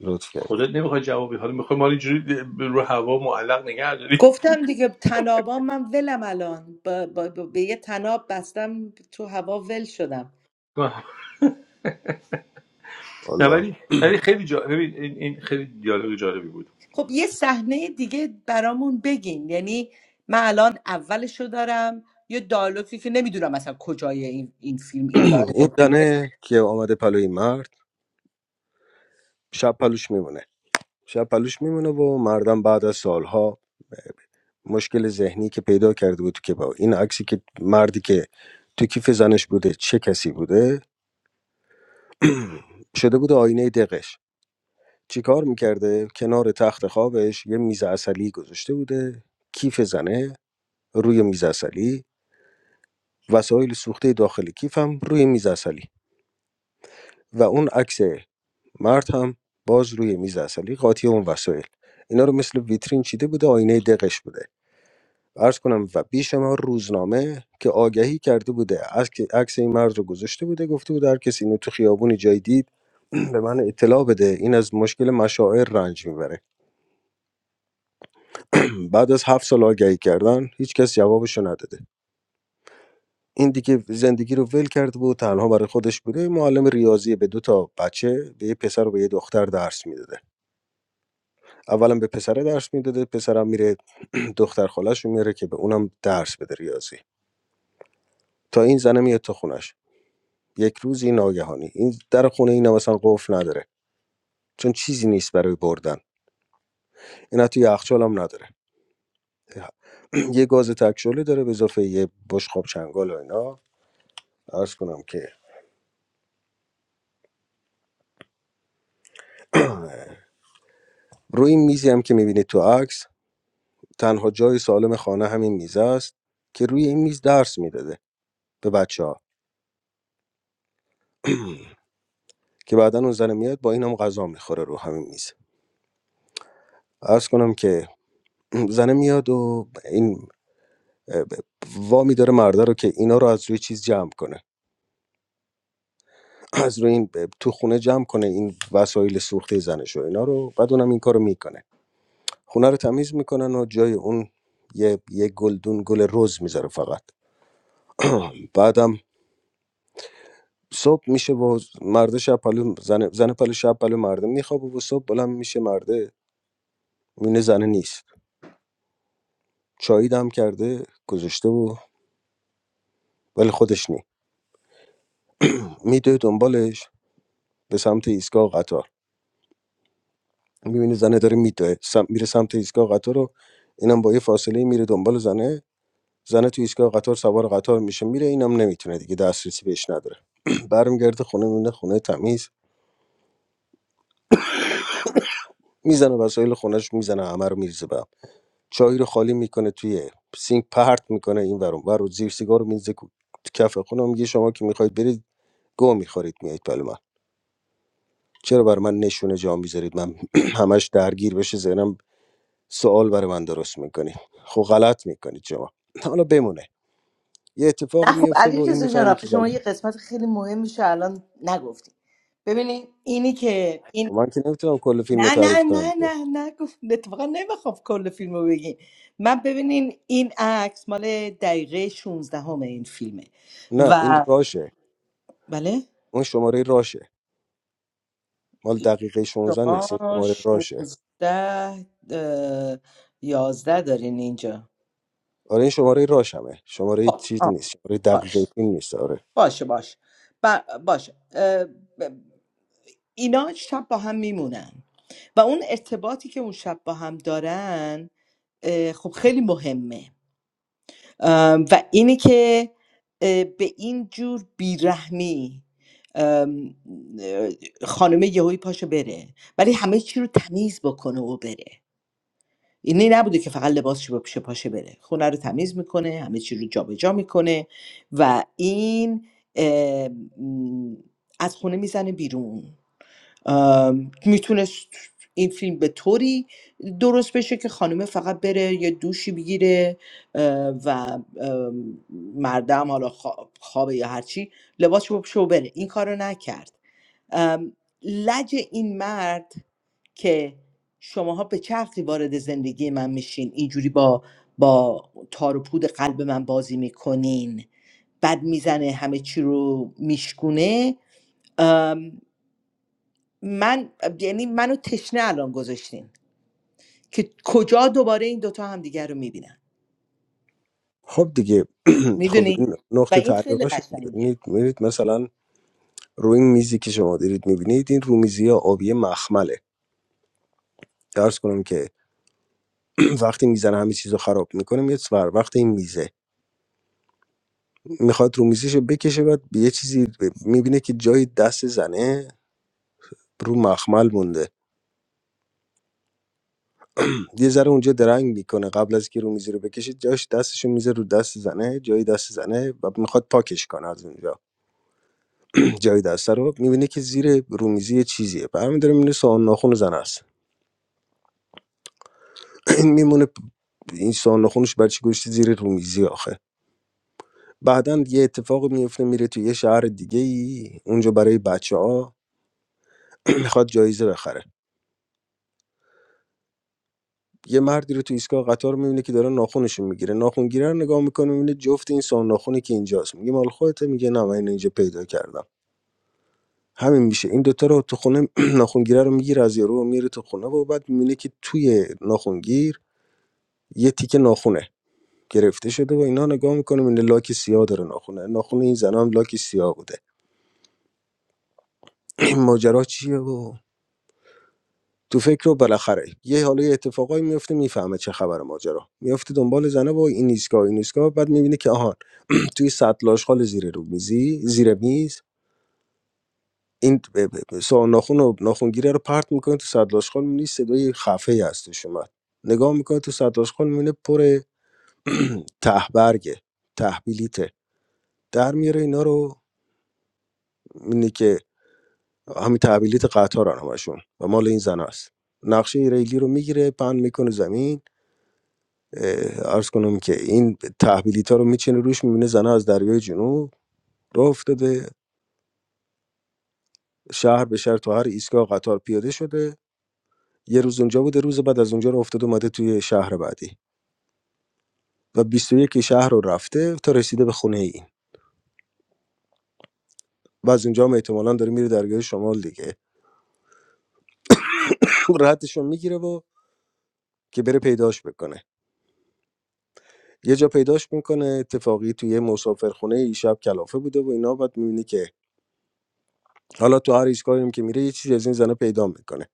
S7: لطف کردی
S2: خودت نمیخوای جوابی بدی. حالا میخوای ما رو اینجوری رو هوا معلق نگه داری
S5: گفتم دیگه تنابا من ولم الان با, با, با- به یه تناب بستم تو هوا ول شدم
S2: نه
S7: الله
S2: ولی ولی خیلی جا... ببین این, این خیلی دیالوگ جالبی بود
S5: خب یه صحنه دیگه برامون بگین یعنی من الان اولشو دارم یه دایلوگی که نمیدونم مثلا کجای این, این فیلم این
S7: این
S5: دایلوگ بوده
S7: زنه که آمده پلوی مرد شب پلوش میمونه شب پلوش میمونه و مردم بعد از سالها مشکل ذهنی که پیدا کرده بود که با این عکسی که مردی که تو کیف زنش بوده چه کسی بوده شده بود آینه دقش چیکار میکرده؟ کنار تخت خوابش یه میز عسلی گذاشته بوده کیف زنه روی میز عسلی وسایل سوخته داخل کیف هم روی میز عسلی و اون عکس مرد هم باز روی میز عسلی قاطی اون وسایل اینا رو مثل ویترین چیده بوده آینه دقش بوده عرض کنم و بیش ما روزنامه که آگهی کرده بوده از که عکس این مرد رو گذاشته بوده گفته بوده هر کسی اینو تو خیابون جای دید به من اطلاع بده این از مشکل مشاعر رنج میبره بعد از هفت سال آگهی کردن هیچ کس جوابشو نداده این دیگه زندگی رو ول کرده بود تنها برای خودش بوده یه معلم ریاضی به دو تا بچه به یه پسر و به یه دختر درس میداده اولا به پسره درس میداده پسرم میره دختر خالش رو میاره که به اونم درس بده ریاضی تا این زنه میاد تو خونش یک روزی ناگهانی این در خونه این مثلا قفل نداره چون چیزی نیست برای بردن این حتی یخچال هم نداره یه گاز تکشله داره به اضافه یه بشقاب چنگال و اینا عرض کنم که روی این میزی هم که میبینید تو عکس تنها جای سالم خانه همین میز است که روی این میز درس میداده به بچه ها که بعدا اون زنه میاد با این هم غذا میخوره رو همین میز عرض کنم که زنه میاد و این اه، ب- وامی داره مرده رو که اینا رو از روی چیز جمع کنه از روی این ب- تو خونه جمع کنه این وسایل سوخته زنش و اینا رو بعد اونم این کارو میکنه خونه رو تمیز میکنن و جای اون یه, یه گلدون گل رز میذاره فقط بعدم صبح میشه و مردا شب پلو زن زن پلو شب پلو مرده میخوابه و صبح بلند میشه مرده میونه زنه نیست چایی دم کرده گذاشته و ولی خودش نی میدوه دنبالش به سمت ایستگاه قطار میبینه زنه داره میدوه سم... میره سمت ایستگاه قطار رو اینم با یه فاصله میره دنبال زنه زنه تو ایستگاه قطار سوار قطار میشه میره اینم نمیتونه دیگه دسترسی بهش نداره برمیگرده خونه میبینه خونه تمیز میزنه وسایل خونهش میزنه همه رو میریزه چای رو خالی میکنه توی سینک پرت میکنه این ورون ور و زیر سیگار رو میزه کو- تو کف خونه میگه شما که میخواید برید گو میخورید میایید پلو من چرا بر من نشونه جا میذارید من همش درگیر بشه ذهنم سوال برای من درست میکنید خب غلط میکنید شما حالا بمونه یه اتفاقی
S5: نه خب
S7: میفته و
S5: علی
S7: این
S5: رضا جان
S7: میفهمه که
S5: آخه شما یه
S7: زنه
S5: قسمت خیلی مهم میشه الان نگفتی ببینید اینی که این
S7: خب من که نمیتونم کل فیلم رو
S5: نه نه
S7: تعریف کنم
S5: نه
S7: که
S5: نه نه گفت اتفاقا نمیخوام کل فیلم رو بگین من ببینین این عکس مال دقیقه 16 همه این فیلمه
S7: نه این
S5: و
S7: راشه
S5: بله
S7: اون شماره راشه مال دقیقه 16 نیست این
S5: شما
S7: شماره راشه
S5: 16 اه، یازده دارین اینجا
S7: آره این شماره راشمه شماره
S5: خب
S7: چیز
S5: آه،
S7: نیست شماره دقیقه
S5: باش
S7: فیلم نیست آره
S5: باشه باش ب- باشه اه، ب- اینا شب با هم میمونن و اون ارتباطی که اون شب با هم دارن اه، خب خیلی مهمه ام، و اینه که اه، به این جور بیرحمی ام، اه، خانم یهوی پاشو بره ولی همه چی رو تمیز بکنه و بره اینی نبوده که فقط لباس پاشه پاشه بره خونه رو تمیز میکنه همه چی رو جابجا میکنه و این اه، م، از خونه میزنه بیرون میتونست این فیلم به طوری درست بشه که خانومه فقط بره یه دوشی بگیره اه، و ام، مردم حالا خوا- خوابه یا هرچی لباس شو بره این کارو نکرد ام، لج این مرد که شماها به چه عقلی وارد زندگی من میشین اینجوری با با تار و پود قلب من بازی میکنین بد میزنه همه چی رو میشکونه من یعنی منو تشنه الان گذاشتین که کجا دوباره این دوتا همدیگر رو میبینن
S7: خب دیگه خب
S5: میدونی
S7: این
S5: و
S7: نقطه
S5: این خیلی
S7: تعلیقاش
S5: قشنگه
S7: میرید میرید مثلا روی این میزی که شما دارید میبینید این رومیزی ها آبی مخمله درس کنم که وقتی میزنه همه چیز رو خراب میکنه یه ور وقت این میزه میخواد رومیزیشو بکشه بعد به یه چیزی میبینه که جای دست زنه رو مخمل مونده یه ذره اونجا درنگ میکنه قبل از که رومیزی رو بکشه جاش دستشو میزه رو دست زنه جای دست زنه و میخواد پاکش کنه از اونجا جای دست رو میبینه که زیر رومیزی یه چیزیه برمیداره میبینه سوهان ناخن زن است این میمونه این سوهان ناخنش برای چی گذاشته زیر رومیزی آخه بعدا یه اتفاق میفته میره تو یه شهر دیگه ای اونجا برای بچه ها میخواد جایزه بخره یه مردی رو تو ایستگاه قطار میبینه که داره ناخونشون میگیره ناخون رو نگاه میکنه میبینه جفت این سوهان ناخونی که اینجاست میگه مال خودته میگه نه من اینو اینجا پیدا کردم همین میشه این دوتا رو تو خونه ناخونگیره رو میگیره از یارو و میره تو خونه و بعد میبینه که توی ناخونگیر یه تیکه ناخونه گرفته شده و اینا نگاه میکنیم این لاک سیاه داره ناخونه ناخون این زنا هم لاک سیاه بوده این ماجرا چیه و تو فکر و بالاخره یه حالا یه اتفاقایی میفته میفهمه چه خبر ماجرا میفته دنبال زنه و این ایستگاه این ایستگاه بعد میبینه که آهان توی سطل آشغال زیر رو میزی زیر میز این ب- ب- ب- سا ناخون و ناخونگیره رو پرت میکنه تو سطل آشغال میبینی صدای خفه ای هستش اومد نگاه میکنه تو سطل آشغال میبینه پر تهبرگه تحویلیته در میاره اینا رو اینه که همین تبلیت قطار همشون و مال این زن است نقشه ریلی رو میگیره پن میکنه زمین اه، عرض کنم که این تحویلیت ها رو میچینه روش میبینه زنها از دریای جنوب راه افتاده شهر به شهر تا هر ایستگاه قطار پیاده شده یه روز اونجا بوده روز بعد از اونجا رو افتاده اومده توی شهر بعدی و 21 شهر رو رفته تا رسیده به خونه این و از اونجا هم احتمالاً داره میره درگاه شمال دیگه ردشون میگیره و که بره پیداش بکنه یه جا پیداش میکنه اتفاقی توی یه مسافرخونه یه شب کلافه بوده و اینا بعد میبینه که حالا تو هر ایستگاهی هم که میره یه چیزی از این زنه پیدا میکنه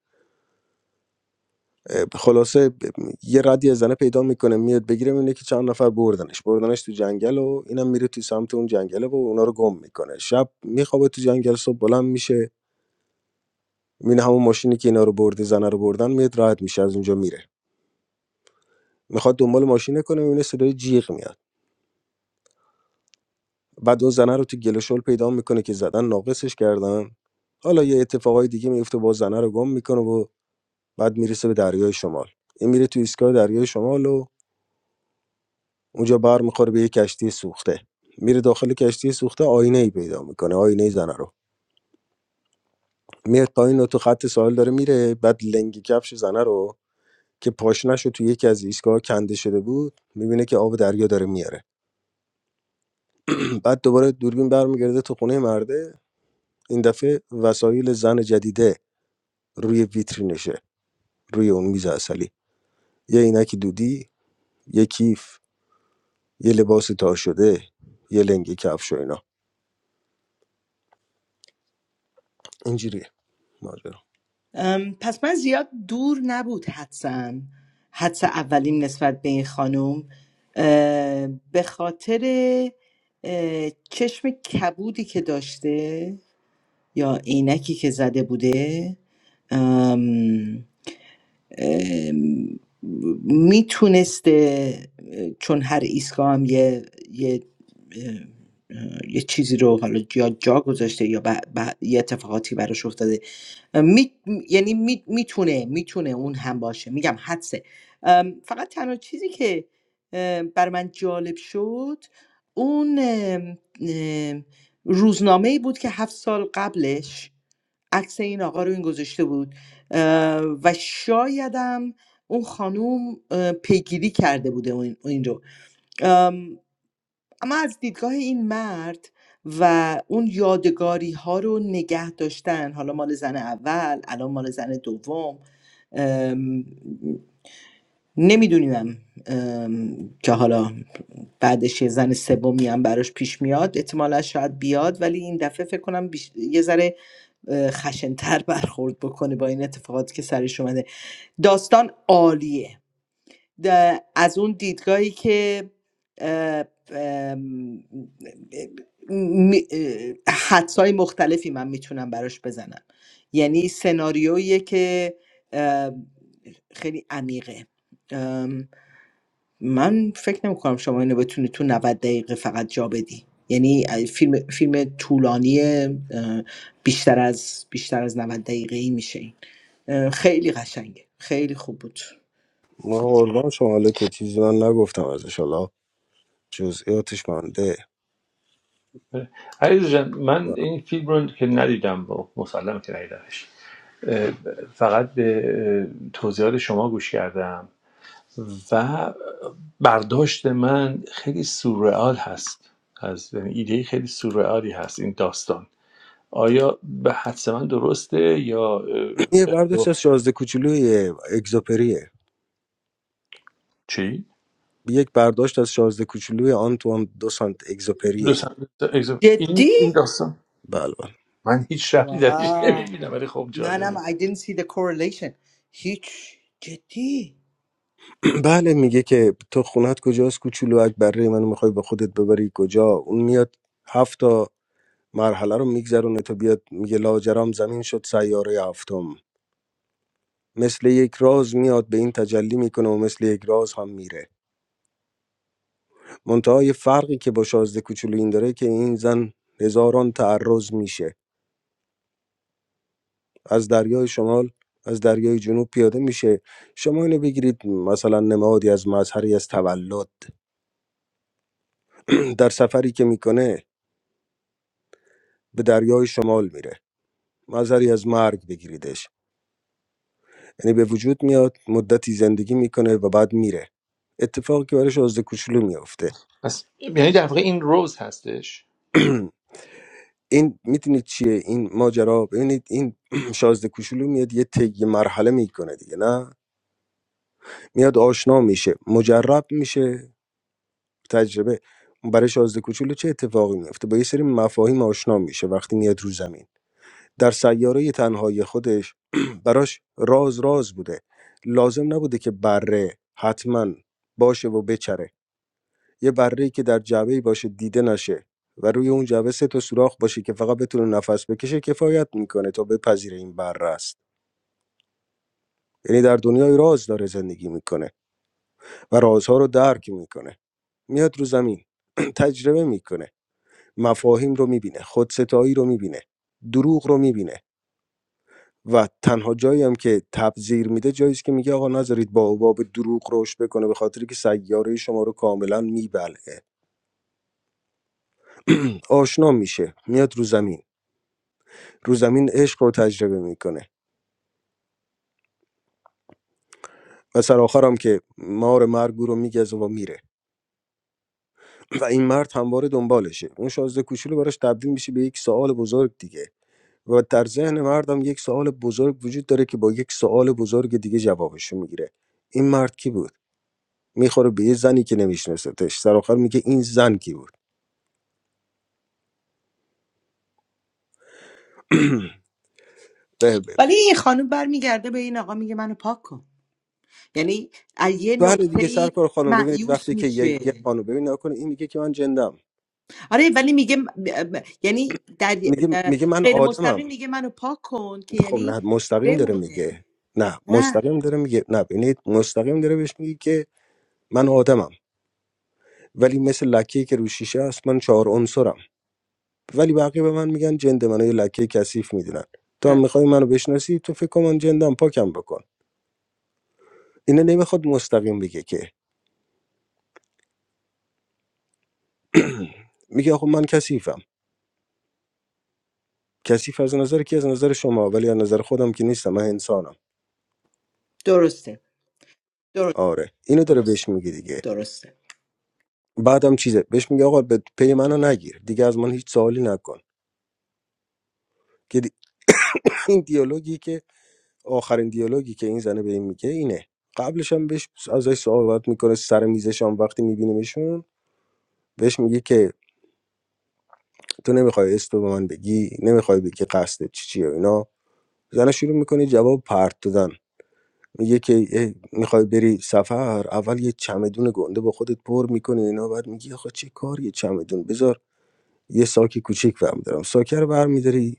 S7: خلاصه ب- یه ردی از زنه پیدا میکنه میاد بگیره میبینه که چند نفر بردنش بردنش تو جنگل و اینم میره تو سمت اون جنگله و اونا رو گم میکنه شب میخوابه تو جنگل صبح بلند میشه میبینه همون ماشینی که اینا رو برده زنه رو بردن میاد راحت میشه از اونجا میره میخواد دنبال ماشینه کنه میبینه صدای جیغ میاد بعد اون زنه رو تو گل و شل پیدا میکنه که زدن ناقصش کردن حالا یه اتفاقای دیگه میفته با زنه رو گم میکنه و بعد میرسه به دریای شمال این میره تو ایستگاه دریای شمال و اونجا بر میخوره به یه کشتی سوخته میره داخل کشتی سوخته آینه ای پیدا میکنه آینه ای زنه رو میاد پایین و تو خط ساحل داره میره بعد لنگی کفش زنه رو که پاشنش رو تو یکی از ایستگاه کنده شده بود میبینه که آب دریا داره میاره بعد دوباره دوربین برمیگرده تو خونه مرده این دفعه وسایل زن جدیده روی ویترینشه روی اون میز عسلی یه عینک دودی یه کیف یه لباس تا شده یه لنگی کفش و اینا اینجوریه ماجرا
S5: ام، پس من زیاد دور نبود حدسم حدس اولیم نسبت به این خانم اه، به خاطر اه، چشم کبودی که داشته یا عینکی که زده بوده ام، میتونسته چون هر ایستگاه هم یه یه اه، یه چیزی رو حالا یا جا گذاشته یا ب- ب- یه اتفاقاتی براش افتاده می... یعنی می... میتونه میتونه اون هم باشه میگم حدسه ام، فقط تنها چیزی که ام، بر من جالب شد اون ام، ام، روزنامه ای بود که هفت سال قبلش عکس این آقا رو این گذاشته بود اه، و شایدم اون خانوم اه، پیگیری کرده بوده اون- این رو اما از دیدگاه این مرد و اون یادگاری ها رو نگه داشتن حالا مال زن اول الان مال زن دوم ام، نمیدونیم ام، که حالا بعدش یه زن سومی هم براش پیش میاد احتمالا شاید بیاد ولی این دفعه فکر کنم بیش- یه ذره اه، خشنتر برخورد بکنه با این اتفاقاتی که سرش اومده داستان عالیه د- از اون دیدگاهی که اه، ام، می- اه، حدسای مختلفی من میتونم براش بزنم یعنی سناریویی که اه، خیلی عمیقه ام، من فکر نمی کنم شما اینو بتونی تو 90 دقیقه فقط جا بدی یعنی اه، فیلم فیلم طولانی بیشتر از بیشتر از 90 دقیقه ای میشه این اه، خیلی قشنگه خیلی خوب بود
S7: ما قربان شما حالا که چیزی من نگفتم ازش حالا جزئیاتش مانده
S2: عزیز جان من این فیلم رو که ندیدم با مسلم که ندیدمش اه، فقط به اه، توضیحات شما گوش کردم و برداشت من خیلی سورئال هست از یعنی ایده خیلی سورئالی هست این داستان آیا به حدس من درسته یا اه،
S7: یه برداشت از
S2: اشتباه؟
S7: شازده کوچولوی اگزوپریه
S2: چی؟
S7: یک برداشت از شازده کوچولوی آنتوان دو سانت اگزوپریه این
S2: دوستان- دوستان،
S5: جدی
S2: این این داستان
S7: بله بله
S2: من هیچ ربطی درش
S5: واو
S2: نمیبینم ولی خب
S5: منم
S2: جالبه
S5: I didn't see the correlation هیچ جدی
S7: بله میگه که تو خونت کجاست کوچولو اکبره منو میخوای به خودت ببری کجا اون میاد هفت تا مرحله رو میگذرونه تا بیاد میگه لاجرام زمین شد سیاره هفتم مثل یک راز میاد به این تجلی میکنه و مثل یک راز هم میره منتها یه فرقی که با شازده کوچولو این داره که این زن هزاران تعرض میشه از دریای شمال از دریای جنوب پیاده میشه شما اینو بگیرید مثلا نمادی از مظهری از تولد در سفری که میکنه به دریای شمال میره مظهری از مرگ بگیریدش یعنی به وجود میاد مدتی زندگی میکنه و بعد میره اتفاقی که برای شازده کوچولو میافته
S2: پس یعنی در واقع این روز هستش
S7: این میدونید چیه این ماجرا ببینید این شازده کوچولو میاد یه طی مرحله میکنه دیگه نه میاد آشنا میشه مجرب میشه تجربه برای شازده کوچولو چه اتفاقی میفته با یه سری مفاهیم آشنا میشه وقتی میاد رو زمین در سیاره تنهایی خودش براش راز راز بوده لازم نبوده که بره حتما باشه و بچره یه بره که در جعبه باشه دیده نشه و روی اون جعبه سه تا سوراخ باشه که فقط بتونه نفس بکشه کفایت میکنه تا بپذیره این بره است یعنی در دنیای راز داره زندگی میکنه و رازها رو درک میکنه میاد رو زمین تجربه میکنه مفاهیم رو میبینه خودستایی رو میبینه دروغ رو میبینه و تنها جایی هم که تبذیر میده جایی است که میگه آقا نذارید با به دروغ رشد بکنه به خاطر که سیاره شما رو کاملا میبلعه آشنا میشه میاد رو زمین رو زمین عشق رو تجربه میکنه و سر آخر هم که مار مرگ او رو میگزه و میره و این مرد همواره دنبالشه اون شازده کوچولو براش تبدیل میشه به یک سوال بزرگ دیگه و در ذهن مردم یک سوال بزرگ وجود داره که با یک سوال بزرگ دیگه جوابشو میگیره این مرد کی بود میخوره به یه زنی که نمیشناستش سر آخر میگه این زن کی بود و ب-
S5: ولی این خانم برمیگرده به این آقا میگه منو پاک کن یعنی از یه
S7: بله
S5: نقطه
S7: دیگه
S5: ای
S7: سرکار خانم ببینید
S5: معیوس
S7: وقتی که
S5: میشه
S7: یک یک خانم ببین نکنه این میگه که من جندم
S5: آره ولی میگه م- م- یعنی در,
S7: میگه
S5: در
S7: میگه من
S5: غیر
S7: آدمم
S5: مستقیم میگه منو پاک کن که
S7: خب
S5: یعنی
S7: نه مستقیم داره
S5: بمونه
S7: میگه نه
S5: نه
S7: مستقیم داره میگه نه ببینید مستقیم داره بهش میگه که من آدمم ولی مثل لکه که رو شیشه است من چهار عنصرم ولی بقیه به من میگن جند منو یه لکه کثیف میدونن تو
S5: اه،
S7: هم میخوای منو بشناسی تو فکر کن من جندم پاکم بکن اینه نمیخواد مستقیم بگه که میگه آخه من کثیفم کثیف از نظر کی از نظر شما ولی از نظر خودم که نیستم من انسانم
S5: درسته درست
S7: آره اینو داره
S5: درسته
S7: بهش میگه دیگه
S5: درسته
S7: بعدم چیزه بهش میگه آقا به پی منو نگیر دیگه از من هیچ سوالی نکن که دی- این دیالوگی که آخرین دیالوگی که این زنه به این میگه اینه قبلش هم بهش ازش صحبت میکنه سر میزش هم وقتی میبینیمشون بهش میگه که تو نمیخوای اسم به من بگی نمیخوای بگی قصد چی چیه و اینا زنه شروع میکنه جواب پرت دادن میگه که اه، میخوای بری سفر اول یه چمدون گنده با خودت پر میکنی اینا بعد میگی آخه چه کار یه چمدون بذار یه ساک کوچیک برمیدارم ساکه رو برمیداری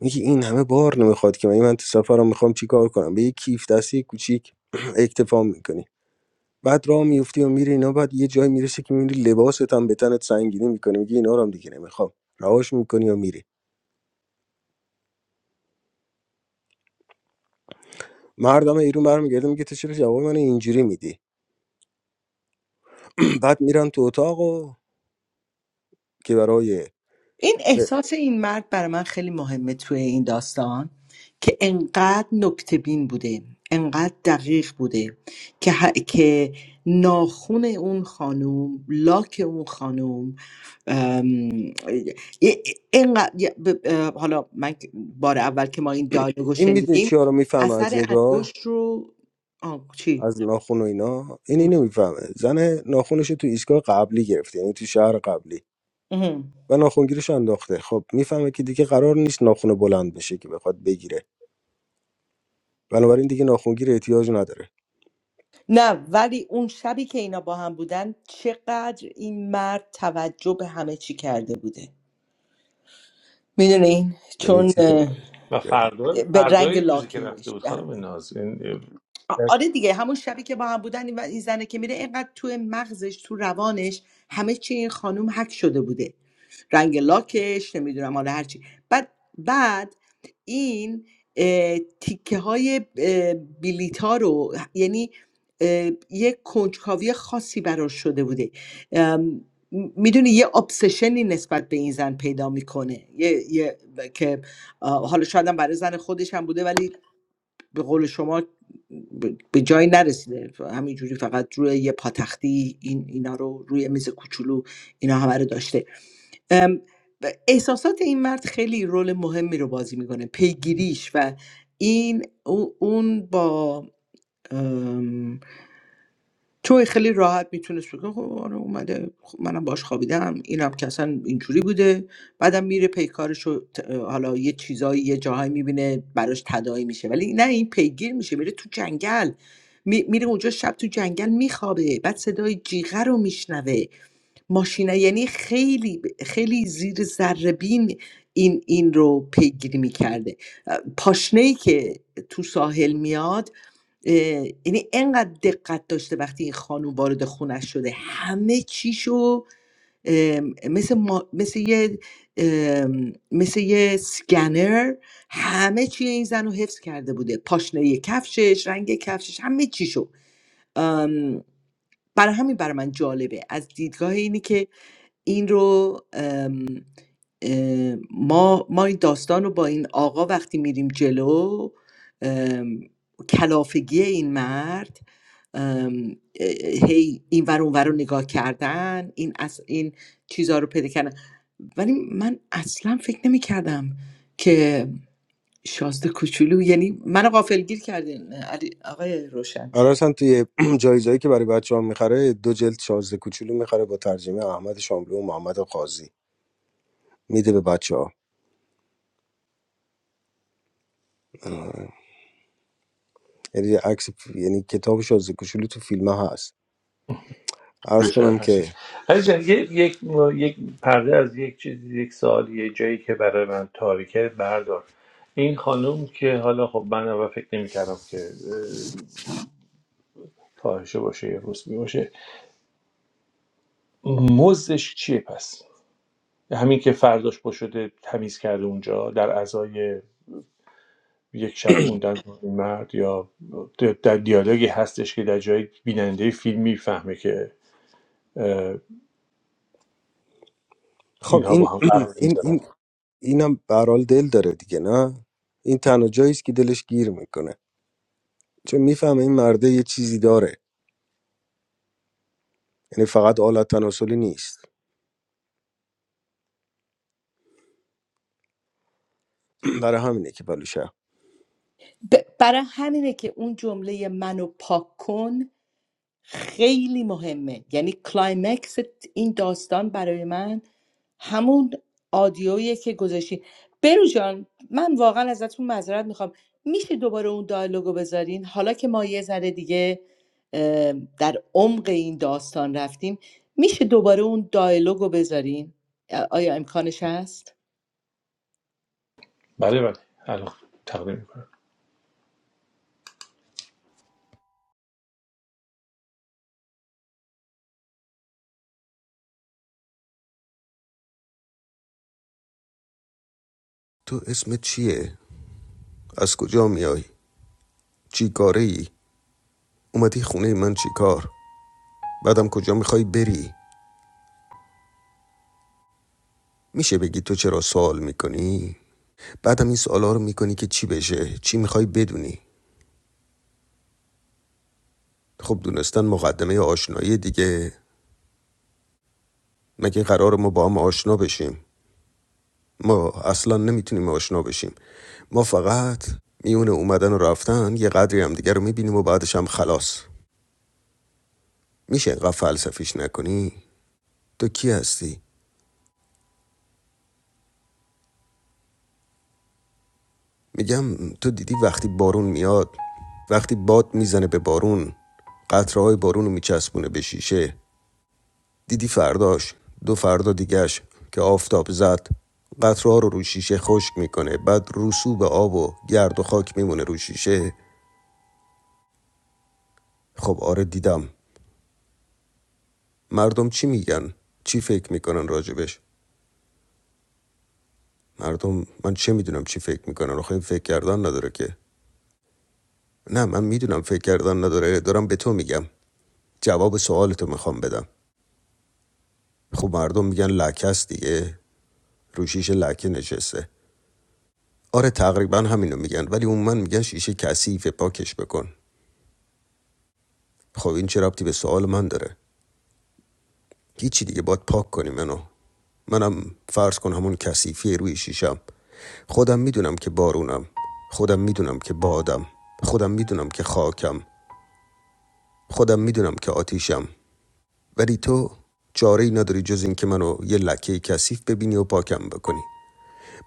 S7: میگی این همه بار نمیخواد که من من تو سفرم میخوام چیکار کنم به یه کیف دستی کوچیک اکتفا میکنی بعد راه میفتی و میری اینا بعد یه جایی میرسه که میبینی لباست هم به تنت سنگینی میکنه میگی اینا رو هم دیگه نمیخوام رهاش میکنی و میری مردم ایران برمیگرده میگه تو چرا جواب من اینجوری میدی بعد میرن تو اتاق و که برای
S5: این احساس این مرد برای من خیلی مهمه توی این داستان که انقدر نکته بین بوده انقدر دقیق بوده که, ه... که ناخون اون خانوم لاک اون خانوم ام، یه- اینقدر یه- ب- اه، حالا من که بار اول که ما این دایلوگو
S7: این میدونی
S5: شنیدیم
S7: چیا رو میفهمه از
S5: اثر
S7: این راه
S5: انگشت رو آه، چی؟
S7: از ناخون و اینا این اینو میفهمه زن ناخونش تو ایستگاه قبلی گرفته یعنی تو شهر قبلی
S5: ام.
S7: و ناخونگیرش انداخته خب میفهمه که دیگه قرار نیست ناخون بلند بشه که بخواد بگیره بنابراین دیگه ناخونگیر احتیاج نداره
S5: نه ولی اون شبی که اینا با هم بودن چقدر این مرد توجه به همه چی کرده بوده میدونین
S7: یعنی
S5: چون
S7: چی تبدیل
S5: اه،
S2: و
S7: کردن
S2: فردا
S5: به رنگ
S2: فردای روزی که رفته بود
S5: لاکش
S2: خانم ناز این
S5: آ-
S2: اه،
S5: آره دیگه همون شبی که با هم بودن این و این زنه که میره اینقدر توی مغزش تو روانش همه چی این خانوم حک شده بوده رنگ لاکش نمیدونم حالا هرچی بعد بعد این تیکه های بلیت ها رو یعنی اه، یه کنجکاوی خاصی براش شده بوده میدونی یه ابسشنی نسبت به این زن پیدا میکنه یه, یه- که آه، حالا شاید هم برای زن خودش هم بوده ولی به قول شما به جایی نرسیده همینجوری فقط روی یه پاتختی این اینا رو روی میز کوچولو اینا همه رو داشته ام، احساسات این مرد خیلی رول مهمی رو بازی میکنه پیگیریش و این او- اون با تو خیلی راحت میتونست بگه خب آره اومده خب منم باش خوابیدم اینم که اصلا اینجوری بوده بعدم میره پیکارش رو ت- حالا یه چیزایی یه جاهایی میبینه براش تداعی میشه ولی نه این پیگیر میشه میره تو جنگل می- میره اونجا شب تو جنگل میخوابه بعد صدای جیغه رو میشنوه ماشینه یعنی خیلی خیلی زیر ذره بین این این رو پیگیری میکرده پاشنه ای که تو ساحل میاد اه، یعنی انقدر دقت داشته وقتی این خانوم وارد خونش شده همه چیشو ام، مثل, ما- مثل یه ام، مثل یه سکنر همه چی این زن رو حفظ کرده بوده پاشنه کفشش رنگ کفشش همه چیشو ام، برای همین برای من جالبه از دیدگاه اینه که این رو ام، ام، ما ما این داستان رو با این آقا وقتی میریم جلو ام، کلافگی این مرد ام، اه، هی این ور اون ور رو نگاه کردن این از این چیزها رو پیدا کردن ولی من اصلا فکر نمی کردم که شازده کوچولو یعنی منو غافلگیر کردین علی آقای روشن
S7: حالا اصلا توی جایزایی که برای بچه‌ها میخره دو جلد شازده کوچولو میخره با ترجمه احمد شاملو و محمد قاضی میده به بچه‌ها یعنی عکس یعنی کتاب شازده کوچولو تو فیلم هست عرض
S2: ریپر
S7: کنم
S2: هستش
S7: که
S2: عزیز جان، یه- یک یک پرده از یک چیز یک سوال یه جایی که برای من تاریکه بردار این خانم که حالا خب من اول فکر نمی‌کردم که اه، فاحشه باشه یا رسمی باشه مزدش چیه پس همین که فرداش پا شده تمیز کرده اونجا در ازای یک شب موندن با این مرد یا در دیالوگی هستش که در جای بیننده فیلم میفهمه که
S7: خب
S2: اینها
S7: این
S2: با هم قرار
S7: این
S2: میذارن
S7: این اینم برال دل داره دیگه نه این تنها جایی است که دلش گیر میکنه چون میفهمه این مرده یه چیزی داره یعنی فقط آلت تناسلی نیست برای همینه که بلوشه
S5: ب- برای همینه که اون جمله منو پاک کن خیلی مهمه یعنی کلایمکس این داستان برای من همون آدیویی که گذاشتی برو جان من واقعا ازتون معذرت میخوام میشه دوباره اون دایلوگو بذارین حالا که ما یه ذره دیگه اه، در عمق این داستان رفتیم میشه دوباره اون دایلوگو بذارین آیا امکانش هست
S2: بله بله الان تقدیم میکنم
S1: تو اسمت چیه؟ از کجا میای؟ چی کاره ای؟ اومدی خونه من چی کار؟ بعدم کجا میخوای بری؟ میشه بگی تو چرا سوال میکنی؟ بعدم این سوالا رو میکنی که چی بشه؟ چی میخوای بدونی؟ خب دونستن مقدمه آشنایی دیگه مگه قرار ما با هم آشنا بشیم ما اصلا نمیتونیم آشنا بشیم ما فقط میونه اومدن و رفتن یه قدری هم دیگه رو میبینیم و بعدش هم خلاص میشه انقدر فلسفیش نکنی تو کی هستی؟ میگم تو دیدی وقتی بارون میاد وقتی باد میزنه به بارون قطرهای بارون رو میچسبونه به شیشه دیدی فرداش دو فردا دیگهش که آفتاب زد قطرها رو رو شیشه خشک میکنه بعد رسوب آب و گرد و خاک میمونه رو شیشه خب آره دیدم مردم چی میگن چی فکر میکنن راجبش مردم من چه میدونم چی فکر میکنن آخه فکر کردن نداره که نه من میدونم فکر کردن نداره دارم به تو میگم جواب سوالتو میخوام بدم خب مردم میگن لکه است دیگه رو شیشه لکه نشسته آره تقریبا همینو میگن ولی اون من میگن شیشه کثیفه پاکش بکن خب این چه ربطی به سوال من داره هیچی دیگه باید پاک کنی منو منم فرض کن همون کثیفی روی شیشم خودم میدونم که بارونم خودم میدونم که بادم خودم میدونم که خاکم خودم میدونم که آتیشم ولی تو چاره ای نداری جز این که منو یه لکه کثیف ببینی و پاکم بکنی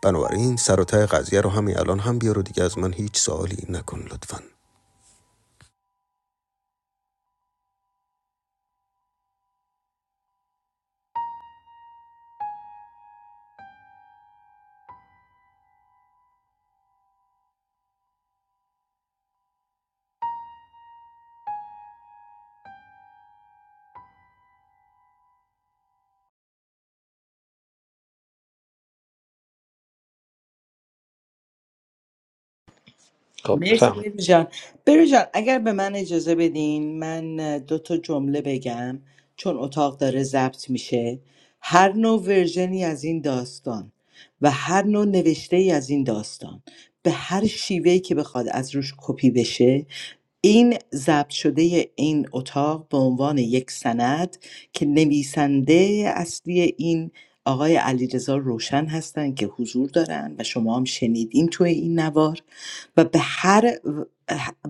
S1: بنابراین سر و ته قضیه رو همین الان هم بیار و دیگه از من هیچ سوالی نکن لطفاً.
S2: خب
S5: مرسی
S2: بفهمید
S5: بروژان جان بروژان، اگر به من اجازه بدین من اه، دو تا جمله بگم چون اتاق داره ضبط میشه هر نوع ورژنی از این داستان و هر نوع نوشته ای از این داستان به هر شیوهی که بخواد از روش کپی بشه این ضبط شده این اتاق به عنوان یک سند که نویسنده اصلی این آقای علیرضا روشن هستن که حضور دارن و شما هم شنیدین توی این نوار و به هر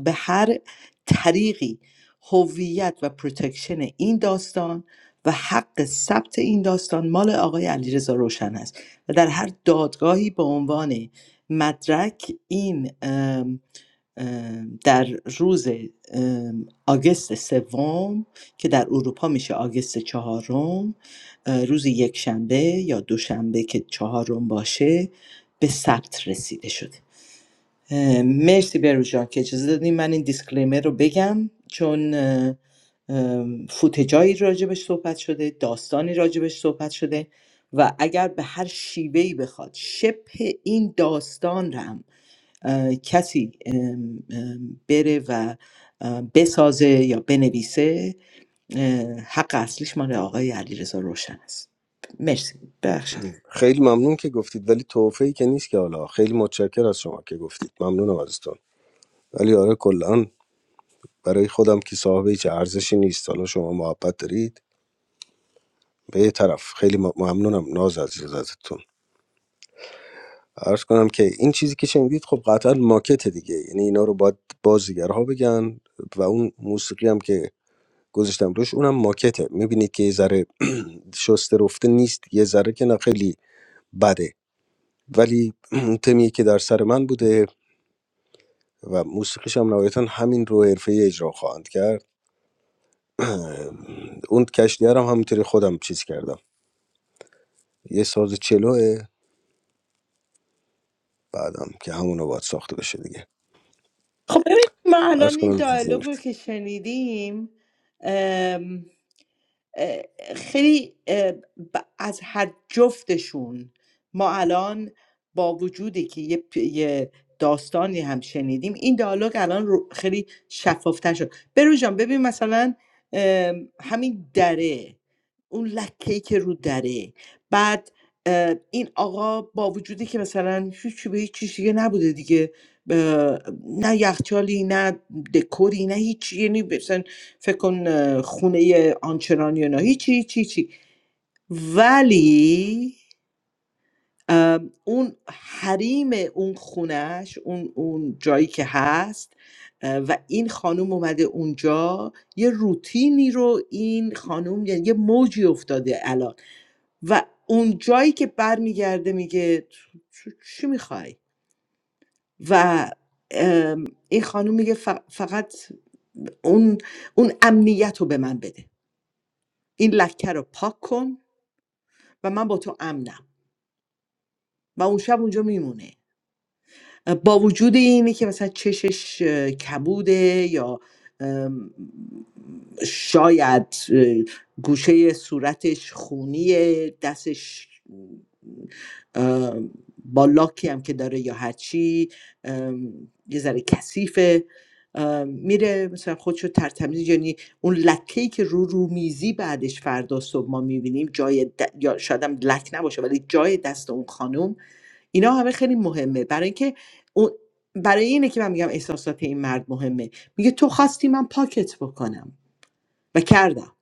S5: به هر طریقی هویت و پروتکشن این داستان و حق ثبت این داستان مال آقای علیرضا روشن است و در هر دادگاهی به عنوان مدرک این ام، ام، در روز ام، آگست سوم که در اروپا میشه آگست چهارم اه، روز یک شنبه یا دوشنبه که چهارم باشه به ثبت رسیده شده اه، مرسی برو جان که اجازه دادیم من این دیسکلیمر رو بگم چون اه، ام، فوتجایی راجبش صحبت شده داستانی راجبش صحبت شده و اگر به هر شیوهی بخواد شبه این داستان رو هم اه، کسی ام، ام، بره و اه، بسازه یا بنویسه اه، حق اصلیش مال آقای علیرضا روشن است مرسی ببخشید
S7: خیلی ممنون که گفتید ولی توفیقی که نیست که حالا خیلی متشکر از شما که گفتید ممنونم ازتون ولی آره کلا برای خودم که صاحب هیچ ارزشی نیست حالا شما محبت دارید به یه طرف خیلی م- ممنونم ناز از اجازتون عرض کنم که این چیزی که شنیدید خب قطعا ماکت دیگه یعنی اینا رو باید بازیگرها بگن و اون موسیقی هم که گذاشتم روش اونم ماکته میبینید که یه ذره شسته رفته نیست یه ذره که نه خیلی بده ولی اون تمی که در سر من بوده و موسیقیش هم نهایتا همین رو حرفه اجرا خواهند کرد اه، اون کشتیار هم همینطوری خودم چیز کردم یه ساز چلوه بعدم که همون رو باید ساخته بشه دیگه
S5: خب ببینید ما
S7: عرض
S5: الان این
S7: کنم
S5: دیالوگ رو که شنیدیم اه، خیلی اه، ب- از هر جفتشون ما الان با وجودی که یه, پ- یه داستانی هم شنیدیم این دیالوگ الان رو- خیلی شفافتر شد برو جان ببین مثلا ام، همین دره اون لکه که رو دره بعد اه، این آقا با وجودی که مثلا هیچی به هیچ چیز دیگه نبوده دیگه اه، نه یخچالی نه دکوری نه هیچ یعنی فکر کن اه، خونه آنچنانی و اینا. هیچی هیچی هیچی ولی ام، اون حریم اون خونش اون, اون جایی که هست اه، و این خانم اومده اونجا یه روتینی رو این خانم یعنی یه موجی افتاده الان و اون جایی که برمیگرده میگه تو- تو چی میخوای و ام، این خانم میگه ف- فقط اون اون امنیت رو به من بده این لکه رو پاک کن و من با تو امنم و اون شب اونجا میمونه با وجود اینه که مثلا چشش اه، کبوده یا شاید اه، گوشه صورتش خونیه دستش ام، با لاکی هم که داره یا هرچی ام، یه ذره کثیفه ام، میره مثلا خودشو ترتمیز یعنی اون لکه که رو رو میزی بعدش فردا صبح ما میبینیم جای د... یا شاید هم لک نباشه ولی جای دست اون خانم اینا همه خیلی مهمه برای اینکه اون برای اینه که من میگم احساسات این مرد مهمه میگه تو خواستی من پاکت بکنم و کردم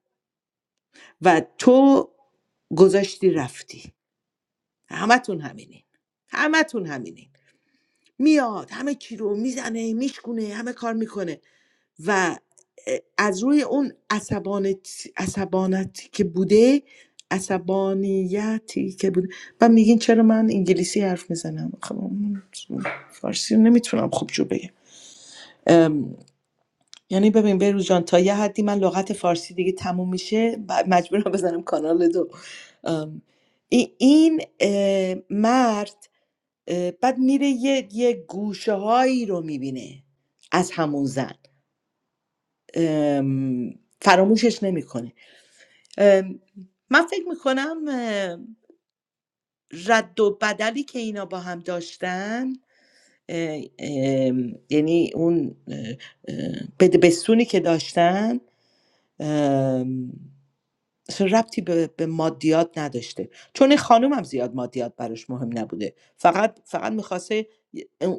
S5: و تو گذاشتی رفتی همتون همینین همتون همینین میاد همه چی رو میزنه میشکونه همه کار میکنه و از روی اون عصبانت عصبانتی که بوده عصبانیتی که بوده و میگین چرا من انگلیسی حرف میزنم خب من فارسی رو نمیتونم خوب جو بگم ام، یعنی ببین بروز جان تا یه حدی من لغت فارسی دیگه تموم میشه بعد مجبورم بزنم کانال دو ام، ای- این اه، مرد اه، بعد میره یه, یه گوشه هایی رو میبینه از همون زن ام، فراموشش نمیکنه ام، من فکر میکنم رد و بدلی که اینا با هم داشتن اه، ام، یعنی اون اه، اه، بده بستونی که داشتن ام، اصلا ربطی به, به مادیات نداشته چون این خانوم هم زیاد مادیات براش مهم نبوده فقط فقط میخواسته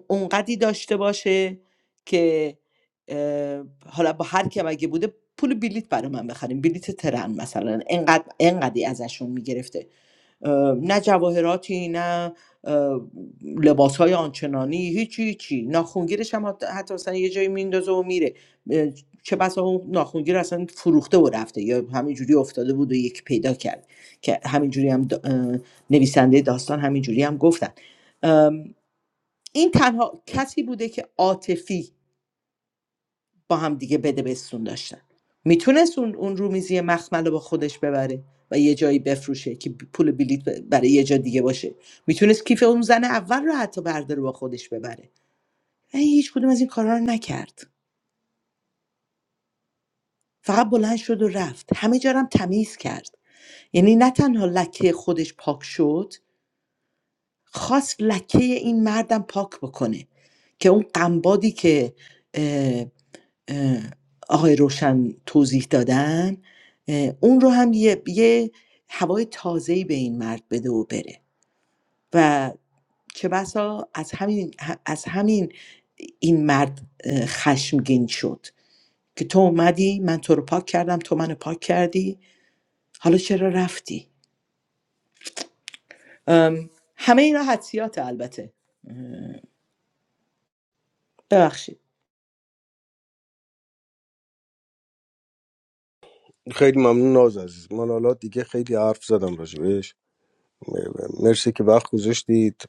S5: اونقدی داشته باشه که اه، حالا با هر کی اگه بوده پول بلیت برای من بخریم بلیت ترن مثلا انقدر انقدی ازشون میگرفته اه، نه جواهراتی نه لباس های آنچنانی هیچی هیچی ناخونگیرش هم حتی, حتی مثلا یه جایی میندازه و میره چه بسا اون ناخونگیر اصلا فروخته و رفته یا همینجوری افتاده بود و یک پیدا کرد که همینجوری هم دا- نویسنده داستان همینجوری هم گفتن این تنها کسی بوده که عاطفی با هم دیگه بده بستون داشتن میتونست اون اون رومیزی مخمل رو با خودش ببره و یه جایی بفروشه که پول بلیت برای یه جا دیگه باشه میتونست کیف اون زن اول رو حتی برداره با خودش ببره ولی هیچ کدوم از این کارا رو نکرد فقط بلند شد و رفت همه جا رو هم تمیز کرد یعنی نه تنها لکه خودش پاک شد خواست لکه این مردم پاک بکنه که اون قنبادی که اه، اه، آقای روشن توضیح دادن اه، اون رو هم یه, یه هوای تازه‌ای به این مرد بده و بره و چه بسا از همین از همین این مرد اه، خشمگین شد که تو اومدی من تو رو پاک کردم تو منو پاک کردی حالا چرا رفتی ام، همه اینا حدسیات البته ببخشید
S7: خیلی ممنون ناز عزیز من حالا دیگه خیلی حرف زدم راجبش مرسی که وقت گذاشتید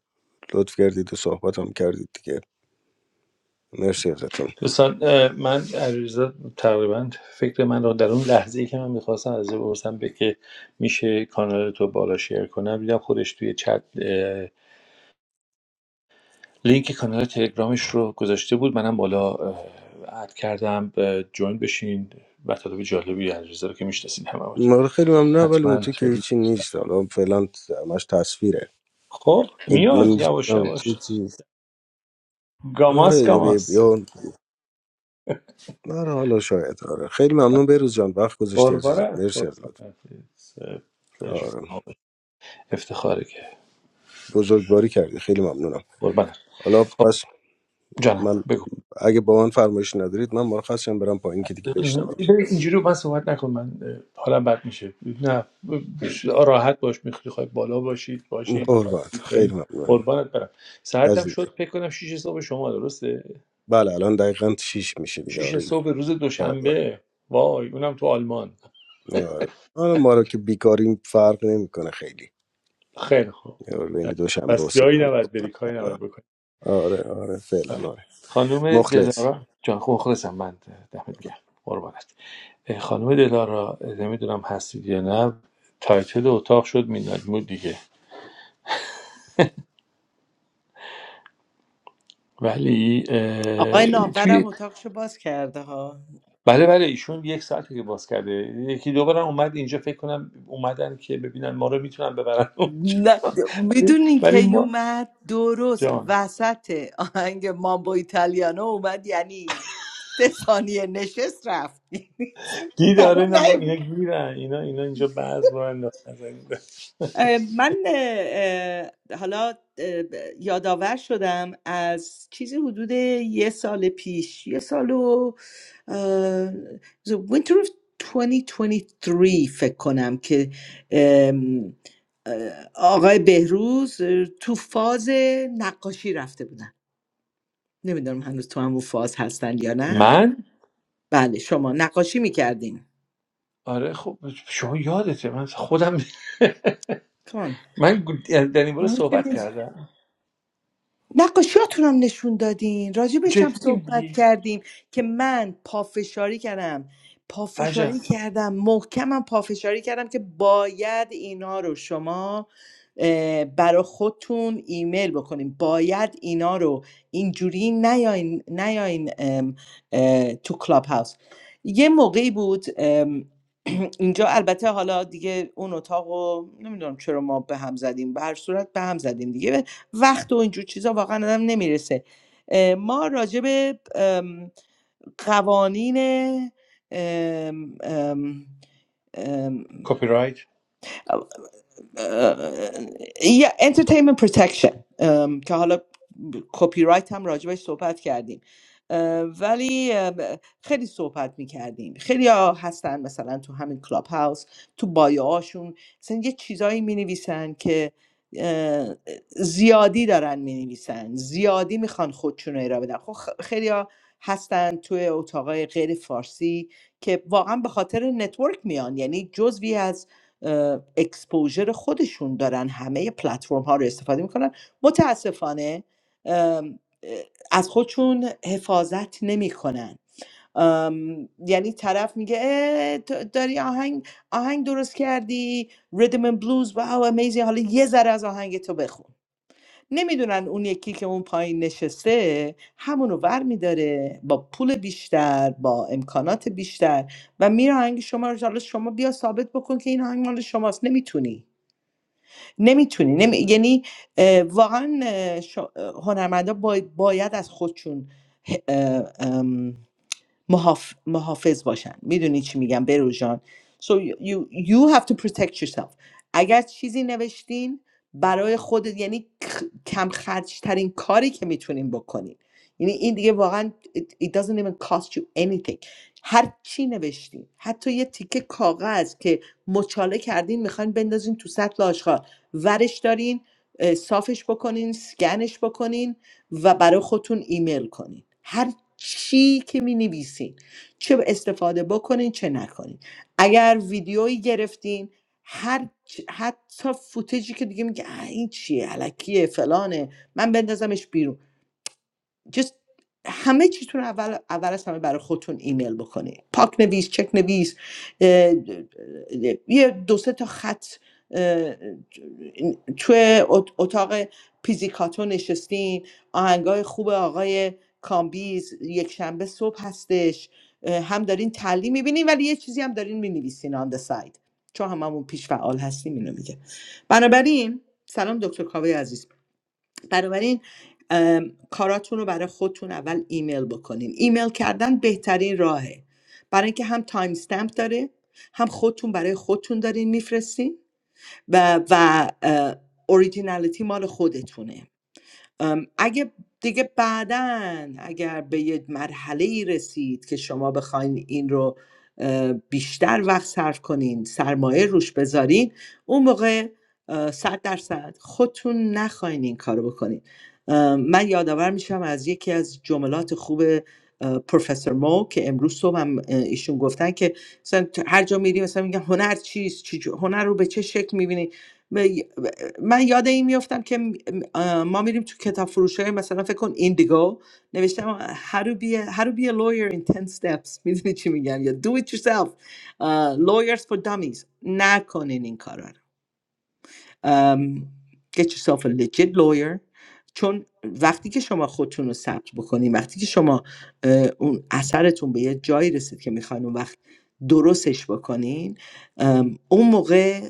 S7: لطف کردید و صحبت هم کردید دیگه مرسی ازتون
S2: دوستان من علیرضا تقریبا فکر من رو در اون لحظه ای که من میخواستم از او بپرسم به که میشه کانال تو بالا شیر کنم دیدم خودش توی چت لینک کانال تلگرامش رو گذاشته بود منم بالا اد کردم جوین بشین مطالب جالبی علیرضا رو که میشناسین هممون
S7: من خیلی ممنون ولی اون
S2: حتما
S7: تو که
S2: خیلی
S7: هیچی نیست حالا فعلا همش تصویره
S2: خب
S7: این-
S2: میاد
S7: من
S2: یواش
S7: داشتم
S2: یواش
S7: هیچی آره
S2: گاماس
S7: یه-
S2: گاماس
S7: یا آره حالا شاید آره خیلی ممنون بروز جان وقت گذاشتی عزیزم
S2: قربانت
S7: مرسی از لطف
S2: قربانت It's a pleasure.
S7: آره
S2: افتخاره که
S7: بزرگواری کردی خیلی ممنونم
S2: قربانت
S7: حالا
S2: خب
S7: پس
S2: جانم
S7: من
S2: بگو
S7: اگه با من فرمایش ندارید من مرخصم برم پایین که دیگه
S2: ببین،
S7: بشنوم
S2: اینجوری با من صحبت نکن من اه، حالم بد میشه نه راحت باش میخوای خواهی بالا باشید باشی بخواد
S7: قربانت خیلی
S2: پایین
S7: ممنون
S2: قربانت برم ساعتم
S7: عزیزی
S2: شد فکر کنم 6 صبح شما درسته
S7: بله الان دقیقا شیش میشه دیگه
S2: 6
S7: آره
S2: صبح روز
S7: بله
S2: دوشنبه وای اونم تو آلمان
S7: آره حالا ما رو که بیکاریم فرق نمیکنه خیلی
S2: خیلی خوب
S7: آره، بین دو شنبه و
S2: پس
S7: سه
S2: جایی
S7: شنبه و
S2: نباید
S7: پنج
S2: بری کاری
S7: شنبه.
S2: نباید بکنی
S7: آره آره فعلا
S2: آره.
S7: آره
S2: خانم
S7: مخلص
S2: دلارا جان خوب خلاصم من دمت گرم قربانت اه، خانم دلارا اه، نمیدونم هستید یا نه تایتل اتاق شد میلاد مود دیگه ولی اه،
S5: آقای نامورم
S2: توی
S5: اتاقشو باز کرده ها
S2: بله بله ایشون یک ساعتی که باز کرده یکی دو بارم اومد اینجا فکر کنم اومدن که ببینن ما رو میتونن ببرن
S5: نه
S2: اونجا ولی
S5: میدونین که
S2: ولی ما
S5: اومد درست
S2: جان
S5: وسط آهنگ مامبو ایتالیانو اومد یعنی سه ثانیه نشست رفت
S2: گی داره نه ما اینا گیرن اینا اینا اینجا بعض بار انداختن
S5: اه، من اه، حالا اه، ب- یادآور شدم از چیزی حدود یه سال پیش یه سال و اه، The Winter of 2023 فکر کنم که ام، اه، آقای بهروز اه، تو فاز نقاشی رفته بودن نمیدونم هنوز تو همون فاز هستن یا نه
S2: من
S5: بله شما نقاشی میکردین
S2: آره خب شما یادته من خودم
S5: کمان
S2: من یعنی در این باره صحبت کردم
S5: نقاشیاتون هم نشون دادین راجبش هم
S2: جدی
S5: صحبت
S2: میگی
S5: کردیم که من پافشاری کردم
S2: عجب
S5: پافشاری کردم محکمم پافشاری کردم که باید اینا رو شما اه، برا خودتون ایمیل بکنیم باید اینا رو اینجوری نیاین نیاین ام، اه، تو کلاب هاوس یه موقعی بود ام، اینجا البته حالا دیگه اون اتاق رو نمیدونم چرا ما به هم زدیم به هر صورت به هم زدیم دیگه وقت و اینجور چیزا واقعا آدم نمیرسه ما راجع به ام، قوانین ام، ام،
S2: کپی رایت
S5: ام، یه انترتیمنت پروتکشن که حالا کپی رایت هم راجبش صحبت کردیم اه، ولی اه، ب- خیلی صحبت میکردیم خیلی ها هستن مثلا تو همین کلاب هاوس تو بایوهاشون مثلا یه چیزایی مینویسن که اه، زیادی دارن مینویسن زیادی میخوان خودشون رو ارائه بدن خب خیلی ها هستن توی اتاقای غیر فارسی که واقعا به خاطر نتورک میان یعنی جزوی از اه، اکسپوژر خودشون دارن همه پلتفرم ها رو استفاده میکنن متاسفانه از خودشون حفاظت نمیکنن یعنی طرف میگه اه، داری آهنگ آهنگ درست کردی ریدم اند بلوز واو امیزی حالا یه ذره از آهنگ تو بخون نمیدونن اون یکی که اون پایین نشسته همونو ور میداره با پول بیشتر با امکانات بیشتر و میره آهنگ شما رو حالا شما بیا ثابت بکن که این آهنگ مال شماست نمیتونی نمیتونی نمی... یعنی اه، واقعا اه، شو- اه، هنرمندا بای- باید از خودشون محاف... محافظ باشن میدونی چی میگم برو جان so you, you have to protect yourself اگر چیزی نوشتین برای خودت یعنی کم خرج ترین کاری که میتونین بکنین یعنی این دیگه واقعا it, it doesn't even cost you anything هر چی نوشتین حتی یه تیکه کاغذ که مچاله کردین میخواین بندازین تو سطل آشغال ورش دارین اه، صافش بکنین سکنش بکنین و برای خودتون ایمیل کنین هر چی که می نویسین چه استفاده بکنین چه نکنین اگر ویدیویی گرفتین هر چ- حتی فوتجی که دیگه میگه "اه، این چیه علکیه فلانه من بندازمش بیرون just همه چیتون اول اول از همه برای خودتون ایمیل بکنید پاک نویس چک نویس یه دو سه تا خط اه، توی اتاق پیزیکاتو نشستین آهنگای خوب آقای کامبیز یک شنبه صبح هستش هم دارین تعلیم میبینین ولی یه چیزی هم دارین مینویسین آن ده ساید چون هممون پیش فعال هستیم اینو میگه بنابراین سلام دکتر کاوه عزیز بنابراین ام، کاراتون رو برای خودتون اول ایمیل بکنین ایمیل کردن بهترین راهه برای اینکه هم تایم استمپ داره هم خودتون برای خودتون دارین میفرستین و و اوریجینالیتی مال خودتونه ام، اگه دیگه بعدا اگر به یه مرحله ای رسید که شما بخواین این رو اه، بیشتر وقت صرف کنین سرمایه روش بذارین اون موقع اه، صد درصد خودتون نخواین این کارو بکنین ام، من یادآور میشم از یکی از جملات خوب اه، پروفسور مو که امروز صبح هم اه، ایشون گفتن که مثلا تو هر جا میری مثلا میگن هنر چیست چی جو- هنر رو به چه شکل میبینی من یاد این میفتم که ما میریم تو کتاب فروشی مثلا فکر کن ایندیگو نوشتم how to be a, how to be a lawyer in ten steps میدونی چی میگم یا do it yourself اه, lawyers for dummies نکنین این کارا رو um, get yourself a legit lawyer چون وقتی که شما خودتون رو ثبت بکنین وقتی که شما اون اثرتون به یه جایی رسید که میخواین اون وقت درستش بکنین اون موقع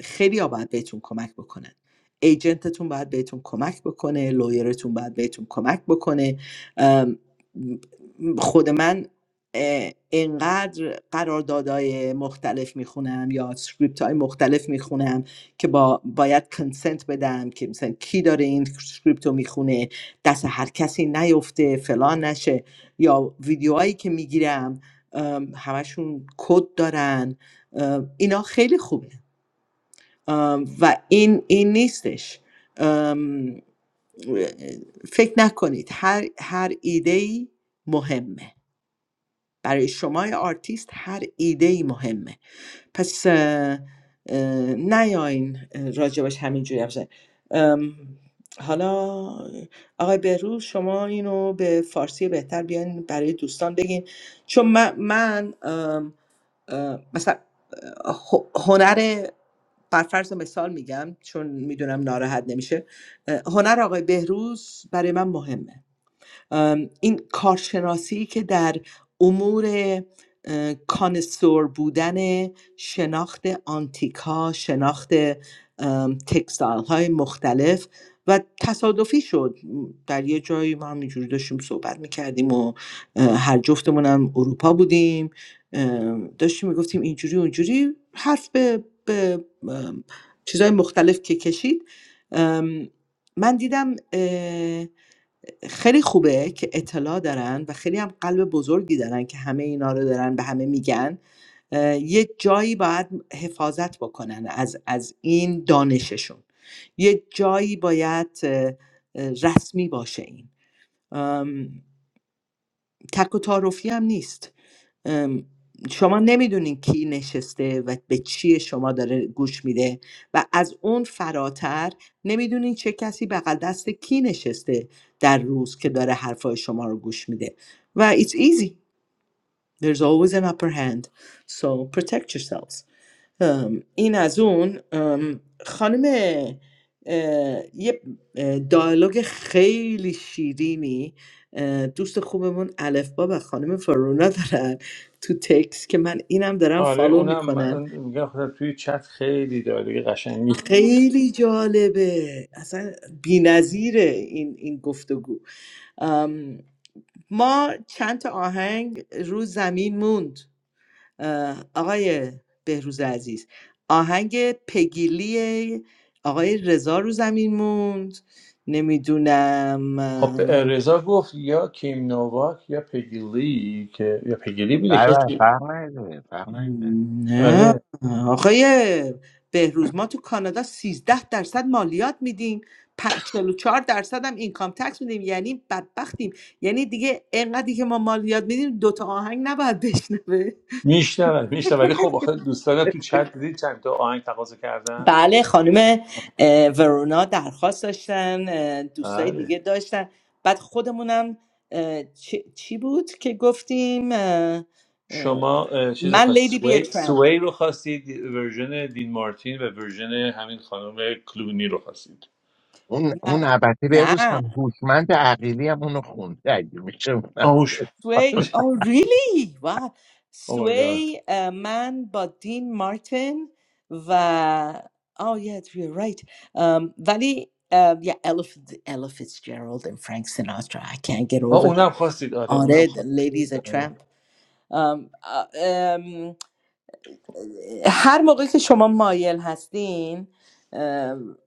S5: خیلی ها باید بهتون کمک بکنن ایجنتتون باید بهتون کمک بکنه لویرتون باید بهتون کمک بکنه خود من اه، اینقدر قراردادهای مختلف میخونم یا سکریپت های مختلف میخونم که با باید کنسنت بدم که مثلا کی داره این سکریپت رو میخونه دست هر کسی نیفته فلان نشه یا ویدیوهایی که میگیرم همشون کد دارن ام، اینا خیلی خوبه ام، و این این نیستش ام، فکر نکنید هر هر ایده مهمه برای شما آرتیست هر ایده مهمه پس اه، اه، نیاین اه، راجبش همینجوری حرف بزنین. ام، حالا آقای بهروز شما اینو به فارسی بهتر بیاین برای دوستان بگین چون من, من ام، ام، مثلا اه، هنر برفرض مثال میگم چون میدونم ناراحت نمیشه اه، هنر آقای بهروز برای من مهمه این کارشناسی که در امور اه، کانسور بودن شناخت آنتیک ها شناخت تکستایل های مختلف و تصادفی شد در یه جایی ما همینجوری داشتیم صحبت میکردیم و هر جفتمون هم اروپا بودیم داشتیم میگفتیم اینجوری اونجوری حرف به, به چیزهای مختلف که کشید من دیدم خیلی خوبه که اطلاع دارن و خیلی هم قلب بزرگی دارن که همه اینا رو دارن به همه میگن اه، یه جایی باید حفاظت بکنن از, از این دانششون یه جایی باید اه، اه، رسمی باشه این ام، تک و تعارفی هم نیست ام، شما نمیدونین کی نشسته و به چی شما داره گوش میده و از اون فراتر نمیدونین چه کسی بغل دست کی نشسته در روز که داره حرفای شما رو گوش میده و it's easy there's always an upper hand so protect yourselves ام، این از اون ام، خانم اه، یه اه، دیالوگ خیلی شیرینی اه، دوست خوبمون الف با و خانم فرونا دارن تو تکس که من اینم دارم
S2: آره
S5: فالو
S2: اونم
S5: میکنم
S2: من میگم خودم توی چت خیلی داره قشنگی
S5: خیلی جالبه اصلا بی‌نظیره این این گفتگو ام، ما چند تا آهنگ رو زمین موند آقای بهروز عزیز آهنگ پگیلی آقای رضا رو زمین موند نمیدونم
S2: خب رضا گفت یا کیم نوواک یا پگیلی که یا پگیلی بوده
S4: بله بله
S2: کسی
S4: فرق نداره فرق نداره
S5: نه
S2: آره
S5: آقای بهروز ما تو کانادا سیزده درصد مالیات میدیم پ- 44 درصد هم اینکام تکس میدیم یعنی بدبختیم یعنی دیگه اینقدری که ما مالیات میدیم دوتا آهنگ نباید بشنوه
S2: میشنوم میشنوم ولی خب آخه دوستان تو چت دیدی چند تا آهنگ تقاضا کردن
S5: بله خانم اه، ورونا درخواست داشتن اه، دوستای
S2: آره
S5: دیگه داشتن بعد خودمونم اه، چی, چی بود که گفتیم اه، اه،
S2: شما اه، چیز
S5: من
S2: خواست
S5: لیدی بی
S2: سوی,
S5: ترامپ
S2: سوی رو خواستید ورژن دین مارتین و ورژن همین خانم کلونی رو خواستید
S4: اون اون
S5: نه
S4: البته بهروز
S5: نه
S4: خان هوشمند عقیلی هم اونو خونده اگه میشه اونم
S2: آوش
S5: سوی او ریلی و
S2: او مای گاد
S5: سوی اه، من با دین مارتن و Oh yes, you're right. Um, ولی اه، yeah, Ella, F- Ella Fitzgerald and Frank Sinatra. I can't get
S2: آه،
S5: over.
S2: اونم خواستید آره اونم
S5: آره, Ladies a
S2: خواستید
S5: Tramp. ام، ام، هر موقع که شما مایل هستین ام،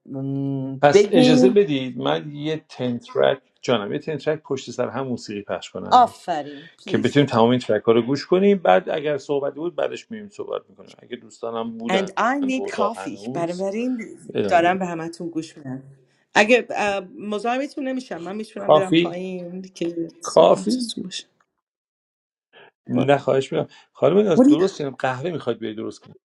S2: پس اجازه
S5: بگین
S2: بدید من یه تنترک جانم یه تنترک پشت سر هم موسیقی پخش کنم
S5: آفرین
S2: که
S5: پلیز
S2: بتونیم تمام این ترک ها رو گوش کنیم بعد اگر صحبتی بود بعدش میریم صحبت میکنیم اگه دوستانم
S5: and
S2: بودن
S5: I
S2: تو
S5: need
S2: اتاق
S5: coffee
S2: هنوز
S5: بنابراین
S2: بدم.
S5: دارم به همتون گوش میدم اگه ام، مزاحمتون نمیشم من میتونم برم
S2: کافی
S5: پایین که
S2: کافی
S5: صحبتتون باشه
S2: نه خواهش میکنم خانم ناز
S5: What
S2: درست کنیم قهوه میخواید بیای درست کنیم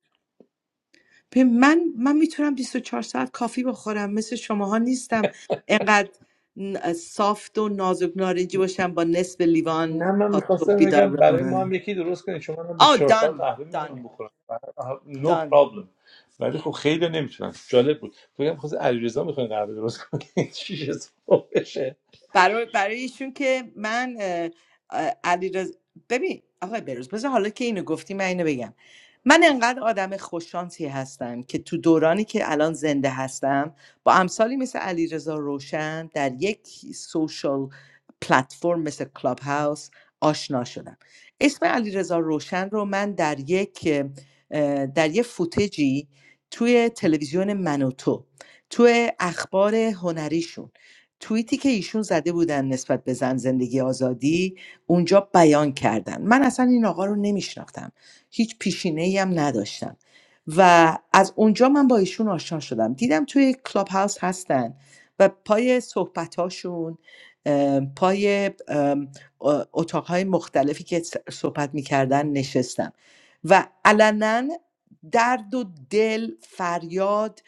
S5: به من من میتونم 24 ساعت کافی بخورم مثل شماها نیستم انقدر ن- سافت و نازک نارنجی باشم با نصف لیوان
S2: نه من
S5: تا صبح
S2: میخواستم
S5: بیدار
S2: بگم برای ما
S5: بمونم
S2: هم یکی درست کنید چون من هم
S5: آه
S2: 24 ساعت
S5: دان
S2: قهوه
S5: دان
S2: میتونم بخورم نو no
S5: دان
S2: پرابلم ولی خب خیلی نمیتونم جالب بود بگم خواست علیرضا میخواین قهوه درست کنید شیشه صبح بشه
S5: برای برای ایشون که من علی ببین آقای بروز بذار حالا که اینو گفتی من اینو بگم من انقدر آدم خوششانسی هستم که تو دورانی که الان زنده هستم با امثالی مثل علیرضا روشن در یک سوشال پلتفرم مثل کلاب هاوس آشنا شدم اسم علیرضا روشن رو من در یک اه، در یک فوتجی توی تلویزیون منوتو توی اخبار هنریشون توییتی که ایشون زده بودن نسبت به زن زندگی آزادی اونجا بیان کردن من اصلا این آقا رو نمیشناختم هیچ پیشینه ای هم نداشتم و از اونجا من با ایشون آشنا شدم دیدم توی کلاب هاوس هستن و پای صحبت هاشون پای ام، اتاقهای مختلفی که صحبت میکردن نشستم و علنا درد و دل فریاد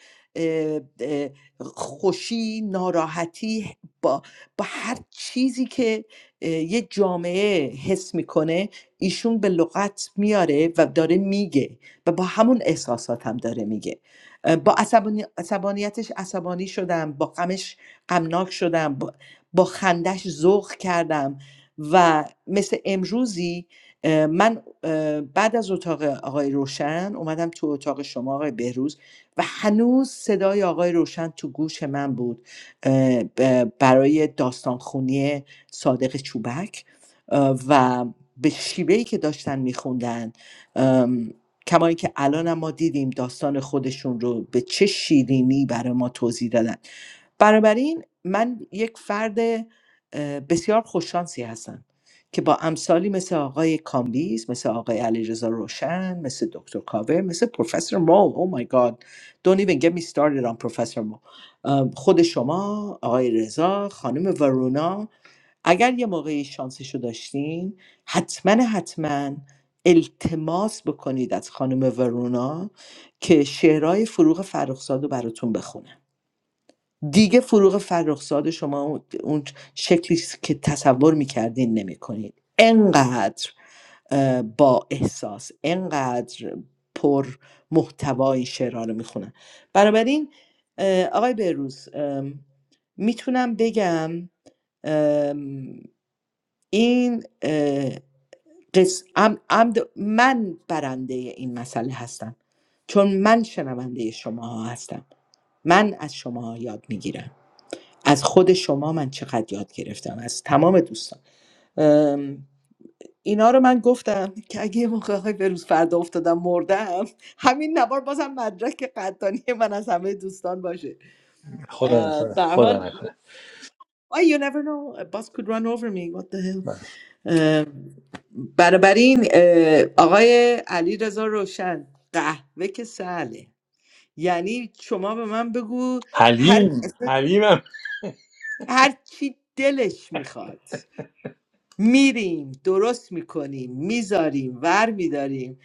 S5: خوشی ناراحتی با, با هر چیزی که اه، یه جامعه حس میکنه ایشون به لغت میاره و داره میگه و با همون احساسات هم داره میگه اه، با عصبانی- عصبانیتش عصبانی شدم با غمش غمناک شدم با, با خندش ذوق کردم و مثل امروزی اه، من اه، بعد از اتاق آقای روشن اومدم تو اتاق شما آقای بهروز و هنوز صدای آقای روشن تو گوش من بود اه، ب- برای داستانخونی صادق چوبک و به شیوهی که داشتن میخوندن کما اینکه الان ما دیدیم داستان خودشون رو به چه شیرینی برای ما توضیح دادن بنابراین من یک فرد اه، بسیار خوششانسی هستم که با امثالی مثل آقای کامبیز مثل آقای علیرضا روشن مثل دکتر کاوه مثل پروفسور مو او مای گاد دونت ایون گت می started on پروفسور مو ام، خود شما آقای رضا خانم وارونا، اگر یه موقعی شانسشو داشتین حتما حتما التماس بکنید از خانم وارونا که شعرهای فروغ فرخزاد رو براتون بخونه دیگه فروغ فرخزاد شما اون شکلی که تصور میکردین نمیکنین انقدر با احساس انقدر پر محتوا این شعرها رو میخونن بنابراین آقای بهروز میتونم بگم این اه، قص... من برنده این مسئله هستم چون من شنونده شما ها هستم من از شما ها یاد میگیرم از خود شما من چقدر یاد گرفتم از تمام دوستان ام، اینا رو من گفتم که اگه یه موقع های به روز فردا افتادم مردم همین نوار بازم مدرک قدردانی من از همه دوستان باشه
S2: خدا
S5: اه،
S2: نکنه
S5: به هر
S2: خدا
S5: حال
S2: نکنه
S5: why you never know a bus could run over me what the
S2: بله.
S5: hell ام، بنابراین اه، آقای علی رضا روشن قهوه که سهله یعنی شما به من بگو هر
S2: حلیم حلیمم
S5: هر چی دلش میخواد میریم درست میکنیم میذاریم ور میداریم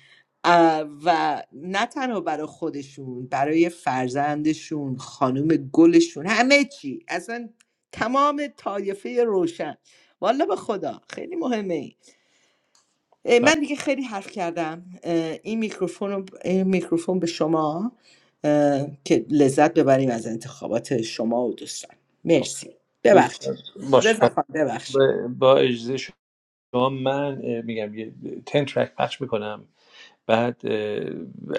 S5: و نه تنها برای خودشون برای فرزندشون خانم گلشون همه چی اصلا تمام طایفه روشن والا به خدا خیلی مهمه این اه،
S2: بله.
S5: من دیگه خیلی حرف کردم اه، این میکروفون رو- این میکروفون به شما اه، که لذت ببریم از انتخابات شما و دوستان
S2: خب.
S5: مرسی
S2: دوست
S5: ببخشید
S2: داشت. باشه
S5: رضا
S2: پس
S5: خان ببخشید
S2: با با اجازه شما من اه، میگم یه تن ترک پخش میکنم بعد اه،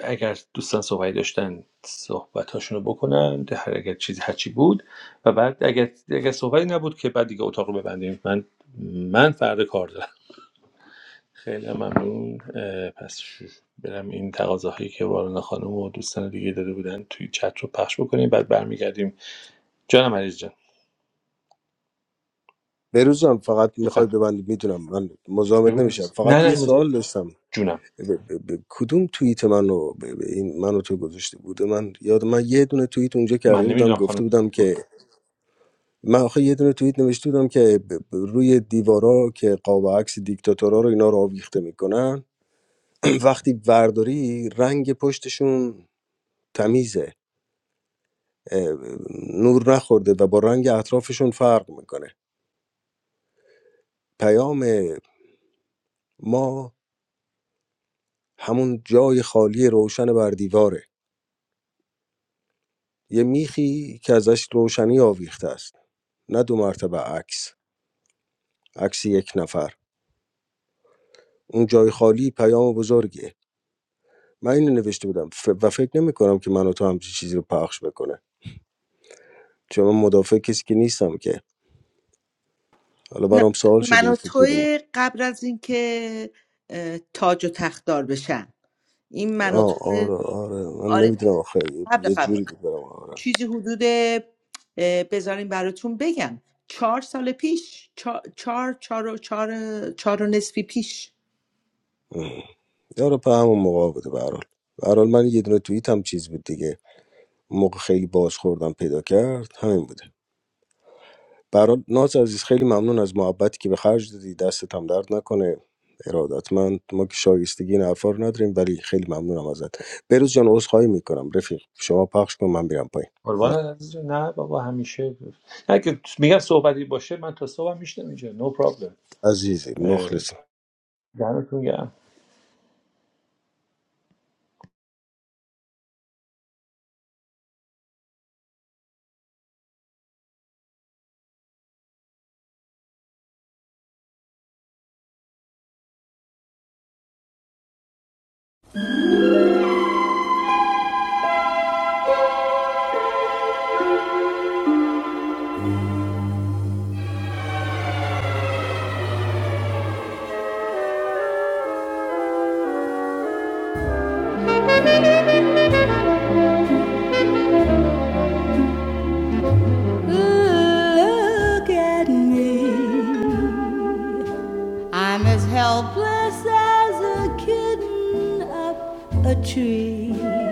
S2: اگر دوستان صحبتی داشتن صحبتاشون رو بکنن ده- هر اگر چیزی هرچی بود و بعد اگر اگر صحبتی نبود که بعد دیگه اتاق رو ببندیم من من فردا کار دارم خیلی هم ممنون اه، پس ش- برم این تقاضاهایی که وارن خانم و دوستان دیگه داده بودن توی چت رو پخش بکنیم بعد برمیگردیم جانم عزیز جان
S7: بروزان فقط میخوای
S2: بفهم
S7: ببندی میدونم من مزاحمت
S2: بگو
S7: نمیشم
S2: عزیز نه
S7: فقط یه
S2: نه
S7: سوال
S2: مزاحم-
S7: داشتم
S2: جونم
S7: ب- ب- ب- کدوم توییت منو ب- ب- این منو تو گذاشته بوده من یاد من یه دونه توییت اونجا کرده
S2: من
S7: بودم
S2: نمیدونم
S7: گفته
S2: خانم
S7: بودم که من آخه یه دونه توییت نوشته بودم که ب- ب- روی دیوارا که قاب عکس دیکتاتورا رو اینا رو آویخته میکنن وقتی ورداری رنگ پشتشون تمیزه اه، نور نخورده و با رنگ اطرافشون فرق میکنه پیام ما همون جای خالی روشن بر دیواره یه میخی که ازش روشنی آویخته است نه دو مرتبه عکس عکس یک نفر اون جای خالی پیام بزرگیه من اینو نوشته بودم ف... و فکر نمی کنم که من و تو همچین چیزی رو پخش بکنه چون من مدافع کسی که نیستم که حالا
S5: نه،
S7: برام سوال
S5: من
S7: شده
S5: و
S7: بود که کدوم
S5: توی قبل از اینکه اه، تاج و تخت بشن این من و
S7: آه
S5: توی
S7: آره آره من
S5: آره
S7: نمیدونم آخه
S5: قبل
S7: یه
S5: قبل
S7: جوری بود برام آره
S5: چیزی حدود اه، بذارین براتون بگم چهار سال پیش چهار چهار چهار و چهار چهار و نصفی پیش
S7: ام. یارو په همون موقع بوده به هر حال. به هر حال من یه دونه توییت هم چیز بود دیگه اون موقع خیلی باز خوردم پیدا کرد همین بوده برات ناز عزیز خیلی ممنون از محبتی که به خرج دادی دستت هم درد نکنه ارادتمند ما که شایستگی این حرفا رو نداریم ولی خیلی ممنونم ازت بروز جان عذرخواهی میکنم رفیق شما پخش کن من میرم پایین
S2: قربان
S7: مخ...
S2: عزیز نه بابا همیشه نه که میگم صحبتی باشه من تا صبح میشتم اینجا نو پرابلم
S7: عزیزی مخلص
S2: دمتون گرم
S1: Look at me. I'm as helpless as a kitten up a tree.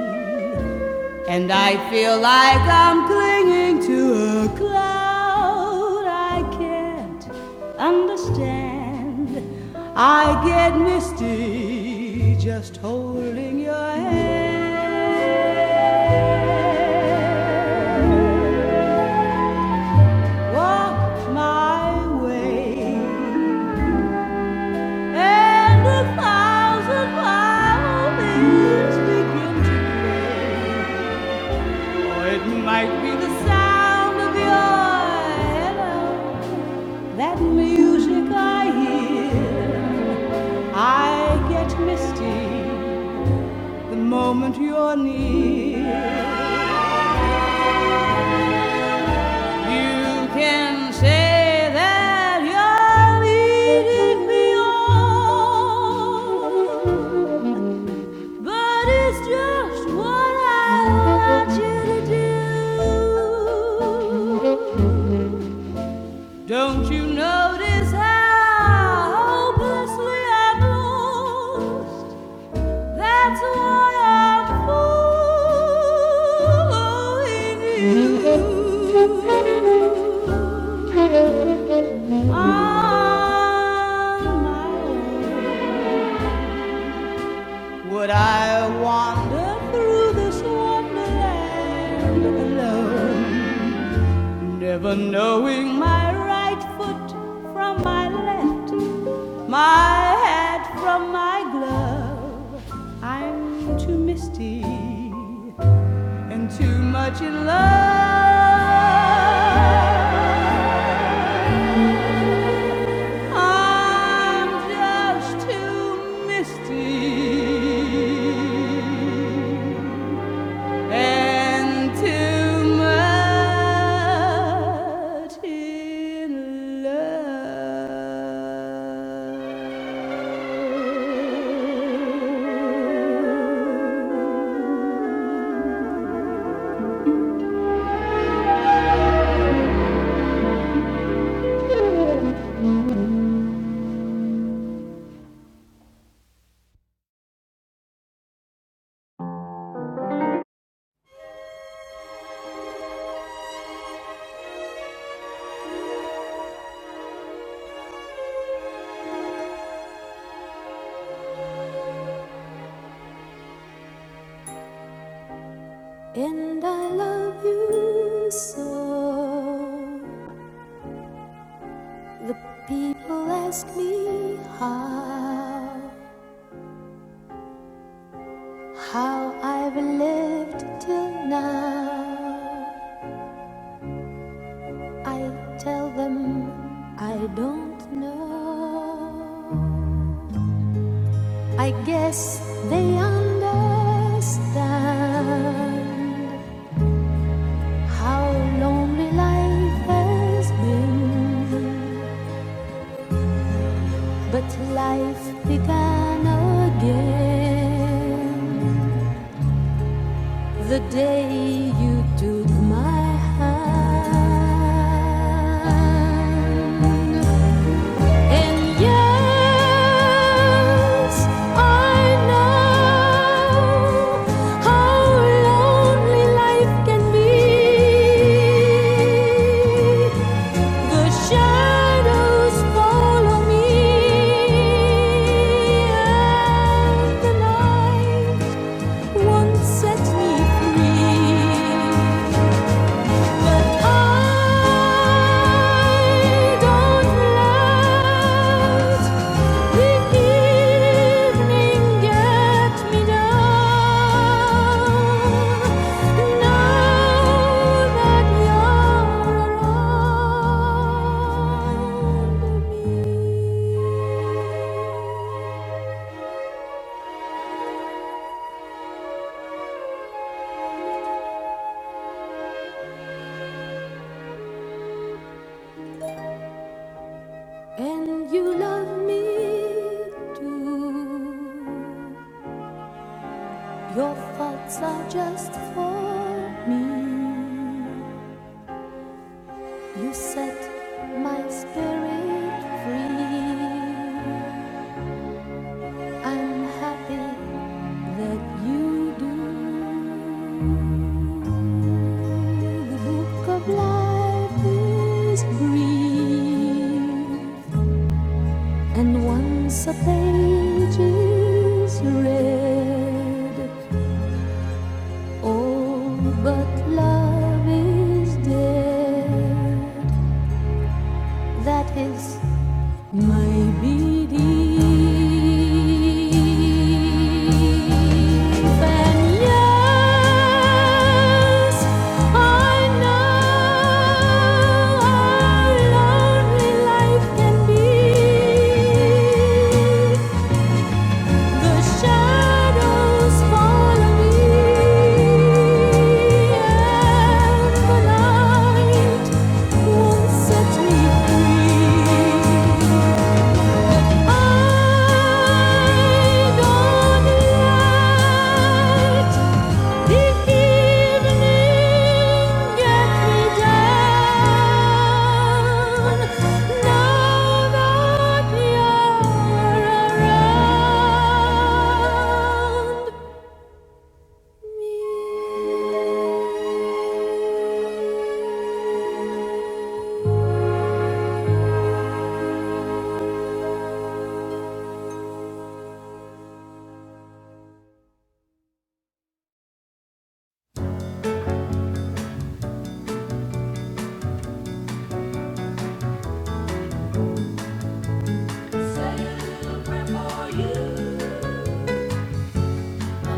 S1: And I feel like I'm clinging to a cloud I can't understand. I get misty just holding your hand. Ah, the moment you're near, you can say that you're leading me on. Really Don't you notice how hopefully I blow? That's why I'm on my own. Up through this wonderland alone. Never knowing my right foot from my left, my hat from my glove. And I love you so. The people ask me how, how I've lived till now. I tell them I don't know. I guess they understand how lonely life has been. But life began again. The day you took my hand. And yes, I know how lonely life can be. The shadows follow me, and the night one set me free, but I don't let the evening get me down. Now that you're around me and you love me too. Your thoughts are just for me. You set my spirit free. I'm happy that you do. The book of life is green, and once a page is read, that is Set me free. The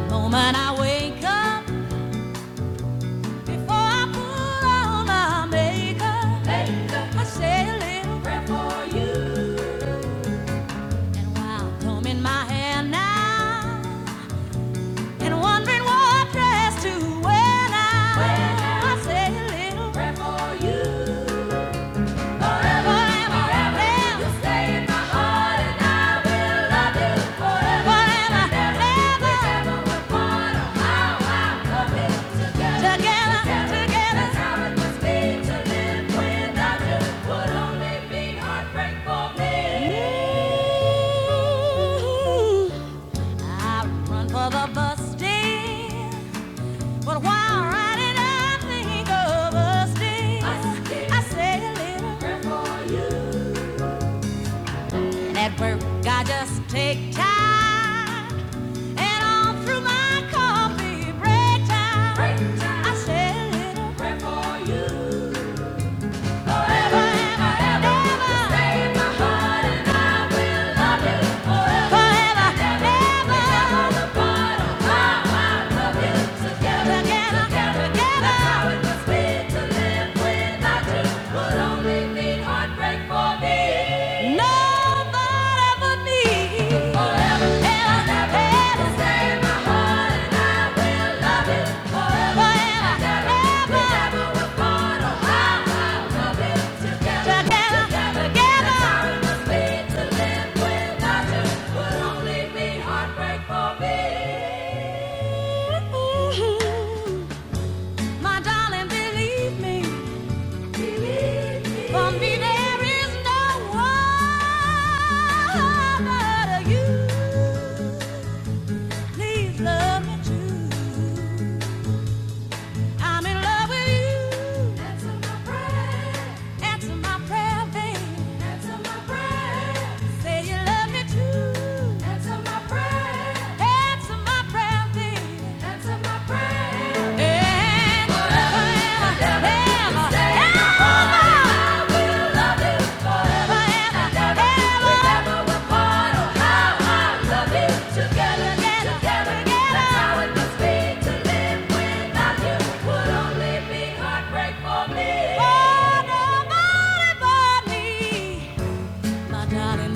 S1: Moment I wake up Before I put on my makeup, I say a little prayer for you. And while combing my hair now and wondering what dress to wear now, I say a little prayer for you. For the bus day, but while riding, I think of us day. I say a little prayer for you. At work, I just take time. And all through my coffee break time, break time. I say a little prayer for you. Forever, ever, ever, ever, stay in my heart and I will love you. My darling, believe me. Believe me. For me, there is no one but you. Love me too. I'm in love with you. Answer my prayer. Prayer, babe. Answer my prayer. Say you love me too.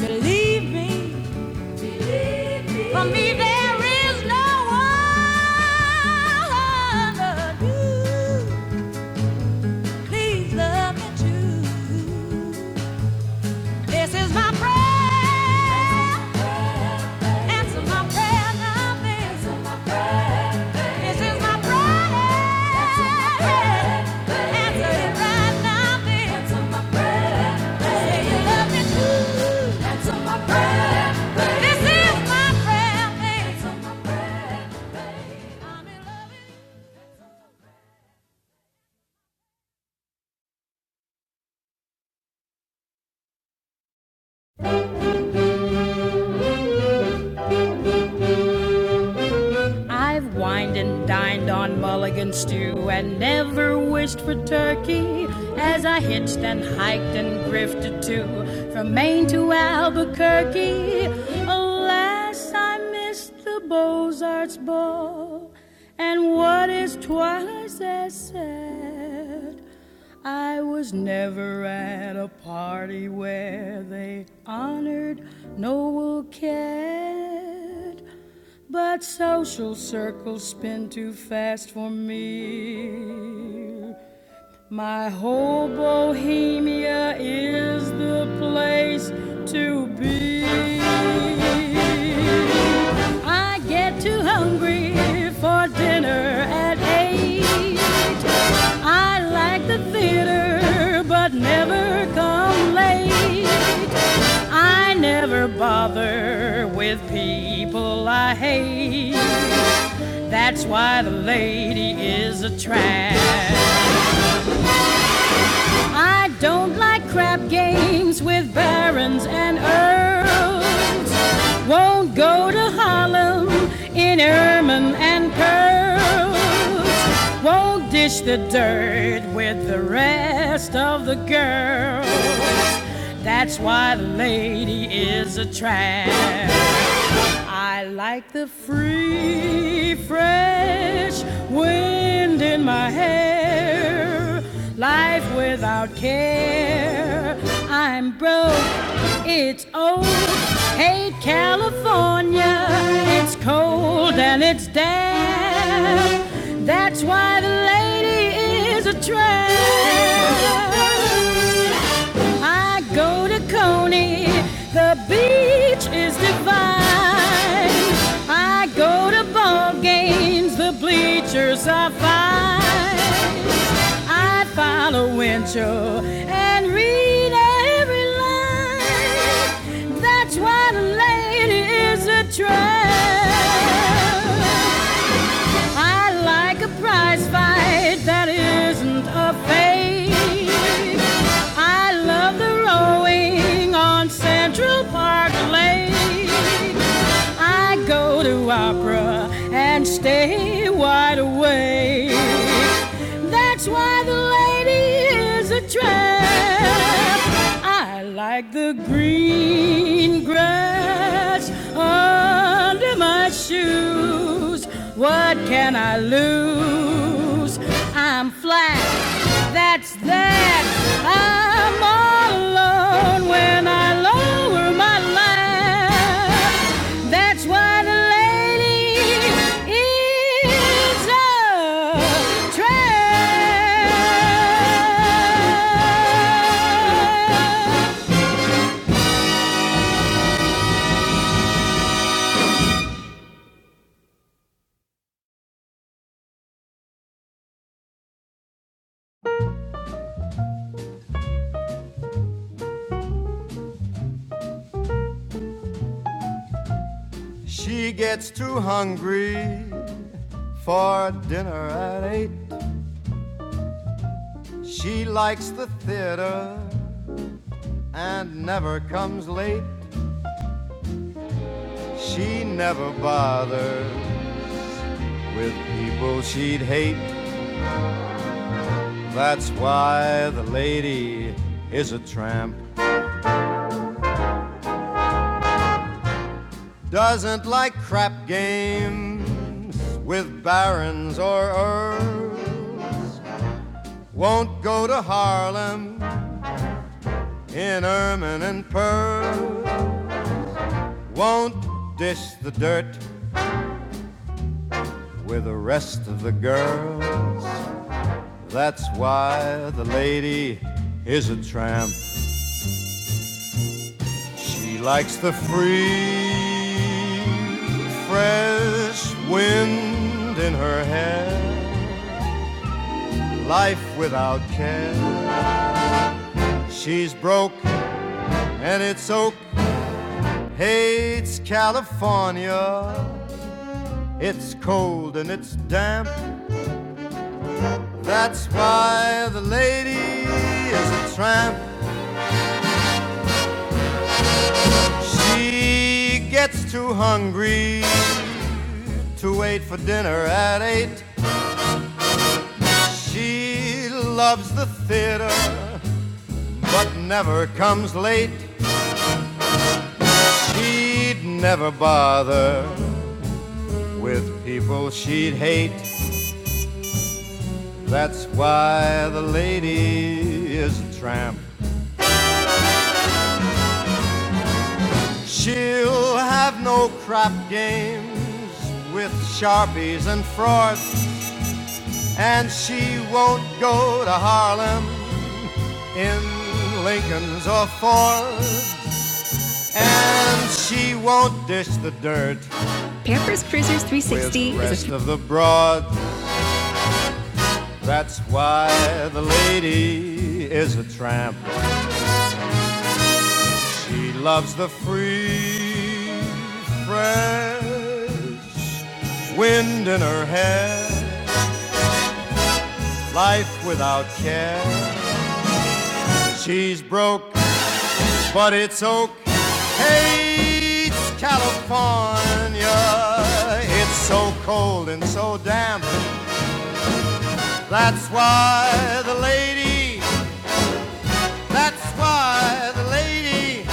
S1: Believe me. For me, there is no other. You please love me too. This is my prayer. Answer my prayer now, babe. This is my prayer. Answer it right now, babe. Say you love me too. This is my prayer, babe. I'm in love with you. I've wined and dined on mulligan stew and never wished for turkey as I hitched and hiked and grifted too from Maine to Albuquerque. Alas, I missed the Beaux Arts ball, and what is twice as sad, I was never at a party where they honored Noel Cat. But social circles spin too fast for me. My whole bohemia is the place to be. I get too hungry for dinner at eight. I like the theater, but never come late. I never bother with people I hate. That's why the lady is a trap. I don't like crap games with barons and earls. Won't go to Harlem in ermine and pearls. Won't dish the dirt with the rest of the girls. That's why the lady is a trap. I like the free, fresh wind in my hair. Life without care. I'm broke. It's old. Hate California. It's cold and it's damp. That's why the lady is a tramp. I go to Coney, the beach is divine. I go to ball games, the bleachers are fine. I follow Winchell and read every line. That's why the lady is a tramp. I like a prize fight that isn't a fake. I love the rowing on Central Park Lake. I go to opera and stay wide awake. That's why the lady is a tramp. I like the green grass under my shoes. What can I lose? I'm flat. That's that. I'm all alone when I lower my laugh. That's why the lady is a trap. She gets too hungry for dinner at eight. She likes the theater and never comes late. She never bothered with people she'd hate. That's why the lady is a tramp. Doesn't like crap games with barons or earls. Won't go to Harlem in ermine and pearl. Won't dish the dirt with the rest of the girl. That's why the lady is a tramp. She likes the free, fresh wind in her hair. Life without care. She's broke and it's oak. Hates California. It's cold and it's damp. That's why the lady is a tramp. She gets too hungry to wait for dinner at eight. She loves the theater, but never comes late. She'd never bother with people she'd hate. That's why the lady is a tramp. She'll have no crap games with sharpies and frauds, and she won't go to Harlem in Lincoln's or Ford, and she won't dish the dirt Pampers Cruisers 360 with the rest is a of the broad. That's why the lady is a tramp. She loves the free, fresh wind in her hair, life without care. She's broke, but it's okay. It's California. It's so cold and so damp. That's why the lady That's why the lady,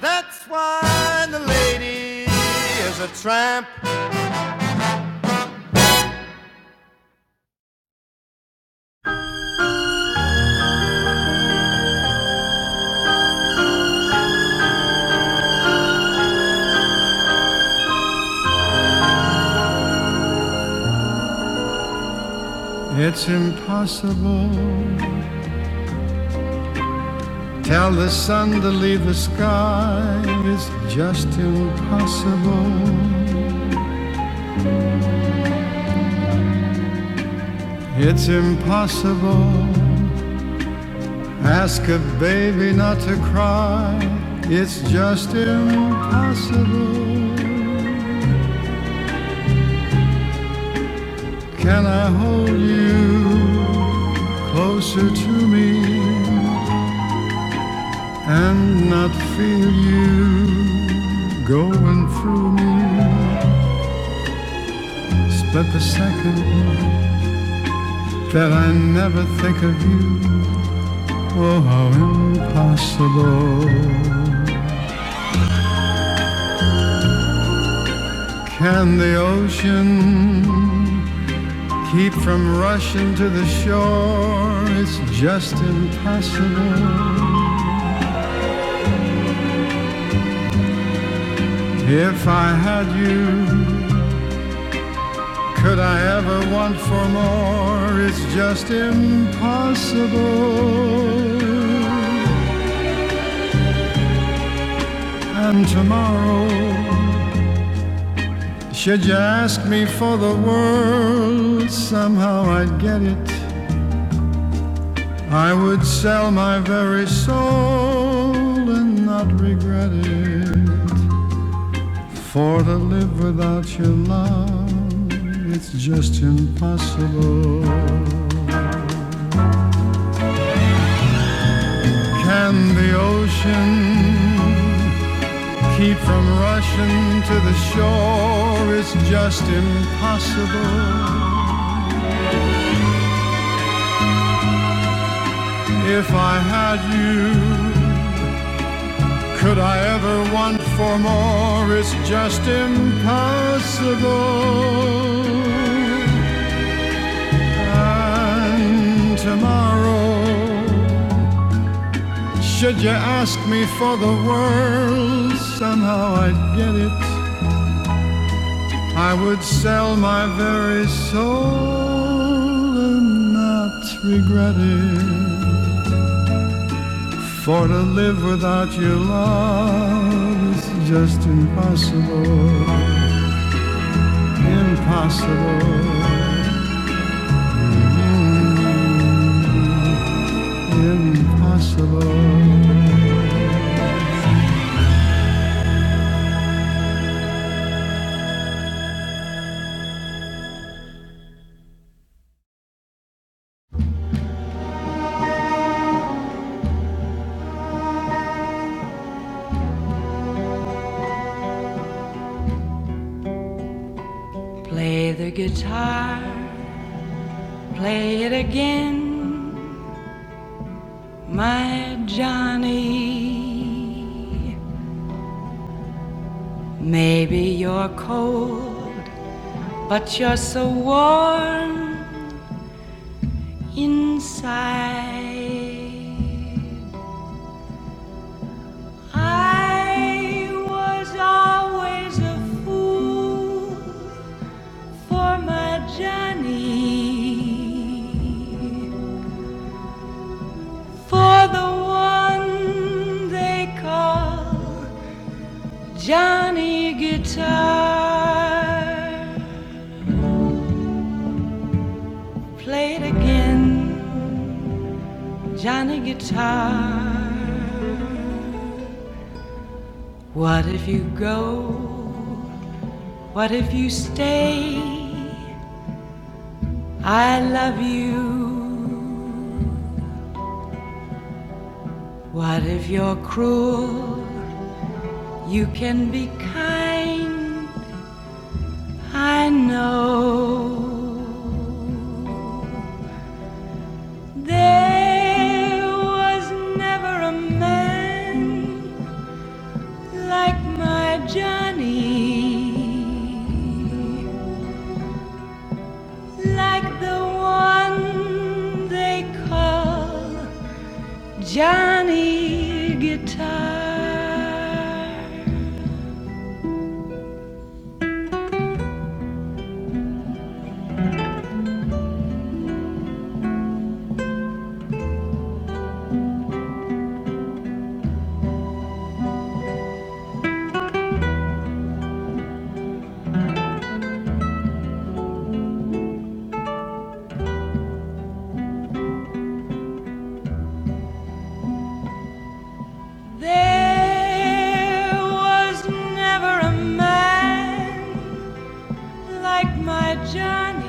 S1: that's why the lady is a tramp. It's impossible. Tell the sun to leave the sky. It's just impossible. It's impossible. Ask a baby not to cry. It's just impossible. Can I hold you closer to me? and not feel you going through me. Split the second that I never think of you. Oh, how impossible. Can the ocean keep from rushing to the shore? It's just impossible. If I had you, Could I ever want for more? It's just impossible. And tomorrow, should you ask me for the world, somehow I'd get it. I would sell my very soul and not regret it. For to live without your love, it's just impossible. Can the ocean Keep from rushing to the shore, it's just impossible. If I had you, could I ever want for more? It's just impossible. And tomorrow, should you ask me for the world, somehow I'd get it. I would sell my very soul and not regret it. For to live without your love is just impossible. Impossible. Mm, What if you stay? I love you. What if you're cruel? You can be kind, I know. There was never a man like my Johnny, like the one they call Johnny Guitar. There was never a man like my Johnny.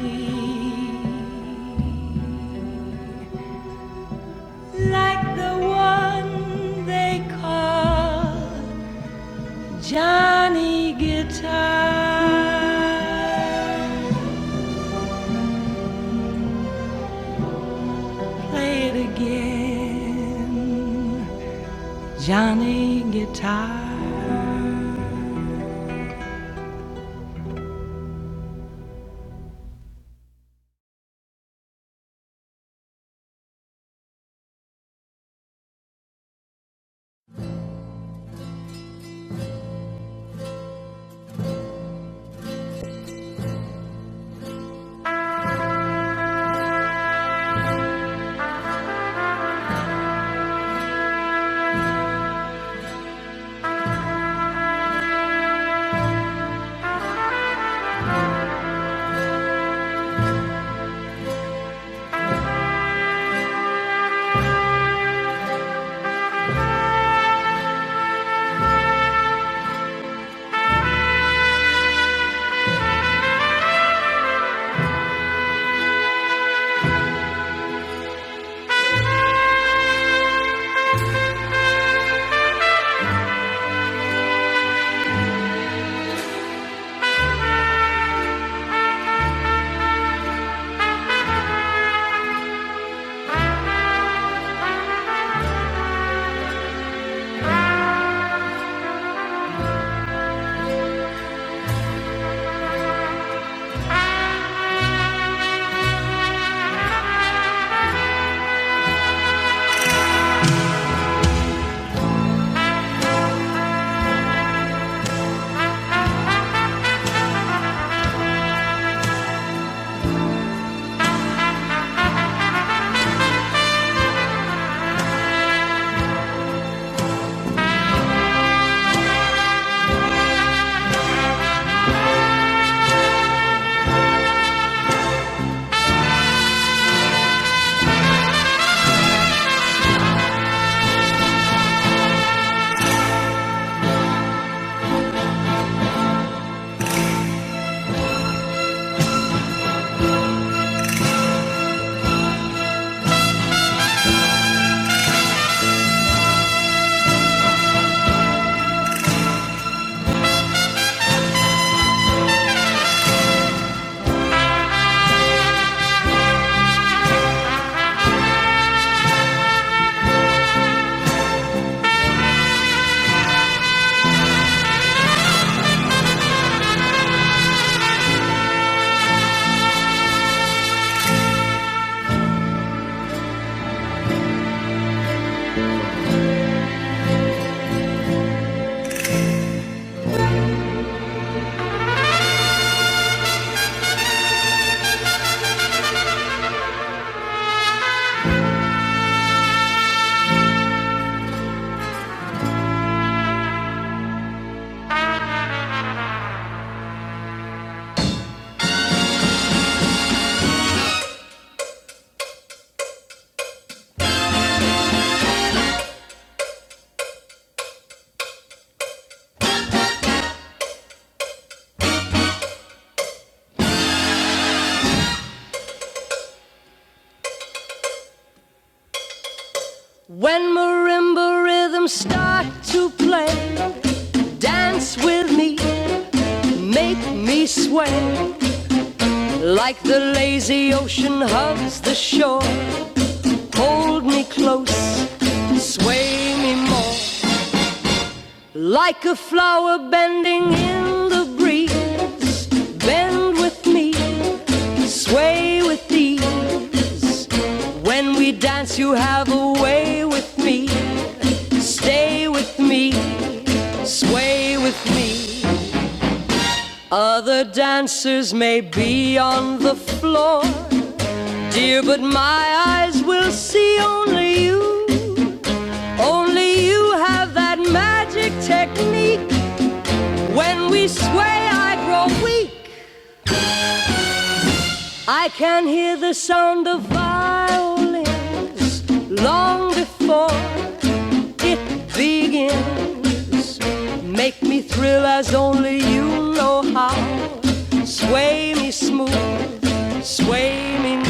S1: When marimba rhythms start to play, dance with me, make me sway. Like the lazy ocean hugs the shore, hold me close, sway me more. Like a flower bending in the breeze, bend with me, sway with ease. When we dance, you have a way with me, stay with me, sway with me. Other dancers may be on the floor, dear, but my eyes will see only you. Only you have that magic technique. When we sway, I grow weak. I can hear the sound of violin long before it begins. Make me thrill as you know how. Sway me smooth, sway me.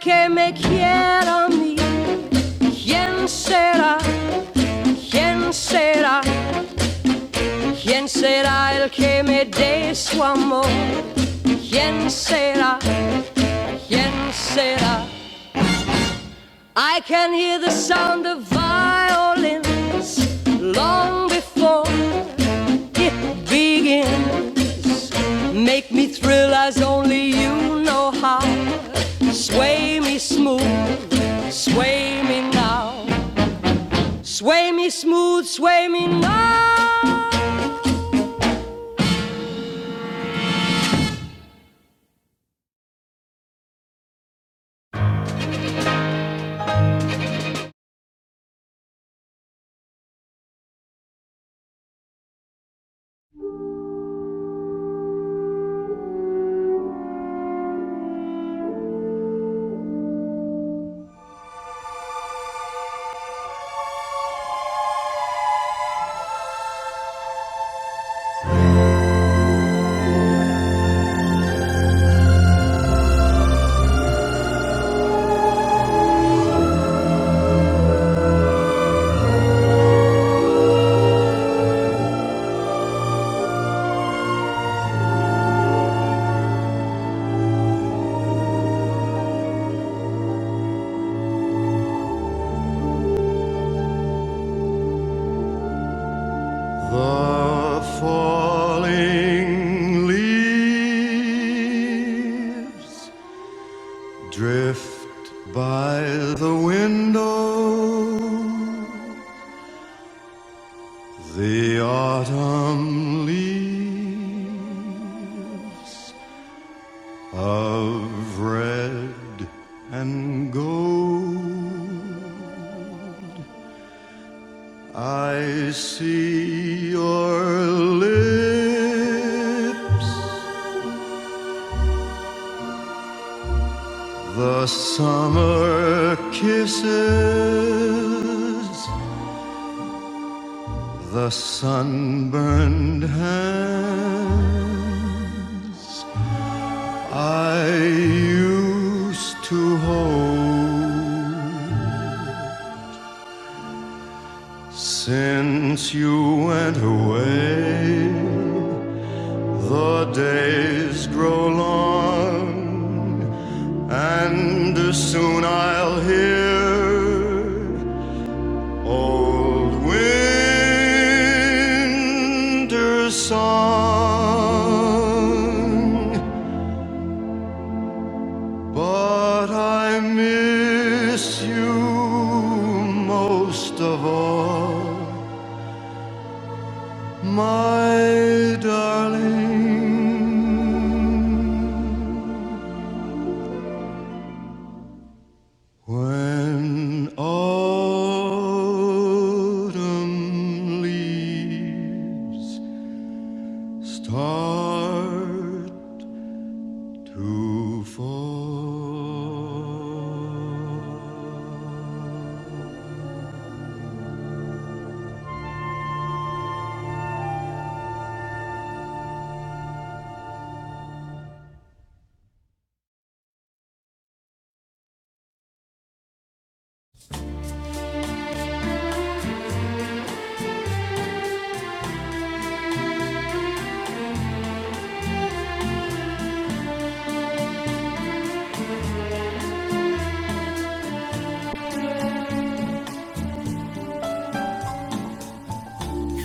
S1: Que me quiera, quien será, quien será. ¿Quién será el que me dé su amor? ¿Quién será? ¿Quién será? I can hear the sound of violins long before it begins. Make me thrill as only you know how. Sway me smooth, sway me now. Sway me smooth, sway me now. The falling leaves Drift by the window, the autumn leaves of red and gold. I see your lips, the summer kisses, the sunburned hand. I used to hope since you went away. The days grow long, and soon I'll hear old winter song. But I miss you most of all, my darling. When autumn leaves start to fall.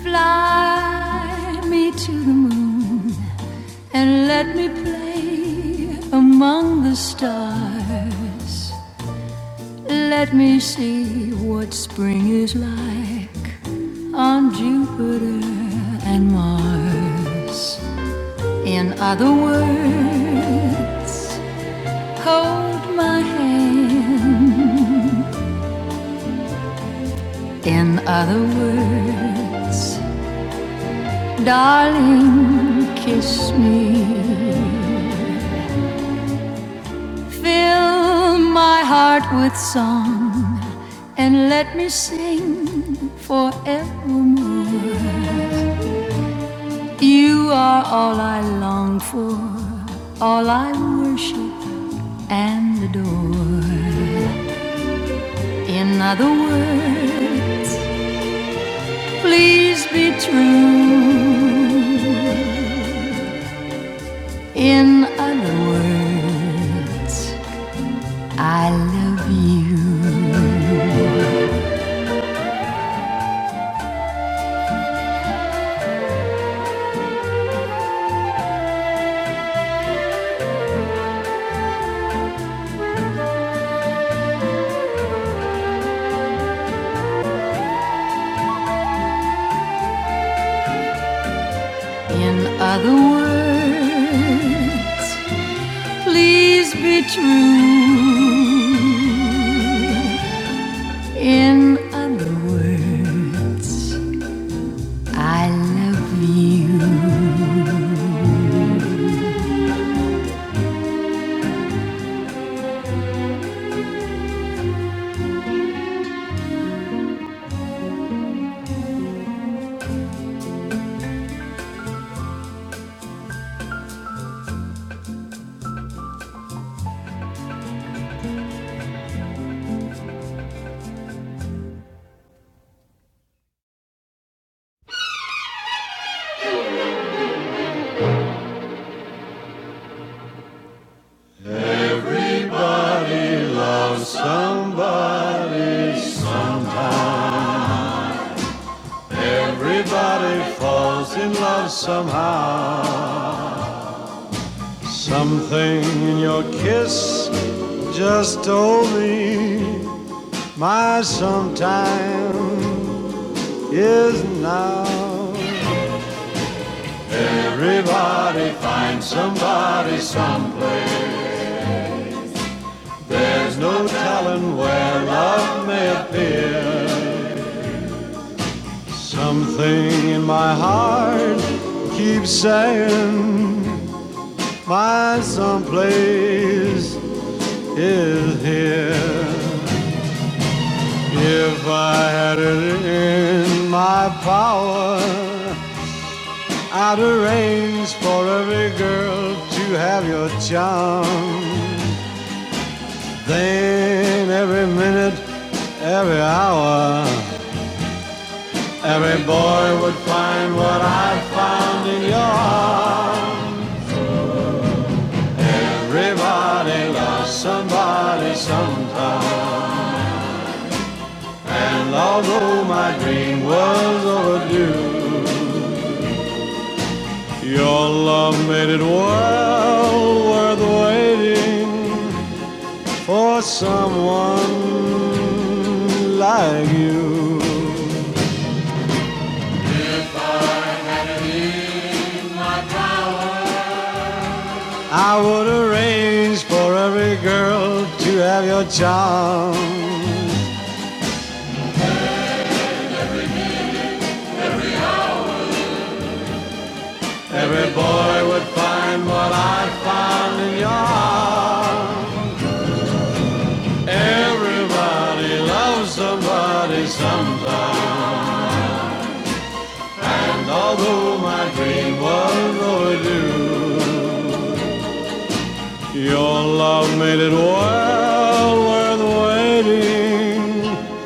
S1: Fly me to the moon. And let me play among the stars. Let me see what spring is like on Jupiter and Mars. In other words, hold my hand. In other words, darling, kiss me. Fill my heart with song and let me sing forevermore. You are all I long for, all I worship and adore. In other words, please be true. In other words, I love you. In other words, please be true. In Somebody, everybody falls in love somehow. Something in your kiss just told me my sometime is now. Everybody finds somebody someplace. There's no telling where love may appear. Something in my heart keeps saying my someplace is here. If I had it in my power, I'd arrange for every girl to have your charm. Then every minute, every hour, every boy would find what I found in your arms. Everybody loves somebody sometime, and although my dream was overdue. Your love made it well worth waiting for someone like you. I would arrange for every girl to have your charm. Every boy would find what I found in your arms. Everybody loves somebody sometime. although my dream was overdue. Your love made it well worth waiting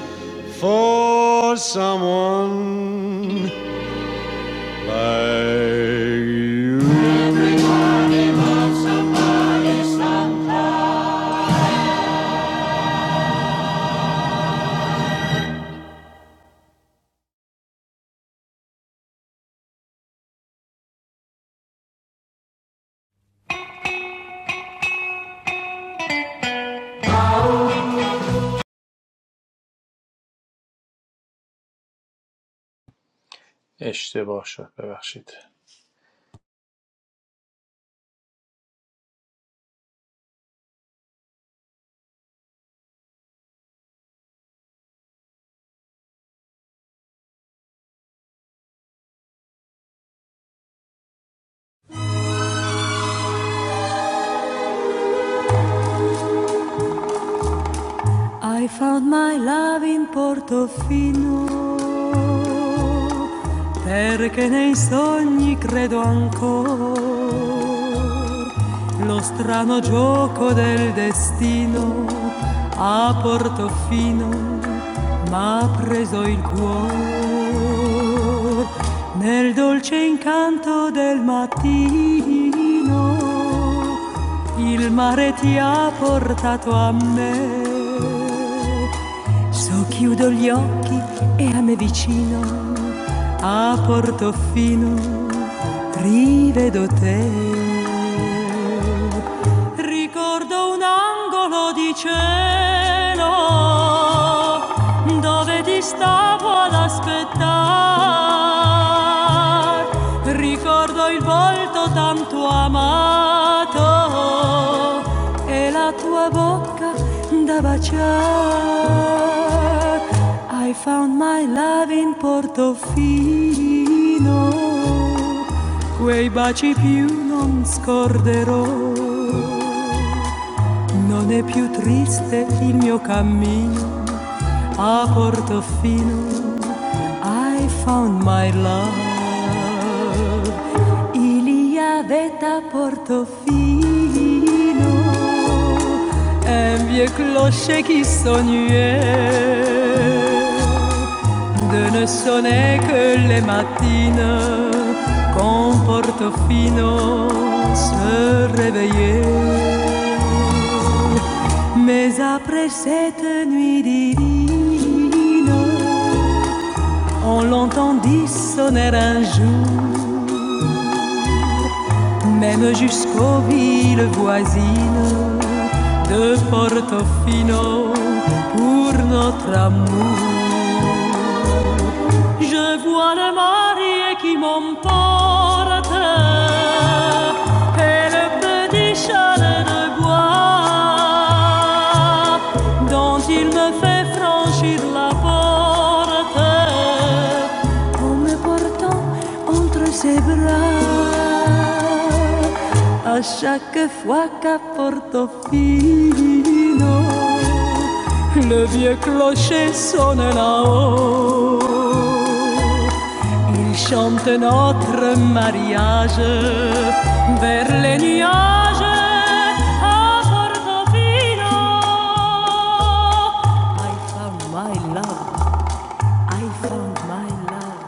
S1: for someone like
S2: اشتباه شد ببخشید
S1: you. perché nei sogni credo ancora. Lo strano gioco del destino a Portofino m'ha preso il cuore nel dolce incanto del mattino. Il mare ti ha portato a me so chiudo gli occhi e a me vicino, a Portofino, rivedo te. Ricordo un angolo di cielo dove ti sto ad aspettare. Stella, Iliade a Portofino, e vi lo scegliere. qu'en porte-faux se réveiller. Mais après cette nuit divine, on l'entendit sonner un jour, même jusqu'aux villes voisines de Portofino pour notre amour. Je vois le mari qui m'emporte et le petit chalet de bois dont il me fait franchir la porte En portant entre ses bras à chaque fois qu'à Portofino le vieux clocher sonne là-haut. Il chante notre mariage vers les nuages à Portofino. I found my love, I found my love.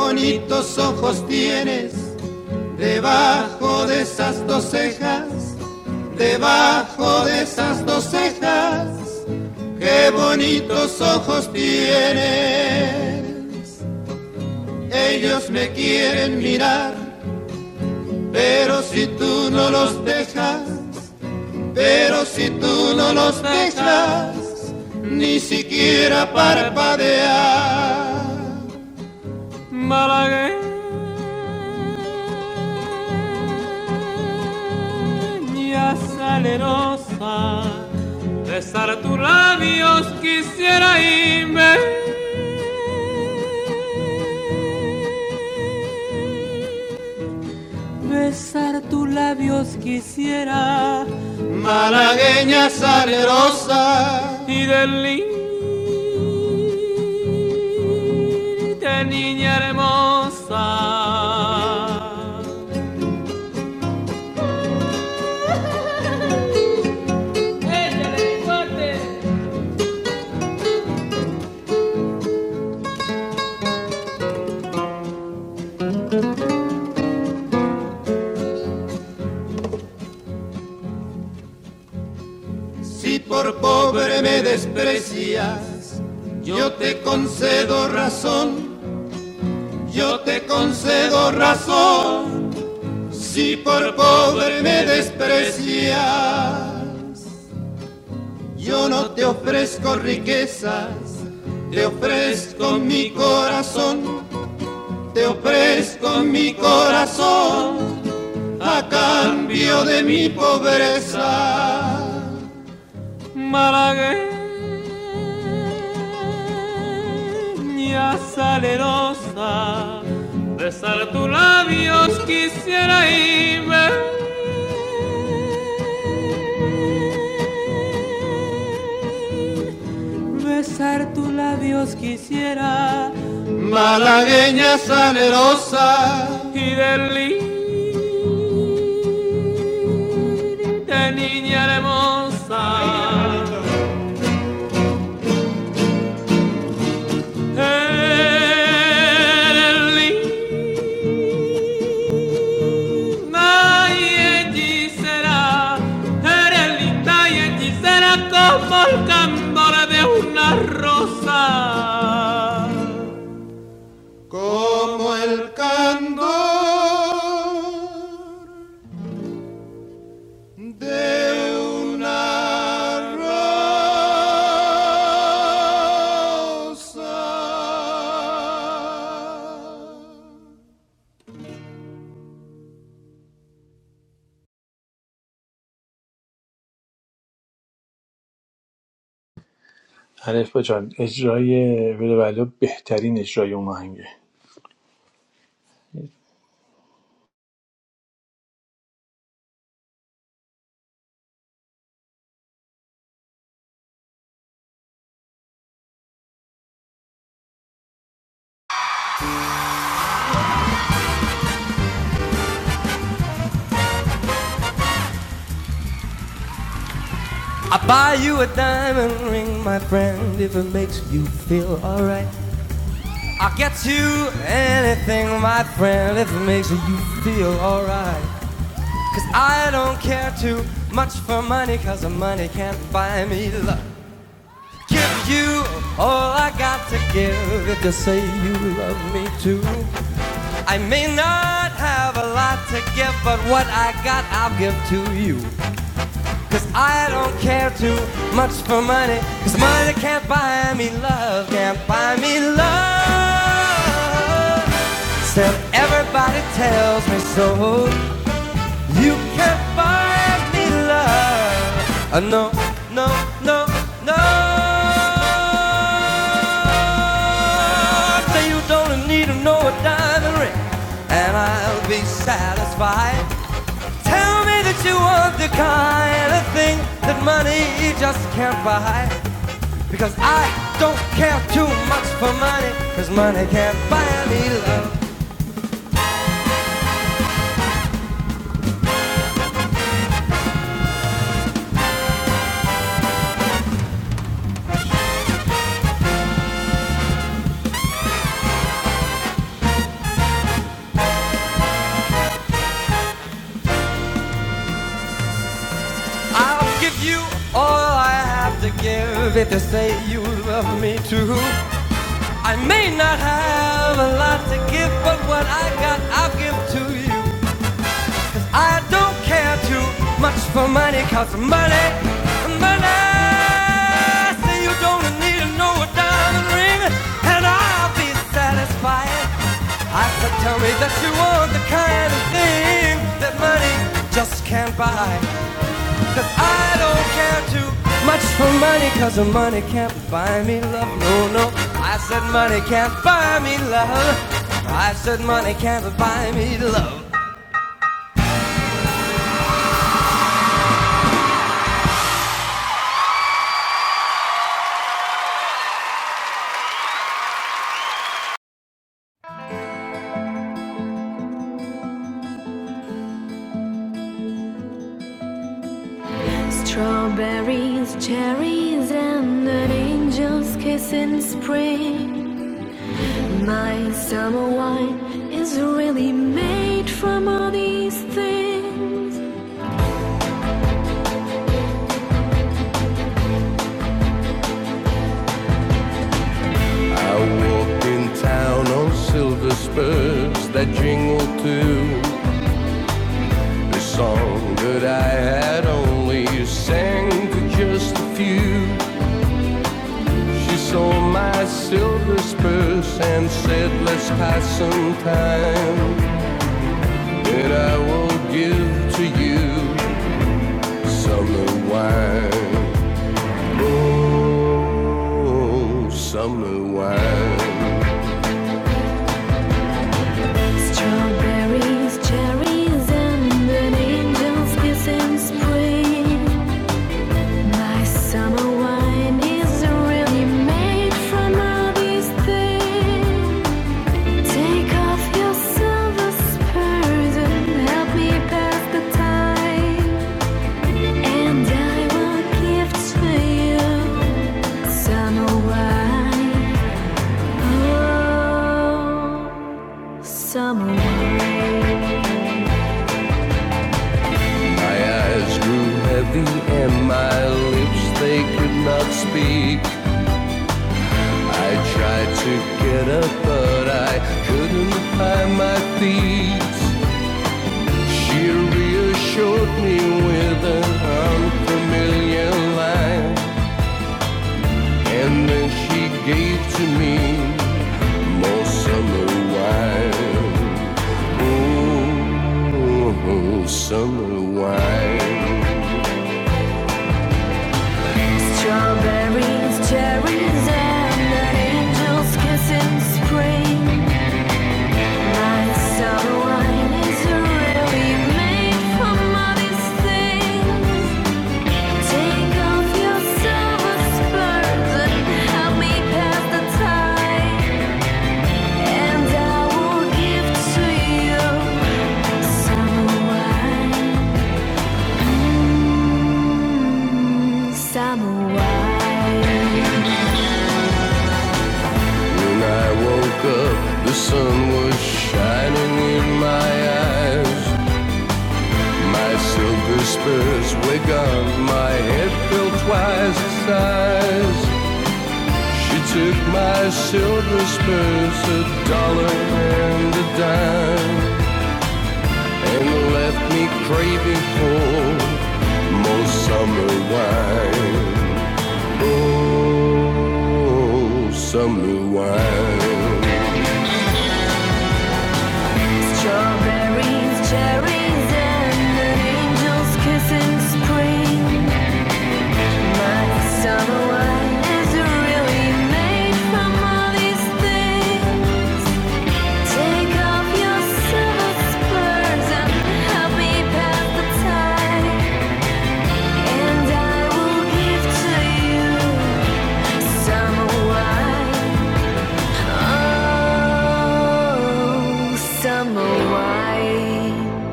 S1: Bonitos ojos tienes, bajo de esas cejas, bajo de esas dos cejas, qué bonitos ojos tienes. malagueña salerosa, besar tus labios quisiera irme. Besar tus labios quisiera leña salerosa y de linda niña hermosa. Malagueña salerosa, besar tus labios quisiera irme. Besar tus labios quisiera, Malagueña salerosa, y del lirio de niña hermosa. I
S2: الف با جان اجرای ولو بهترین اجرای اون آهنگه
S1: will buy you a diamond ring, my friend, if it makes you feel alright. I'll get you anything, my friend, if it makes you feel alright. Cause I don't care too much for money, cause the money can't buy me love. Give you all I got to give if you say you love me too. I may not have a lot to give, but what I got I'll give to you. Cause I don't care too much for money. Cause money can't buy me love, can't buy me love. Still, everybody tells me so. You can't buy me love. Uh, no, no, no, no. Say you don't need to know a diamond ring, and I'll be satisfied. Tell me that you want the kind of thing that money just can't buy. Because I don't care too much for money, because money can't buy me love. I'll give you all I have to give if you say me to. I may have a lot to give, but what I got, I'll give to you. I don't care too much for money, cause money, money. Say you don't need no diamond ring, and I'll be satisfied. I said, tell me that you want the kind of thing that money just can't buy. Cause I don't care too much for money, cause the money can't buy me love. No, no. I said, money can't buy me love. I said, money can't buy me love. Strawberries, cherries, and an angel's kiss in spring. My summer wine is really made from all these things. I walked in town on silver spurs that jingled too. the song that I had only sang to just a few. She saw my silver spurs and said, Let's pass some time. that I will give to you summer wine. Oh, summer wine. There is an angel's kiss in spring. My summer wine is really made from all these things. Take off your silver spurs and help me pass the time. And I want gifts for you, summer wine, oh, summer wine. My eyes grew heavy and my lips they could not speak. I tried to get up, but I couldn't find my feet. She reassured me with an unfamiliar line, and then she gave to me Oh, summer wine. oh oh, summer wine. Strawberries, cherries, and angel's kiss spring. My summer wine is really made from all these things. Take off your silver spurs and help me pass the time, and I will give to you summer wine. samurai. When I woke up, the sun was shining in my eyes. My silver spurs were gone, my head felt twice the size. She took my silver spurs, a dollar and a dime, and left me craving for more summer wine. Oh, summer wine. Strawberries, cherries, and an angel's kiss in spring. My summer wine is really made from all these things. Take off your silver spurs and help me pass the time, and I will give to you summer wine. Oh, summer wine.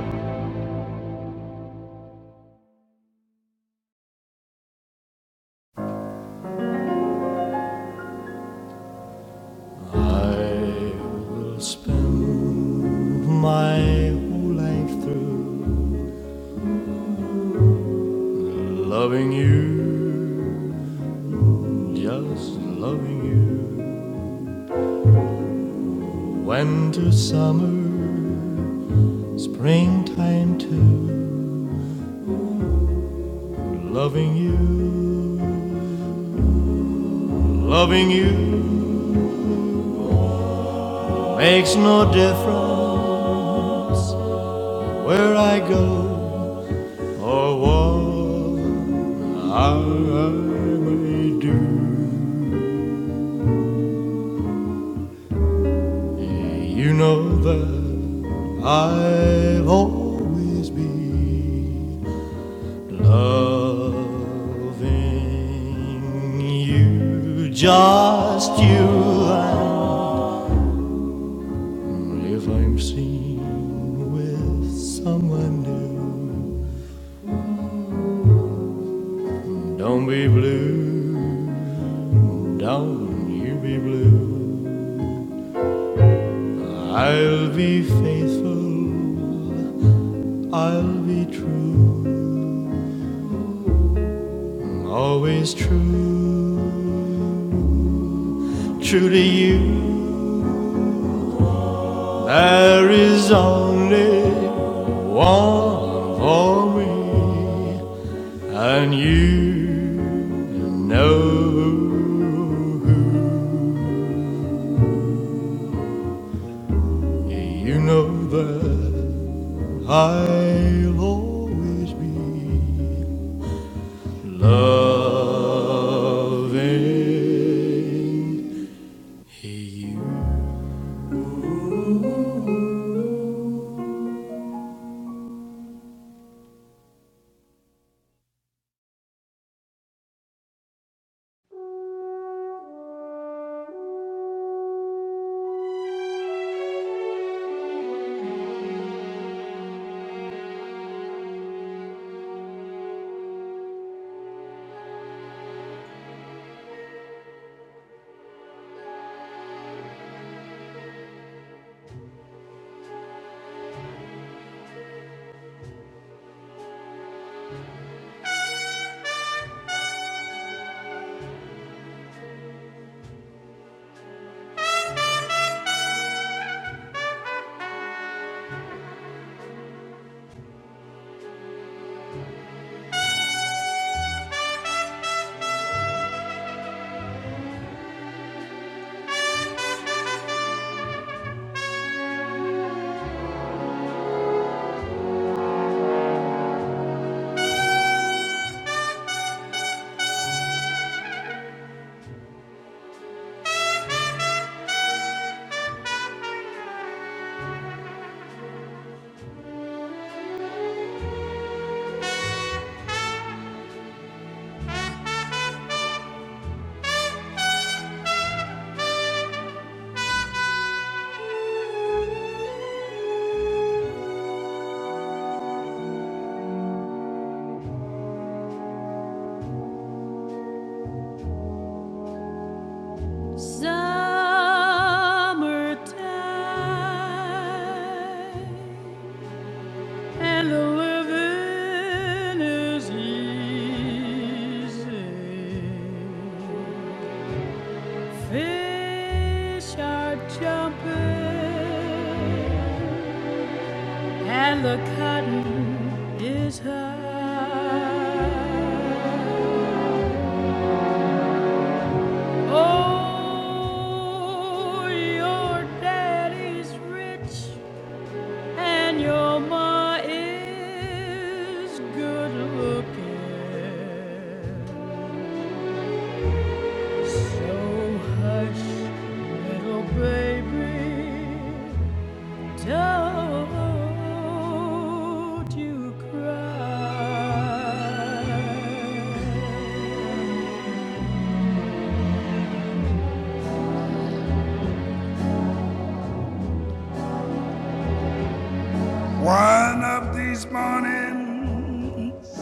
S1: I will spend my whole life through loving you, just loving you. Winter, summer, springtime too. Loving you, loving you makes no difference where I go or what I may do. You know that. i will always be loving you, just you. And if I'm seen with someone new, don't be blue, don't you be blue. I'll be faithful, I'll be true, always true, true to you. There is only one for me, and you know, you know that I'll always be loving you. Summertime. And living is easy. Fish are jumping, and the cotton is high. Oh, your daddy's rich. And your ma is good looking. So hush, little baby, don't you cry. One of these mornings,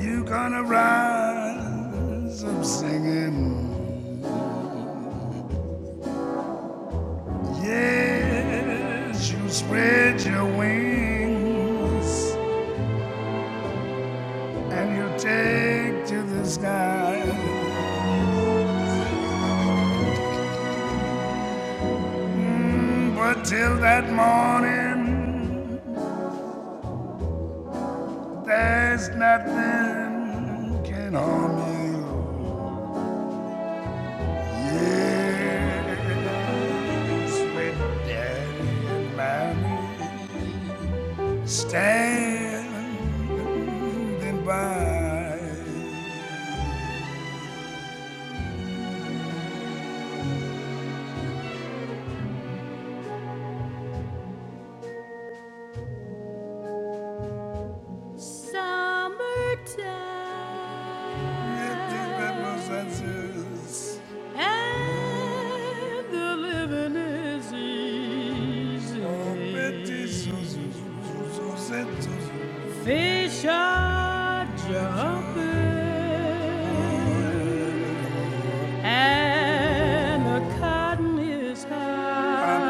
S1: you gonna rise up singing. Yes, you spread your wings and you take to the sky. Mm, but till that morning, there's nothing can harm you. Yes, with daddy and mommy standing by. Summertime. And the living is easy. Fish are jumping. And the cotton is high.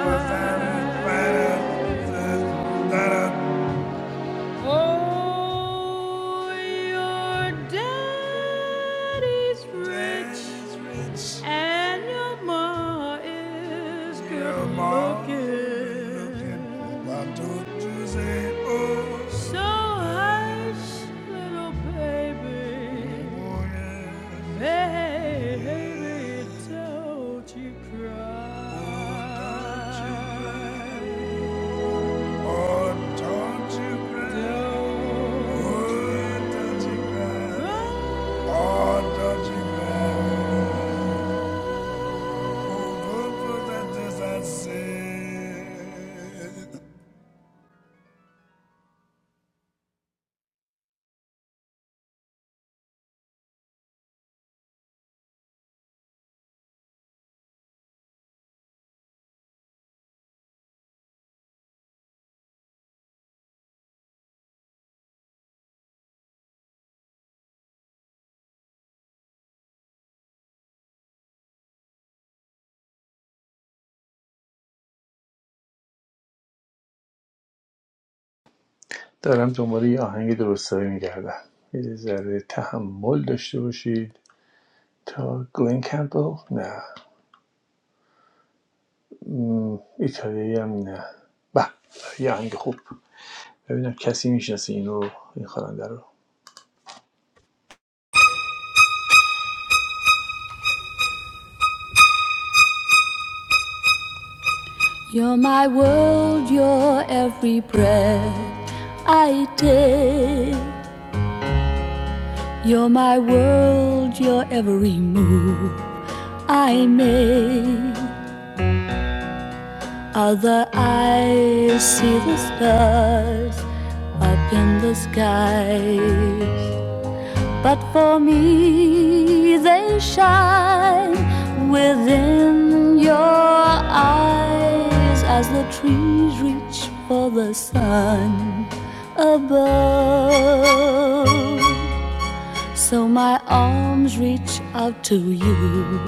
S1: Oh, your daddy's rich and your ma is good looking. So hush, little baby, baby, don't you cry. Oh, don't you cry.
S2: دارم دنبال یه آهنگ درستایی میگردم یه ذره تحمل داشته باشید تا گلین کمپل نه م، ایتالیایی هم نه به یه آهنگ خوب ببینم کسی میشناسه اینو این خواننده رو
S1: You're my world, you're every breath I take. You're my world, you're every move I make. Other eyes see the stars up in the skies. But for me, they shine within your eyes as the trees reach for the sun above. So my arms reach out to you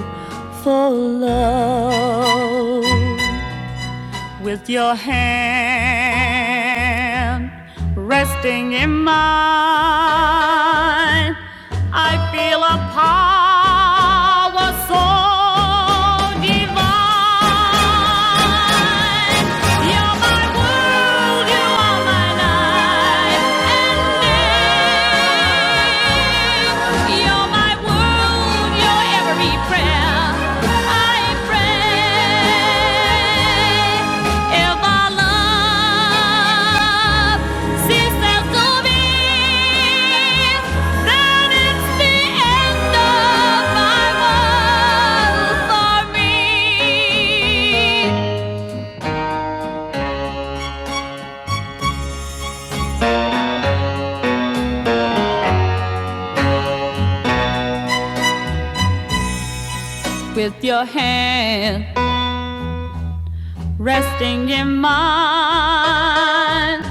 S1: for love with your hand resting in mine. I feel a power so divine. You're my world, you are my life and day. You're my world, your every prayer I pray. If our love ceases to be, then it's the end of my world for me. With your hand resting in mine,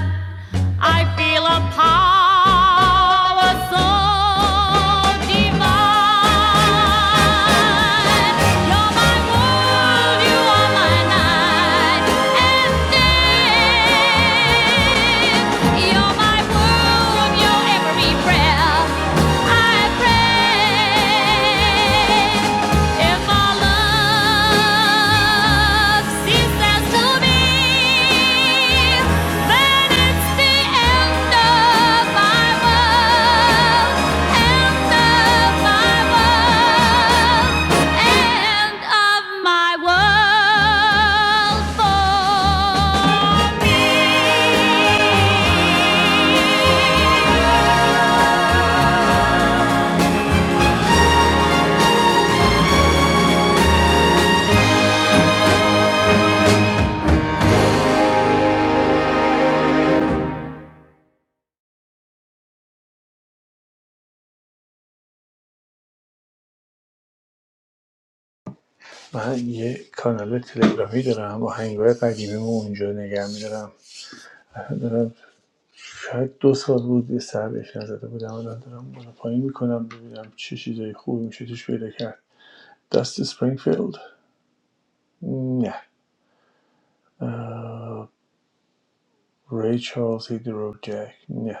S1: I feel a power so divine. You're my world, you are my night and day. You're my world, your every prayer I pray. And my love ceases to be, then it's the end of my world, end of my world, end
S2: من یه کانال تلگرامی دارم آهنگای قدیمیمو اونجا نگه میدارم دارم شاید دو سال بود یه سر بهش نزده بودم الان دارم بالا پایین میکنم ببینم چه چیزای خوبی میشه توش پیدا کرد دست سپرینگفیلد نه اه، ری چارلز هیدرو جک نه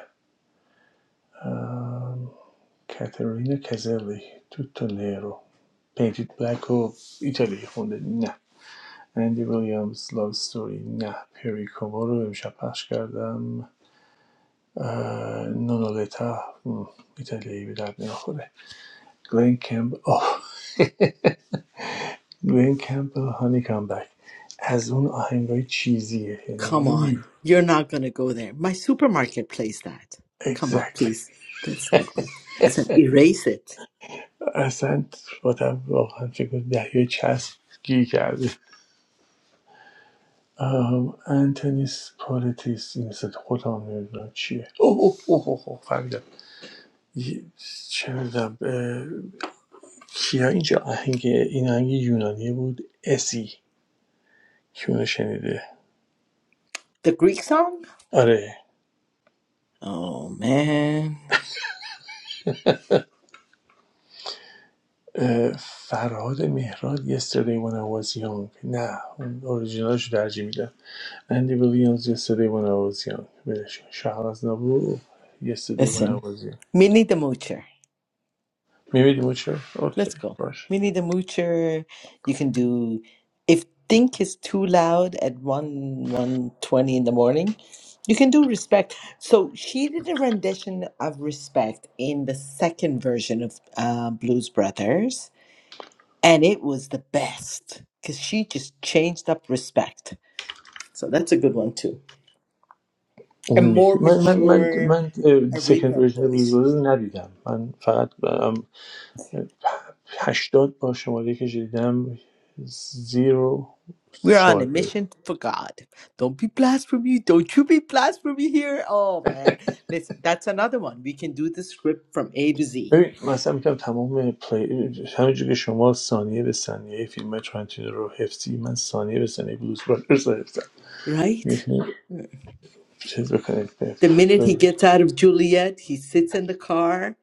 S2: کاترینا کزلی توتو نیرو پیتید بلک و ایتالی خونده نه اندی ویلیامز لاو ستوری نه پری کومو رو امشب پخش کردم Eh, mm, ایتالیایی به درد نمیخوره گلن کمپ آه گلن کمپ هانی کام بک از اون آهنگای چیزیه
S5: Come
S2: یعنی
S5: on, you're not gonna go there. My supermarket plays that. Come on, please.
S2: اگزکتلی
S5: That's not good. I said, erase it.
S2: اصلا آدم واقعا فکر دهیه چسب گیر کرده آم، انتونیس پالیتیس این صد خودم نمیدونم چیه اوه اوه اوه اوه اوه، فهمیدم یه- چه میدونم کیا اینجا آهنگ این آهنگ یونانی بود اسی که اونو شنیده
S5: The Greek song?
S2: آره
S5: Oh man.
S2: اه، فرهاد مهراد Yesterday When I Was Young نه اون اوریژینالش رو ترجیح میدم اندی ویلیامز Yesterday When I Was Young بدش شهر از نبو Yesterday When
S5: Listen,
S2: I Was Young
S5: Minnie the Moocher.
S2: میبینیم اون چرا؟ اوکی
S5: Let's go.
S2: باش
S5: Minnie the Moocher. You can do if think is too loud at one one twenty in the morning. You can do respect. So she did a rendition of respect in the second version of uh, Blues Brothers, and it was the best because she just changed up respect. So that's a good one too. A
S2: اون
S5: more
S2: یکی من من من
S5: mature
S2: من سکند
S5: Aretha
S2: اوریجینال بلوز
S5: voice.
S2: بلوز ندیدم من فقط ام، هشتاد با شماره که شنیدم زیرو
S5: We're on a mission for God. Don't be blasphemy. Don't you be blasphemy here. Oh man. Listen, that's another one. We can do the script from A to Z.
S2: ببین مثلا میگم تمام پلی همینجور که شما ثانیه به ثانیه فیلم های ترنتینو رو حفظی من ثانیه به ثانیه بلوز برادرز رو حفظم
S5: Right?
S2: می‌تونی چیز بکنید به
S5: The minute he gets out of Juliet, he sits in the car.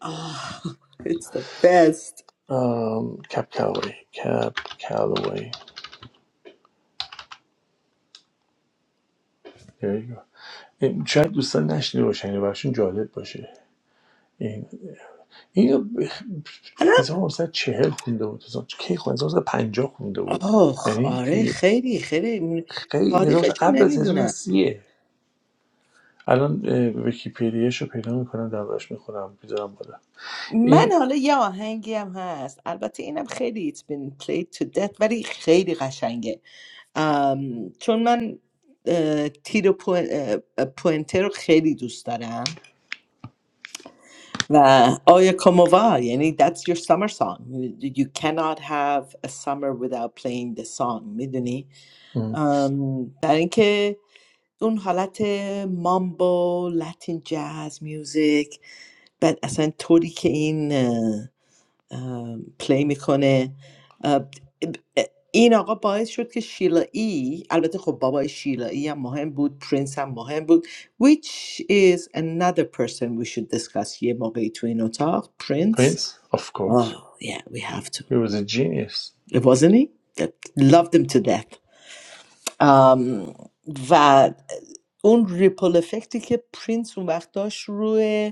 S5: Oh, it's the best.
S2: آم، کپ کالوی کپ کالوی There you go. این- شاید دوستان نشنیده باشن یا براشون جالب باشه این اینو ب-
S5: And
S2: هزار
S5: I'm-
S2: و نهصد و چهل خونده بود 1900 کی خونده هزار و نهصد و پنجاه خونده بود
S5: oh,
S2: یعنی
S5: آره
S2: توی
S5: خیلی خیلی
S2: خیلی 1900
S5: تاریخش رو
S2: قبل از
S5: نمی‌دونم.
S2: 1930 الان اه، ویکی‌پدیاش رو پیدا میکنم دربارش میخونم میذارم بالا
S5: من
S2: این
S5: حالا یه آهنگی هم هست البته اینم خیلی It's been played to death ولی خیلی قشنگه ام، چون من اه، تیر پوینتر رو خیلی دوست دارم و آیا کامووا یعنی that's your summer song you you cannot have a summer without playing the song میدونی ام، در اینکه اون حالت مامبو لاتین جاز میوزیک بعد اصلا طوری که این ام، پلی میکنه این آقا باعث شد که شیلا ای البته خب بابای شیلا ای هم مهم بود پرنس هم مهم بود which is another person we should discuss یه موقعی تو این اتاق پرنس
S2: پرنس of course
S5: oh yeah we have to
S2: he was a genius
S5: it wasn't he that loved him to death ام، و اون ریپل افکتی که پرینس اون وقت داشت روی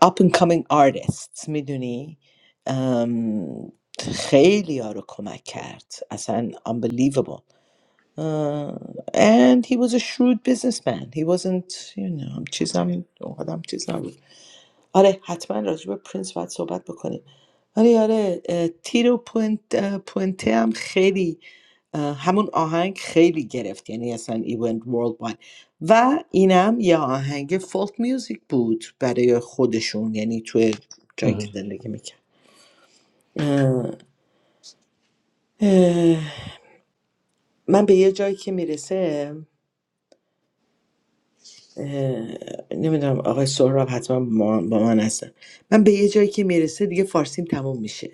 S5: up and coming artists میدونی ام، خیلی یارو کمک کرد اصلا unbelievable اه، and he was a shrewd businessman he wasn't you know چیزم آدم چیزم آره حتما راجع به پرینس باید صحبت بکنیم آره آره اه، تیرو پوینت اه، پوینته هم خیلی اه، همون آهنگ خیلی گرفت یعنی اصلا ایونت ورلد واید و اینم یه آهنگ فولک میوزیک بود برای خودشون یعنی توی جایی که زندگی میکرد اه، اه، من به یه جایی که میرسه نمیدونم آقای سهراب حتما با من با من هستن من به یه جایی که میرسه دیگه فارسیم تموم میشه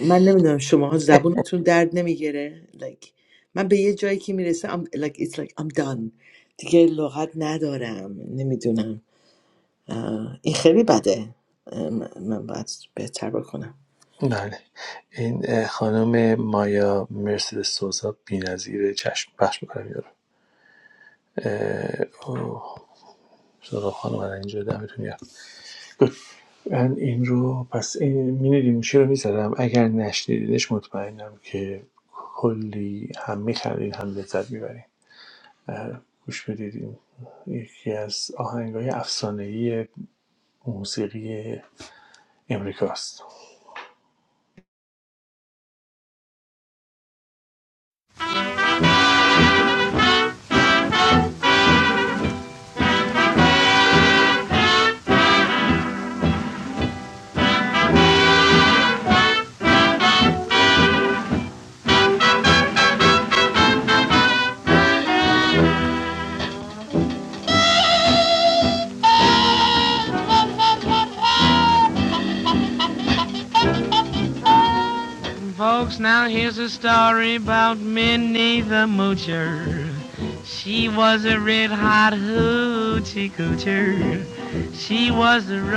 S5: من نمیدونم شماها زبونتون درد نمیگیره like من به یه جایی که میرسم I'm, like it's like I'm done دیگه لغت ندارم نمیدونم آه، این خیلی بده اه، من من باید بهتر بکنم
S2: بله این خانم مایا مرسدس سوزا بی‌نظیره چشم بخش میکنم یارو اه، اوه، سراغ خانم الان اینجا دمتون گرم من این رو پس این مینی لیموشی رو میذارم اگر نشنیدینش مطمئنم که کلی هم میخرین هم لذت میبرین اه، گوش بدید یکی از آهنگای افسانه‌ای موسیقی امریکاست
S1: of my world. For Folks, now here's a story about Minnie the Moocher. She was a red hot hoochie coocher. She was a red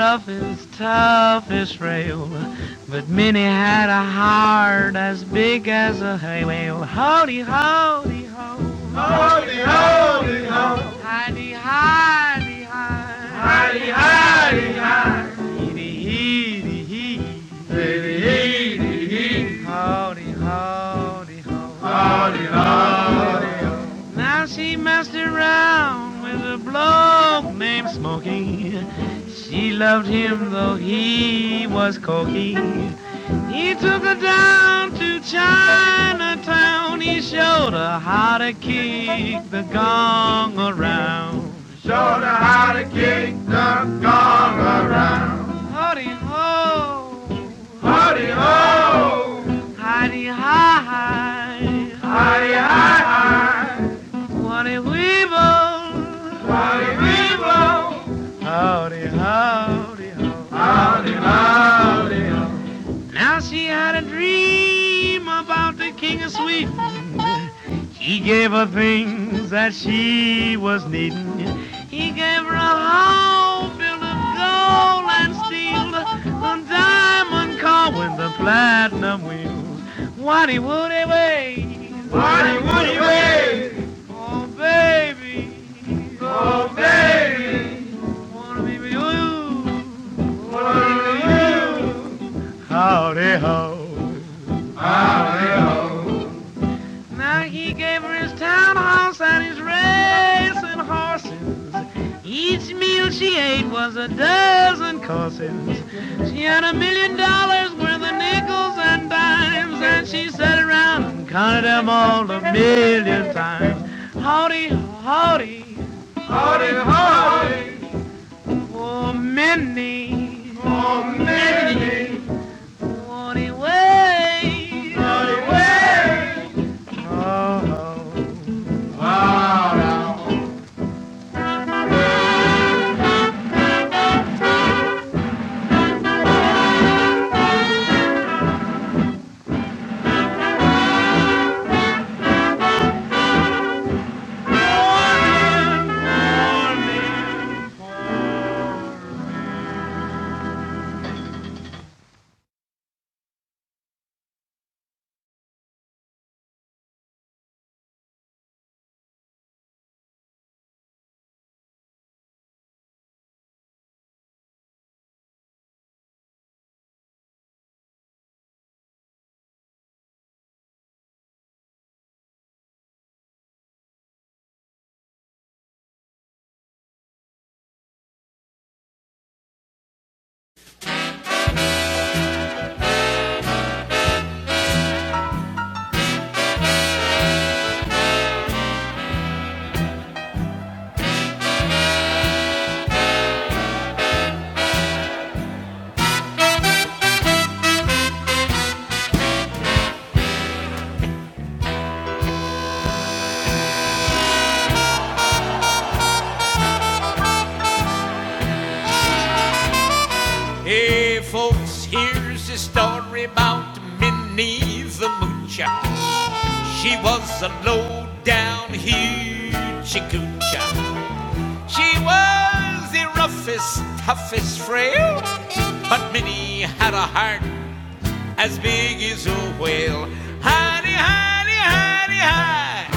S1: Wally Weevil. Wally Weevil. Howdy, howdy, howdy, howdy, howdy. howdy. Now she had a dream about the king of Sweden. He gave her things that she was needing. He gave her a home built of gold and steel, a diamond car with the platinum wheels. What he would he weigh? What he would he weigh? Each meal she ate was a dozen courses. She had a million dollars worth of nickels and dimes, and she sat around and counted them all a million times. Howdy, howdy, howdy, howdy. Oh, Minnie, oh, Minnie. Howdy, way, howdy, way. Oh, oh, oh, oh. Hey folks, here's a story about Minnie the Moocher. She was a low down hoochie-coocher. She was the roughest, toughest frail, but Minnie had a heart as big as a whale. Honey, honey, honey, hi,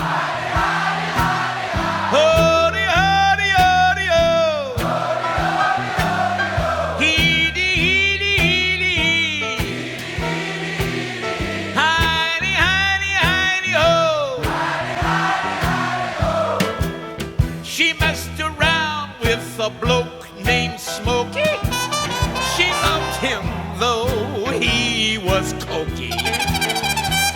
S1: ho, honey, ho, oh, heedy, heedy, heedy, hee. honey, honey, honey, oh. She messed around with a bloke named Smokey. She loved him though he was cokey.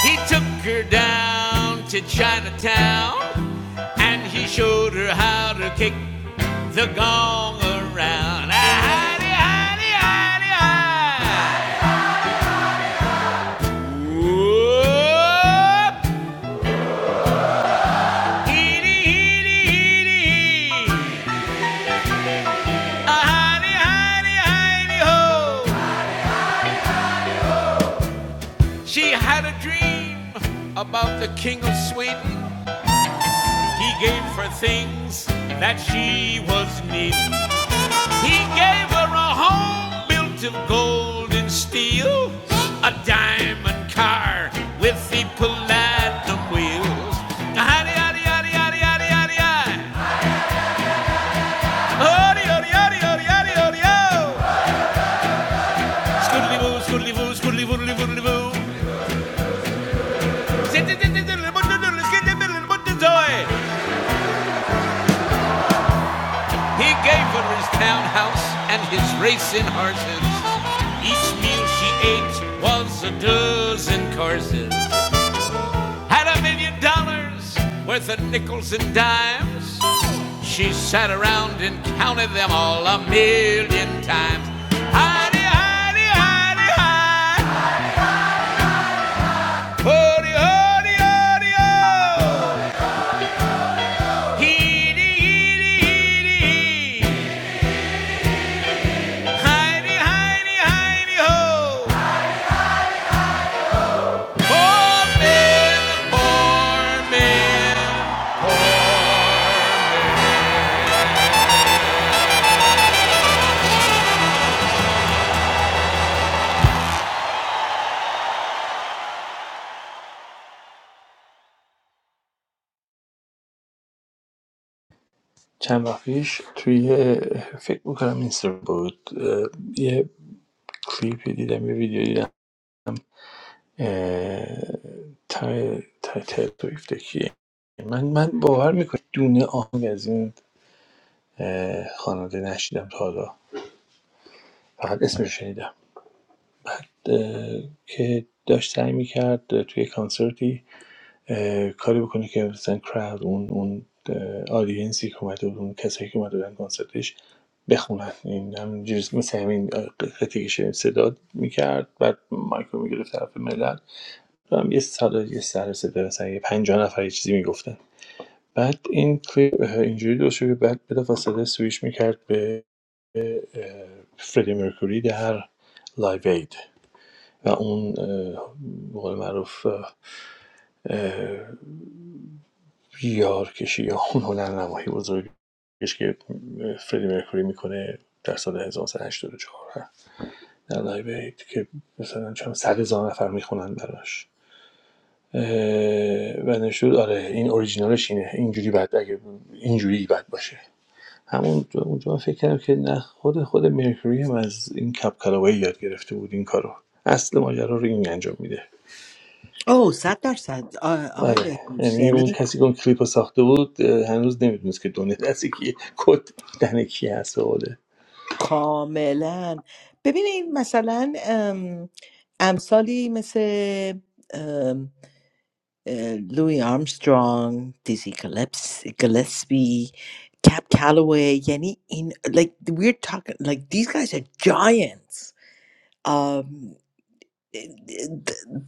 S1: He took her down to Chinatown and he showed her how to kick the gong around. Ah, hidey, hidey, hidey, hi. Oh, heedy, hee heedy, hee. Ah, hidey, hidey, hidey, ho. She had a dream about the King of Sweden. He gave her things that she was needing. He gave her a home built of gold and steel, a diamond car with the platinum wheels. Howdy, howdy, howdy, howdy, howdy, howdy, howdy, howdy, howdy, howdy, howdy, howdy, howdy, scoodly boo, scoodly boo, scoodly boo, scoodly boo, scoodly boo. He gave her his townhouse and his racing horses. Each meal she ate was a dozen courses. Had a million dollars worth of nickels and dimes. She sat around and counted them all a million times. Hidey, hidey, hidey, hide. Hody, hody, hody, ho. Heedy, heedy, heedy, hee. Hidey, hidey, hidey, ho. Born man, born man.
S2: چند وقت پیش توی فکر میکنم اینستا بود یه کلیپی دیدم یه ویدیو دیدم تا تایتل من من باور میکنم دونه آهنگ از این خواننده نشیدم تا حالا فقط اسمش شنیدم بعد که داشت سعی میکرد توی کانسرتی کاری بکنه که مثلا crowd اون اون اه، آدینسی که اومده بود اون کسایی که اومده بودن کنسرتش بخونن این همینجوری مثل همین قطعه که شنید صدا میکرد بعد مایکرو میگرفت طرف ملت و هم یه سر یه سر صدا مثلا یه پنجاه نفر یه چیزی میگفتن بعد این کلیپ اه، اینجوری درست شد که بعد بلافاصله سویش میکرد به اه، فردی مرکوری در لایو اید و اون اه، به قول معروف بیارکشی یا اون هنرنمایی بزرگش که فردی مرکوری میکنه در سال 1984 در لایو که مثلا چند صد هزار نفر میخونن براش و نشد آره این اوریجینالش اینه اینجوری بعد اگه اینجوری بد باشه همون اونجا فکر کردم که نه خود خود مرکوری هم از این کپ کلاوی یاد گرفته بود این کارو اصل ماجرا رو این انجام میده
S5: او صد درصد آ- آقای
S2: آره
S5: بهروز
S2: یعنی
S5: یعنی
S2: اون کسی که اون کلیپ رو ساخته بود اه، هنوز نمیدونست که دونه دستی که کد دهن کی هست بوده
S5: کاملا ببینید مثلا ام، امثالی مثل uh, Louis Armstrong, Dizzy Gillespie, Gillespie, Cap Calloway, Yanni. In like we're talking, like these guys are giants. Um, the,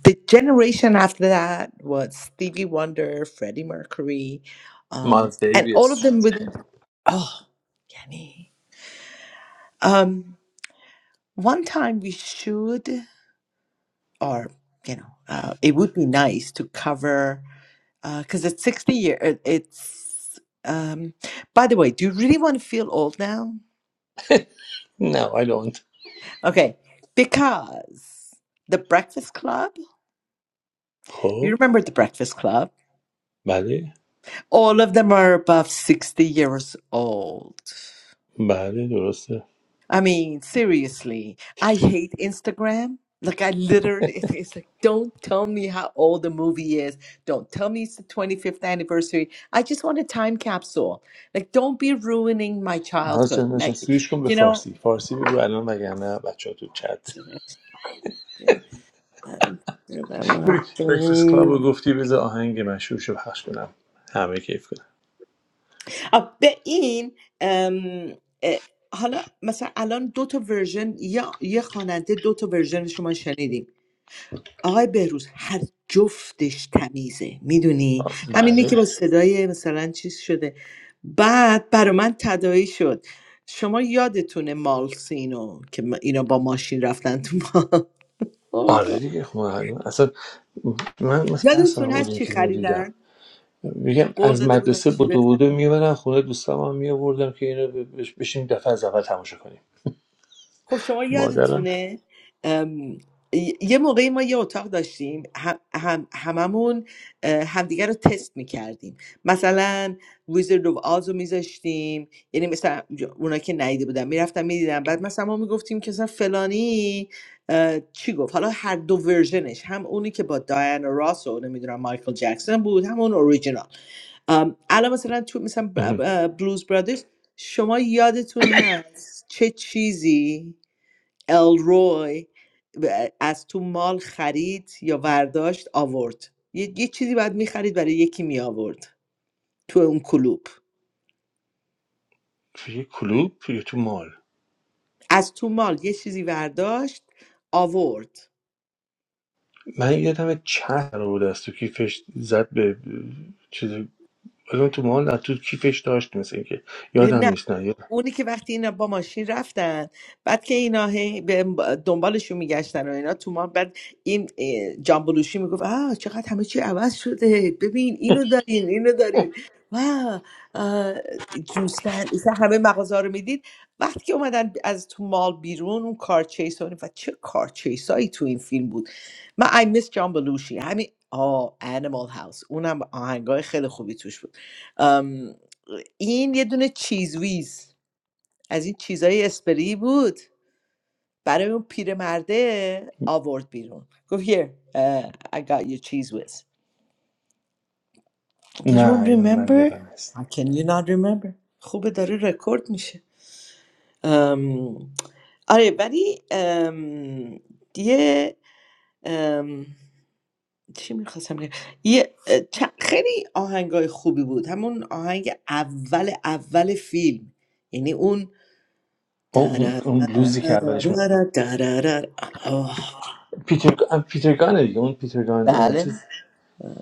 S5: the generation after that was Stevie Wonder, Freddie Mercury, um,
S2: مالز
S5: and all of
S2: دیویس
S5: them with oh, Yanni. Um, one time we should, or you know, uh, it would be nice to cover. because it's 60 years. It's, um, by the way, do you really want to feel old now?
S2: نه آیلند
S5: Okay, because the Breakfast Club, you
S2: خب
S5: remember the Breakfast Club?
S2: بله
S5: All of them are above 60 years old.
S2: بله درسته
S5: I mean, seriously, I hate Instagram. Like, I literally, it's, it's like, don't tell me how old the movie is. Don't tell me it's the 25th anniversary. I just want a time capsule. Like, don't be ruining my
S2: ناز
S5: childhood.
S2: جان ناز جان،
S5: Like,
S2: سویش کن به
S5: you know,
S2: فارسی فارسی بگو الان وگرنه بچه ها تو چت بریکفست کلاب رو گفتی بذار آهنگ مشهور رو پخش کنم همه کیف کنم
S5: آه، به این ام، اه، حالا مثلا الان دو تا ورژن یا یه خواننده دو تا ورژن شما شنیدیم آقای بهروز هر جفتش تمیزه میدونی همینی که
S2: بله
S5: با صدای مثلا چیز شده بعد برا من تداعی شد شما یادتونه مالس اینو که ما- اینا با ماشین رفتن تو ما آه،
S2: آره
S5: گاد.
S2: دیگه خب آره. اصلا من مثلا هر سالم
S5: یادتون
S2: بود
S5: هست
S2: این
S5: چی
S2: فیلم رو دیدم
S5: خریدن
S2: میگم
S5: قول
S2: از
S5: داده بودن
S2: مدرسه
S5: چی
S2: بدو بدو میبرن خونه دوستم هم میآوردم که اینو ب- بش- بشیم دفعه از اول تماشا کنیم
S5: خب شما
S2: مادرم
S5: یادتونه ام، ی- یه موقعی ما یه اتاق داشتیم هم هم هممون اه، همدیگه رو تست میکردیم مثلا ویزرد of آز رو میذاشتیم یعنی مثلا اونا که ندیده بودن میرفتم میدیدم بعد مثلا ما میگفتیم که مثلا فلانی اه، چی گفت حالا هر دو ورژنش هم اونی که با دایانا راس و نمیدونم مایکل جکسون بود هم اون اوریجینال ام، الان مثلا تو مثلا
S2: اه.
S5: بلوز برادرز شما یادتون هست چه چیزی الروی ب- از تو مال خرید یا ورداشت آورد یه, یه چیزی باید میخرید برای یکی می آورد تو اون کلوب
S2: توی کلوب یا تو مال
S5: از تو مال یه چیزی ورداشت آورد
S2: من یادم چند رو بود از تو کیفش زد به چیز الان تو مال از تو کیفش داشت مثل اینکه یادم
S5: نه
S2: نیست نه یادم.
S5: اونی که وقتی اینا با ماشین رفتن بعد که اینا هی به دنبالشون میگشتن و اینا تو ما بعد این اه، جانبلوشی میگفت آه چقدر همه چی عوض شده ببین اینو دارین اینو دارین و آه، جوستن اصلا همه مغازه رو میدید وقتی که اومدن از تو مال بیرون اون کارچیس و چه کارچیس هایی تو این فیلم بود من I miss جانبلوشی همین آه Animal House اونم آهنگای خیلی خوبی توش بود ام، این یه دونه چیز ویز از این چیزای اسپری بود برای اون پیرمرده آورد بیرون Go here uh, I got you cheese whiz you
S2: نه
S5: don't
S2: اینو من
S5: remember
S2: یادم نیست
S5: how can you not remember خوبه داره رکورد میشه ام، آره ولی ام، یه ام، چی میخواستم بگم یه اه، چ- خیلی آهنگای خوبی بود همون آهنگ اول اول فیلم یعنی اون
S2: آه، اون اون بلوزی که اولش من
S5: درررررررررر. آه.
S2: پیتر آه، پیترگانه دیگه اون پیترگان اه، چیز
S5: بله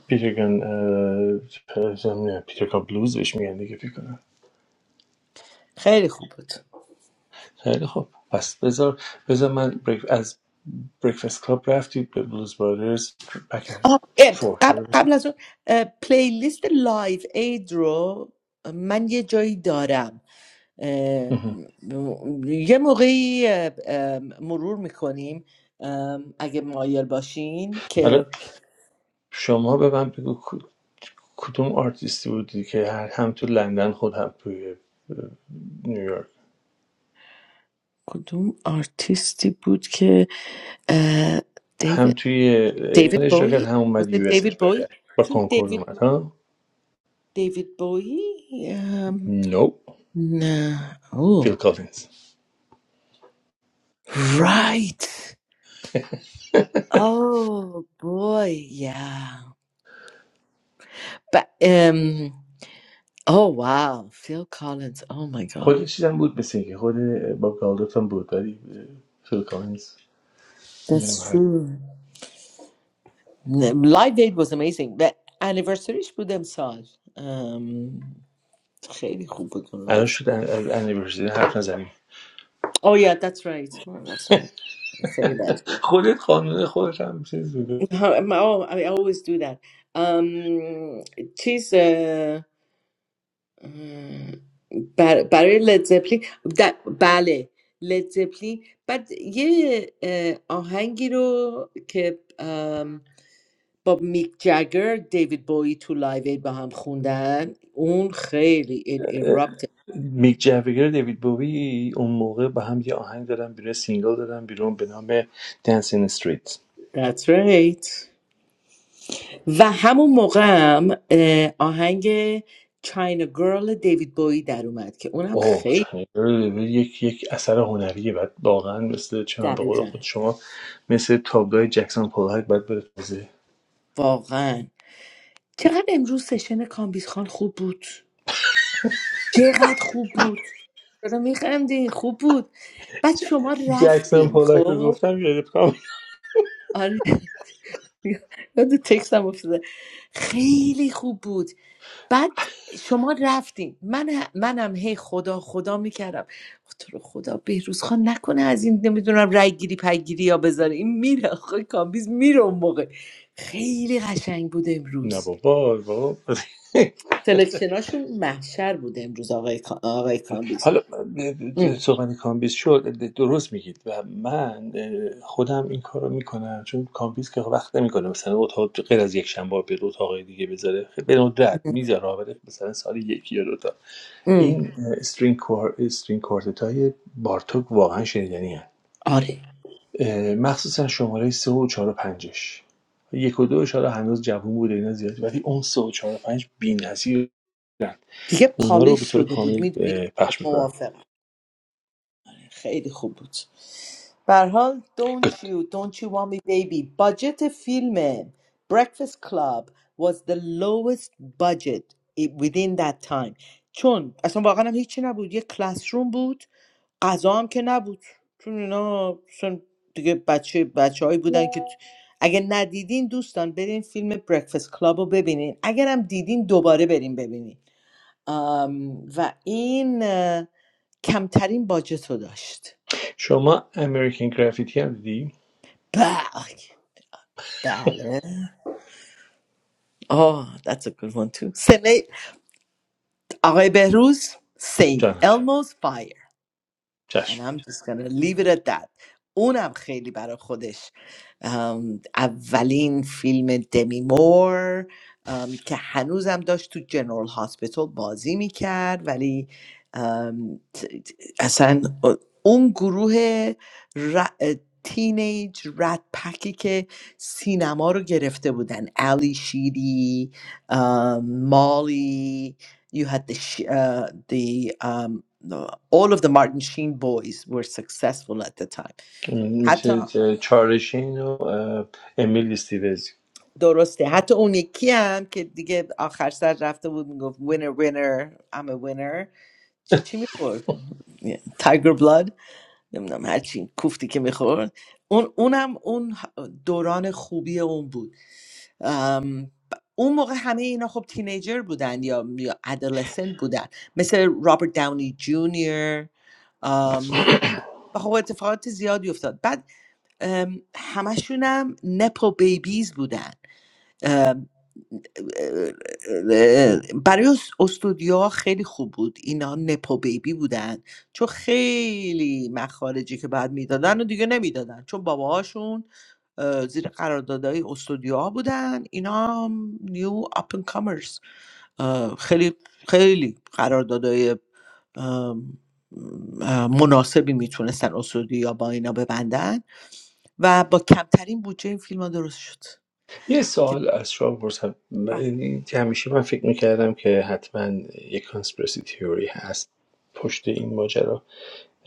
S2: پیترگان اه، چه- چه- نه، پیترگان بلوز بهش میگن دیگه فکر کنم
S5: خیلی خوب بود
S2: خیلی خب. پس بذار بذار من بریک... از بریکفست کلاب رفتی به بلوز برادرز بک اند
S5: آها، اه،
S2: فورت
S5: قبل,
S2: رو بزن.
S5: قبل از اون اه، پلیلیست لایف اید رو من یه جایی دارم اه، م- یه موقعی اه، اه، مرور میکنیم اگه مایل باشین
S2: حالا
S5: که
S2: شما به من بگو کدوم آرتیستی بودی که هر- هم تو لندن خود هم توی نیویورک
S5: کدوم آرتیستی بود که اه،
S2: هم
S5: دیوید
S2: توی ایران
S5: دیوید
S2: اجرا کرد
S5: بوی
S2: هم
S5: was
S2: اومد یو
S5: it
S2: اس
S5: دیوید
S2: اجرا
S5: بوی
S2: کرد با
S5: چون
S2: کنکورد
S5: دیوید
S2: اومد ها
S5: دیوید بوی ام،
S2: نو
S5: نه
S2: فیل
S5: او
S2: کالینز
S5: رایت Oh boy, yeah. But um oh wow, Phil Collins. Oh my god.
S2: خود چیزم بود مثل اینکه خود باب گالدوت هم بود ولی فیل کالینز نمی‌دونم
S5: That's
S2: هر
S5: true. Live Aid was amazing. و anniversaryش بود امسال. Um, خیلی خوب بود اون
S2: الان
S5: live.
S2: شد انیورسری حرف نزنیم
S5: Oh yeah, that's right. Oh, that's not- خیلی بد بود.
S2: خودت قانون خودت هم چیز بوده
S5: Oh, I always do that. Um, چیز بر- برای لدزپلین در- بله لدزپلین بعد یه اه، آهنگی رو که ام، با میک جگر دیوید بویی تو لایو اید با هم خوندن اون خیلی it
S2: اه،
S5: erupted
S2: میک جوگر و دیوید بوی اون موقع با هم یه آهنگ دادن بیرون سینگل دادن بیرون به نام دنسین استریت
S5: That's right. و همون موقع هم اه، آهنگ چاینا گرل دیوید بویی در اومد که اونم
S2: اوه
S5: خیلی
S2: چنل یک یک اثر هنریه بعد واقعا مثل چه من به قول
S5: دقیقا
S2: خود شما مثل تابلوی جکسون پولاک بعد بره توزیع
S5: واقعا چقدر امروز سشن کامبیز خان خوب بود چقدر خوب بود چرا میخندین خوب بود بعد شما
S2: جکسون
S5: رفتین
S2: پولاک رو
S5: خب
S2: گفتم یادت کام
S5: آره یاد تکستم افتاده خیلی خوب بود بعد شما رفتین من ه- منم هی خدا خدا میکردم تو رو خدا بهروز خان نکنه از این نمیدونم رای گیری پگیری یا بذاره این میره آخه کامبیز میره اون موقع خیلی قشنگ بود
S2: نه
S5: امروز
S2: بابا بابا
S5: سلکشناشون محشر بود امروز آقای, کا- آقای کامبیز
S2: حالا
S5: ام.
S2: صحبت کامبیز شد درست میگید و من اه، خودم این کار رو میکنم چون کامبیز که وقت نمیکنه مثلا اتاق غیر از یک شنبه به دو اتاق دیگه بذاره خیلی به ندرت میذاره ولی مثلا سال یکی یا دوتا
S5: ام.
S2: این اه، استرینگ کور استرینگ کوارتت های بارتوک واقعا شنیدنی هست
S5: آره
S2: مخصوصا شماره سه و چهار و پنجش یک و دوش حالا هنوز جوون بوده اینا زیاد ولی اون سه و چهار و پنج بی‌نظیرن
S5: دیگه
S2: اونا رو
S5: پالیش
S2: به طور
S5: شده بود
S2: کامل
S5: میدونی
S2: اه، پخش میکنم
S5: موافقم خیلی خوب بود به هر حال Don't You Don't You Want Me Baby باجت فیلم Breakfast Club was the lowest budget i- within that time چون اصلا واقعا هم هیچی نبود یه کلاس روم بود غذا هم که نبود چون اینا اصلا دیگه بچه بچه هایی بودن که تو- اگه ندیدین دوستان برین فیلم Breakfast Club رو ببینین اگرم دیدین دوباره برین ببینین و این کمترین باجت رو داشت
S2: شما امریکن گرافیتی هم دیدی؟
S5: بله بله آه that's a good one too سنه آقای بهروز Saint
S2: جانم
S5: Elmo's Fire And
S2: چشم
S5: I'm just gonna leave it at that. اونم خیلی برا خودش ام، اولین فیلم دمی مور ام، که هنوزم داشت تو جنرال هاسپیتال بازی میکرد ولی ام، ت- ت- اصلا اون گروه ر... تینیج رد پکی که سینما رو گرفته بودن علی شیری ام، مالی you had the Sh- uh, the um, the- all of the Martin Sheen boys were successful at the time حتی
S2: مثل اه، چارلشین و اه، امیل استیوز
S5: درسته حتی اون یکی هم که دیگه آخر سر رفته بود میگفت winner winner I'm a winner چی چی میخورد تایگر بلاد نمیدونم هرچی کوفتی که میخورد اون اونم اون دوران خوبی اون بود ام، اون موقع همه اینا خب تینیجر بودن یا یا ادلسنت بودن مثل رابرت داونی جونیور و خب اتفاقات زیادی افتاد بعد ام، همشونم نپو بیبیز بودن ام، برای استودیوها خیلی خوب بود اینا نپو بیبی بودن چون خیلی مخارجی که بعد میدادن و دیگه نمیدادن چون باباهاشون زیر قراردادهای استودیوها بودن اینا هم نیو اپن کامرس اه، خیلی خیلی قراردادهای ام، اه، مناسبی میتونستن اسودی یا با اینا ببندن و با کمترین بودجه این فیلم ها درست شد
S2: یه
S5: که
S2: سوال از شما بپرسم من-
S5: به
S2: یعنی همیشه من فکر میکردم که حتما یک کانسپرسی تیوری هست پشت این ماجرا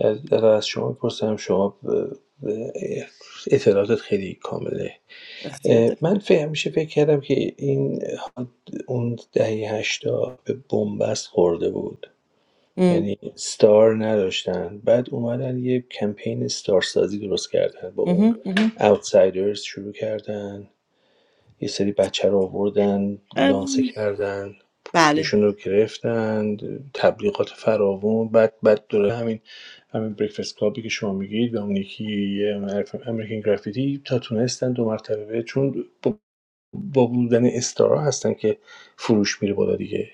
S2: از در از شما بپرسم شما ب- اطلاعاتت خیلی کامله
S5: اختیار داره
S2: من فکر همیشه فکر کردم که این اون دهه هشتا به بنبست خورده بود
S5: ام،
S2: یعنی ستار نداشتن بعد اومدن یه کمپین ستار سازی درست کردن با اون
S5: مهم، مهم.
S2: اوتسایدرز شروع کردن یه سری بچه رو آوردن
S5: ام،
S2: لانسه کردن
S5: بله
S2: پوششون رو گرفتن تبلیغات فراوون بعد بعد دوره همین همین بریکفست کلابی که شما میگید و اون یکی یه امریکن گرافیتی تا تونستن دو مرتبه چون با با بودن استارا هستن که فروش میره بالا دیگه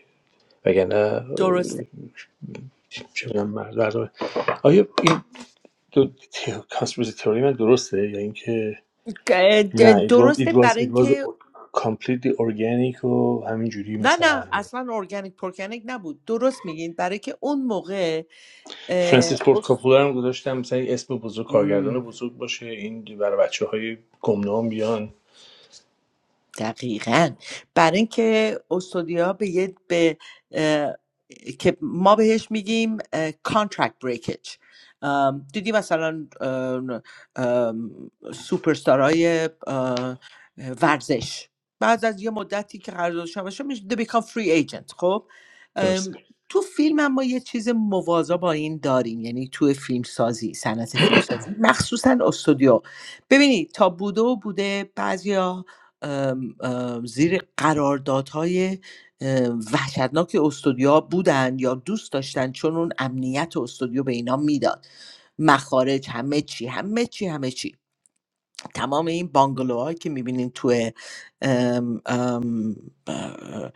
S5: درسته
S2: وگرنه چه می‌دونم مرز برنامه آیا این دو کانسپیرسی تئوری من درسته یا اینکه
S5: گ- د-
S2: نه it was it
S5: درسته
S2: was
S5: برای
S2: it was
S5: اینکه
S2: completely organic و همینجوری
S5: نه نه
S2: مثلا
S5: اصلا ارگانیک پرکنیک نبود درست میگین برای که اون موقع اه،
S2: فرانسیس فورد
S5: اوف.
S2: کاپولا رو گذاشتم مثلا اسم بزرگ کارگردان بزرگ باشه این برای بچه گمنام بیان
S5: دقیقا برای اینکه استودیا به یه به اه، که ما بهش میگیم اه، contract breakage ام، دیدی مثلا سوپرستارهای ورزش بعد از یه مدتی که قراردادشون بشه میشه they become free agent خب ام،
S2: درسته
S5: تو فیلم هم ما یه چیز موازا با این داریم یعنی تو فیلم سازی صنعت فیلم سازی مخصوصا استودیو ببینید تا بوده و بوده بعضیا ام، ام، زیر قراردادهای ام، وحشتناک استودیوها بودن یا دوست داشتن چون اون امنیت استودیو به اینا میداد مخارج همه چی همه چی همه چی تمام این بانگلوهایی که میبینین توی ام، ام، اه،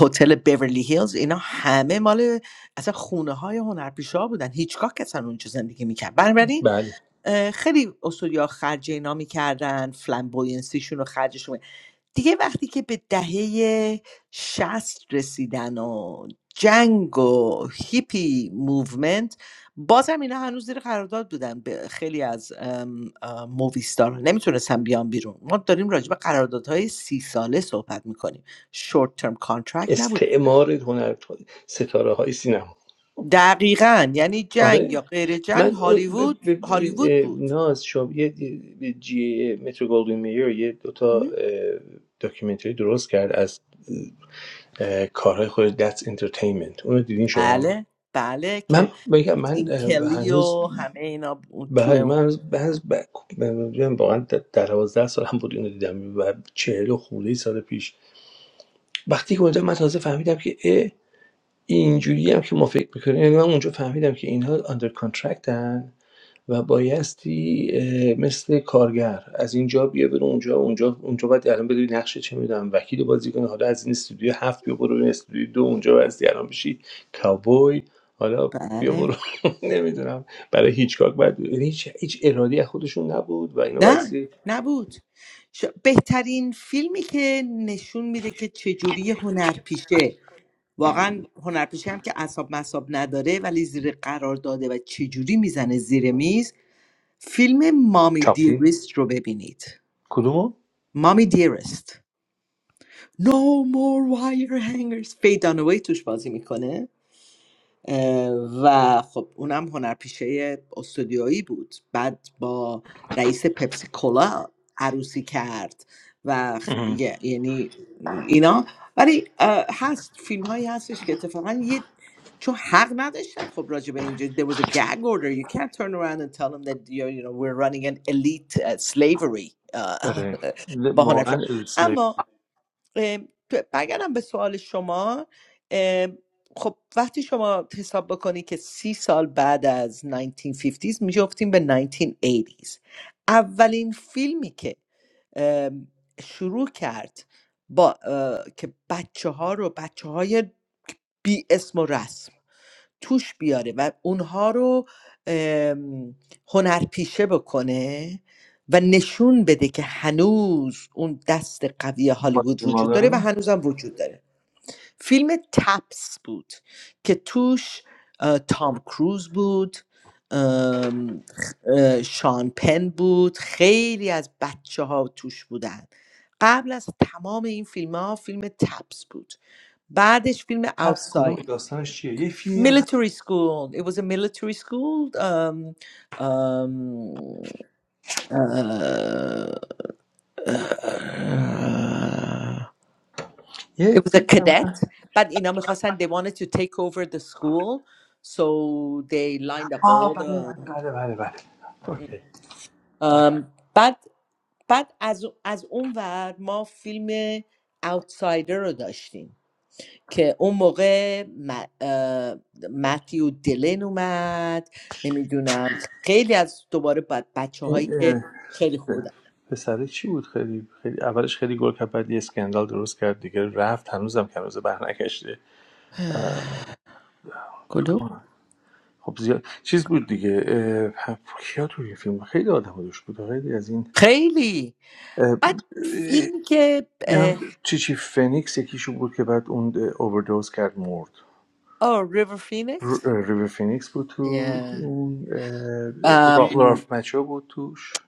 S5: هتل بیورلی هیلز اینا همه مال اصلا خونه های هنرپیشه بودن هیچگاه اصلا اونجا زندگی میکرد بنابراین
S2: بله
S5: اه، خیلی استودیو خرج اینا میکردن فلمبوینسیشون و خرجشون دیگه وقتی که به دهه شست رسیدن و جنگ و هیپی موومنت بازم اینا هنوز زیر قرارداد بودن به خیلی از مووی ستار نمیتونستن بیان بیرون ما داریم راجع به قراردادهای سی ساله صحبت میکنیم شورت ترم کانترکت نبود
S2: استعمار هنر ستاره های سینما
S5: دقیقا یعنی
S2: آره
S5: جنگ یا غیر جنگ
S2: من اون
S5: هالیوود
S2: ب- ب- ببین،
S5: هالیوود بود
S2: ناز شما یه یه- جی مترو گلدوین میر یه دوتا
S5: مهم.
S2: اه، داکیومنتری درست کرد از اه، کارهای خود دتس انترتینمنت اونو دیدین شما
S5: بله بله
S2: من
S5: که
S2: بگم من
S5: تیم
S2: اه،
S5: کلی
S2: هنوز
S5: و همه اینا بود تو
S2: بله من
S5: اون.
S2: هنوز, هنوز ب... من میگم واقعا د- در 12 سال هم بود اینو دیدم و چهل و خورده ای سال پیش وقتی که اونجا من تازه فهمیدم که اه، اینجوری هم که ما فکر میکنیم یعنی من اونجا فهمیدم که اینها آندر کانترکتن و بایستی مثل کارگر از اینجا بیا برو اونجا اونجا اونجا باید الان بدونی نقشه چه میدونم وکیل بازی کنی حالا از این استودیو هفت بیا برو این استودیو دو اونجا بایستی الان بشی کاوبوی حالا بیا
S5: بله
S2: برو نمیدونم برای هیچ کار باید یعنی هیچ هیچ ارادی از خودشون نبود و اینا
S5: نه
S2: بایستی
S5: نبود ش- بهترین فیلمی که نشون میده که چجوری هنرپیشه واقعا هنرپیشه هم که اصاب مصاب نداره ولی زیر قرار داده و چجوری میزنه زیر میز فیلم مامی
S2: چاپلین
S5: دیرست رو ببینید مامی دیرست No more wire hangers فیدانوی توش بازی میکنه و خب اونم هنرپیشه استودیویی بود بعد با رئیس پپسی کولا عروسی کرد و خ-
S2: اه.
S5: یعنی اینا ولی اه، هست فیلم هایی هستش که اتفاقا یه چون حق نداشتن خب راجع به اینجا there was a gag order you can't turn around and tell them that you're, you know we're running an elite uh, slavery uh,
S2: آره ل-
S5: با
S2: واقعا اسلی
S5: هنرپیشه. اه، تو- برگردم به سوال شما اه، خب وقتی شما حساب بکنی که سی سال بعد از 1950s میجفتیم به 1980s اولین فیلمی که ام، شروع کرد با اه، که بچه ها رو بچه های بی اسم و رسم توش بیاره و اونها رو ام، هنرپیشه بکنه و نشون بده که هنوز اون دست قوی هالیوود وجود داره و هنوزم وجود داره فیلم تپس بود که توش اه، تام کروز بود ام، اه، شان پن بود خیلی از بچه ها توش بودن قبل از تمام این فیلم ها فیلم تپس بود بعدش فیلم
S2: تپس
S5: آوتساید
S2: کلوم داستانش چیه یه فیلمی هم هست.
S5: military school. It was a military school. Um, um, uh, uh,
S2: یه
S5: it was a
S2: فیلم
S5: cadet, but in Amikhasan, they wanted to take over the school, so they lined up
S2: آه
S5: all
S2: بله بله
S5: the.
S2: بله بله بله اوکی بله.
S5: Um, بعد بعد از از اون ور ما فیلم Outsider رو داشتیم که اون موقع م- اه، متیو دلن اومد نمیدونم خیلی از دوباره بعد بچه هایی
S2: این
S5: که خیلی خوب بودن
S2: پسره چی بود خیلی خیلی اولش خیلی گل کرد بعد یه اسکندال درست کرد دیگه رفت هنوزم که هنوز بر نکشته اه،
S5: کدوم
S2: خب زیاد چیز بود دیگه اه، کیا توی این فیلم بود؟ خیلی آدم دوش بود خیلی از این
S5: خیلی
S2: اه،
S5: بعد
S2: اه،
S5: فیلمی که آه
S2: نم- چی چی فنیکس یکیشو بود که بعد اون اووردوز کرد مرد
S5: آه ریور
S2: ر-
S5: فینکس
S2: ریور فینیکس بود تو اون اه، را- رالف مچو بود توش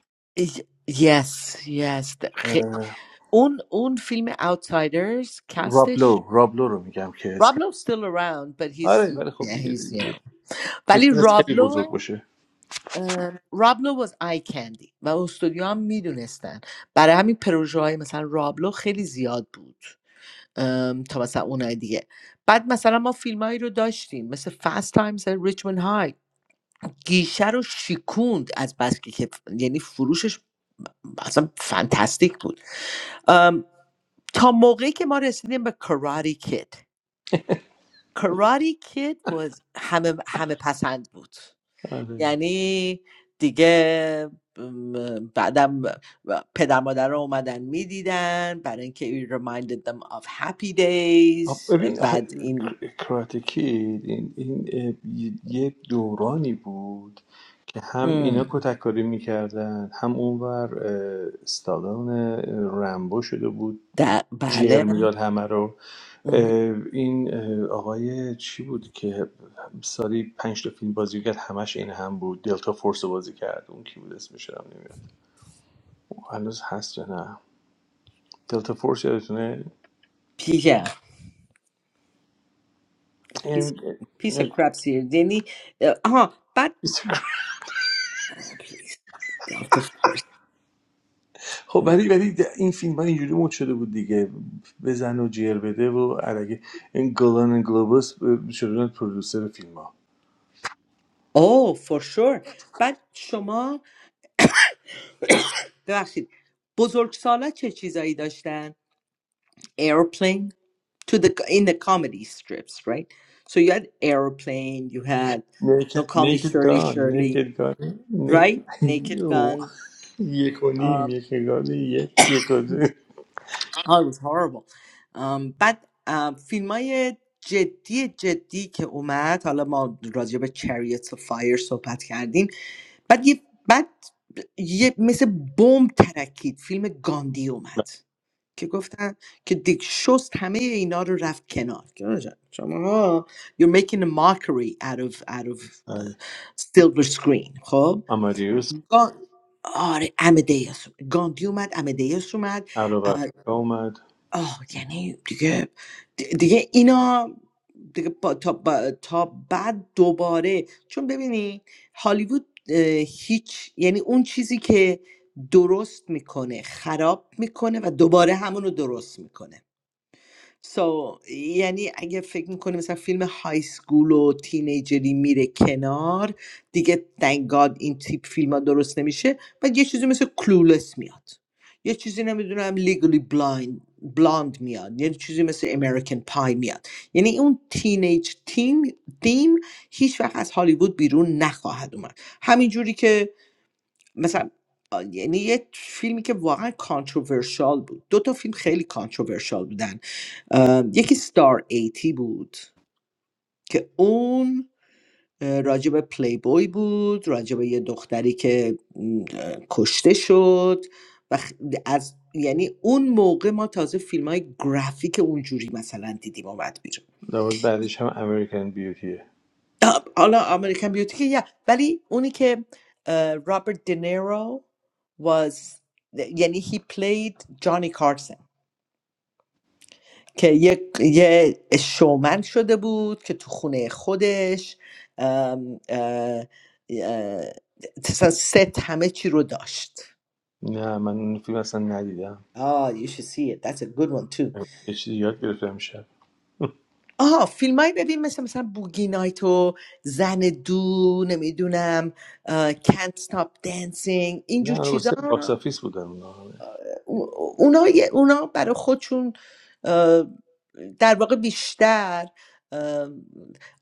S5: یس یس
S2: اه،
S5: اون اون فیلم Outsiders
S2: راب
S5: کستش
S2: لو راب لو رو میگم که اسکن
S5: رابلو still around but he's
S2: آره ولی خب
S5: yeah he's
S2: دیگه
S5: you know ولی
S2: میتونست خیلی بزرگ
S5: رابلو
S2: باشه
S5: رابلو was آی کندی و استودیو هم میدونستن برای همین پروژه های مثلا رابلو خیلی زیاد بود تا مثلا اونای دیگه بعد مثلا ما فیلمایی رو داشتیم مثل فست تایمز ریچموند های گیشه رو شیکوند از بس که یعنی فروشش اصلا فانتاستیک بود تا موقعی که ما رسیدیم به کراری کید کراری کید was همه همه پسند بود
S2: آره.
S5: یعنی دیگه بعدم پدر مادر رو اومدن میدیدن برای اینکه it reminded them of happy
S2: آب
S5: days
S2: ببین آخه
S5: بعد این
S2: کراتکید این, این اه، یه یه دورانی بود که هم اینا
S5: ام،
S2: کتککاری میکردن هم اونور اه، استادان اه، رمبو شده بود
S5: د-
S2: جر
S5: بله
S2: میداد همه رو
S5: مهم.
S2: اه، این اه، آقای چی بود که سالی پنج تا فیلم بازی کرد همش این هم بود دلتا فورس رو بازی کرد اون کی بود اسمش هم نمیاد هنوز هست یا نه دلتا فورس یادتونه
S5: yeah piece, piece
S2: این
S5: of crap serious یعنی آها بعد please Delta Force
S2: خب ولی ولی این فیلم ها اینجوری مد شده بود دیگه بزن و جیر بده و عرقه این گلان گلوبوس شدن پرودوسر فیلم ها
S5: Oh, for sure. بعد شما ببخشید بزرگسالا چه چیزایی داشتن؟ Airplane to the in the comedy strips, right? So you had Aeroplane, you had
S2: نیکد
S5: Don't Call Me
S2: نیکد
S5: Shirley
S2: گان
S5: Shirley,
S2: نیکد گان نیک
S5: right? Naked Gun.
S2: یک و نیم
S5: Um,
S2: یک گان یک یک و دو.
S5: oh, it was horrible. Um, بعد فیلم های جدی جدی که اومد حالا ما راجع به Chariots of Fire صحبت کردیم بعد یه بعد یه مثل بمب ترکید فیلم گاندی اومد که گفتن که دیک شست همه اینا رو رفت کنار شما ها you're making a mockery out of out of
S2: بله.
S5: silver screen خب
S2: آمادیوس
S5: گان... آره امدیس گاندی اومد امدیس اومد
S2: عرب
S5: آه
S2: افریقا اومد
S5: آه، یعنی دیگه دی- دیگه اینا دیگه با- تا, با- تا بعد دوباره چون ببینی هالیوود اه، هیچ یعنی اون چیزی که درست میکنه خراب میکنه و دوباره همونو درست میکنه سو یعنی اگه فکر میکنی مثلا فیلم های سکول و تینیجری میره کنار دیگه thank God این تیپ فیلم ها درست نمیشه بعد یه چیزی مثل کلولس میاد یه چیزی نمیدونم لیگلی بلایند بلاند میاد یه چیزی مثل امریکن پای میاد یعنی اون تینیج تیم تیم هیچ وقت از هالیوود بیرون نخواهد اومد همین جوری که مثلا آ، یعنی یه فیلمی که واقعا کانتروورشال بود دو تا فیلم خیلی کانتروورشال بودن ام، یکی ستار ایتی بود که اون اه، راجب پلی بوی بود راجب یه دختری که م، اه، کشته شد و خ- از یعنی اون موقع ما تازه فیلم های گرافیک اونجوری مثلا دیدیم اومد بیرون
S2: در واقع بعدش هم امریکن بیوتیه
S5: آه، حالا امریکن بیوتی که yeah. ولی اونی که رابرت دینیرو was یعنی he played جانی کارسن که یه, یه شومن شده بود که تو خونه خودش ام، اه، اه، اصلا ست همه چی رو داشت
S2: نه من اون فیلم اصلا ندیدم
S5: آه you should see it that's a good one too
S2: یه چیزی یاد گرفتم شب
S5: آها فیلم های ببین مثل مثلا بوگی نایت و زن دو نمیدونم can't stop dancing
S2: نه
S5: اینجور
S2: واسه
S5: چیزا
S2: باکس آفیس بودن اونا.
S5: او- اونا یه- اونا برای خودشون اه، در واقع بیشتر اه،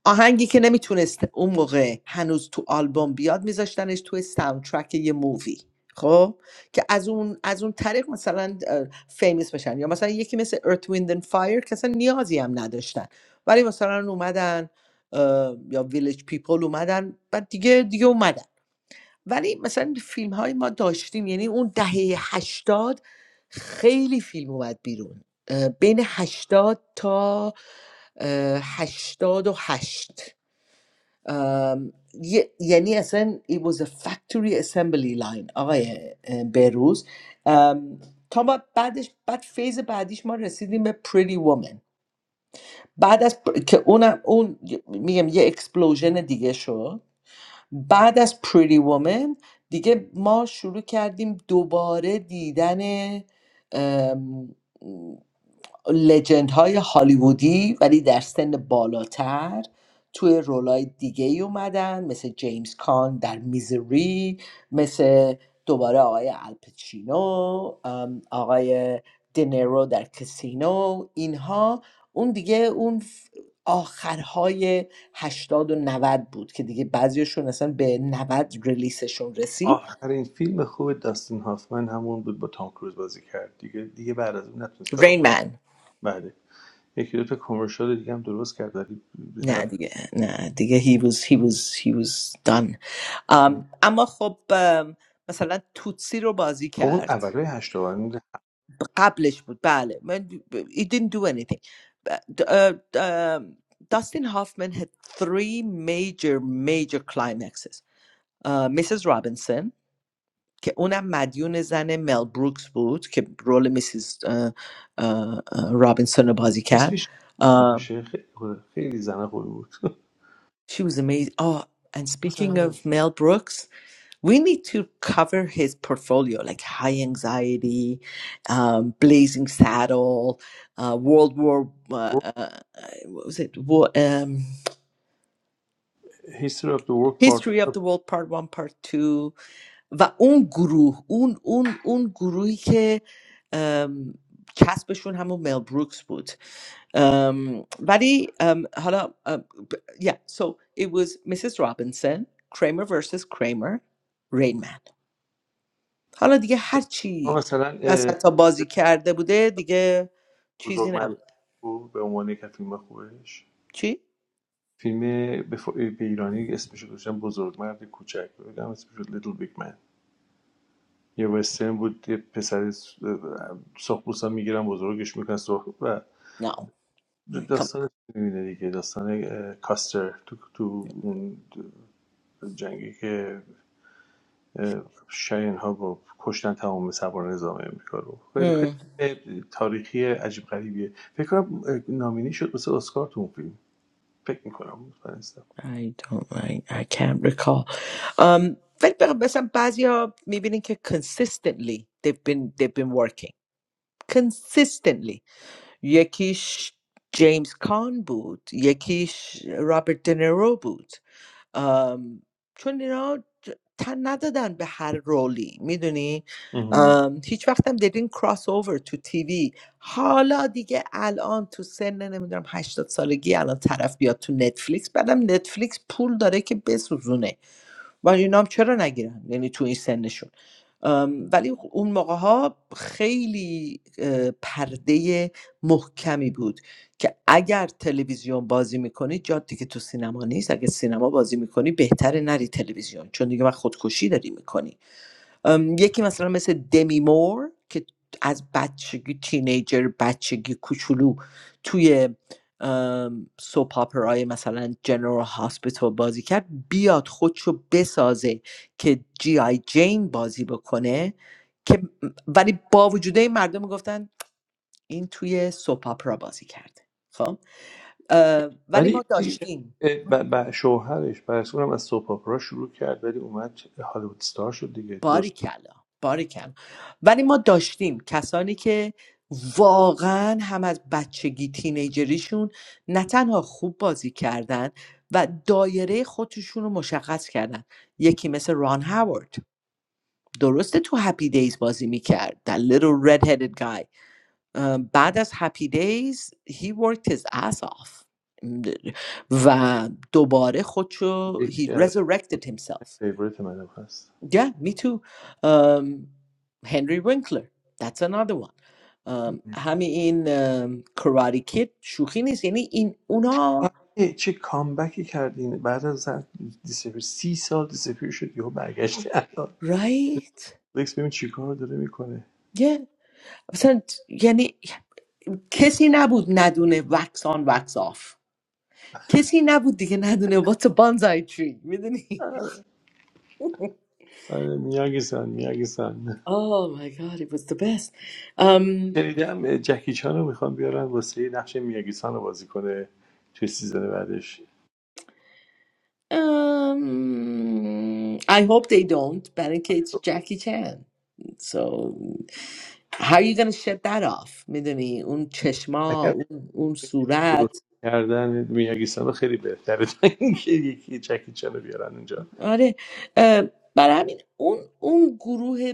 S5: آهنگی که نمیتونست اون موقع هنوز تو آلبوم بیاد میذاشتنش توی ساوندترک یه مووی خب که از اون از اون طریق مثلا فیمیس بشن یا مثلا یکی مثل Earth Wind and Fire که اصلا نیازی هم نداشتن ولی مثلا اومدن اه، یا ویلیج پیپل اومدن و دیگه دیگه اومدن ولی مثلا فیلم های ما داشتیم یعنی اون دهه هشتاد خیلی فیلم اومد بیرون اه، بین هشتاد تا اه، هشتاد و هشت یعنی اصلا it was a factory assembly line آقای اه، بهروز ام، تا ما بعدش بعد فیز بعدیش ما رسیدیم به pretty woman بعد از پر- که اونم اون میگم یه اکسپلوژن دیگه شد بعد از پریتی وومن دیگه ما شروع کردیم دوباره دیدن ام، لجند های هالیوودی ولی در سن بالاتر توی رولای دیگه ای اومدن مثل جیمز کان در میزری مثل دوباره آقای الپچینو ام، آقای دنیرو در کسینو اینها اون دیگه اون ف- آخرهای هشتاد و نود بود که دیگه بعضیشون اصلا به نود ریلیسشون رسید
S2: آخرین فیلم خوب داستین هافمن همون بود با تام کروز بازی کرد دیگه دیگه بعد از اون نتونست کار خوب
S5: رینمن
S2: بله یکی دو تا کمرشال دیگه هم درست کرد ولی به
S5: نه
S2: در
S5: دیگه نه دیگه he was he was he was done
S2: نخورد.
S5: ام، اما خب ام، مثلا توتسی رو بازی
S2: خب اون
S5: کرد
S2: اولای هشتاد
S5: قبلش بود بله من he didn't do anything ب- اه، ام، Dustin Hoffman had three major major climaxes اه، Mrs. Robinson که اونم مدیون زن مل بروکس بود که رول میسیز رابینسون رو بازی کرد
S2: اسمش
S5: اه،
S2: نمیشه خیلی خوبه. خیلی زنه خوبی بود
S5: She was amazing. Oh, and speaking of
S2: مثلا
S5: Mel Brooks, we need to cover his portfolio like high anxiety um, blazing saddle uh, world war uh, uh, what was it war, um,
S2: History of the World Part
S5: history of
S2: One.
S5: the world part one part two و اون گروه اون اون اون گروهی که ام، کسبشون همون مل بروکس بود ام، ولی ام، حالا ام، yeah so it was Mrs. Robinson Kramer versus Kramer Rain Man. حالا دیگه هر
S2: ما
S5: چی
S2: مثلا
S5: وسط
S2: اه،
S5: تا بازی کرده بوده دیگه چیزی
S2: بزرگ مرد
S5: نبوده
S2: بود به عنوان یک از فیلم خوبش
S5: چی؟
S2: فیلم به, ف... به ایرانی اسمش رو گذاشتن بزرگمرد کوچک بگم اسمش شد لیتل بیگ یه وسترن بود یه پسر سخبوس هم میگیرن بزرگش میکنن سرخ و
S5: نه no. I can't.
S2: داستان میبینه دیگه داستان کاستر تو, تو اون جنگی که شاین ها با کشتن تمام سوار نظام امریکا رو خیلی
S5: Hmm.
S2: خیلی تاریخی عجیب غریبیه فکر کنم نامینی شد مثل اسکار تو اون فیلم فکر میکنم مطمئن نیستم
S5: I don't I, I can't recall um, ولی بخ- مثلا بعضی ها میبینین که consistently they've been, they've been working consistently یکیش جیمز کان بود یکیش رابرت دنیرو بود ام، چون اینا ج- تن ندادن به هر رولی میدونی هیچ وقتم دیدین کراس اوور تو تیوی حالا دیگه الان تو سن نمیدونم هشتاد سالگی الان طرف بیاد تو نتفلیکس بعدم نتفلیکس پول داره که بسوزونه و اینا هم چرا نگیرن یعنی تو این سنشون ام، ولی اون موقع ها خیلی پرده محکمی بود که اگر تلویزیون بازی میکنی جاد دیگه تو سینما نیست اگر سینما بازی میکنی بهتره نری تلویزیون چون دیگه وقت خودکشی داری میکنی ام، یکی مثلا مثل دمی مور که از بچگی تینیجر بچگی کوچولو توی ام، سوپ آپرای مثلا جنرال هاسپیتال بازی کرد بیاد خودشو بسازه که جی آی جین بازی بکنه که ولی با وجود این مردم میگفتن این توی سوپ آپرا بازی کرده خب اه، ولی ما
S2: ولی
S5: داشتیم
S2: با شوهرش پس اونم از سوپ اپرا شروع کرد ولی اومد هالیوود ستار شد دیگه
S5: باریکلا باریکلا ولی ما داشتیم کسانی که واقعا هم از بچگی تینیجریشون نه تنها خوب بازی کردن و دایره خودشون رو مشخص کردن یکی مثل ران هاورد درسته تو هپی دیز بازی میکرد The little red-headed guy ام، بعد از هپی دیز he worked his ass off و دوباره خودشو he
S2: درست
S5: resurrected himself
S2: فیوریت منم هست
S5: Yeah, me too. Um, Henry Winkler, that's another one. Um, همین این um, Karate Kid شوخی نیست یعنی این اونا
S2: آره چه کامبکی کردین بعد از زن- دیسپیر سی سال دیسپیر شد یهو برگشتی الان
S5: right
S2: لکس ببین چیکار داره میکنه
S5: yeah مثلا یعنی کسی نبود ندونه wax on wax off کسی نبود دیگه ندونه what's a bonsai tree میدونی
S2: آره میاگی سان میاگی سان
S5: Oh my god, it was the best. Um,
S2: شنیدم جکی چان رو میخوان بیارن واسه نقش میاگی سان رو بازی کنه توی سیزن بعدش
S5: Um, I hope they don't. it's Jackie Chan. So how you gonna shut that off میدونی اون چشما
S2: اگر
S5: اون, اون
S2: درست
S5: صورت
S2: کردن میاگی سان رو خیلی بهتره تا اینکه یکی جکی چان رو بیارن اونجا
S5: آره اه، برای همین اون اون گروه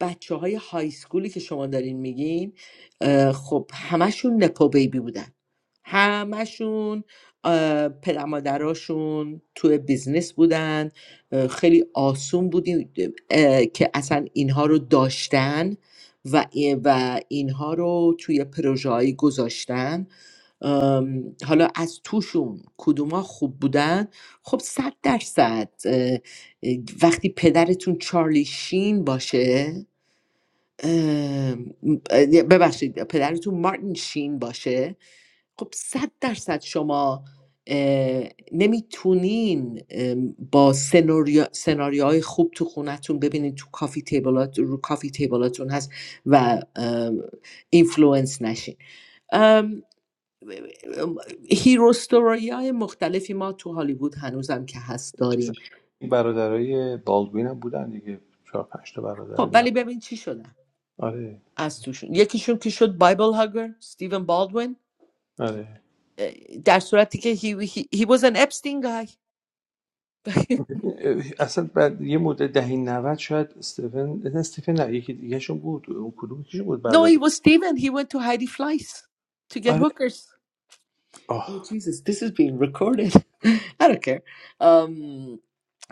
S5: بچه های های سکولی که شما دارین میگین اه، خب همشون نپو بیبی بودن همشون اه، پدر مادراشون توی بیزنس بودن خیلی آسون بودیم که اصلا اینها رو داشتن و, ای- و اینها رو توی پروژه گذاشتن حالا از توشون کدوما خوب بودن خب صد درصد اه، وقتی پدرتون چارلی شین باشه ام، ببخشید پدرتون مارتین شین باشه خب صد درصد شما اه، نمیتونین ام، با سناریو سناریوهای خوب تو خونتون ببینین تو کافی تیبلات رو کافی تیبلاتون هست و ام، اینفلوئنس نشین ام، هیرو ستوری های مختلفی ما تو هالیوود هنوزم که هست
S2: چیز
S5: داریم
S2: برادرای بالدوین هم بودن دیگه چهار پنج تا برادر
S5: خب
S2: اینا.
S5: ولی ببین چی شدن
S2: آره
S5: از توشون یکیشون کی شد بایبل هاگر استیون بالدوین
S2: آره
S5: اه، در صورتی که he, he, he was an Epstein guy
S2: اصلا بعد یه مدت دهه 90 شاید استیون نه استیون نه یکی دیگهشون بود اون کدوم یکیشون بود
S5: no he
S2: برادر
S5: was Steven he went to Heidi Fleiss to get
S2: آره
S5: hookers oh
S2: آه
S5: Jesus this is being recorded I don't care um,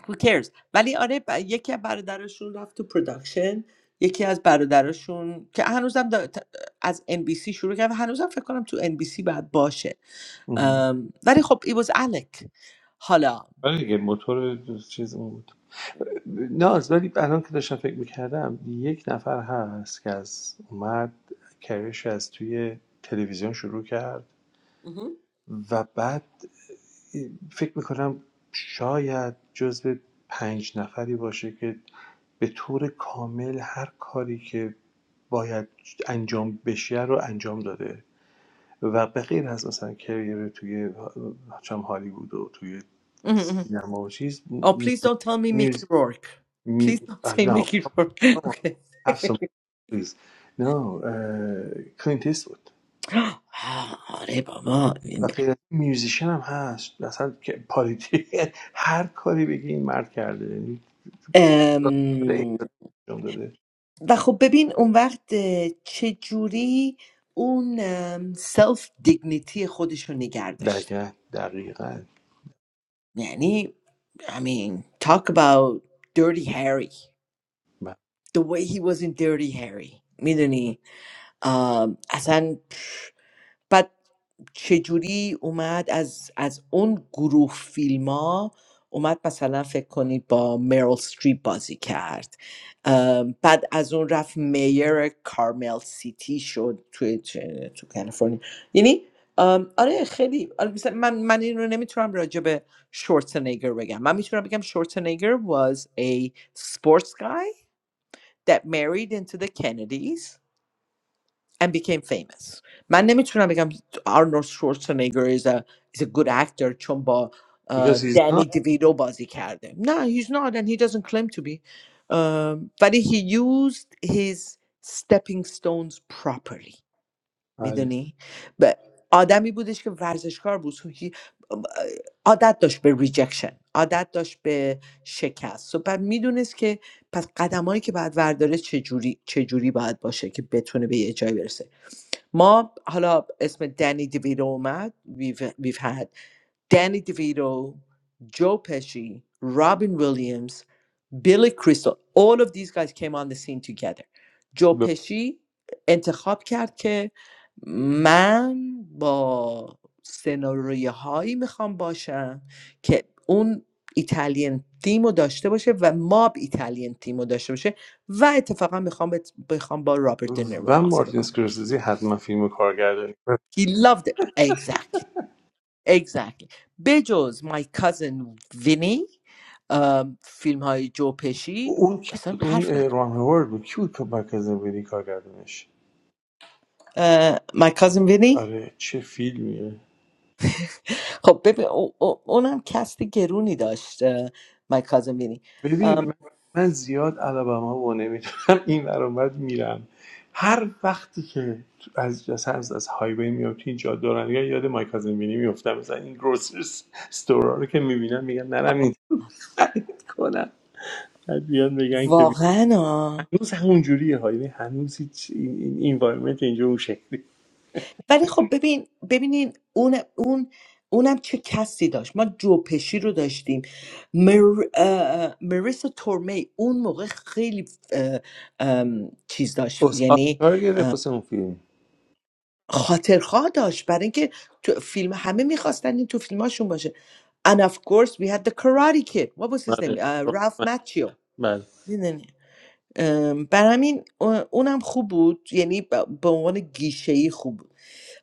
S5: who cares ولی آره ب- یکی از برادرشون رفت تو پروداکشن یکی از برادرشون که هنوزم دا- ت- از NBC شروع کرد و هنوزم فکر کنم تو NBC باید باشه
S2: مهم.
S5: ام، ولی خب it was Alec حالا
S2: آره دیگه موتور چیز اون بود ناز ولی الان که داشتم فکر میکردم یک نفر هست که از اومد کریش از توی تلویزیون شروع کرد و بعد فکر میکنم شاید جزو پنج نفری باشه که به طور کامل هر کاری که باید انجام بشه رو انجام داده و به غیر از مثلا کریر توی چم هالیوود و توی
S5: مهم.
S2: سینما و چیز
S5: Oh,
S2: م-
S5: please don't tell me Mickey
S2: میوز
S5: Rourke. Please
S2: می
S5: don't
S2: آه،
S5: say
S2: نه
S5: Mickey Rourke. Okay.
S2: هفت پلیز نه کلینت بود
S5: آره بابا
S2: و غیر از این میوزیشن هم هست مثلا که پالیتی هر کاری بگی این مرد کرده یعنی داره
S5: ام،
S2: اکسلنس انجام داده
S5: و خب ببین اون وقت چجوری اون سلف دیگنیتی خودش رو نگر داشته
S2: دقیقا دقیقا
S5: یعنی I mean talk about Dirty Harry
S2: ب-
S5: the way he was in Dirty Harry میدونی اصلا بعد چجوری اومد از از اون گروه فیلم ها اومد مثلا فکر کنید با میرل استریپ بازی کرد ام، بعد از اون رفت میر کارمل سیتی شد توی چه- تو کالیفرنیا یعنی ام، آره خیلی آره مثلا من من این رو نمیتونم راجع به شورتنگر بگم من میتونم بگم شورتنگر was a sports guy that married into the Kennedys and became famous من نمیتونم بگم آرنولد شورسنگر is a, is a good actor چون با آه،
S2: because he's
S5: دنی
S2: not
S5: دیویدو بازی کرده نه he's not and he doesn't claim to be آم، ولی he used his stepping stones properly
S2: آره.
S5: میدونی ب- آدمی بودش که ورزشکار بود so he- عادت داشت به ریجکشن عادت داشت به شکست و بعد میدونست که پس قدمایی که باید ورداره چجوری چجوری باید باشه که بتونه به یه جایی برسه ما حالا اسم دنی دیویدو اومد we've, we've had دنی دیویدو جو پشی رابین ویلیامز بیلی کریستال all of these guys came on the scene together جو
S2: ب-
S5: پشی انتخاب کرد که من با سناریوهایی میخوام باشم که اون ایتالیان تیم رو داشته باشه و ماب ایتالیان تیم رو داشته باشه و اتفاقا میخوام بت- بخوام با رابرت دنیرو
S2: و
S5: بازی
S2: مارتین
S5: بکنم
S2: سکورسیزی حتما فیلم کارگردانی کرد.
S5: He loved it. Exactly. Exactly. بجز my cousin Vinny فیلم های جو پشی
S2: اون کی
S5: اصلا
S2: بود اون
S5: حرف
S2: اه،
S5: نداره
S2: ران هوارد بود کی بود که مرکز بدی کارگردانش
S5: اه، my cousin Vinny
S2: آره چه فیلمیه
S5: خب ببین او- او- اونم کست گرونی داشت اه، my cousin Vinny
S2: ببین
S5: ام،
S2: من, من زیاد الاباما و نمیتونم این برامت میرم هر وقتی که تو- از از از, از هایوی میام تو این جاده دارن یاد مایکل زنبینی میفتم مثلا این گروسر استورا رو که میبینم میگم نرم
S5: آه،
S2: کنم بعد بیان بگن که
S5: واقعا
S2: هنوز همون ها یعنی هنوز هیچ این این اینوایرمنت اینجا اون شکلی
S5: ولی خب ببین ببینین اون اون اونم چه کسی داشت ما جوپشی رو داشتیم مر... اه، مریسا تورمی اون موقع خیلی اه، ام، چیز داشت
S2: اس
S5: یعنی
S2: آسکار گرفت واسه اون فیلم
S5: خاطرخواه داشت برای اینکه تو فیلم همه میخواستن این تو فیلماشون باشه and of course we had the karate kid what was his name
S2: بله
S5: uh, Ralph
S2: رامن.
S5: Macchio
S2: بله
S5: ام، بر همین اونم خوب بود یعنی ب- به عنوان گیشه خوب بود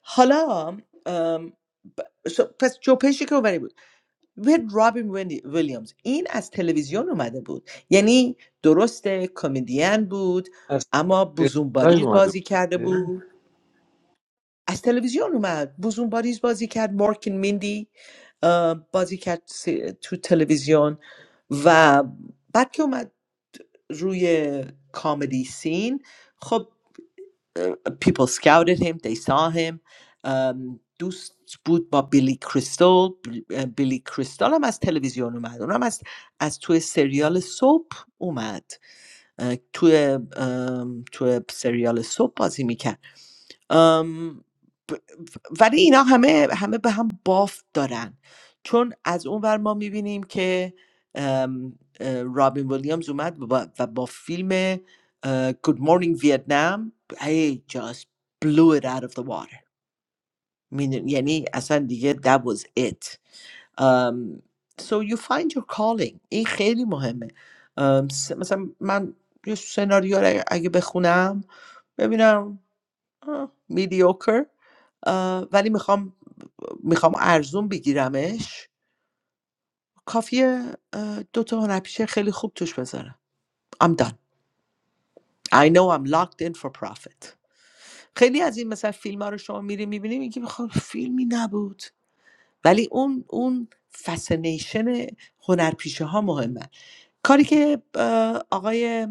S5: حالا ام، ب- س- پس جوپشی که اومده بود و رابین ویلی- ویلیامز این از تلویزیون اومده بود یعنی درسته کمدین بود
S2: از
S5: اما بوزونباریز بازی کرده
S2: بله.
S5: بود از تلویزیون اومد بوزونباریز بازی کرد مارکن میندی ام، بازی کرد س- تو تلویزیون و بعد که اومد روی کامدی سین خب people scouted him they saw him ام، دوست بود با بیلی کریستال بیلی کریستال هم از تلویزیون اومد اونم از از توی سریال سوپ اومد توی توی سریال سوپ بازی میکرد ام، ب- ولی اینا همه همه به هم بافت دارن چون از اون ور ما میبینیم که ام، اه، رابین ویلیامز اومد و با, و با فیلم اه، Good Morning Vietnam هی just blew it out of the water می‌دونی، یعنی اصلا دیگه that was it ام، so you find your calling این خیلی مهمه ام، س- مثلا من یه سناریو رو اگه اگه بخونم ببینم آه، mediocre آه، ولی میخوام میخوام ارزون بگیرمش کافیه اه، دو تا هنرپیشه خیلی خوب توش بذارم I'm done I know I'm locked in for profit خیلی از این مثلا فیلم ها رو شما میری میبینی میگی بخوام فیلمی نبود ولی اون اون فسینیشن هنرپیشه ها مهمه کاری که اه، آقای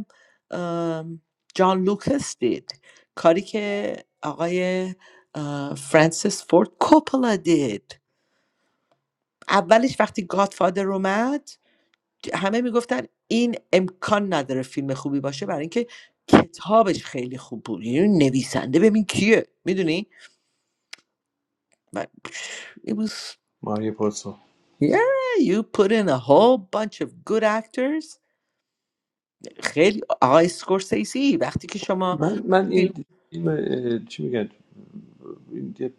S5: ام، جان لوکس دید کاری که آقای اه، فرانسیس فورد کوپلا دید اولش وقتی گادفادر اومد همه میگفتن این امکان نداره فیلم خوبی باشه برای اینکه کتابش خیلی خوب بود یعنی نویسنده ببین کیه میدونی
S2: ماریو پورسو
S5: Yeah, you put in a whole bunch of good actors. خیلی آقای اسکورسیسی وقتی که شما
S2: من من این
S5: فیلم
S2: فیلم اه، چی میگن این یه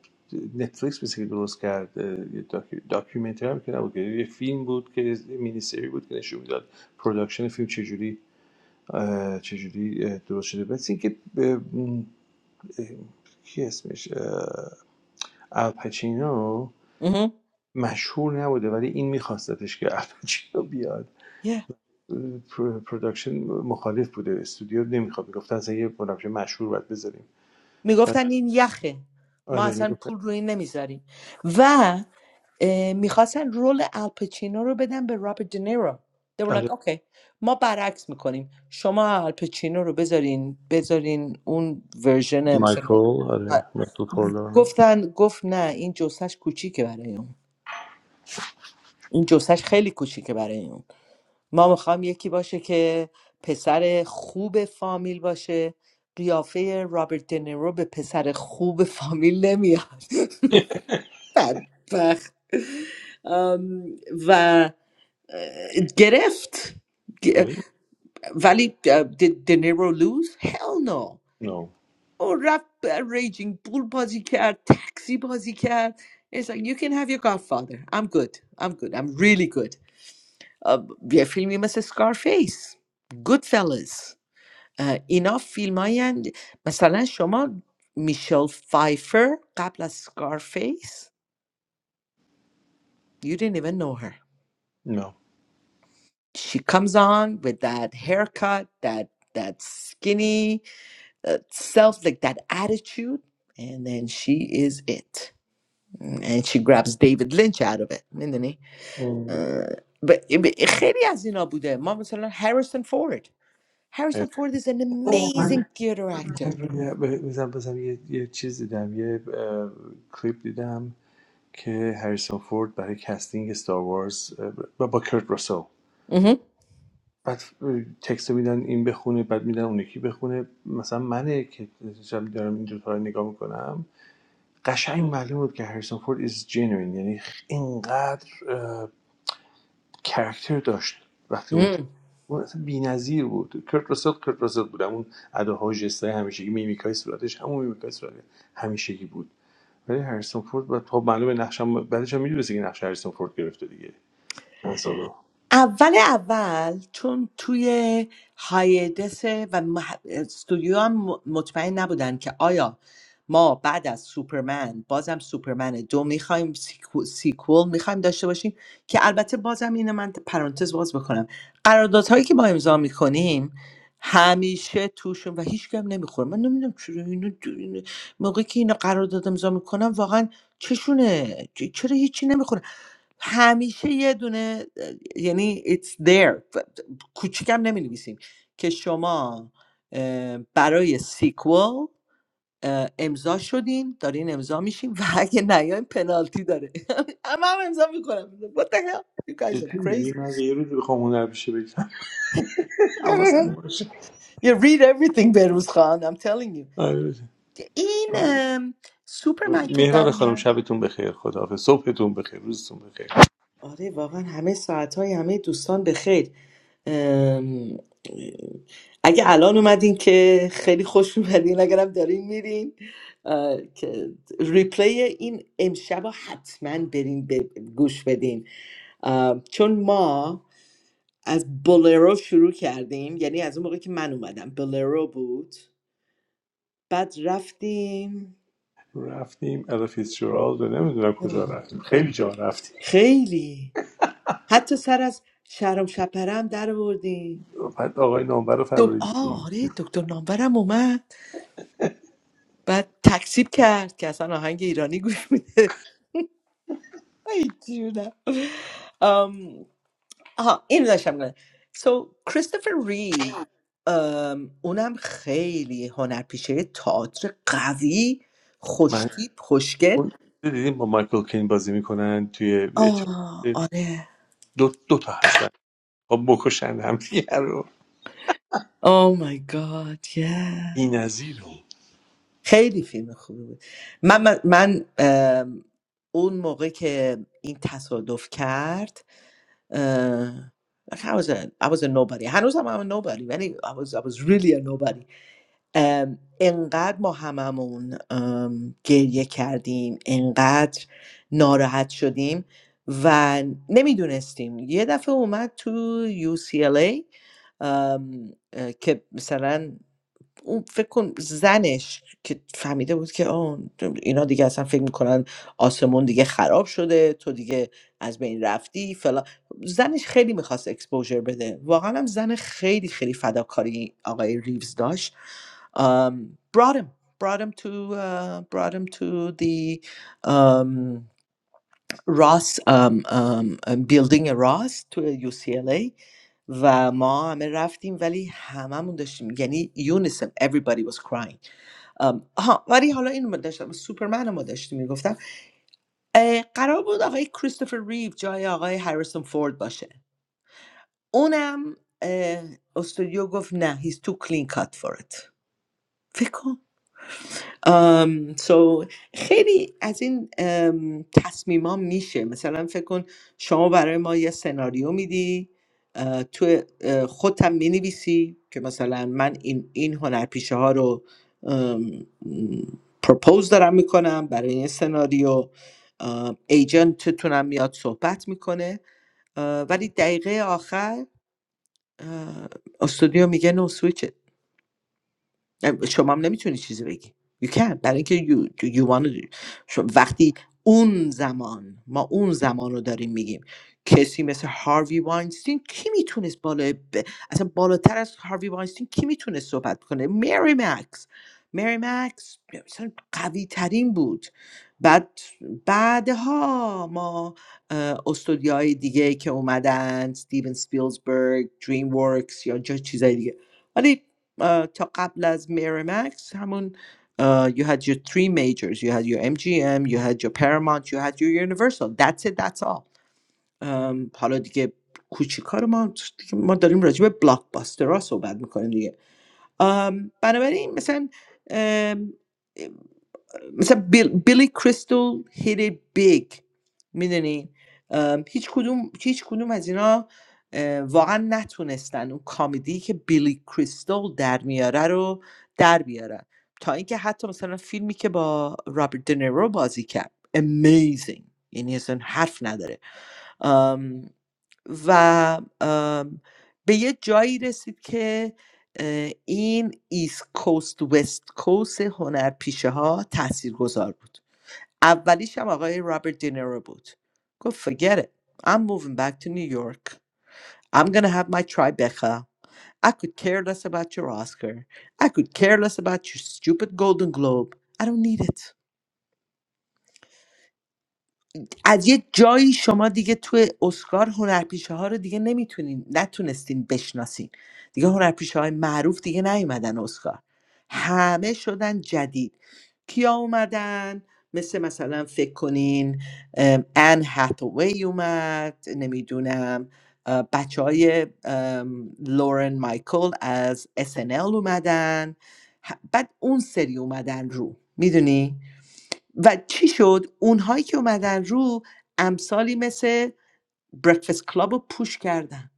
S2: نتفلیکس مثل که درست کرد اه، یه داکی- داکیومنتری هم که نبود که یه فیلم بود که مینی سری بود که نشون میداد پروداکشن فیلم چجوری اه، چجوری اه، درست شده بس اینکه کی اسمش اه، الپچینو
S5: مهم.
S2: مشهور نبوده ولی این میخواستتش که الپچینو بیاد
S5: Yeah.
S2: پر- پروداکشن مخالف بوده استودیو نمیخواد میگفت از یه پروداکشن مشهور باید بذاریم بعد
S5: میگفتن این یخه ما
S2: آره
S5: اصلا
S2: میگفت
S5: پول روی این نمیذاریم و اه، میخواستن رول الپچینو رو بدن به رابرت دنیرو They were like,
S2: آره
S5: okay, ما برعکس میکنیم شما الپچینو رو بذارین بذارین اون ورژن مثلا
S2: مایکل
S5: آ،
S2: آره مایکل کورلونه
S5: گفتن گفت نه این جسش کوچیکه برای اون این جسش خیلی کوچیکه برای اون ما میخوام یکی باشه که پسر خوب فامیل باشه قیافه رابرت دنیرو به پسر خوب فامیل نمیاد بدبخت ام، و اه، گرفت گ-
S2: آره
S5: ولی دنیرو لوز هل نو
S2: نو
S5: او رفت ریجینگ بول بازی کرد تاکسی بازی کرد It's like you can have your godfather I'm good I'm good I'm really good ام، یه فیلمی مثل Scarface Goodfellas اه، اینا فیلم هایی مثلا شما میشل فایفر قبل از سکارفیس you didn't even know her
S2: نو
S5: she comes on with that haircut that that skinny uh, self like that attitude and then she is it and she grabs David Lynch out of it میدونی اه، ب- ب- خیلی از اینا بوده ما مثلا Harrison Ford. Harrison Ford is an
S2: اوه
S5: amazing
S2: من
S5: theater
S2: من
S5: actor
S2: روی- بزن بزن یه, یه چیز دیدم یه کلیپ دیدم که هریسون فورد برای کستینگ استار وارز و با کرت راسل بعد تکست میدن این بخونه بعد میدن اون یکی بخونه مثلا منه که شب دارم این دوتا رو نگاه میکنم قشنگ معلوم بود که هریسون فورد is genuine یعنی اینقدر کرکتر داشت وقتی اون ت-
S5: مهم.
S2: اون اصلا بی‌نظیر بود کرت راسل کرت راسل بود اون اداها و جستای همیشگی میمیکای صورتش همون میمیکای صورت همیشگی بود ولی هریسون فورد و تا معلومه نقشم بعدش هم میدونستی که نقش هریسون فورد گرفته دیگه مثلا
S5: اول اول چون توی هایدسه و مح... استودیو هم مطمئن نبودن که آیا ما بعد از سوپرمن بازم سوپرمن دو میخوایم سیکو... سیکول میخوایم داشته باشیم که البته بازم اینو من پرانتز باز بکنم قراردادهایی که ما امضا میکنیم همیشه توشون و هیچ کم نمیخوره من نمیدونم چرا اینو دو- اینو- موقعی که اینو قرارداد امضا میکنم واقعا چشونه چ- چرا هیچی نمیخوره همیشه یه دونه یعنی it's there کوچیکم نمی نویسیم که شما اه، برای سیکوال اه، امضا شدین دارین امضا میشیم و اگه نیایم پنالتی داره هم هم امضا میکنم what the hell you guys
S2: جدی
S5: are
S2: میگی
S5: crazy
S2: من اگه یه روزی بخوام هنر بشه بگم حواسم باشه
S5: you read everything بروز خان I'm telling you
S2: آره. باشه.
S5: این ام، سوپرمن که در
S2: مهران
S5: اومد
S2: خانم شبتون بخیر خداحافظ صبحتون بخیر روزتون بخیر
S5: آره واقعا همه ساعتهای همه دوستان به خیر ام، اگه الان اومدین که خیلی خوش اومدین اگرم دارین میرین اه، که ریپلی این امشبا حتما برین ب- گوش بدین اه، چون ما از بولرو شروع کردیم یعنی از اون موقع که من اومدم بولرو بود بعد رفتیم
S2: رفتیم الا فیtzgerald رو نمیدونم کجا
S5: آه.
S2: رفتیم خیلی جا رفتیم
S5: خیلی حتی سر از شرم شپره هم در آوردیم
S2: بعد آقای نامور رو
S5: دک...
S2: فراری
S5: آه
S2: دیدیم
S5: آره دکتر نامورم اومد بعد تکسیب کرد که اصلا آهنگ ایرانی گوش میده ای جونم آم، آها این داشتم نه سو کریستوفر ری اونم خیلی هنرپیشه تئاتر قوی
S2: من
S5: خوشتیپ خوشگل
S2: اون دیدیم با مایکل کین بازی میکنن توی
S5: آه
S2: اتحاد
S5: آره
S2: دو, دو تا هستن خب بکشن هم دیگه رو
S5: او مای گاد
S2: بی
S5: خیلی فیلم خوبی بود من من, من، ام، اون موقع که این تصادف کرد uh, like I was a I was a nobody هنوزم I'm a nobody ولی I was I was really a nobody um, انقدر ما هممون um, گریه کردیم انقدر ناراحت شدیم و نمیدونستیم یه دفعه اومد تو UCLA um, اه، که مثلا اون فکر کن زنش که فهمیده بود که آه اینا دیگه اصلا فکر میکنن آسمون دیگه خراب شده تو دیگه از بین رفتی فلا زنش خیلی میخواست اکسپوژر بده واقعا هم زن خیلی خیلی فداکاری آقای ریوز داشت um, brought him brought him to uh, brought him to the um, راس ام، ام، ام، بیلدینگ راس توی UCLA و ما همه رفتیم ولی هممون داشتیم یعنی یونیسم everybody was crying ام، آها ولی حالا اینو ما داشتم سوپرمن رو ما داشتیم میگفتم اه، قرار بود آقای کریستوفر ریو جای آقای هریسون فورد باشه اونم اه، استودیو گفت نه he's too clean cut for it فکر کن ام، سو خیلی از این ام، تصمیما میشه مثلا فکر کن شما برای ما یه سناریو میدی اه، تو اه، خودتم مینویسی که مثلا من این این هنرپیشه ها رو پروپوز دارم میکنم برای این سناریو اه، ایجنتتونم میاد صحبت میکنه اه، ولی دقیقه آخر اه، استودیو میگه نو شما هم نمیتونی چیزی بگی you can برای اینکه you, you wanna do. شما- وقتی اون زمان ما اون زمان رو داریم میگیم کسی مثل هاروی واینستین کی میتونست بالا ب... اصلا بالاتر از هاروی واینستین کی میتونست صحبت کنه مری مکس مری مکس مثلا قوی ترین بود بعد بعدها ما اه، استودیوهای دیگه که اومدن ستیون سپیلزبرگ دریم ورکس یا جا چیزای دیگه ولی اه، تا قبل از میرمکس همون اه، you had your three majors you had your MGM you had your Paramount you had your Universal that's it that's all ام، حالا دیگه کوچیکا ما دیگه ما داریم راجع به بلاکباسترها صحبت میکنیم دیگه ام، بنابراین مثلا um, مثلا بیل، بیلی کریستل هیت بیگ میدونی هیچ کدوم هیچ کدوم از اینا اه، واقعا نتونستن اون کامیدی که بیلی کریستل در میاره رو در بیارن تا اینکه حتی مثلا فیلمی که با رابرت دنیرو بازی کرد amazing یعنی اصلا حرف نداره و ام، به یه جایی رسید که اه، این ایست کوست وست کوست هنرپیشه ها تأثیر گذار بود اولیش هم آقای رابرت دینیرو بود گفت forget it I'm moving back to New York I'm gonna have my Tribeca I could care less about your Oscar I could care less about your stupid Golden Globe I don't need it از یه جایی شما دیگه توی اسکار هنرپیشه ها رو دیگه نمیتونین نتونستین بشناسین دیگه هنرپیشه های معروف دیگه نیومدن اسکار همه شدن جدید کیا اومدن مثل مثلا فکر کنین ام، ان هاتوی اومد نمیدونم بچه های لورن مایکل از SNL اومدن ه- بعد اون سری اومدن رو میدونی و چی شد اونهایی که اومدن رو امثالی مثل برکفست کلاب رو پوش کردن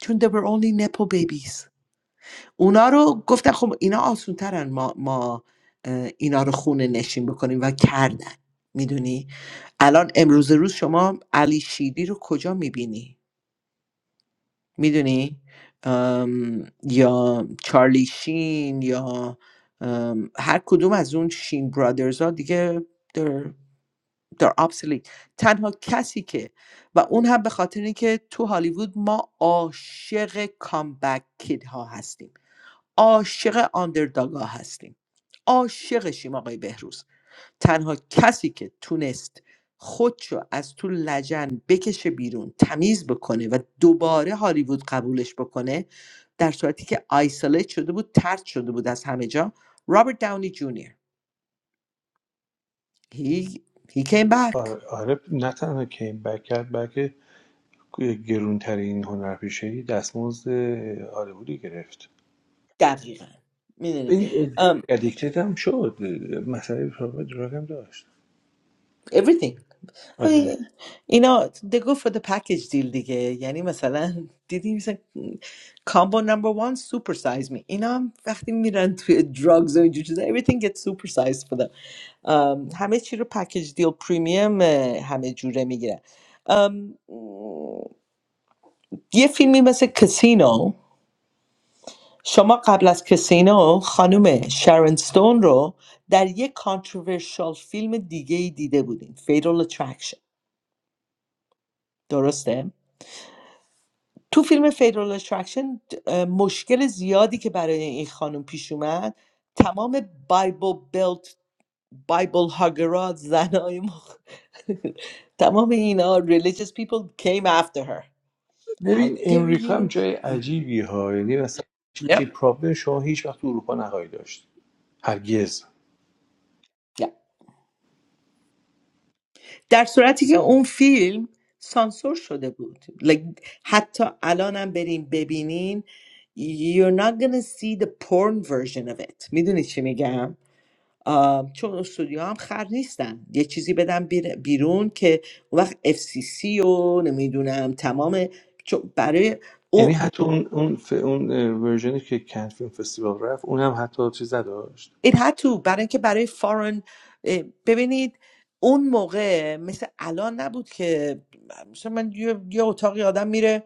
S5: چون they were only nepo babies اونا رو گفتن خب اینا آسون ترن ما, ما اه، اینا رو خونه نشین بکنیم و کردن میدونی الان امروز روز شما علی شیدی رو کجا میبینی میدونی یا چارلی شین یا ام، هر کدوم از اون شین برادرز ها دیگه دار obsolete تنها کسی که و اون هم به خاطر اینکه تو هالیوود ما عاشق کامبک کید ها هستیم عاشق آندرداگ ها هستیم عاشقشیم آقای بهروز تنها کسی که تونست خودشو از تو لجن بکشه بیرون تمیز بکنه و دوباره هالیوود قبولش بکنه در صورتی که آیسولیت شده بود ترد شده بود از همه جا رابرت داونی جونیور he, he came back
S2: آره, آره نه تنها کین بک کرد بلکه گرونترین هنرپیشه دستمزد هالیوودی گرفت
S5: دقیقا میدونی
S2: این
S5: um,
S2: ادیکتد هم شد مسئله پرابلم دراگ هم داشت
S5: everything آی،
S2: آره.
S5: اینا they go for the package deal دیگه یعنی مثلا دیدی مثلا کامبو نمبر وان سوپر سایز می اینا هم وقتی میرن توی drugs و اینجور چیزا everything gets super sized for them آم، همه چی رو پکیج دیل پریمیم همه جوره میگیرن um, یه فیلمی مثل کسینو شما قبل از کسینو خانم شارون ستون رو در یک کانتروورشال فیلم دیگه ای دیده بودین فیدرال اترکشن درسته؟ تو فیلم فیدرال اترکشن مشکل زیادی که برای این خانم پیش اومد تمام بایبل بلت بایبل هاگرات زنای مخ... تمام اینا religious people came after her how
S2: ببین
S5: dare
S2: امریکا هم
S5: you
S2: جای عجیبی ها یعنی مثلا چی
S5: Yep.
S2: پرابلم شما هیچ وقت اروپا نخواهید داشت هرگز
S5: در صورتی که اون فیلم سانسور شده بود like, حتی الانم بریم ببینین you're not gonna see the porn version of it میدونی چی میگم آم، چون استودیو هم خر نیستن یه چیزی بدن بیر- بیرون که اون وقت FCC و نمیدونم تمام چون برای
S2: یعنی حتی اون اون ف... اون ورژنی که کن فیلم فستیوال رفت اونم حتی چیز داشت
S5: it had to برای اینکه برای فارن ببینید اون موقع مثل الان نبود که مثلا من یه, یه اتاقی آدم میره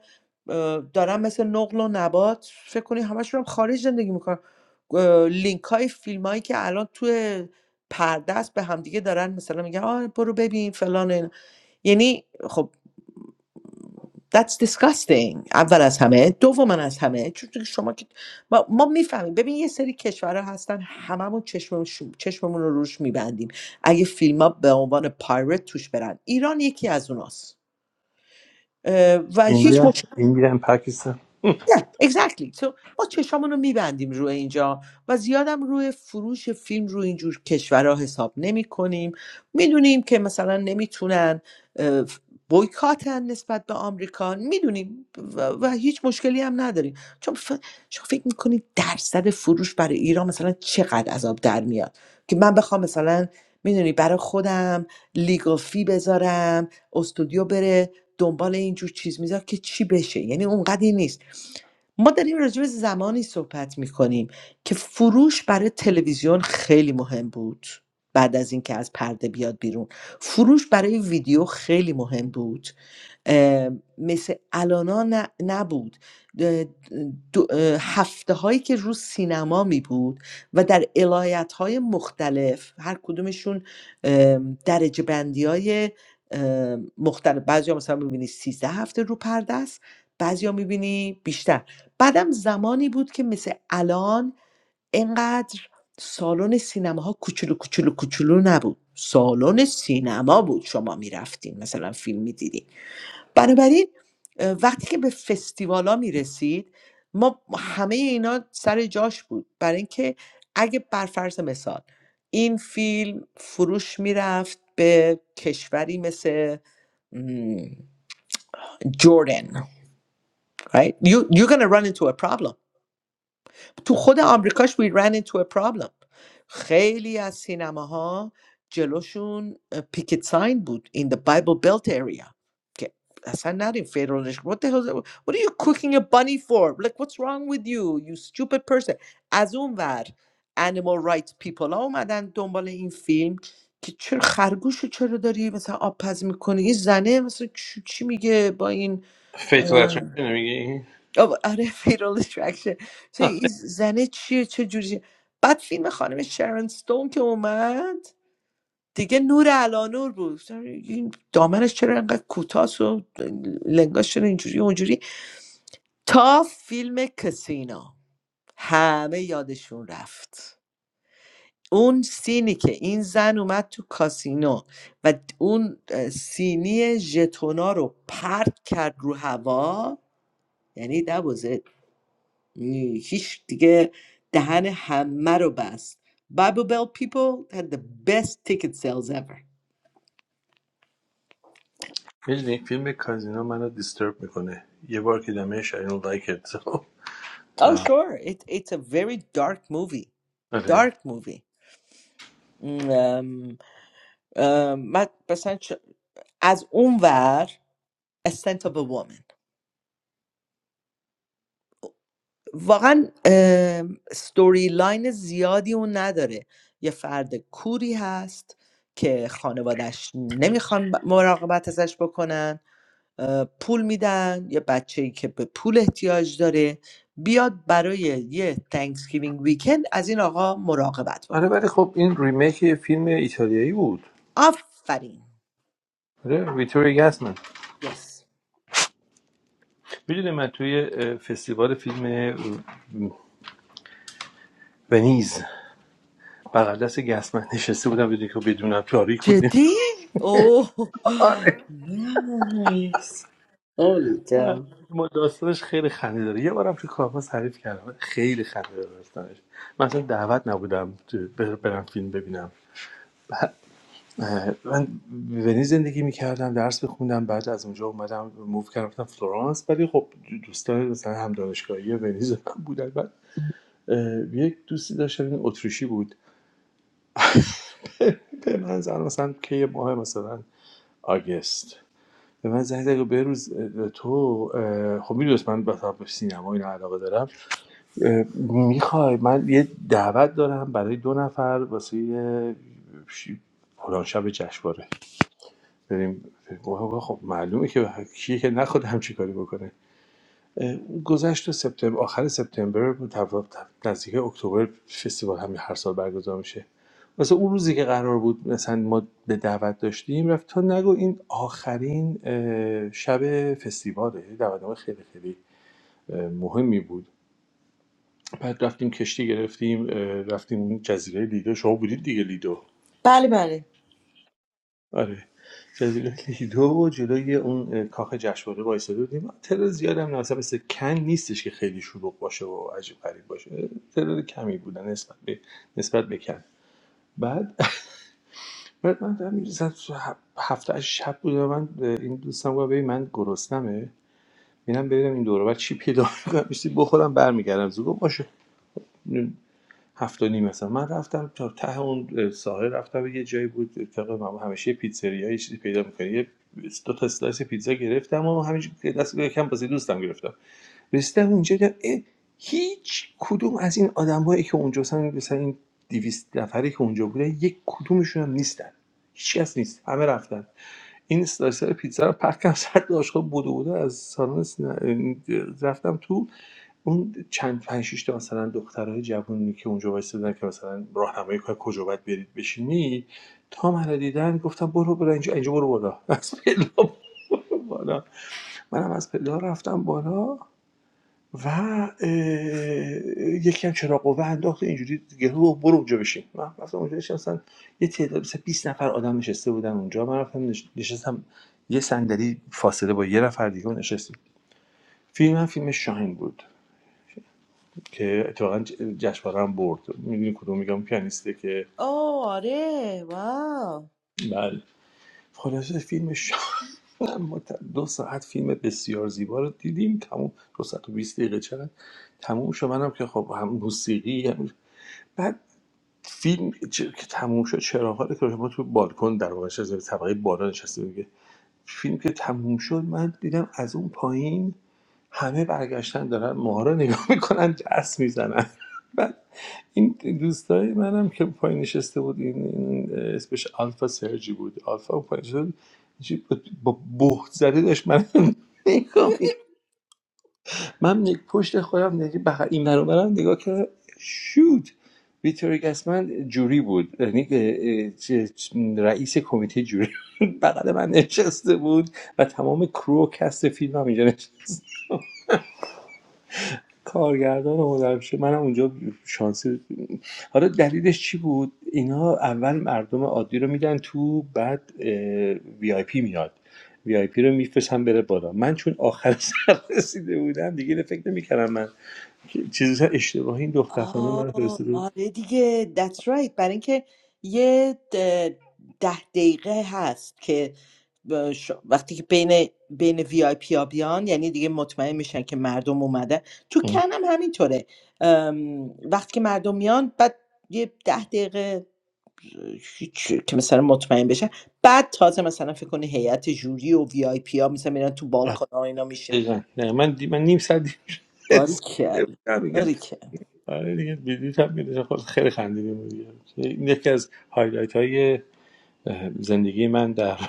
S5: اه، دارن مثل نقل و نبات فکر کنی همشون هم خارج زندگی میکنن لینک های فیلم هایی که الان توی پرده است به همدیگه دارن مثلا میگن آه برو ببین فلان اینا. یعنی خب That's disgusting اول از همه دوم از همه چون که شما که ما, ما میفهمیم ببین یه سری کشورها هستن هممون چشم چشممون رو روش میبندیم اگه فیلم ها به عنوان پایرت توش برن ایران یکی از اوناست و هیچ
S2: ایندیا ایندیا هم پاکستان
S5: نه exactly so ما چشامون رو میبندیم روی اینجا و زیادم روی فروش فیلم روی اینجور کشورها حساب نمی کنیم میدونیم که مثلا نمیتونن اه، بویکاتن نسبت به آمریکا میدونیم و, و هیچ مشکلی هم نداریم چون ف... شما فکر میکنید درصد فروش برای ایران مثلا چقدر عذاب در میاد که من بخوام مثلا میدونی برای خودم لیگل فی بذارم استودیو بره دنبال اینجور چیز میذار که چی بشه یعنی اونقدی نیست ما داریم راجع به زمانی صحبت میکنیم که فروش برای تلویزیون خیلی مهم بود بعد از اینکه از پرده بیاد بیرون فروش برای ویدیو خیلی مهم بود اه، مثل الانا ن- نبود ده- دو- اه، هفته هایی که رو سینما می بود و در علایت های مختلف هر کدومشون ام، درجه بندی های مختلف بعضی ها مثلا میبینی سیزده هفته رو پرده است بعضی ها میبینی بیشتر بعدم زمانی بود که مثل الان اینقدر سالن سینماها کوچولو کوچولو کوچولو نبود سالن سینما بود شما میرفتین مثلا فیلم میدیدین بنابراین وقتی که به فستیوالا می رسید، ما همه اینا سر جاش بود برای اینکه اگه بر فرض مثال این فیلم فروش میرفت به کشوری مثل م، جردن right you you're gonna run into a problem تو خود آمریکاش we ran into a problem خیلی از سینماها جلوشون پیکت ساین بود in the Bible Belt area که اصلا نریم فیرونش what the hell is that? what are you cooking a bunny for like what's wrong with you you stupid person از اون ور animal rights people ها اومدن دنبال این فیلم که چرا خرگوش رو چرا داری مثلا آب پز میکنی این زنه مثلا چ- چی میگه با این
S2: فیتال اترکشن میگی
S5: آب- آره فیرال اترکشن چه این زنه چیه چه جوریه بعد فیلم خانم شرن ستون که اومد دیگه نور علانور بود گفتم این دامنش چرا انقدر کوتاست و لنگاش چرا اینجوری و اونجوری تا فیلم کسینا همه یادشون رفت اون سینی که این زن اومد تو کاسینو و اون اه، سینی ژتونا رو پرت کرد رو هوا یعنی that was it. نی، هیچ دیگه دهن همه رو بست Bible Belt people had the best ticket sales ever.
S2: میدونی فیلم کازینو منو دیسترب میکنه یه بار که دمه شاید لایک it
S5: Oh,
S2: آه،
S5: sure. It, it's a very dark movie.
S2: آره
S5: Dark movie. ام، ام، من مثلا چ- از اون ور A Scent of a Woman. واقعا ام، ستوری لاین زیادی اون نداره. یه فرد کوری هست که خانوادش نمیخوان ب- مراقبت ازش بکنن پول میدن یه بچه‌ای که به پول احتیاج داره بیاد برای یه تانکسگیوینگ ویکند از این آقا مراقبت
S2: آره
S5: بکنه
S2: ولی خب این ریمیک یه فیلم ایتالیایی بود
S5: آفرین
S2: آره ویتوری گاسمن
S5: یس
S2: میدونی من توی اه، فستیوال فیلم ونیز بغل دست گسمن نشسته بودم بدون که بدونم تاریک بود
S5: جدی اوه
S2: آره
S5: نایس هولی
S2: آره، ما داستانش خیلی خنده داره یه بارم تو کارما تعریف کردم خیلی خنده داره داستانش من اصلا دعوت نبودم تو- بر- برم فیلم ببینم اه، من ونیز زندگی میکردم درس میخوندم بعد از اونجا اومدم موو کردم رفتم فلورانس ولی خب دوستان مثلا هم دانشگاهی ونیز من بودن بعد اه، یک دوستی داشتم این اتریشی بود به من زن مثلا که یه ماه مثلا آگست به من زنگ زد و بروز اه، تو اه، خب میدونست من مثلا به سینما این علاقه دارم میخوای من یه دعوت دارم برای دو نفر واسه یه ش- فلان شب جشنواره بریم آقا خب معلومه که کیه که نخواد همچی کاری بکنه اه، گذشت سپتامبر آخر سپتامبر بود، تف- تف- نزدیک اکتبر فستیوال همین هر سال برگزار میشه مثلا اون روزی که قرار بود مثلا ما به دعوت داشتیم رفت تا نگو این آخرین اه، شب فستیواله یعنی دعوتنامه خیلی خیلی اه، مهمی بود بعد رفتیم کشتی گرفتیم اه، رفتیم اون جزیره لیدو شما بودید دیگه لیدو
S5: بله بله
S2: آره جزیره لیدو و جلوی اون اه، کاخ جشنواره وایساده بودیم ترور زیادم نه اصلا مثل کن نیستش که خیلی شلوغ باشه و عجیب غریب باشه ترور کمی بودن نسبت به نسبت به کن بعد بعد من دارم می‌رسم هفته از شب بود و من اه، این دوستم گفت ببین من گرسنمه ببینم ببینم این دوره بعد چی پیدا میکنم میشتی بخورم برمیگردم زود گفت باشه هفت و نیم مثلا من رفتم تا ته اون ساحل رفتم یه جایی بود اتفاق من همیشه یه پیتزریایی چیزی پیدا می‌کنی یه دو تا اسلایس پیتزا گرفتم و همینجوری که دست یکم بازی دوستم گرفتم رسیدم اونجا دیدم هیچ کدوم از این آدمایی که اونجا مثلا مثلا این 200 نفری که اونجا بودن یک کدومشون هم نیستن هیچ کس نیست همه رفتن این اسلایسر پیتزا رو پرت کردم سر داشت خب بودو بودو از سالن سینا- رفتم تو اون چند 5، ۶ تا مثلا دخترای جوونی که اونجا وایسادن که مثلا راهنمایی کنن کجا باید برید بشینید، تا منو دیدن گفتن برو برو اینجا اینجا برو بالا از پله برو بالا منم از پله رفتم بالا و یکی هم چرا قوه انداخت اینجوری دیگه برو برو اونجا بشین من رفتم اونجا نشستم مثلا یه تعداد مثلا 20 نفر آدم نشسته بودن اونجا من رفتم نشستم یه صندلی فاصله با یه نفر دیگه نشستیم فیلم هم فیلم شاهین بود که اتفاقا ج- جشنواره هم برد میدونی کدوم میگم پیانیسته که
S5: آه آره واو
S2: بله خلاصه فیلم شاه ما دو ساعت فیلم بسیار زیبا رو دیدیم تموم دو ساعت و 20 دقیقه چقدر تموم شد منم که خب هم موسیقی هم... بعد فیلم چه- که تموم شد چراغ‌ها که ما تو بالکن در واقع از طبقه بالا نشسته دیگه فیلم که تموم شد من دیدم از اون پایین همه برگشتن دارن ماها رو نگاه میکنن جس میزنن بعد این دوستای منم که پایین نشسته بود این, این اسمش آلفا سرجی بود آلفا اون پایین نشسته بود اینجوری با با بهت زده داشت من نگاه من نگ- پشت خودم نگی بغ- این برابرم نگاه کردم شود ویتوری گسمن جوری بود یعنی رئیس کمیته جوری بغل من نشسته بود و تمام کرو و کست فیلم هم اینجا نشسته کارگردان و هنرمشه منم اونجا شانسی حالا دلیلش چی بود اینا اول مردم عادی رو میدن تو بعد وی آی پی میاد وی آی پی رو میفرستن بره بالا من چون آخر سر رسیده بودم دیگه اینو فکر نمیکردم من چیز اشتباهی این دختر خانم من
S5: آه
S2: فرستاده بود
S5: آره دیگه that's right برای اینکه یه ده ده دقیقه هست که ب- ش- وقتی که بین بین وی آی پی ها بیان یعنی دیگه مطمئن میشن که مردم اومدن تو
S2: ام.
S5: کن هم همینطوره ام، وقتی که مردم میان بعد یه ده دقیقه هیچ- که مثلا مطمئن بشن بعد تازه مثلا فکر کنی هیئت جوری و وی آی پی ها مثلا میرن تو
S2: آره،
S5: بالکن ها اینا میشین
S2: دقیقاً. نه من دی... من نیم ساعت دیر رسیده بودم دیگه
S5: باریکل
S2: آره دیگه بلیط هم میداشم خود خیلی خندیدیم و دیگه این یکی از هایلایت های زندگی من در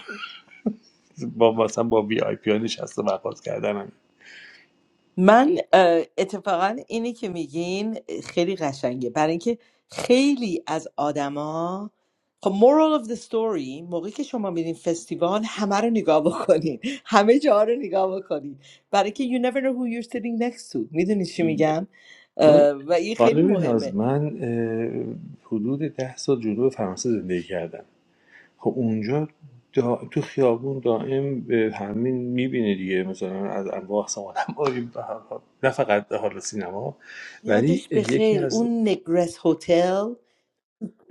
S2: با مثلا با وی آی پی ها نشست و برخورد کردنم
S5: من اه، اتفاقا اینی که میگین خیلی قشنگه برای اینکه خیلی از آدما خب moral of the story موقعی که شما میرین فستیوال همه رو نگاه بکنین همه جا رو نگاه بکنین برای که you never know who you're sitting next to میدونی چی میگم اه، و این خیلی
S2: خانم ناز
S5: مهمه
S2: من اه، حدود ده سال جنوب فرانسه زندگی کردم خب اونجا دا... تو خیابون دائم به همین میبینه دیگه مثلا از انواع اقسام آدم‌ها به هر حال نه فقط حالا سینما ولی
S5: یادش
S2: یکی
S5: بخیر
S2: از
S5: اون نگرس هتل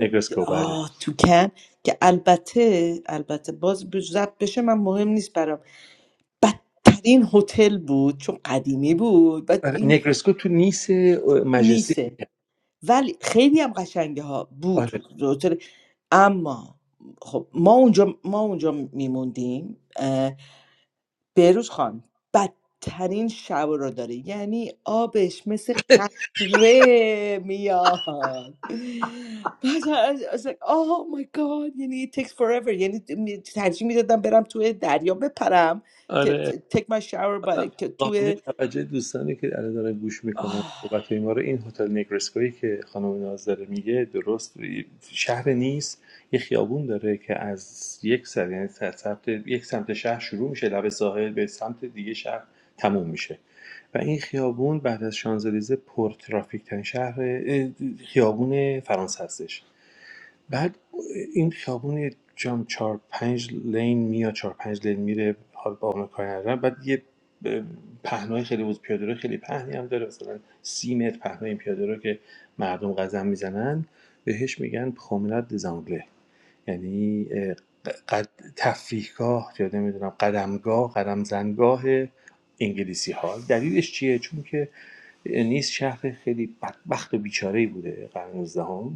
S2: نگرسکو بله
S5: آه تو کن که البته البته باز بزرد بشه من مهم نیست برام بدترین هتل بود چون قدیمی بود بعد
S2: آره
S5: این
S2: نگرسکو تو نیس
S5: تو
S2: مجلسی
S5: نیسه ولی خیلی هم قشنگه ها بود
S2: آره
S5: هتل اما خب ما اونجا ما اونجا میموندیم اه، بهروز خان بدترین شب رو داره یعنی آبش مثل قطره میاد بعد I was like oh my god یعنی it takes forever یعنی می- ترجیح میدادم برم توی دریا بپرم که
S2: آره
S5: take my shower با...
S2: آدم
S5: که
S2: قابل
S5: توی
S2: توجه دوستانی که الان دارن گوش میکنن
S5: آه،
S2: صحبت ما رو این هتل نگرسکویی که خانم ناز داره میگه درست شهر نیست یه خیابون داره که از یک سر یعنی از سمت یک سمت شهر شروع میشه لب ساحل به سمت دیگه شهر تموم میشه و این خیابون بعد از شانزلیزه پر ترافیک ترین شهر اه، خیابون فرانسه هستش بعد این خیابون یه جام چهار پنج لین میاد چهار پنج لین میره حال با اون کاری ندارم. بعد یه به پهنای خیلی بود پیاده رو خیلی پهنی هم داره مثلا سی متر پهنای این پیاده رو که مردم قدم میزنن بهش میگن پرومناد دزانگله یعنی قد تفریحگاه یا نمیدونم قدمگاه قدم زنگاه انگلیسی ها دلیلش چیه چون که نیس شهر خیلی بدبخت و بیچاره بوده قرن 19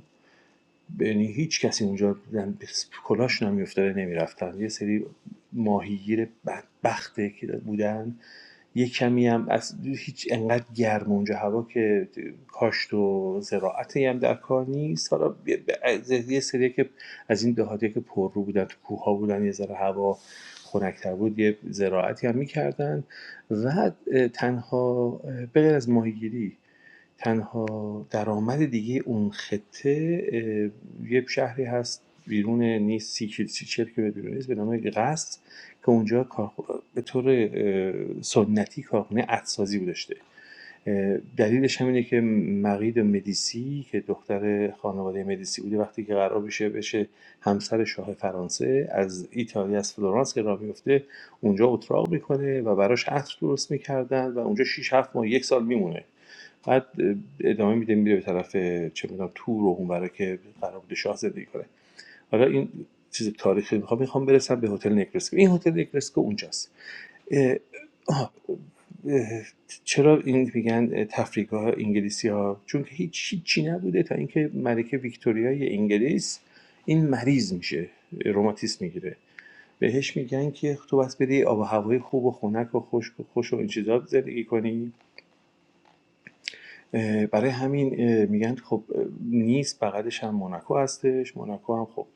S2: یعنی هیچ کسی اونجا زن- کلاش نمیافتاده نمیرفتن یه سری ماهیگیر بدبخته که بودن یه کمی هم از هیچ انقدر گرم اونجا هوا که کاشت و زراعتی هم در کار نیست حالا یه- سری که از این دهاتی که پررو بودن تو کوه ها بودن یه ذره هوا خنکتر بود یه زراعتی هم میکردن و تنها اه، به غیر از ماهیگیری تنها درآمد دیگه اون خطه اه، یه شهری هست بیرون نیست، سی کیل- سی چل کیلومتر بیرون نیست به نام قصد که اونجا کار به طور سنتی کارخونه عطرسازی داشته اه، دلیلش همینه اینه که مقید مدیسی که دختر خانواده مدیسی بوده وقتی که قرار بشه بشه همسر شاه فرانسه از ایتالیا از فلورانس که راه میفته اونجا اتراق میکنه و براش عطر درست میکردن و اونجا شش 7 ماه یک سال میمونه بعد ادامه میده میره به طرف چه میدونم تور و اونورا که قرار بوده شاه زندگی کنه حالا این چیز تاریخی میخوام میخوام برسم به هتل نکرسکو این هتل نکرسکو اونجاست اه، آه، اه، چرا این میگن تفریگاه انگلیسی‌ها؟ چون که هیچ چی نبوده تا اینکه ملکه ویکتوریای انگلیس این مریض میشه روماتیسم میگیره بهش میگن که تو بس بری آب و هوای خوب و خنک و خشک و خوش و این چیزا زندگی کنی برای همین میگن خب اه، نیست بغلش هم موناکو هستش موناکو هم خب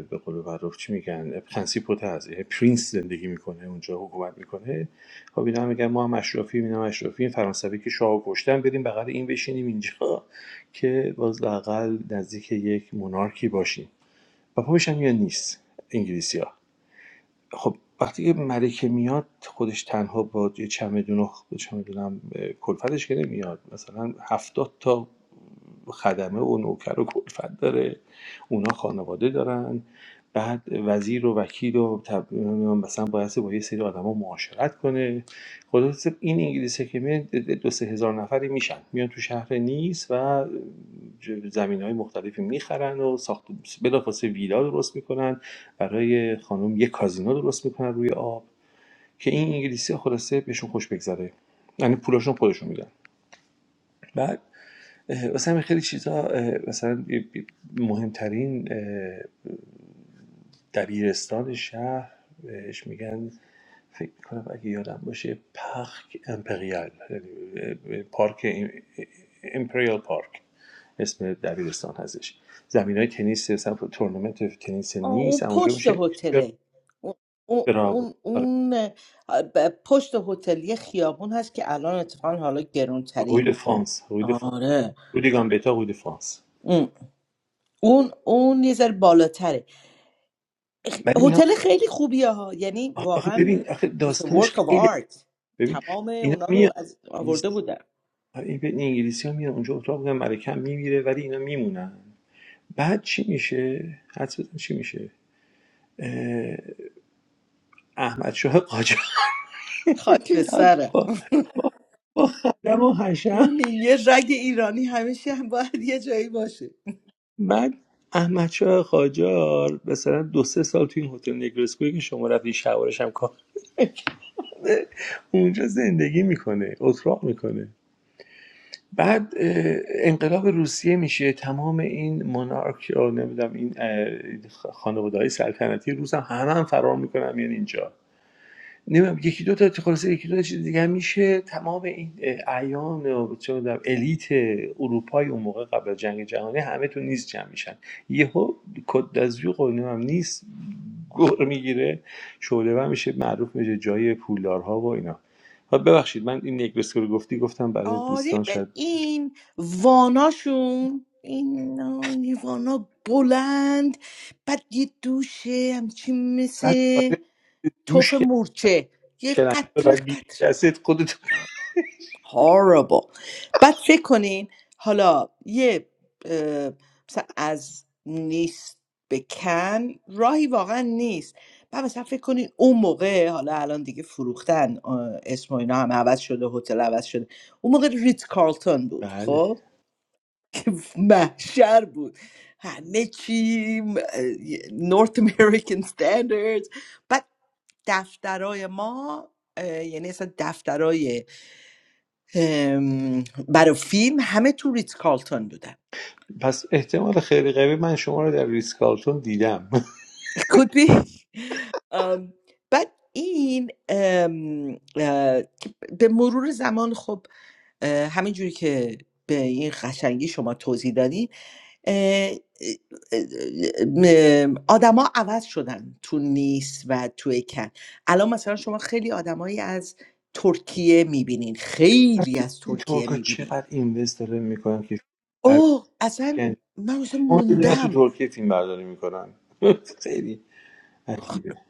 S2: به قول معروف چی میگن پرنسیپوته هست یعنی پرینس زندگی میکنه اونجا حکومت میکنه خب اینا هم میگن ما هم اشرافیم اینا هم فرانسوی که شاه کشتن بریم بغل این بشینیم اینجا که باز لاقل نزدیک یک مونارکی باشیم و پاپش هم میگن نیست انگلیسی خب وقتی که ملکه میاد خودش تنها با یه چمدون و خ- چه می‌دونم اه، کلفتش که نمیاد مثلا هفتاد تا خدمه و نوکر و کلفت داره اونا خانواده دارن بعد وزیر و وکیل و تب... مثلا باید با یه سری آدما معاشرت کنه خدا حافظ، این انگلیسه که میاد دو سه هزار نفری میشن میان تو شهر نیس و زمین های مختلفی میخرن و ساخت بلافاصله ویلا درست میکنن برای خانم یه کازینو درست میکنن روی آب که این انگلیسی ها خلاصه بهشون خوش بگذره یعنی پولاشون خودشون میدن بعد اه، مثلا همین خیلی چیزا اه، مثلا ی- مهمترین اه، دبیرستان شهر بهش میگن فکر میکنم اگه یادم باشه پارک امپریال یعنی، پارک ام- امپریال پارک اسم دبیرستان هستش زمین های تنیس مثلا تورنمنت تنیس
S5: آه، اون
S2: نیست اما اونجا
S5: پشت
S2: میشه
S5: هتله اون اون
S2: براو
S5: اون اون، آه، ب- پشت هتل یه خیابون هست که الان اتفاقا حالا
S2: روی دو
S5: گرونترین
S2: فرانس، روی دو فرانس،
S5: آره
S2: روی دو Gambetta روی دو فرانس.
S5: اون اون اون یه ذره بالاتره
S2: ولی اینا
S5: هتل خیلی خوبیه ها یعنی
S2: آخه
S5: واقعا
S2: ببین آخه
S5: it's a
S2: داستانش
S5: work of
S2: خیلی
S5: art
S2: ببین
S5: تمام
S2: اینا
S5: اونا
S2: میان
S5: رو از
S2: انگلیس
S5: آورده بودن
S2: این به- انگلیسی ها میان اونجا اتاق بودن ملکه هم میمیره ولی اینا میمونن بعد چی میشه حدس بزن چی میشه اه، احمد شاه قاجار
S5: خاک به
S2: میاد
S5: سره
S2: با با, با خدم و حشم
S5: یه رگ ایرانی همیشه هم باید یه جایی باشه
S2: بعد احمد شاه قاجار مثلا دو سه سال تو این هتل نگرسکوی که شما رفتین شوارش هم کار اونجا زندگی میکنه اتراق میکنه بعد انقلاب روسیه میشه تمام این مونارک یا نمیدونم این خانواده های سلطنتی روس هم همه هم فرار میکنن میان اینجا نمی‌دونم یکی دو تا خلاصه یکی دو تا چیز دیگه میشه تمام این اه، اعیان و چه می‌دونم الیت اروپای اون موقع قبل از جنگ جهانی همه تو نیز جمع میشن یهو کد دزوق و نیست گور میگیره شعله میشه معروف میشه جای پولدارها و اینا خب ببخشید من این یک بسکر گفتی گفتم برای
S5: آره
S2: دوستان
S5: به
S2: شاید جا-
S5: این واناشون این یه وانا بلند بعد یه دوشه همچین
S2: بعد
S5: مثل
S2: آره،
S5: توف
S2: دوش که
S5: مورچه یه
S2: شلنگ
S5: قطره
S2: بعد بگیری
S5: قطره
S2: دستت خودت
S5: horrible بعد فکر کنین حالا یه اه، مثلا از نیست به کن راهی واقعا نیست بعد مثلا فکر کنین اون موقع حالا الان دیگه فروختن اه، اسم و اینا هم عوض شده هتل عوض شده اون موقع ریت کارلتون بود
S2: بله
S5: خب که محشر بود همه چی نورت امریکن standards بعد دفترای ما اه، یعنی اصلا دفترای ام، برای فیلم همه تو ریت کالتون بودن
S2: پس احتمال خیلی قوی من شما رو در ریسکالتون دیدم
S5: could be ام، بعد این ام، اه، به مرور زمان خب اه، همینجوری که به این قشنگی شما توضیح دادین اه، اه، اه، آدما عوض شدن تو نیس و تو کن الان مثلا شما خیلی آدمایی از ترکیه میبینین خیلی از ترکیه
S2: ترکا
S5: میبینین
S2: چقدر اینوست داره میکنن که فیلم برداری
S5: اوه اصلا
S2: انجام
S5: من مثلا
S2: بدن. تو
S5: موندم
S2: ترکیه فیلم برداری میکنن خیلی عجیبه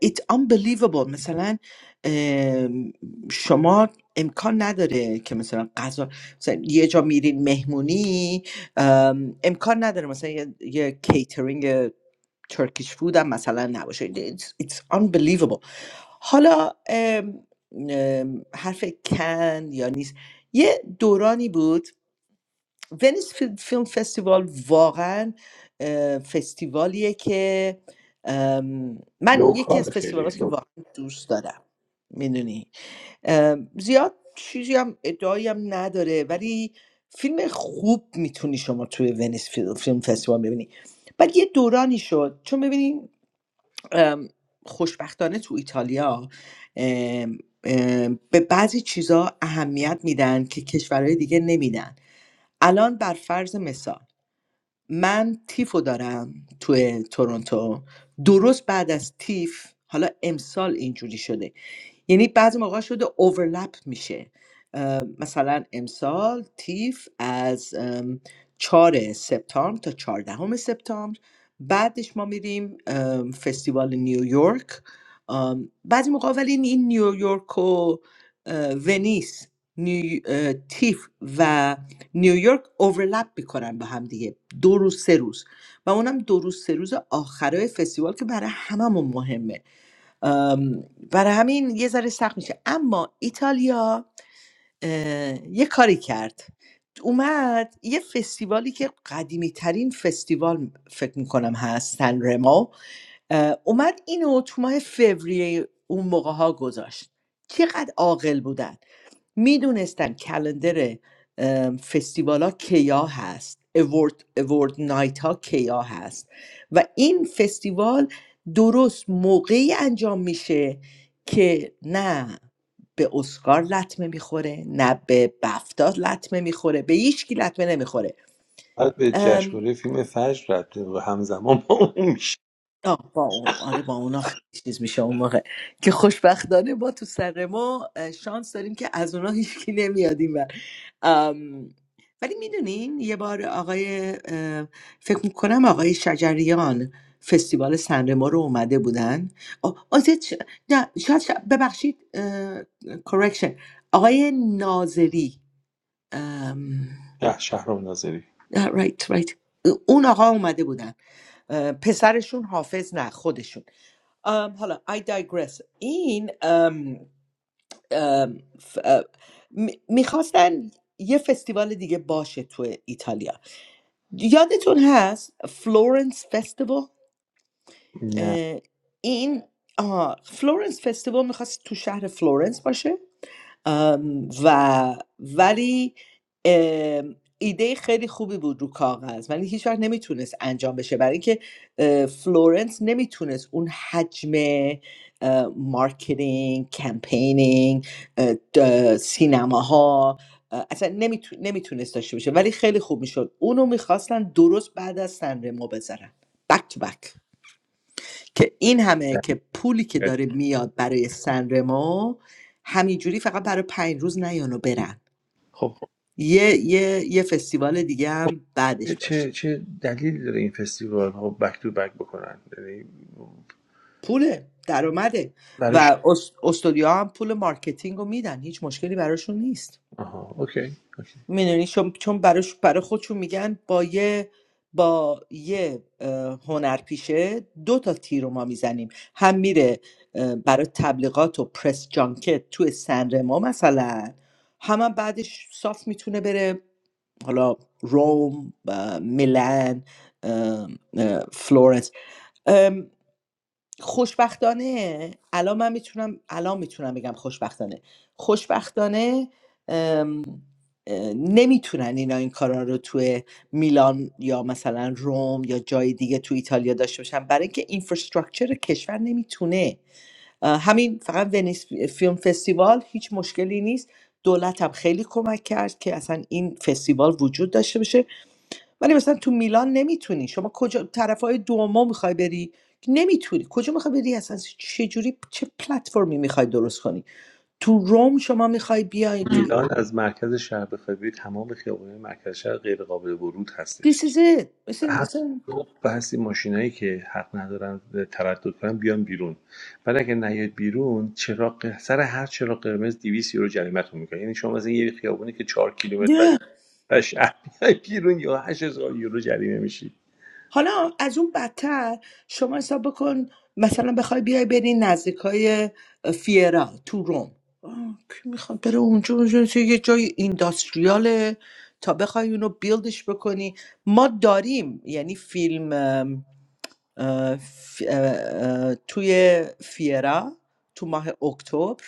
S5: it's unbelievable مثلا ام، شما امکان نداره که مثلا غذا مثلا یه جا میرین مهمونی ام، امکان نداره مثلا یه, یه کیترینگ ترکیش فود هم مثلا نباشه it's, it's unbelievable حالا ام، ام، حرف کن یا نیست یه دورانی بود ونیز فیل- فیلم فستیوال واقعا اه، فستیوالیه که ام، من یکی از
S2: لوکال خیلی
S5: فستیوال که واقعا
S2: لوکال
S5: دوست دارم میدونی زیاد چیزی هم ادعایی هم نداره ولی فیلم خوب میتونی شما توی ونیز فیل- فیلم فستیوال ببینی بعد یه دورانی شد چون ببینیم خوشبختانه تو ایتالیا ام، ام، به بعضی چیزا اهمیت میدن که کشورهای دیگه نمیدن الان بر فرض مثال من تیفو دارم توی تورنتو درست بعد از تیف حالا امسال اینجوری شده یعنی بعضی موقع شده اوورلپ میشه اه، مثلا امسال تیف از ام، 4 سپتامبر تا چهاردهم سپتامبر بعدش ما میریم ام، فستیوال نیویورک ام، بعضی موقع ولی این نیویورک و اه، ونیس نیو- اه، تیف و نیویورک اوورلپ میکنن با هم دیگه دو روز سه روز و اونم دو روز سه روز آخرای فستیوال که برای هممون مهمه ام، برای همین یه ذره سخت میشه اما ایتالیا اه، یه کاری کرد اومد یه فستیوالی که قدیمی ترین فستیوال فکر میکنم هست سن رمو اه، اومد اینو تو ماه فوریه اون موقع ها گذاشت چقدر عاقل بودن میدونستن کلندر ام، فستیوالا کیا هست اوورد, اوورد نایت ها کیا هست و این فستیوال درست موقعی انجام میشه که نه به اسکار لطمه میخوره نه به بفتا لطمه میخوره به هیچ کی لطمه نمیخوره
S2: بعد به جشنواره فیلم فجر رد و همزمان با اون میشه
S5: آه، با اون آره با اونا خیلی چیز میشه اون موقع که خوشبختانه ما تو سر ما اه، شانس داریم که از اونا هیچکی نمیادیم و ولی میدونین یه بار آقای اه، فکر میکنم آقای شجریان فستیوال سنرما رو اومده بودن آه، آزه چ- نه شاید, شاید- ببخشید کرکشن آقای ناظری ام،
S2: شه- شهرام ناظری
S5: رایت رایت اون آقا اومده بودن اه، پسرشون حافظ نه خودشون ام، حالا I digress این ام، ام، ف- ام، می- میخواستن یه فستیوال دیگه باشه تو ایتالیا یادتون هست فلورنس فستیوال
S2: نه
S5: اه، این آها، فلورنس فستیوال میخواست تو شهر فلورنس باشه ام، و ولی ام، ایده خیلی خوبی بود رو کاغذ ولی هیچ وقت نمیتونست انجام بشه برای اینکه اه، فلورنس نمیتونست اون حجم اه، مارکتینگ کمپینینگ اه، د- سینماها اه، اصلا نمیتو- نمیتونست داشته باشه ولی خیلی خوب میشد اونو میخواستن درست بعد از سنرمو بذارن بک تو بک که این همه که پولی که داره میاد برای سنرمو همینجوری فقط برای پنج روز نیان و برن
S2: خب خب
S5: یه, یه،, یه فستیوال دیگه هم
S2: چه
S5: بعدش باشه
S2: چه دلیلی داره این فستیوال ها بک تو بک بکنن یعنی
S5: پوله درآمده
S2: برای ش-
S5: و است- استودیوها هم پول مارکتینگ رو میدن هیچ مشکلی براشون نیست
S2: آها اوکی اوکی
S5: میدونی چون چون براش برای خودشون میگن با یه با یه اه، هنرپیشه دو تا تیر رو ما میزنیم هم میره اه، برای تبلیغات و پرس جانکت توی سنرما مثلا هم, هم بعدش صاف میتونه بره حالا روم اه، میلان اه، اه، فلورنس خوشبختانه الان من میتونم الان میتونم بگم خوشبختانه خوشبختانه ام، اه، نمیتونن اینا این کارا رو توی میلان یا مثلا روم یا جای دیگه تو ایتالیا داشته باشن برای اینکه اینفراستراکچر کشور نمیتونه اه، همین فقط ونیس فیلم فستیوال هیچ مشکلی نیست دولت هم خیلی کمک کرد که اصلا این فستیوال وجود داشته باشه ولی مثلا تو میلان نمیتونی شما کجا طرفای دوما میخوای بری که نمیتونی کجا میخوای بری اصلا چه جوری چه پلتفرمی میخوای درست کنی تو روم شما میخوای بیای تو
S2: میلان از مرکز شهر بخوای بری تمام خیابان مرکز شهر غیر قابل ورود هستش
S5: This is it مثل,
S2: هفت
S5: مثل...
S2: صبح بحث ماشینایی که حق ندارن تردد کنن بیان بیرون ولی اگه نیاد بیرون چراغ سر هر چراغ قرمز 200 یورو جریمتون میکنه یعنی شما از یه خیابونی که چهار کیلومتر بعد
S5: نه.
S2: از شهر میای بیرون یا 8000 یورو جریمه میشی
S5: حالا از اون بدتر شما حساب بکن مثلا بخوای بیای بری نزدیکای فیرا تو روم آه، کی میخواد بره اونجا اونجا چه یه جای اینداستریاله تا بخوای اونو بیلدش بکنی ما داریم یعنی فیلم اه، ف- اه، اه، توی فیرا تو ماه اکتبر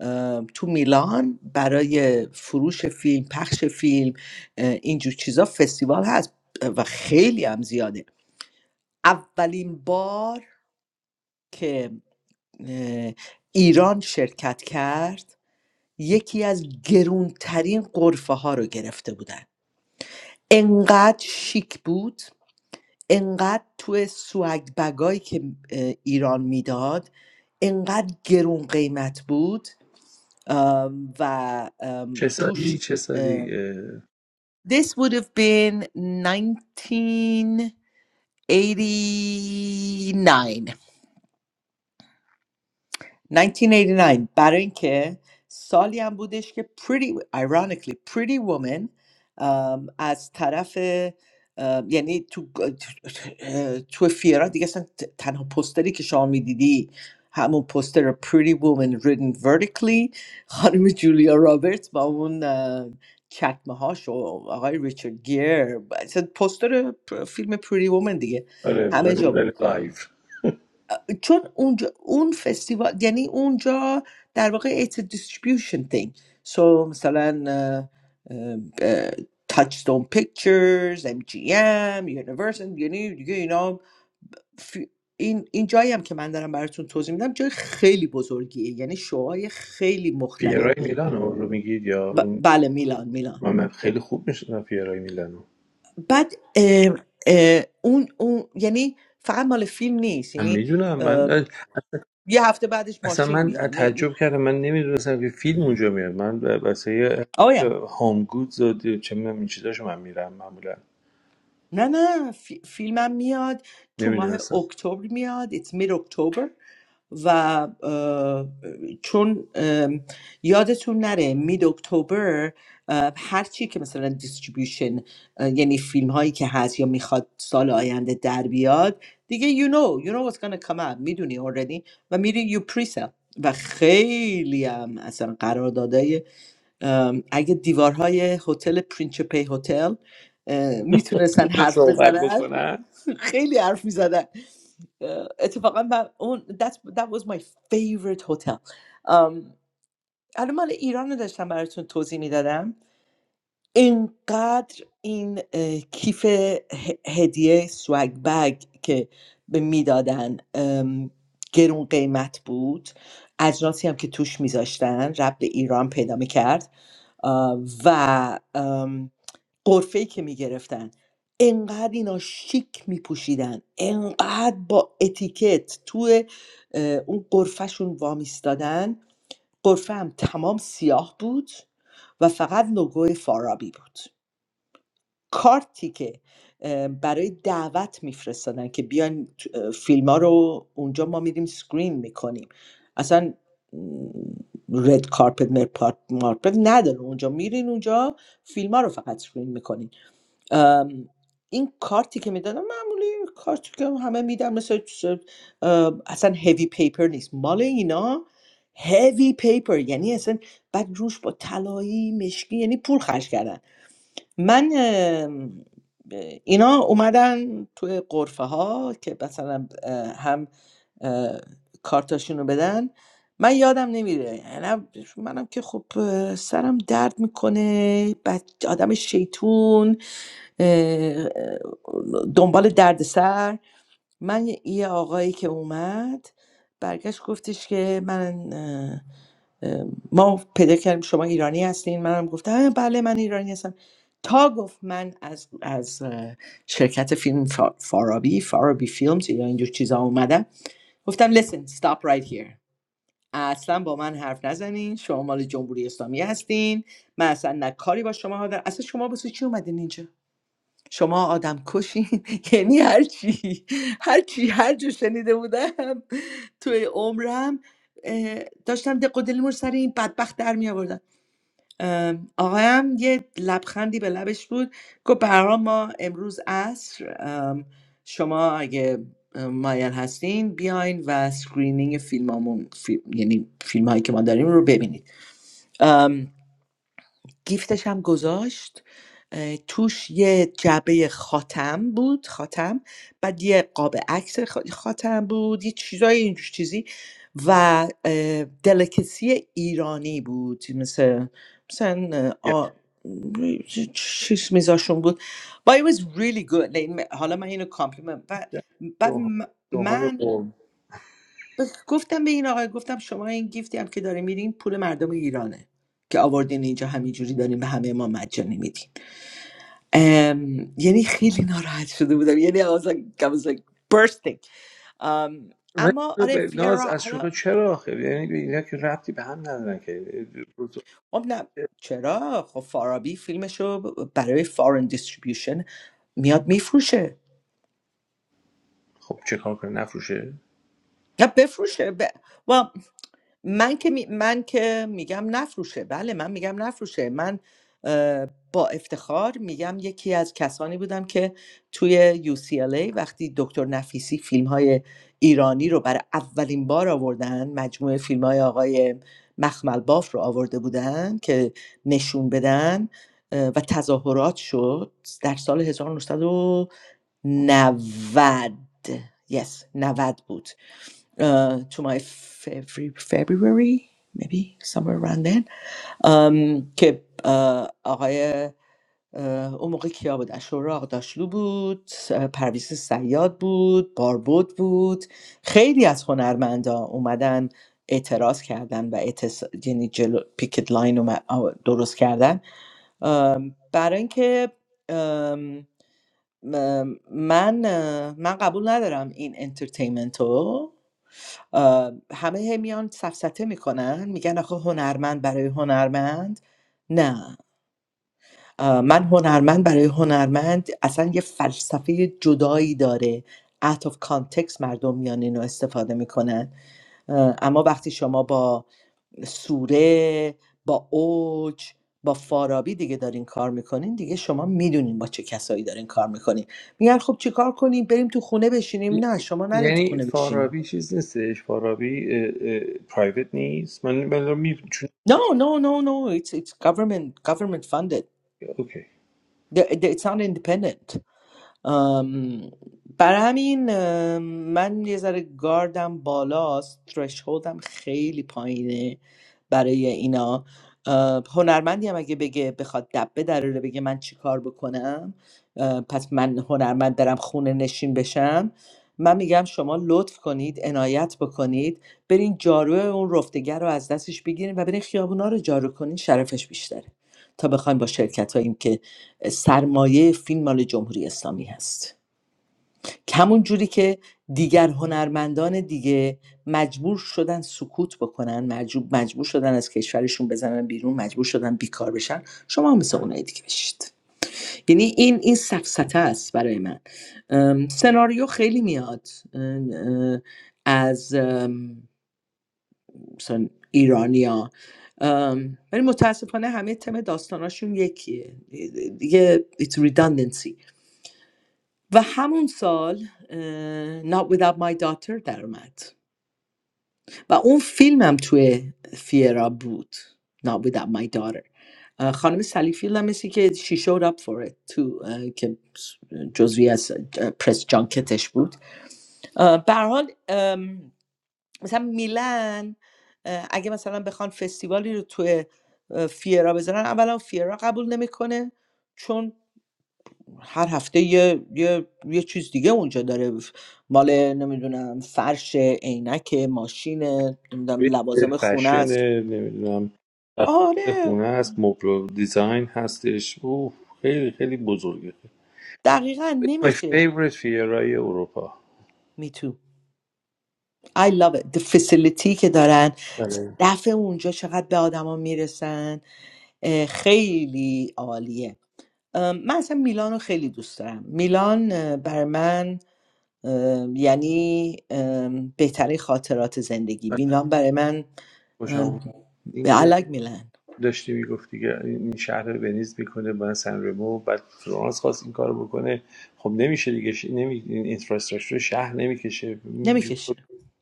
S5: اه، تو میلان برای فروش فیلم پخش فیلم اه، اینجور چیزا فستیوال هست و خیلی هم زیاده اولین بار که اه، ایران شرکت کرد یکی از گرونترین قرفه ها رو گرفته بودن انقدر شیک بود انقدر توی سوگ بگایی که اه، ایران میداد انقدر گرون قیمت بود ام، و ام،
S2: چه
S5: توش
S2: سالی چه سالی
S5: اه،
S2: اه،
S5: This would have been 1989 1989 برای اینکه سالی هم بودش که pretty ironically pretty woman ام، از طرف ام، یعنی تو تو فیرا دیگه اصلا ت- تنها پستری که شما میدیدی همون پستر pretty woman written vertically خانم جولیا رابرتس با اون چکمه هاش و آقای ریچارد گیر اصلا پستر فیلم pretty woman دیگه
S2: آره
S5: همه
S2: ولی
S5: جا بود.
S2: ولی لایو
S5: چون اونجا اون فستیوال یعنی اونجا در واقع it's a distribution thing so مثلا اه، اه، اه، Touchstone Pictures MGM Universal یعنی دیگه اینا فی- این این جایی هم که من دارم براتون توضیح میدم جای خیلی بزرگیه یعنی شوهای خیلی
S2: فیرای
S5: مختلفی
S2: میلانو رو میگید یا
S5: ب-
S2: اون
S5: بله میلان میلان
S2: من من خیلی خوب میشناسم فیرای میلانو
S5: بعد اه، اه، اون اون یعنی فقط مال فیلم نیست
S2: من
S5: یعنی
S2: میدونم
S5: اه،
S2: من
S5: یه هفته بعدش
S2: اصلا
S5: ماشین
S2: من
S5: میاد یعنی-
S2: تعجب کردم من نمیدونستم که فیلم اونجا میاد من واسه
S5: آره
S2: هوم گودز و دی- چه میدونم این چیزاشو من میرم معمولا
S5: نه نه فی- فیلمم میاد تو ماه
S2: نمیدونستم
S5: اکتبر میاد It's mid October و اه، چون اه، یادتون نره مید اکتبر اه، هر چی که مثلا دیستریبیوشن یعنی فیلم هایی که هست یا میخواد سال آینده در بیاد دیگه you know you know what's gonna come out میدونی already و میری you pre و خیلی هم اصلا قراردادای ام، اگه دیوارهای هتل پرینچپی هتل اه، میتونستن
S2: اینجا
S5: حرف
S2: صحبت
S5: بزنن
S2: بکنن
S5: خیلی حرف میزدن اتفاقا من اون that's, that was my favorite hotel ام، الان مال ایران رو داشتم براتون توضیح میدادم اینقدر این اه، کیف ه- هدیه سوگ بگ که به میدادن ام، گرون قیمت بود اجناسی هم که توش میذاشتن رب به ایران پیدا میکرد آه، و قرفه ای که میگرفتن انقدر اینا شیک میپوشیدن انقدر با اتیکت توی اه، اون قرفهشون وامیستادن قرفه هم تمام سیاه بود و فقط لوگوی فارابی بود کارتی که برای دعوت میفرستادن که بیان فیلم ها رو اونجا ما میریم سکرین میکنیم اصلا رد کارپت مر- مارپت نداره اونجا میرین اونجا فیلم ها رو فقط سکرین میکنین این کارتی که میدادن معمولی کارتی که همه میدن مثل چیز- اصلا هیوی پیپر نیست مال اینا هیوی پیپر یعنی اصلا بعد روش با طلایی مشکی یعنی پول خرج کردن من ام، اینا اومدن توی قرفه ها که مثلا اه، هم اه، کارتاشون رو بدن من یادم نمیره منم, منم که خب اه، سرم درد میکنه بچه آدم شیطون اه، اه، دنبال درد سر من یه یه آقایی که اومد برگشت گفتش که من ما پیدا کردیم شما ایرانی هستین منم گفتم "آه، بله من ایرانی هستم تا گفت من از, از اه، شرکت فیلم فا- فارابی فارابی فیلمز یا اینجور چیزا اومدم گفتم listen stop right here اصلا با من حرف نزنین شما مال جمهوری اسلامی هستین من اصلا نه کاری با شما دارم اصلا شما واسه چی اومدین اینجا شما آدم کشین یعنی هر چی هر چی هر جو شنیده بودم توی عمرم اه، داشتم دق و دلمو رو سر این بدبخت در می آوردم ام، آقایم یه لبخندی به لبش بود گفت برام ما امروز عصر ام، شما اگه ام، مایل هستین بیاین و سکرینینگ فیلمامون فیلم یعنی فیلم هایی که ما داریم رو ببینید گیفتش هم گذاشت اه، توش یه جعبه خاتم بود خاتم بعد یه قاب عکس خ- خاتم بود یه چیزای اینجور چیزی و اه، دلکسی ایرانی بود مثل مثلا اه، آ... چ- چیز میزاشون بود but it was really good like, م- حالا من اینو کامپلیمنت و
S2: گرم.
S5: بعد
S2: سوهان
S5: م-
S2: سوهان
S5: من
S2: قوم
S5: گفتم به این آقای گفتم شما این گیفتی هم که داره میرین پول مردم ایرانه که آوردین اینجا همینجوری دارین به همه ما مجانی میدین ام، یعنی خیلی ناراحت شده بودم یعنی I was like, I was like bursting. ام،
S2: من
S5: اما آره
S2: به-
S5: فیرا
S2: ناز از
S5: حالا
S2: شوخه چرا آخه یعنی به اینا که ربطی به هم ندارن که
S5: خب نه چرا خب فارابی فیلمشو برای فارن دیستریبیوشن میاد میفروشه
S2: خب چه کار کنه نفروشه
S5: نه بفروشه ب well من که می- من که میگم نفروشه بله من میگم نفروشه من اه، با افتخار میگم یکی از کسانی بودم که توی UCLA وقتی دکتر نفیسی فیلم های ایرانی رو برای اولین بار آوردن مجموعه فیلم های آقای مخمل باف رو آورده بودن که نشون بدن اه، و تظاهرات شد در سال 1990 یس 90 بود uh, to my February, February maybe somewhere around then um, که uh, آقای uh, اون موقع کیا بود اشورا آقداشلو بود uh, پرویز سیاد بود باربود بود خیلی از هنرمندا اومدن اعتراض کردن و اعتص... یعنی جلو پیکت لاین اومد... آ، درست کردن برای اینکه ام، م- من اه، من قبول ندارم این انترتینمنت رو آ، همه هی میان سفسطه میکنن میگن آخه هنرمند برای هنرمند نه آ، من هنرمند برای هنرمند اصلا یه فلسفه جدایی داره out of context مردم میان اینو استفاده میکنن اما وقتی شما با سوره با اوج با فارابی دیگه دارین کار میکنین دیگه شما میدونین با چه کسایی دارین کار میکنین میگن خب چیکار کنیم بریم تو خونه بشینیم نه
S2: ی-
S5: شما نرین تو
S2: یعنی
S5: خونه بشینین
S2: فارابی چیز نیستش فارابی اه، اه، پرایوت نیست من من می چون
S5: No, no, no, no. It's it's government government funded.
S2: اوکی
S5: The- the- It's not independent. ام، برای همین ام، من یه ذره گاردم بالاست ترشهولدم خیلی پایینه برای اینا ام، هنرمندی هم اگه بگه بخواد دبه داره بگه من چیکار بکنم ام، پس من هنرمند دارم خونه نشین بشم من میگم شما لطف کنید عنایت بکنید برین جارو اون رفتگر رو از دستش بگیرین و برین خیابونا رو جارو کنین شرفش بیشتره تا بخواین با شرکت که سرمایه فیلم مال جمهوری اسلامی هست که همون جوری که دیگر هنرمندان دیگه مجبور شدن سکوت بکنن مجبور, مجبور شدن از کشورشون بزنن بیرون مجبور شدن بیکار بشن شما هم مثل اونای دیگه بشید یعنی این این سفسته است برای من ام، سناریو خیلی میاد از مثلا ایرانیا ولی متاسفانه همه تم داستاناشون یکیه دیگه it's redundancy و همون سال اه، Not Without My Daughter در اومد و اون فیلمم توی فیرا بود Not Without My Daughter اه، خانم سلی فیلد هم مثل که she showed up for it تو که جزوی از اه، پرس جانکتش بود اه، به هر حال ام، مثلا میلان اه، اگه مثلا بخوان فستیوالی رو توی اه، فیرا بذارن اولا فیرا قبول نمیکنه چون هر هفته یه یه یه چیز دیگه اونجا داره ف- مال نمیدونم فرش عینک ماشین نمیدونم لوازم خونه
S2: فشن
S5: است
S2: نمیدونم
S5: آره
S2: خونه هست مبل و دیزاین هستش او خیلی خیلی بزرگه
S5: دقیقا
S2: It's my
S5: نمیشه
S2: favorite فیرای اروپا
S5: میتو I love it the facility که دارن
S2: بله
S5: دفع اونجا چقدر به آدما میرسن اه، خیلی عالیه ام، من اصلا میلان رو خیلی دوست دارم میلان اه، بر من ام، یعنی ام، بهترین خاطرات زندگی
S2: بله،
S5: بینام برای من
S2: خوشم
S5: ام،
S2: اومد.
S5: به
S2: اینکه
S5: علگ میلن
S2: داشتی میگفت دیگه این شهر رو ونیز میکنه با سنرمو بعد فلورانس خواست این کارو بکنه خب نمیشه دیگه ش... نمی... این انفراستراکچر شهر نمیکشه
S5: نمیکشه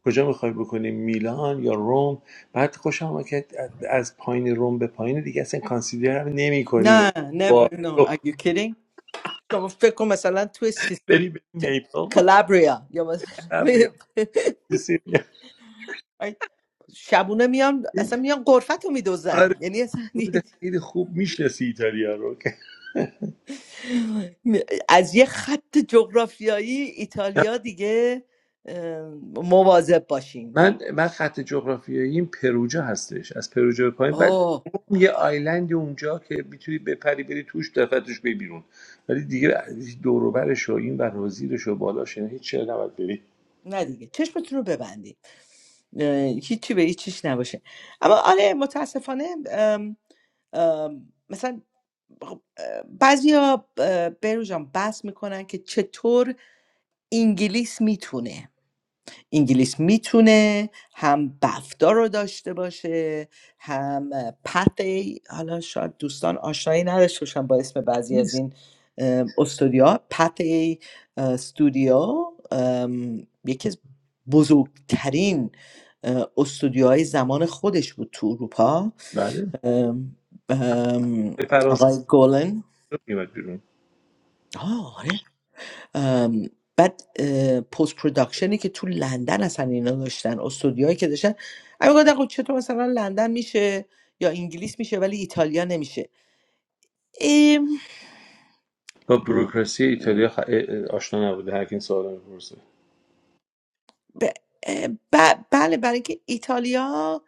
S2: کجا میخوای بکنی میلان یا روم بعد خوشم آمد که از پایین روم به پایین دیگه اصلا کانسیدر هم نمی کنیم
S5: نه never
S2: با
S5: no are you kidding شما فکر کن مثلا توی سیستم
S2: بری به نیپل
S5: کلابریا یا مثلا
S2: یا سیسیلیا.
S5: شبونه میان اصلا میان قرفت رو میدوزن
S2: آره
S5: یعنی اصلا
S2: خیلی خوب میشناسی ایتالیا رو
S5: می- از یه خط جغرافیایی ایتالیا دیگه ام، مواظب باشین
S2: من من خط جغرافیاییم پروجا هستش از پروجا به پایین بعد
S5: اوه آره.
S2: اون یه آیلند اونجا که میتونی بپری بری توش دفترش بی بیرون ولی دیگه دور و برش و این بر و زیرش و بالاش اینا هیچ چیز نباید بری
S5: نه دیگه چشمتون رو ببندید اه، هیچی به هیچیش نباشه اما آره متاسفانه ام، ام، مثلا بعضی ها بروژان بحث میکنن که چطور انگلیس میتونه انگلیس میتونه هم بفتا رو داشته باشه هم پتی حالا شاید دوستان آشنایی نداشته باشن با اسم بعضی از
S2: نیست
S5: این ام، استودیوها پتی اه، استودیو ام، یکی از بزرگترین اه، استودیوهای زمان خودش بود تو اروپا
S2: بله
S5: ام، ام،
S2: به فرانسه
S5: آقای گولن
S2: نمیاد بیرون
S5: آه، آره ام، بعد پست پروداکشنی که تو لندن اصلا اینا داشتن استودیوهایی که داشتن اگه گفتن خب چطور مثلا لندن میشه یا انگلیس میشه ولی ایتالیا نمیشه ام،
S2: با بروکراسی ایتالیا خ- آشنا نبوده هر کی این سوالا میپرسه
S5: ب- ب- بله برای اینکه ایتالیا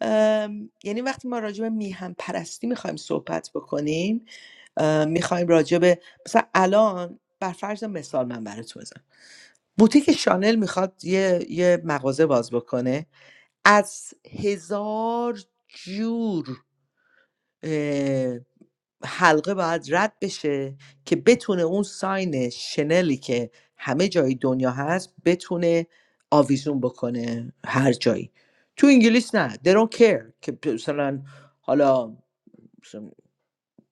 S5: ام، یعنی وقتی ما راجع به میهم پرستی میخوایم صحبت بکنیم ام، میخوایم راجع به مثلا الان بر فرض مثال من براتون بزنم بوتیک شانل میخواد یه, یه مغازه باز بکنه از هزار جور اه، حلقه باید رد بشه که بتونه اون ساین شنلی که همه جای دنیا هست بتونه آویزون بکنه هر جایی تو انگلیس نه they don't care که مثلا حالا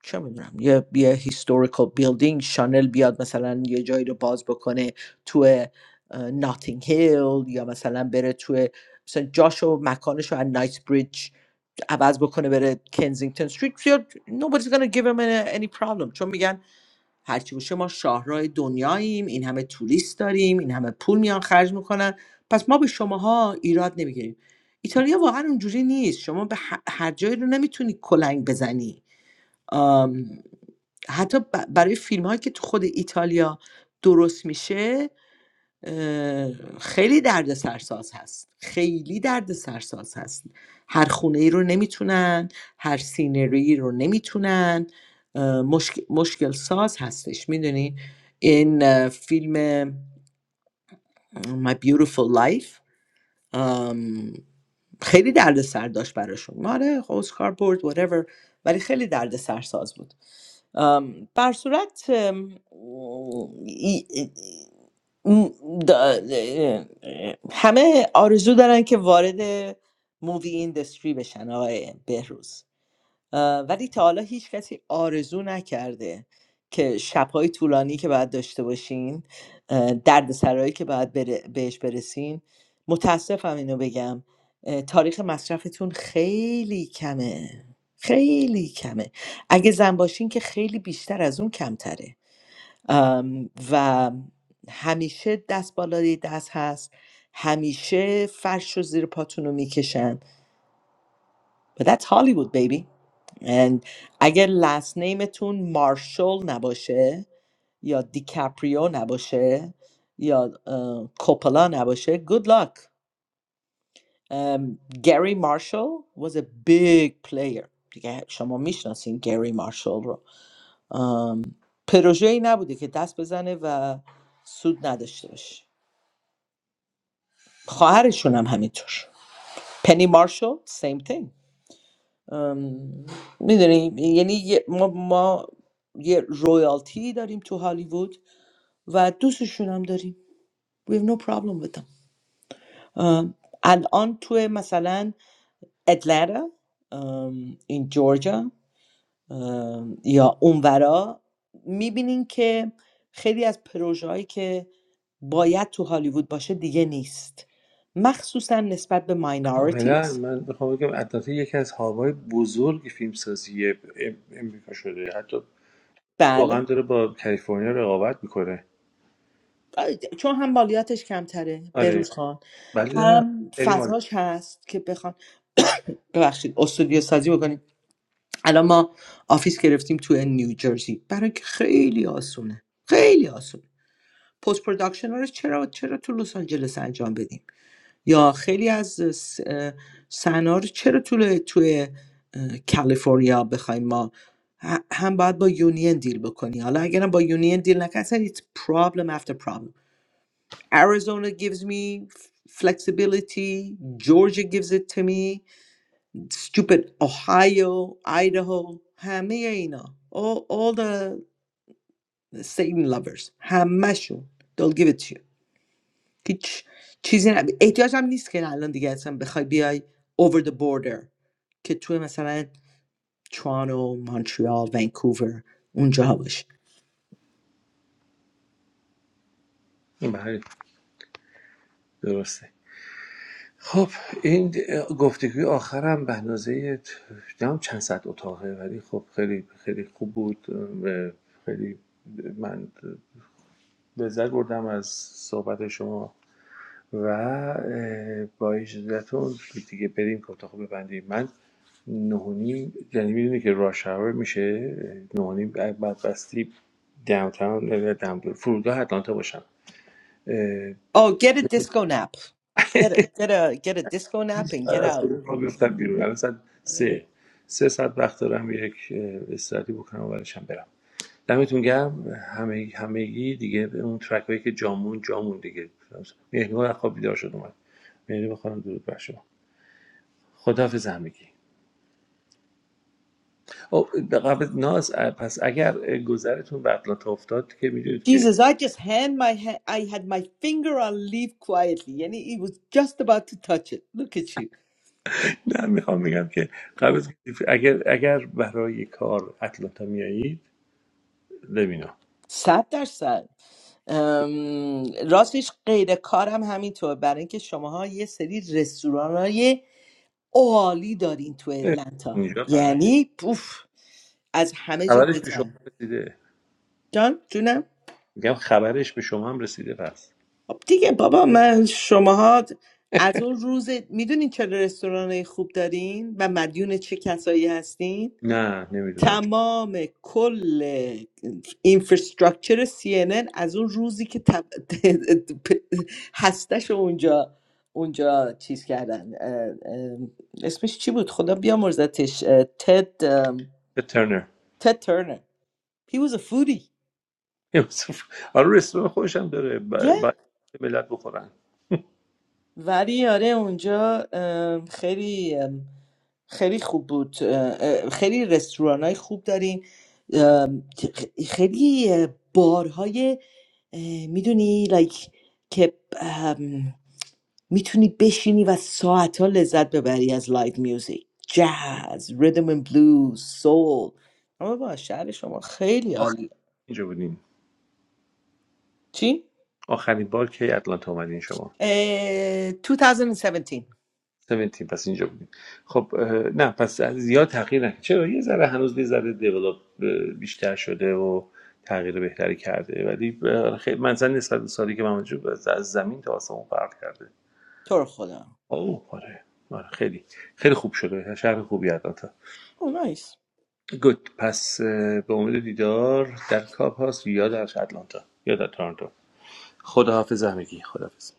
S5: چه میدونم یه یه هیستوریکال بیلدینگ شانل بیاد مثلا یه جایی رو باز بکنه تو ناتینگ هیل یا مثلا بره تو مثلا جاشو مکانشو از نایت بریج عوض بکنه بره کنزینگتون استریت nobody's gonna give him any any problem چون میگن هرچی باشه ما شاهرای دنیاییم این همه توریست داریم این همه پول میان خرج میکنن پس ما به شماها ایراد نمیگیریم ایتالیا واقعا اونجوری نیست شما به ه- هر جایی رو نمیتونی کلنگ بزنی حتی ب- برای فیلم هایی که تو خود ایتالیا درست میشه اه، خیلی درد سرساز هست خیلی درد سرساز هست هر خونه ای رو نمیتونن هر سینری رو نمیتونن اه، مشک- مشکل ساز هستش میدونی این اه، فیلم اه، My Beautiful Life ام، خیلی درد سر داشت براشون ماره اسکار برد whatever ولی خیلی درد سرساز بود ام، بر صورت همه آرزو دارن که وارد مووی ایندستری بشن آقای بهروز اه، ولی تا حالا هیچ کسی آرزو نکرده که شبهای طولانی که باید داشته باشین اه، دردسرایی که باید بره- بهش برسین متاسفم اینو بگم اه، تاریخ مصرفتون خیلی کمه خیلی کمه اگه زن باشین که خیلی بیشتر از اون کمتره ام، و همیشه دست بالای دست هست همیشه فرش رو زیر پاتون رو میکشن But that's Hollywood baby And اگر لست نیمتون مارشال نباشه یا دیکاپریو نباشه یا اه، کوپلا نباشه good luck um, Gary Marshall was a big player دیگه شما میشناسین گری مارشال رو um, پروژه ای نبوده که دست بزنه و سود نداشته باشه خواهرشون هم همینطور پنی مارشال same thing میدونی یعنی یه- ما ما یه رویالتی داریم تو هالیوود و دوستشون هم داریم we have no problem with them ام، الان تو مثلا اتلانتا ام، این جورجا ام، یا اونورا میبینین که خیلی از پروژه که باید تو هالیوود باشه دیگه نیست مخصوصا نسبت به
S2: کاملا
S5: ماینورتیز
S2: من بخوام بگم البته یکی از هاوای بزرگ فیلمسازی ام- امریکا شده حتی
S5: بله
S2: واقعا داره با کالیفرنیا رقابت میکنه
S5: چون هم مالیاتش کمتره
S2: آره
S5: بروز خان
S2: ولی دارم
S5: هم
S2: سری مال
S5: فضاش هست که بخوان ببخشید استودیو سازی بکنیم الان ما آفیس گرفتیم تو نیوجرسی برای که خیلی آسونه خیلی آسونه پست پروداکشن ها رو چرا چرا تو لس آنجلس انجام بدیم یا خیلی از س- اه، صحنه رو چرا تو توی اه، کالیفرنیا بخوایم ما ه- هم باید با یونین دیل بکنی حالا اگرم با یونین دیل نکنی اصلا it's problem after problem Arizona gives me f- flexibility. Georgia gives it to me. Stupid Ohio, Idaho, همه اینا. All, all the Satan lovers. همشون. They'll give it to you. هیچ چیزی نه. احتیاج هم نیست که الان دیگه اصلا بخوای بیای over the border که توی مثلا ترانو، مونترال، ونکوور اونجا باشه.
S2: این بله درسته خب این گفتگوی آخرم به اندازه نمیدونم چند صد اتاقه ولی خب خیلی خیلی خوب بود اه، خیلی من لذت بردم از صحبت شما و اه، با اجازهتون دیگه بریم که اتاق رو ببندیم من نه و نیم یعنی میدونی که راش هاور میشه نه و نیم بعد بعد بستی داونتاون فرودگاه اتلانتا باشم
S5: Oh, get a disco nap. Get a, get a, get a disco nap and get
S2: از
S5: out.
S2: گروه ما بیفتم بیرون الان ساعت
S5: Yeah.
S2: سه سه ساعت وقت دارم یک اه، استراحتی بکنم و بعدش هم برم دمتون گرم همه همگی دیگه اون ترک هایی که جامون جامون دیگه مهنگا از خواب بیدار شد اومد مهنگا بخوام درود بر شما خداحافظ همگی او به قبل ناز پس اگر اه، گذرتون به اطلانتا افتاد که میدونید که
S5: Jesus, I just hand my hand, I had my finger on leave quietly, and he, he was just about to touch it. Look at you.
S2: نه میخوام میگم که قبل
S5: Mm.
S2: اگر اگر برای کار اطلانتا میایید لبینا
S5: صد درصد ام، راستش غیر کارم همینطور برای اینکه شماها یه سری رستورانای عالی دارین تو اتلانتا
S2: اینجا بعد
S5: یعنی پوف از همه جا
S2: خبرش به شما
S5: بهتر
S2: رسیده
S5: جان جونم
S2: میگم خبرش به شما هم رسیده پس
S5: خب دیگه بابا من شماها از اون روز میدونین چه رستورانای خوب دارین و مدیون چه کسایی هستین
S2: نه نمیدونم چه
S5: تمام کل اینفراستراکچر CNN از اون روزی که تب... هستش رو اونجا اونجا چیز کردن اه، اه، اسمش چی بود خدا بیامرزتش اه، تد ام،
S2: ترنر
S5: تد ترنر he was a foodie
S2: آره رستوران خودش هم داره ب- باید
S5: yeah.
S2: ملت بخورن
S5: ولی آره اونجا ام، خیلی خیلی خوب بود اه، خیلی رستوران های خوب داریم اه، خیلی اه، بارهای میدونی لایک که میتونی بشینی و ساعتها لذت ببری از لایت میوزیک جاز ریدم and بلوز سول اما با شهر شما خیلی
S2: آخر
S5: عالیه
S2: اینجا بودیم
S5: چی؟
S2: آخرین بار که اتلانتا اومدین شما
S5: اه، 2017
S2: 17 پس اینجا بودیم خب اه، نه پس زیاد تغییر نکرد چرا یه ذره هنوز یه ذره دیولاپ بیشتر شده و تغییر بهتری کرده ولی اه، خیلی منزل نسبت به سالی که من وجود از زمین تا آسمون فرق کرده
S5: تو رو خدا
S2: اوه آره آره، خیلی خیلی خوب شده شهر خوبی هست.
S5: او نایس
S2: گود پس اه، به امید دیدار در کاب هاست یا در آتلانتا یا در تورنتو خداحافظ همگی خداحافظ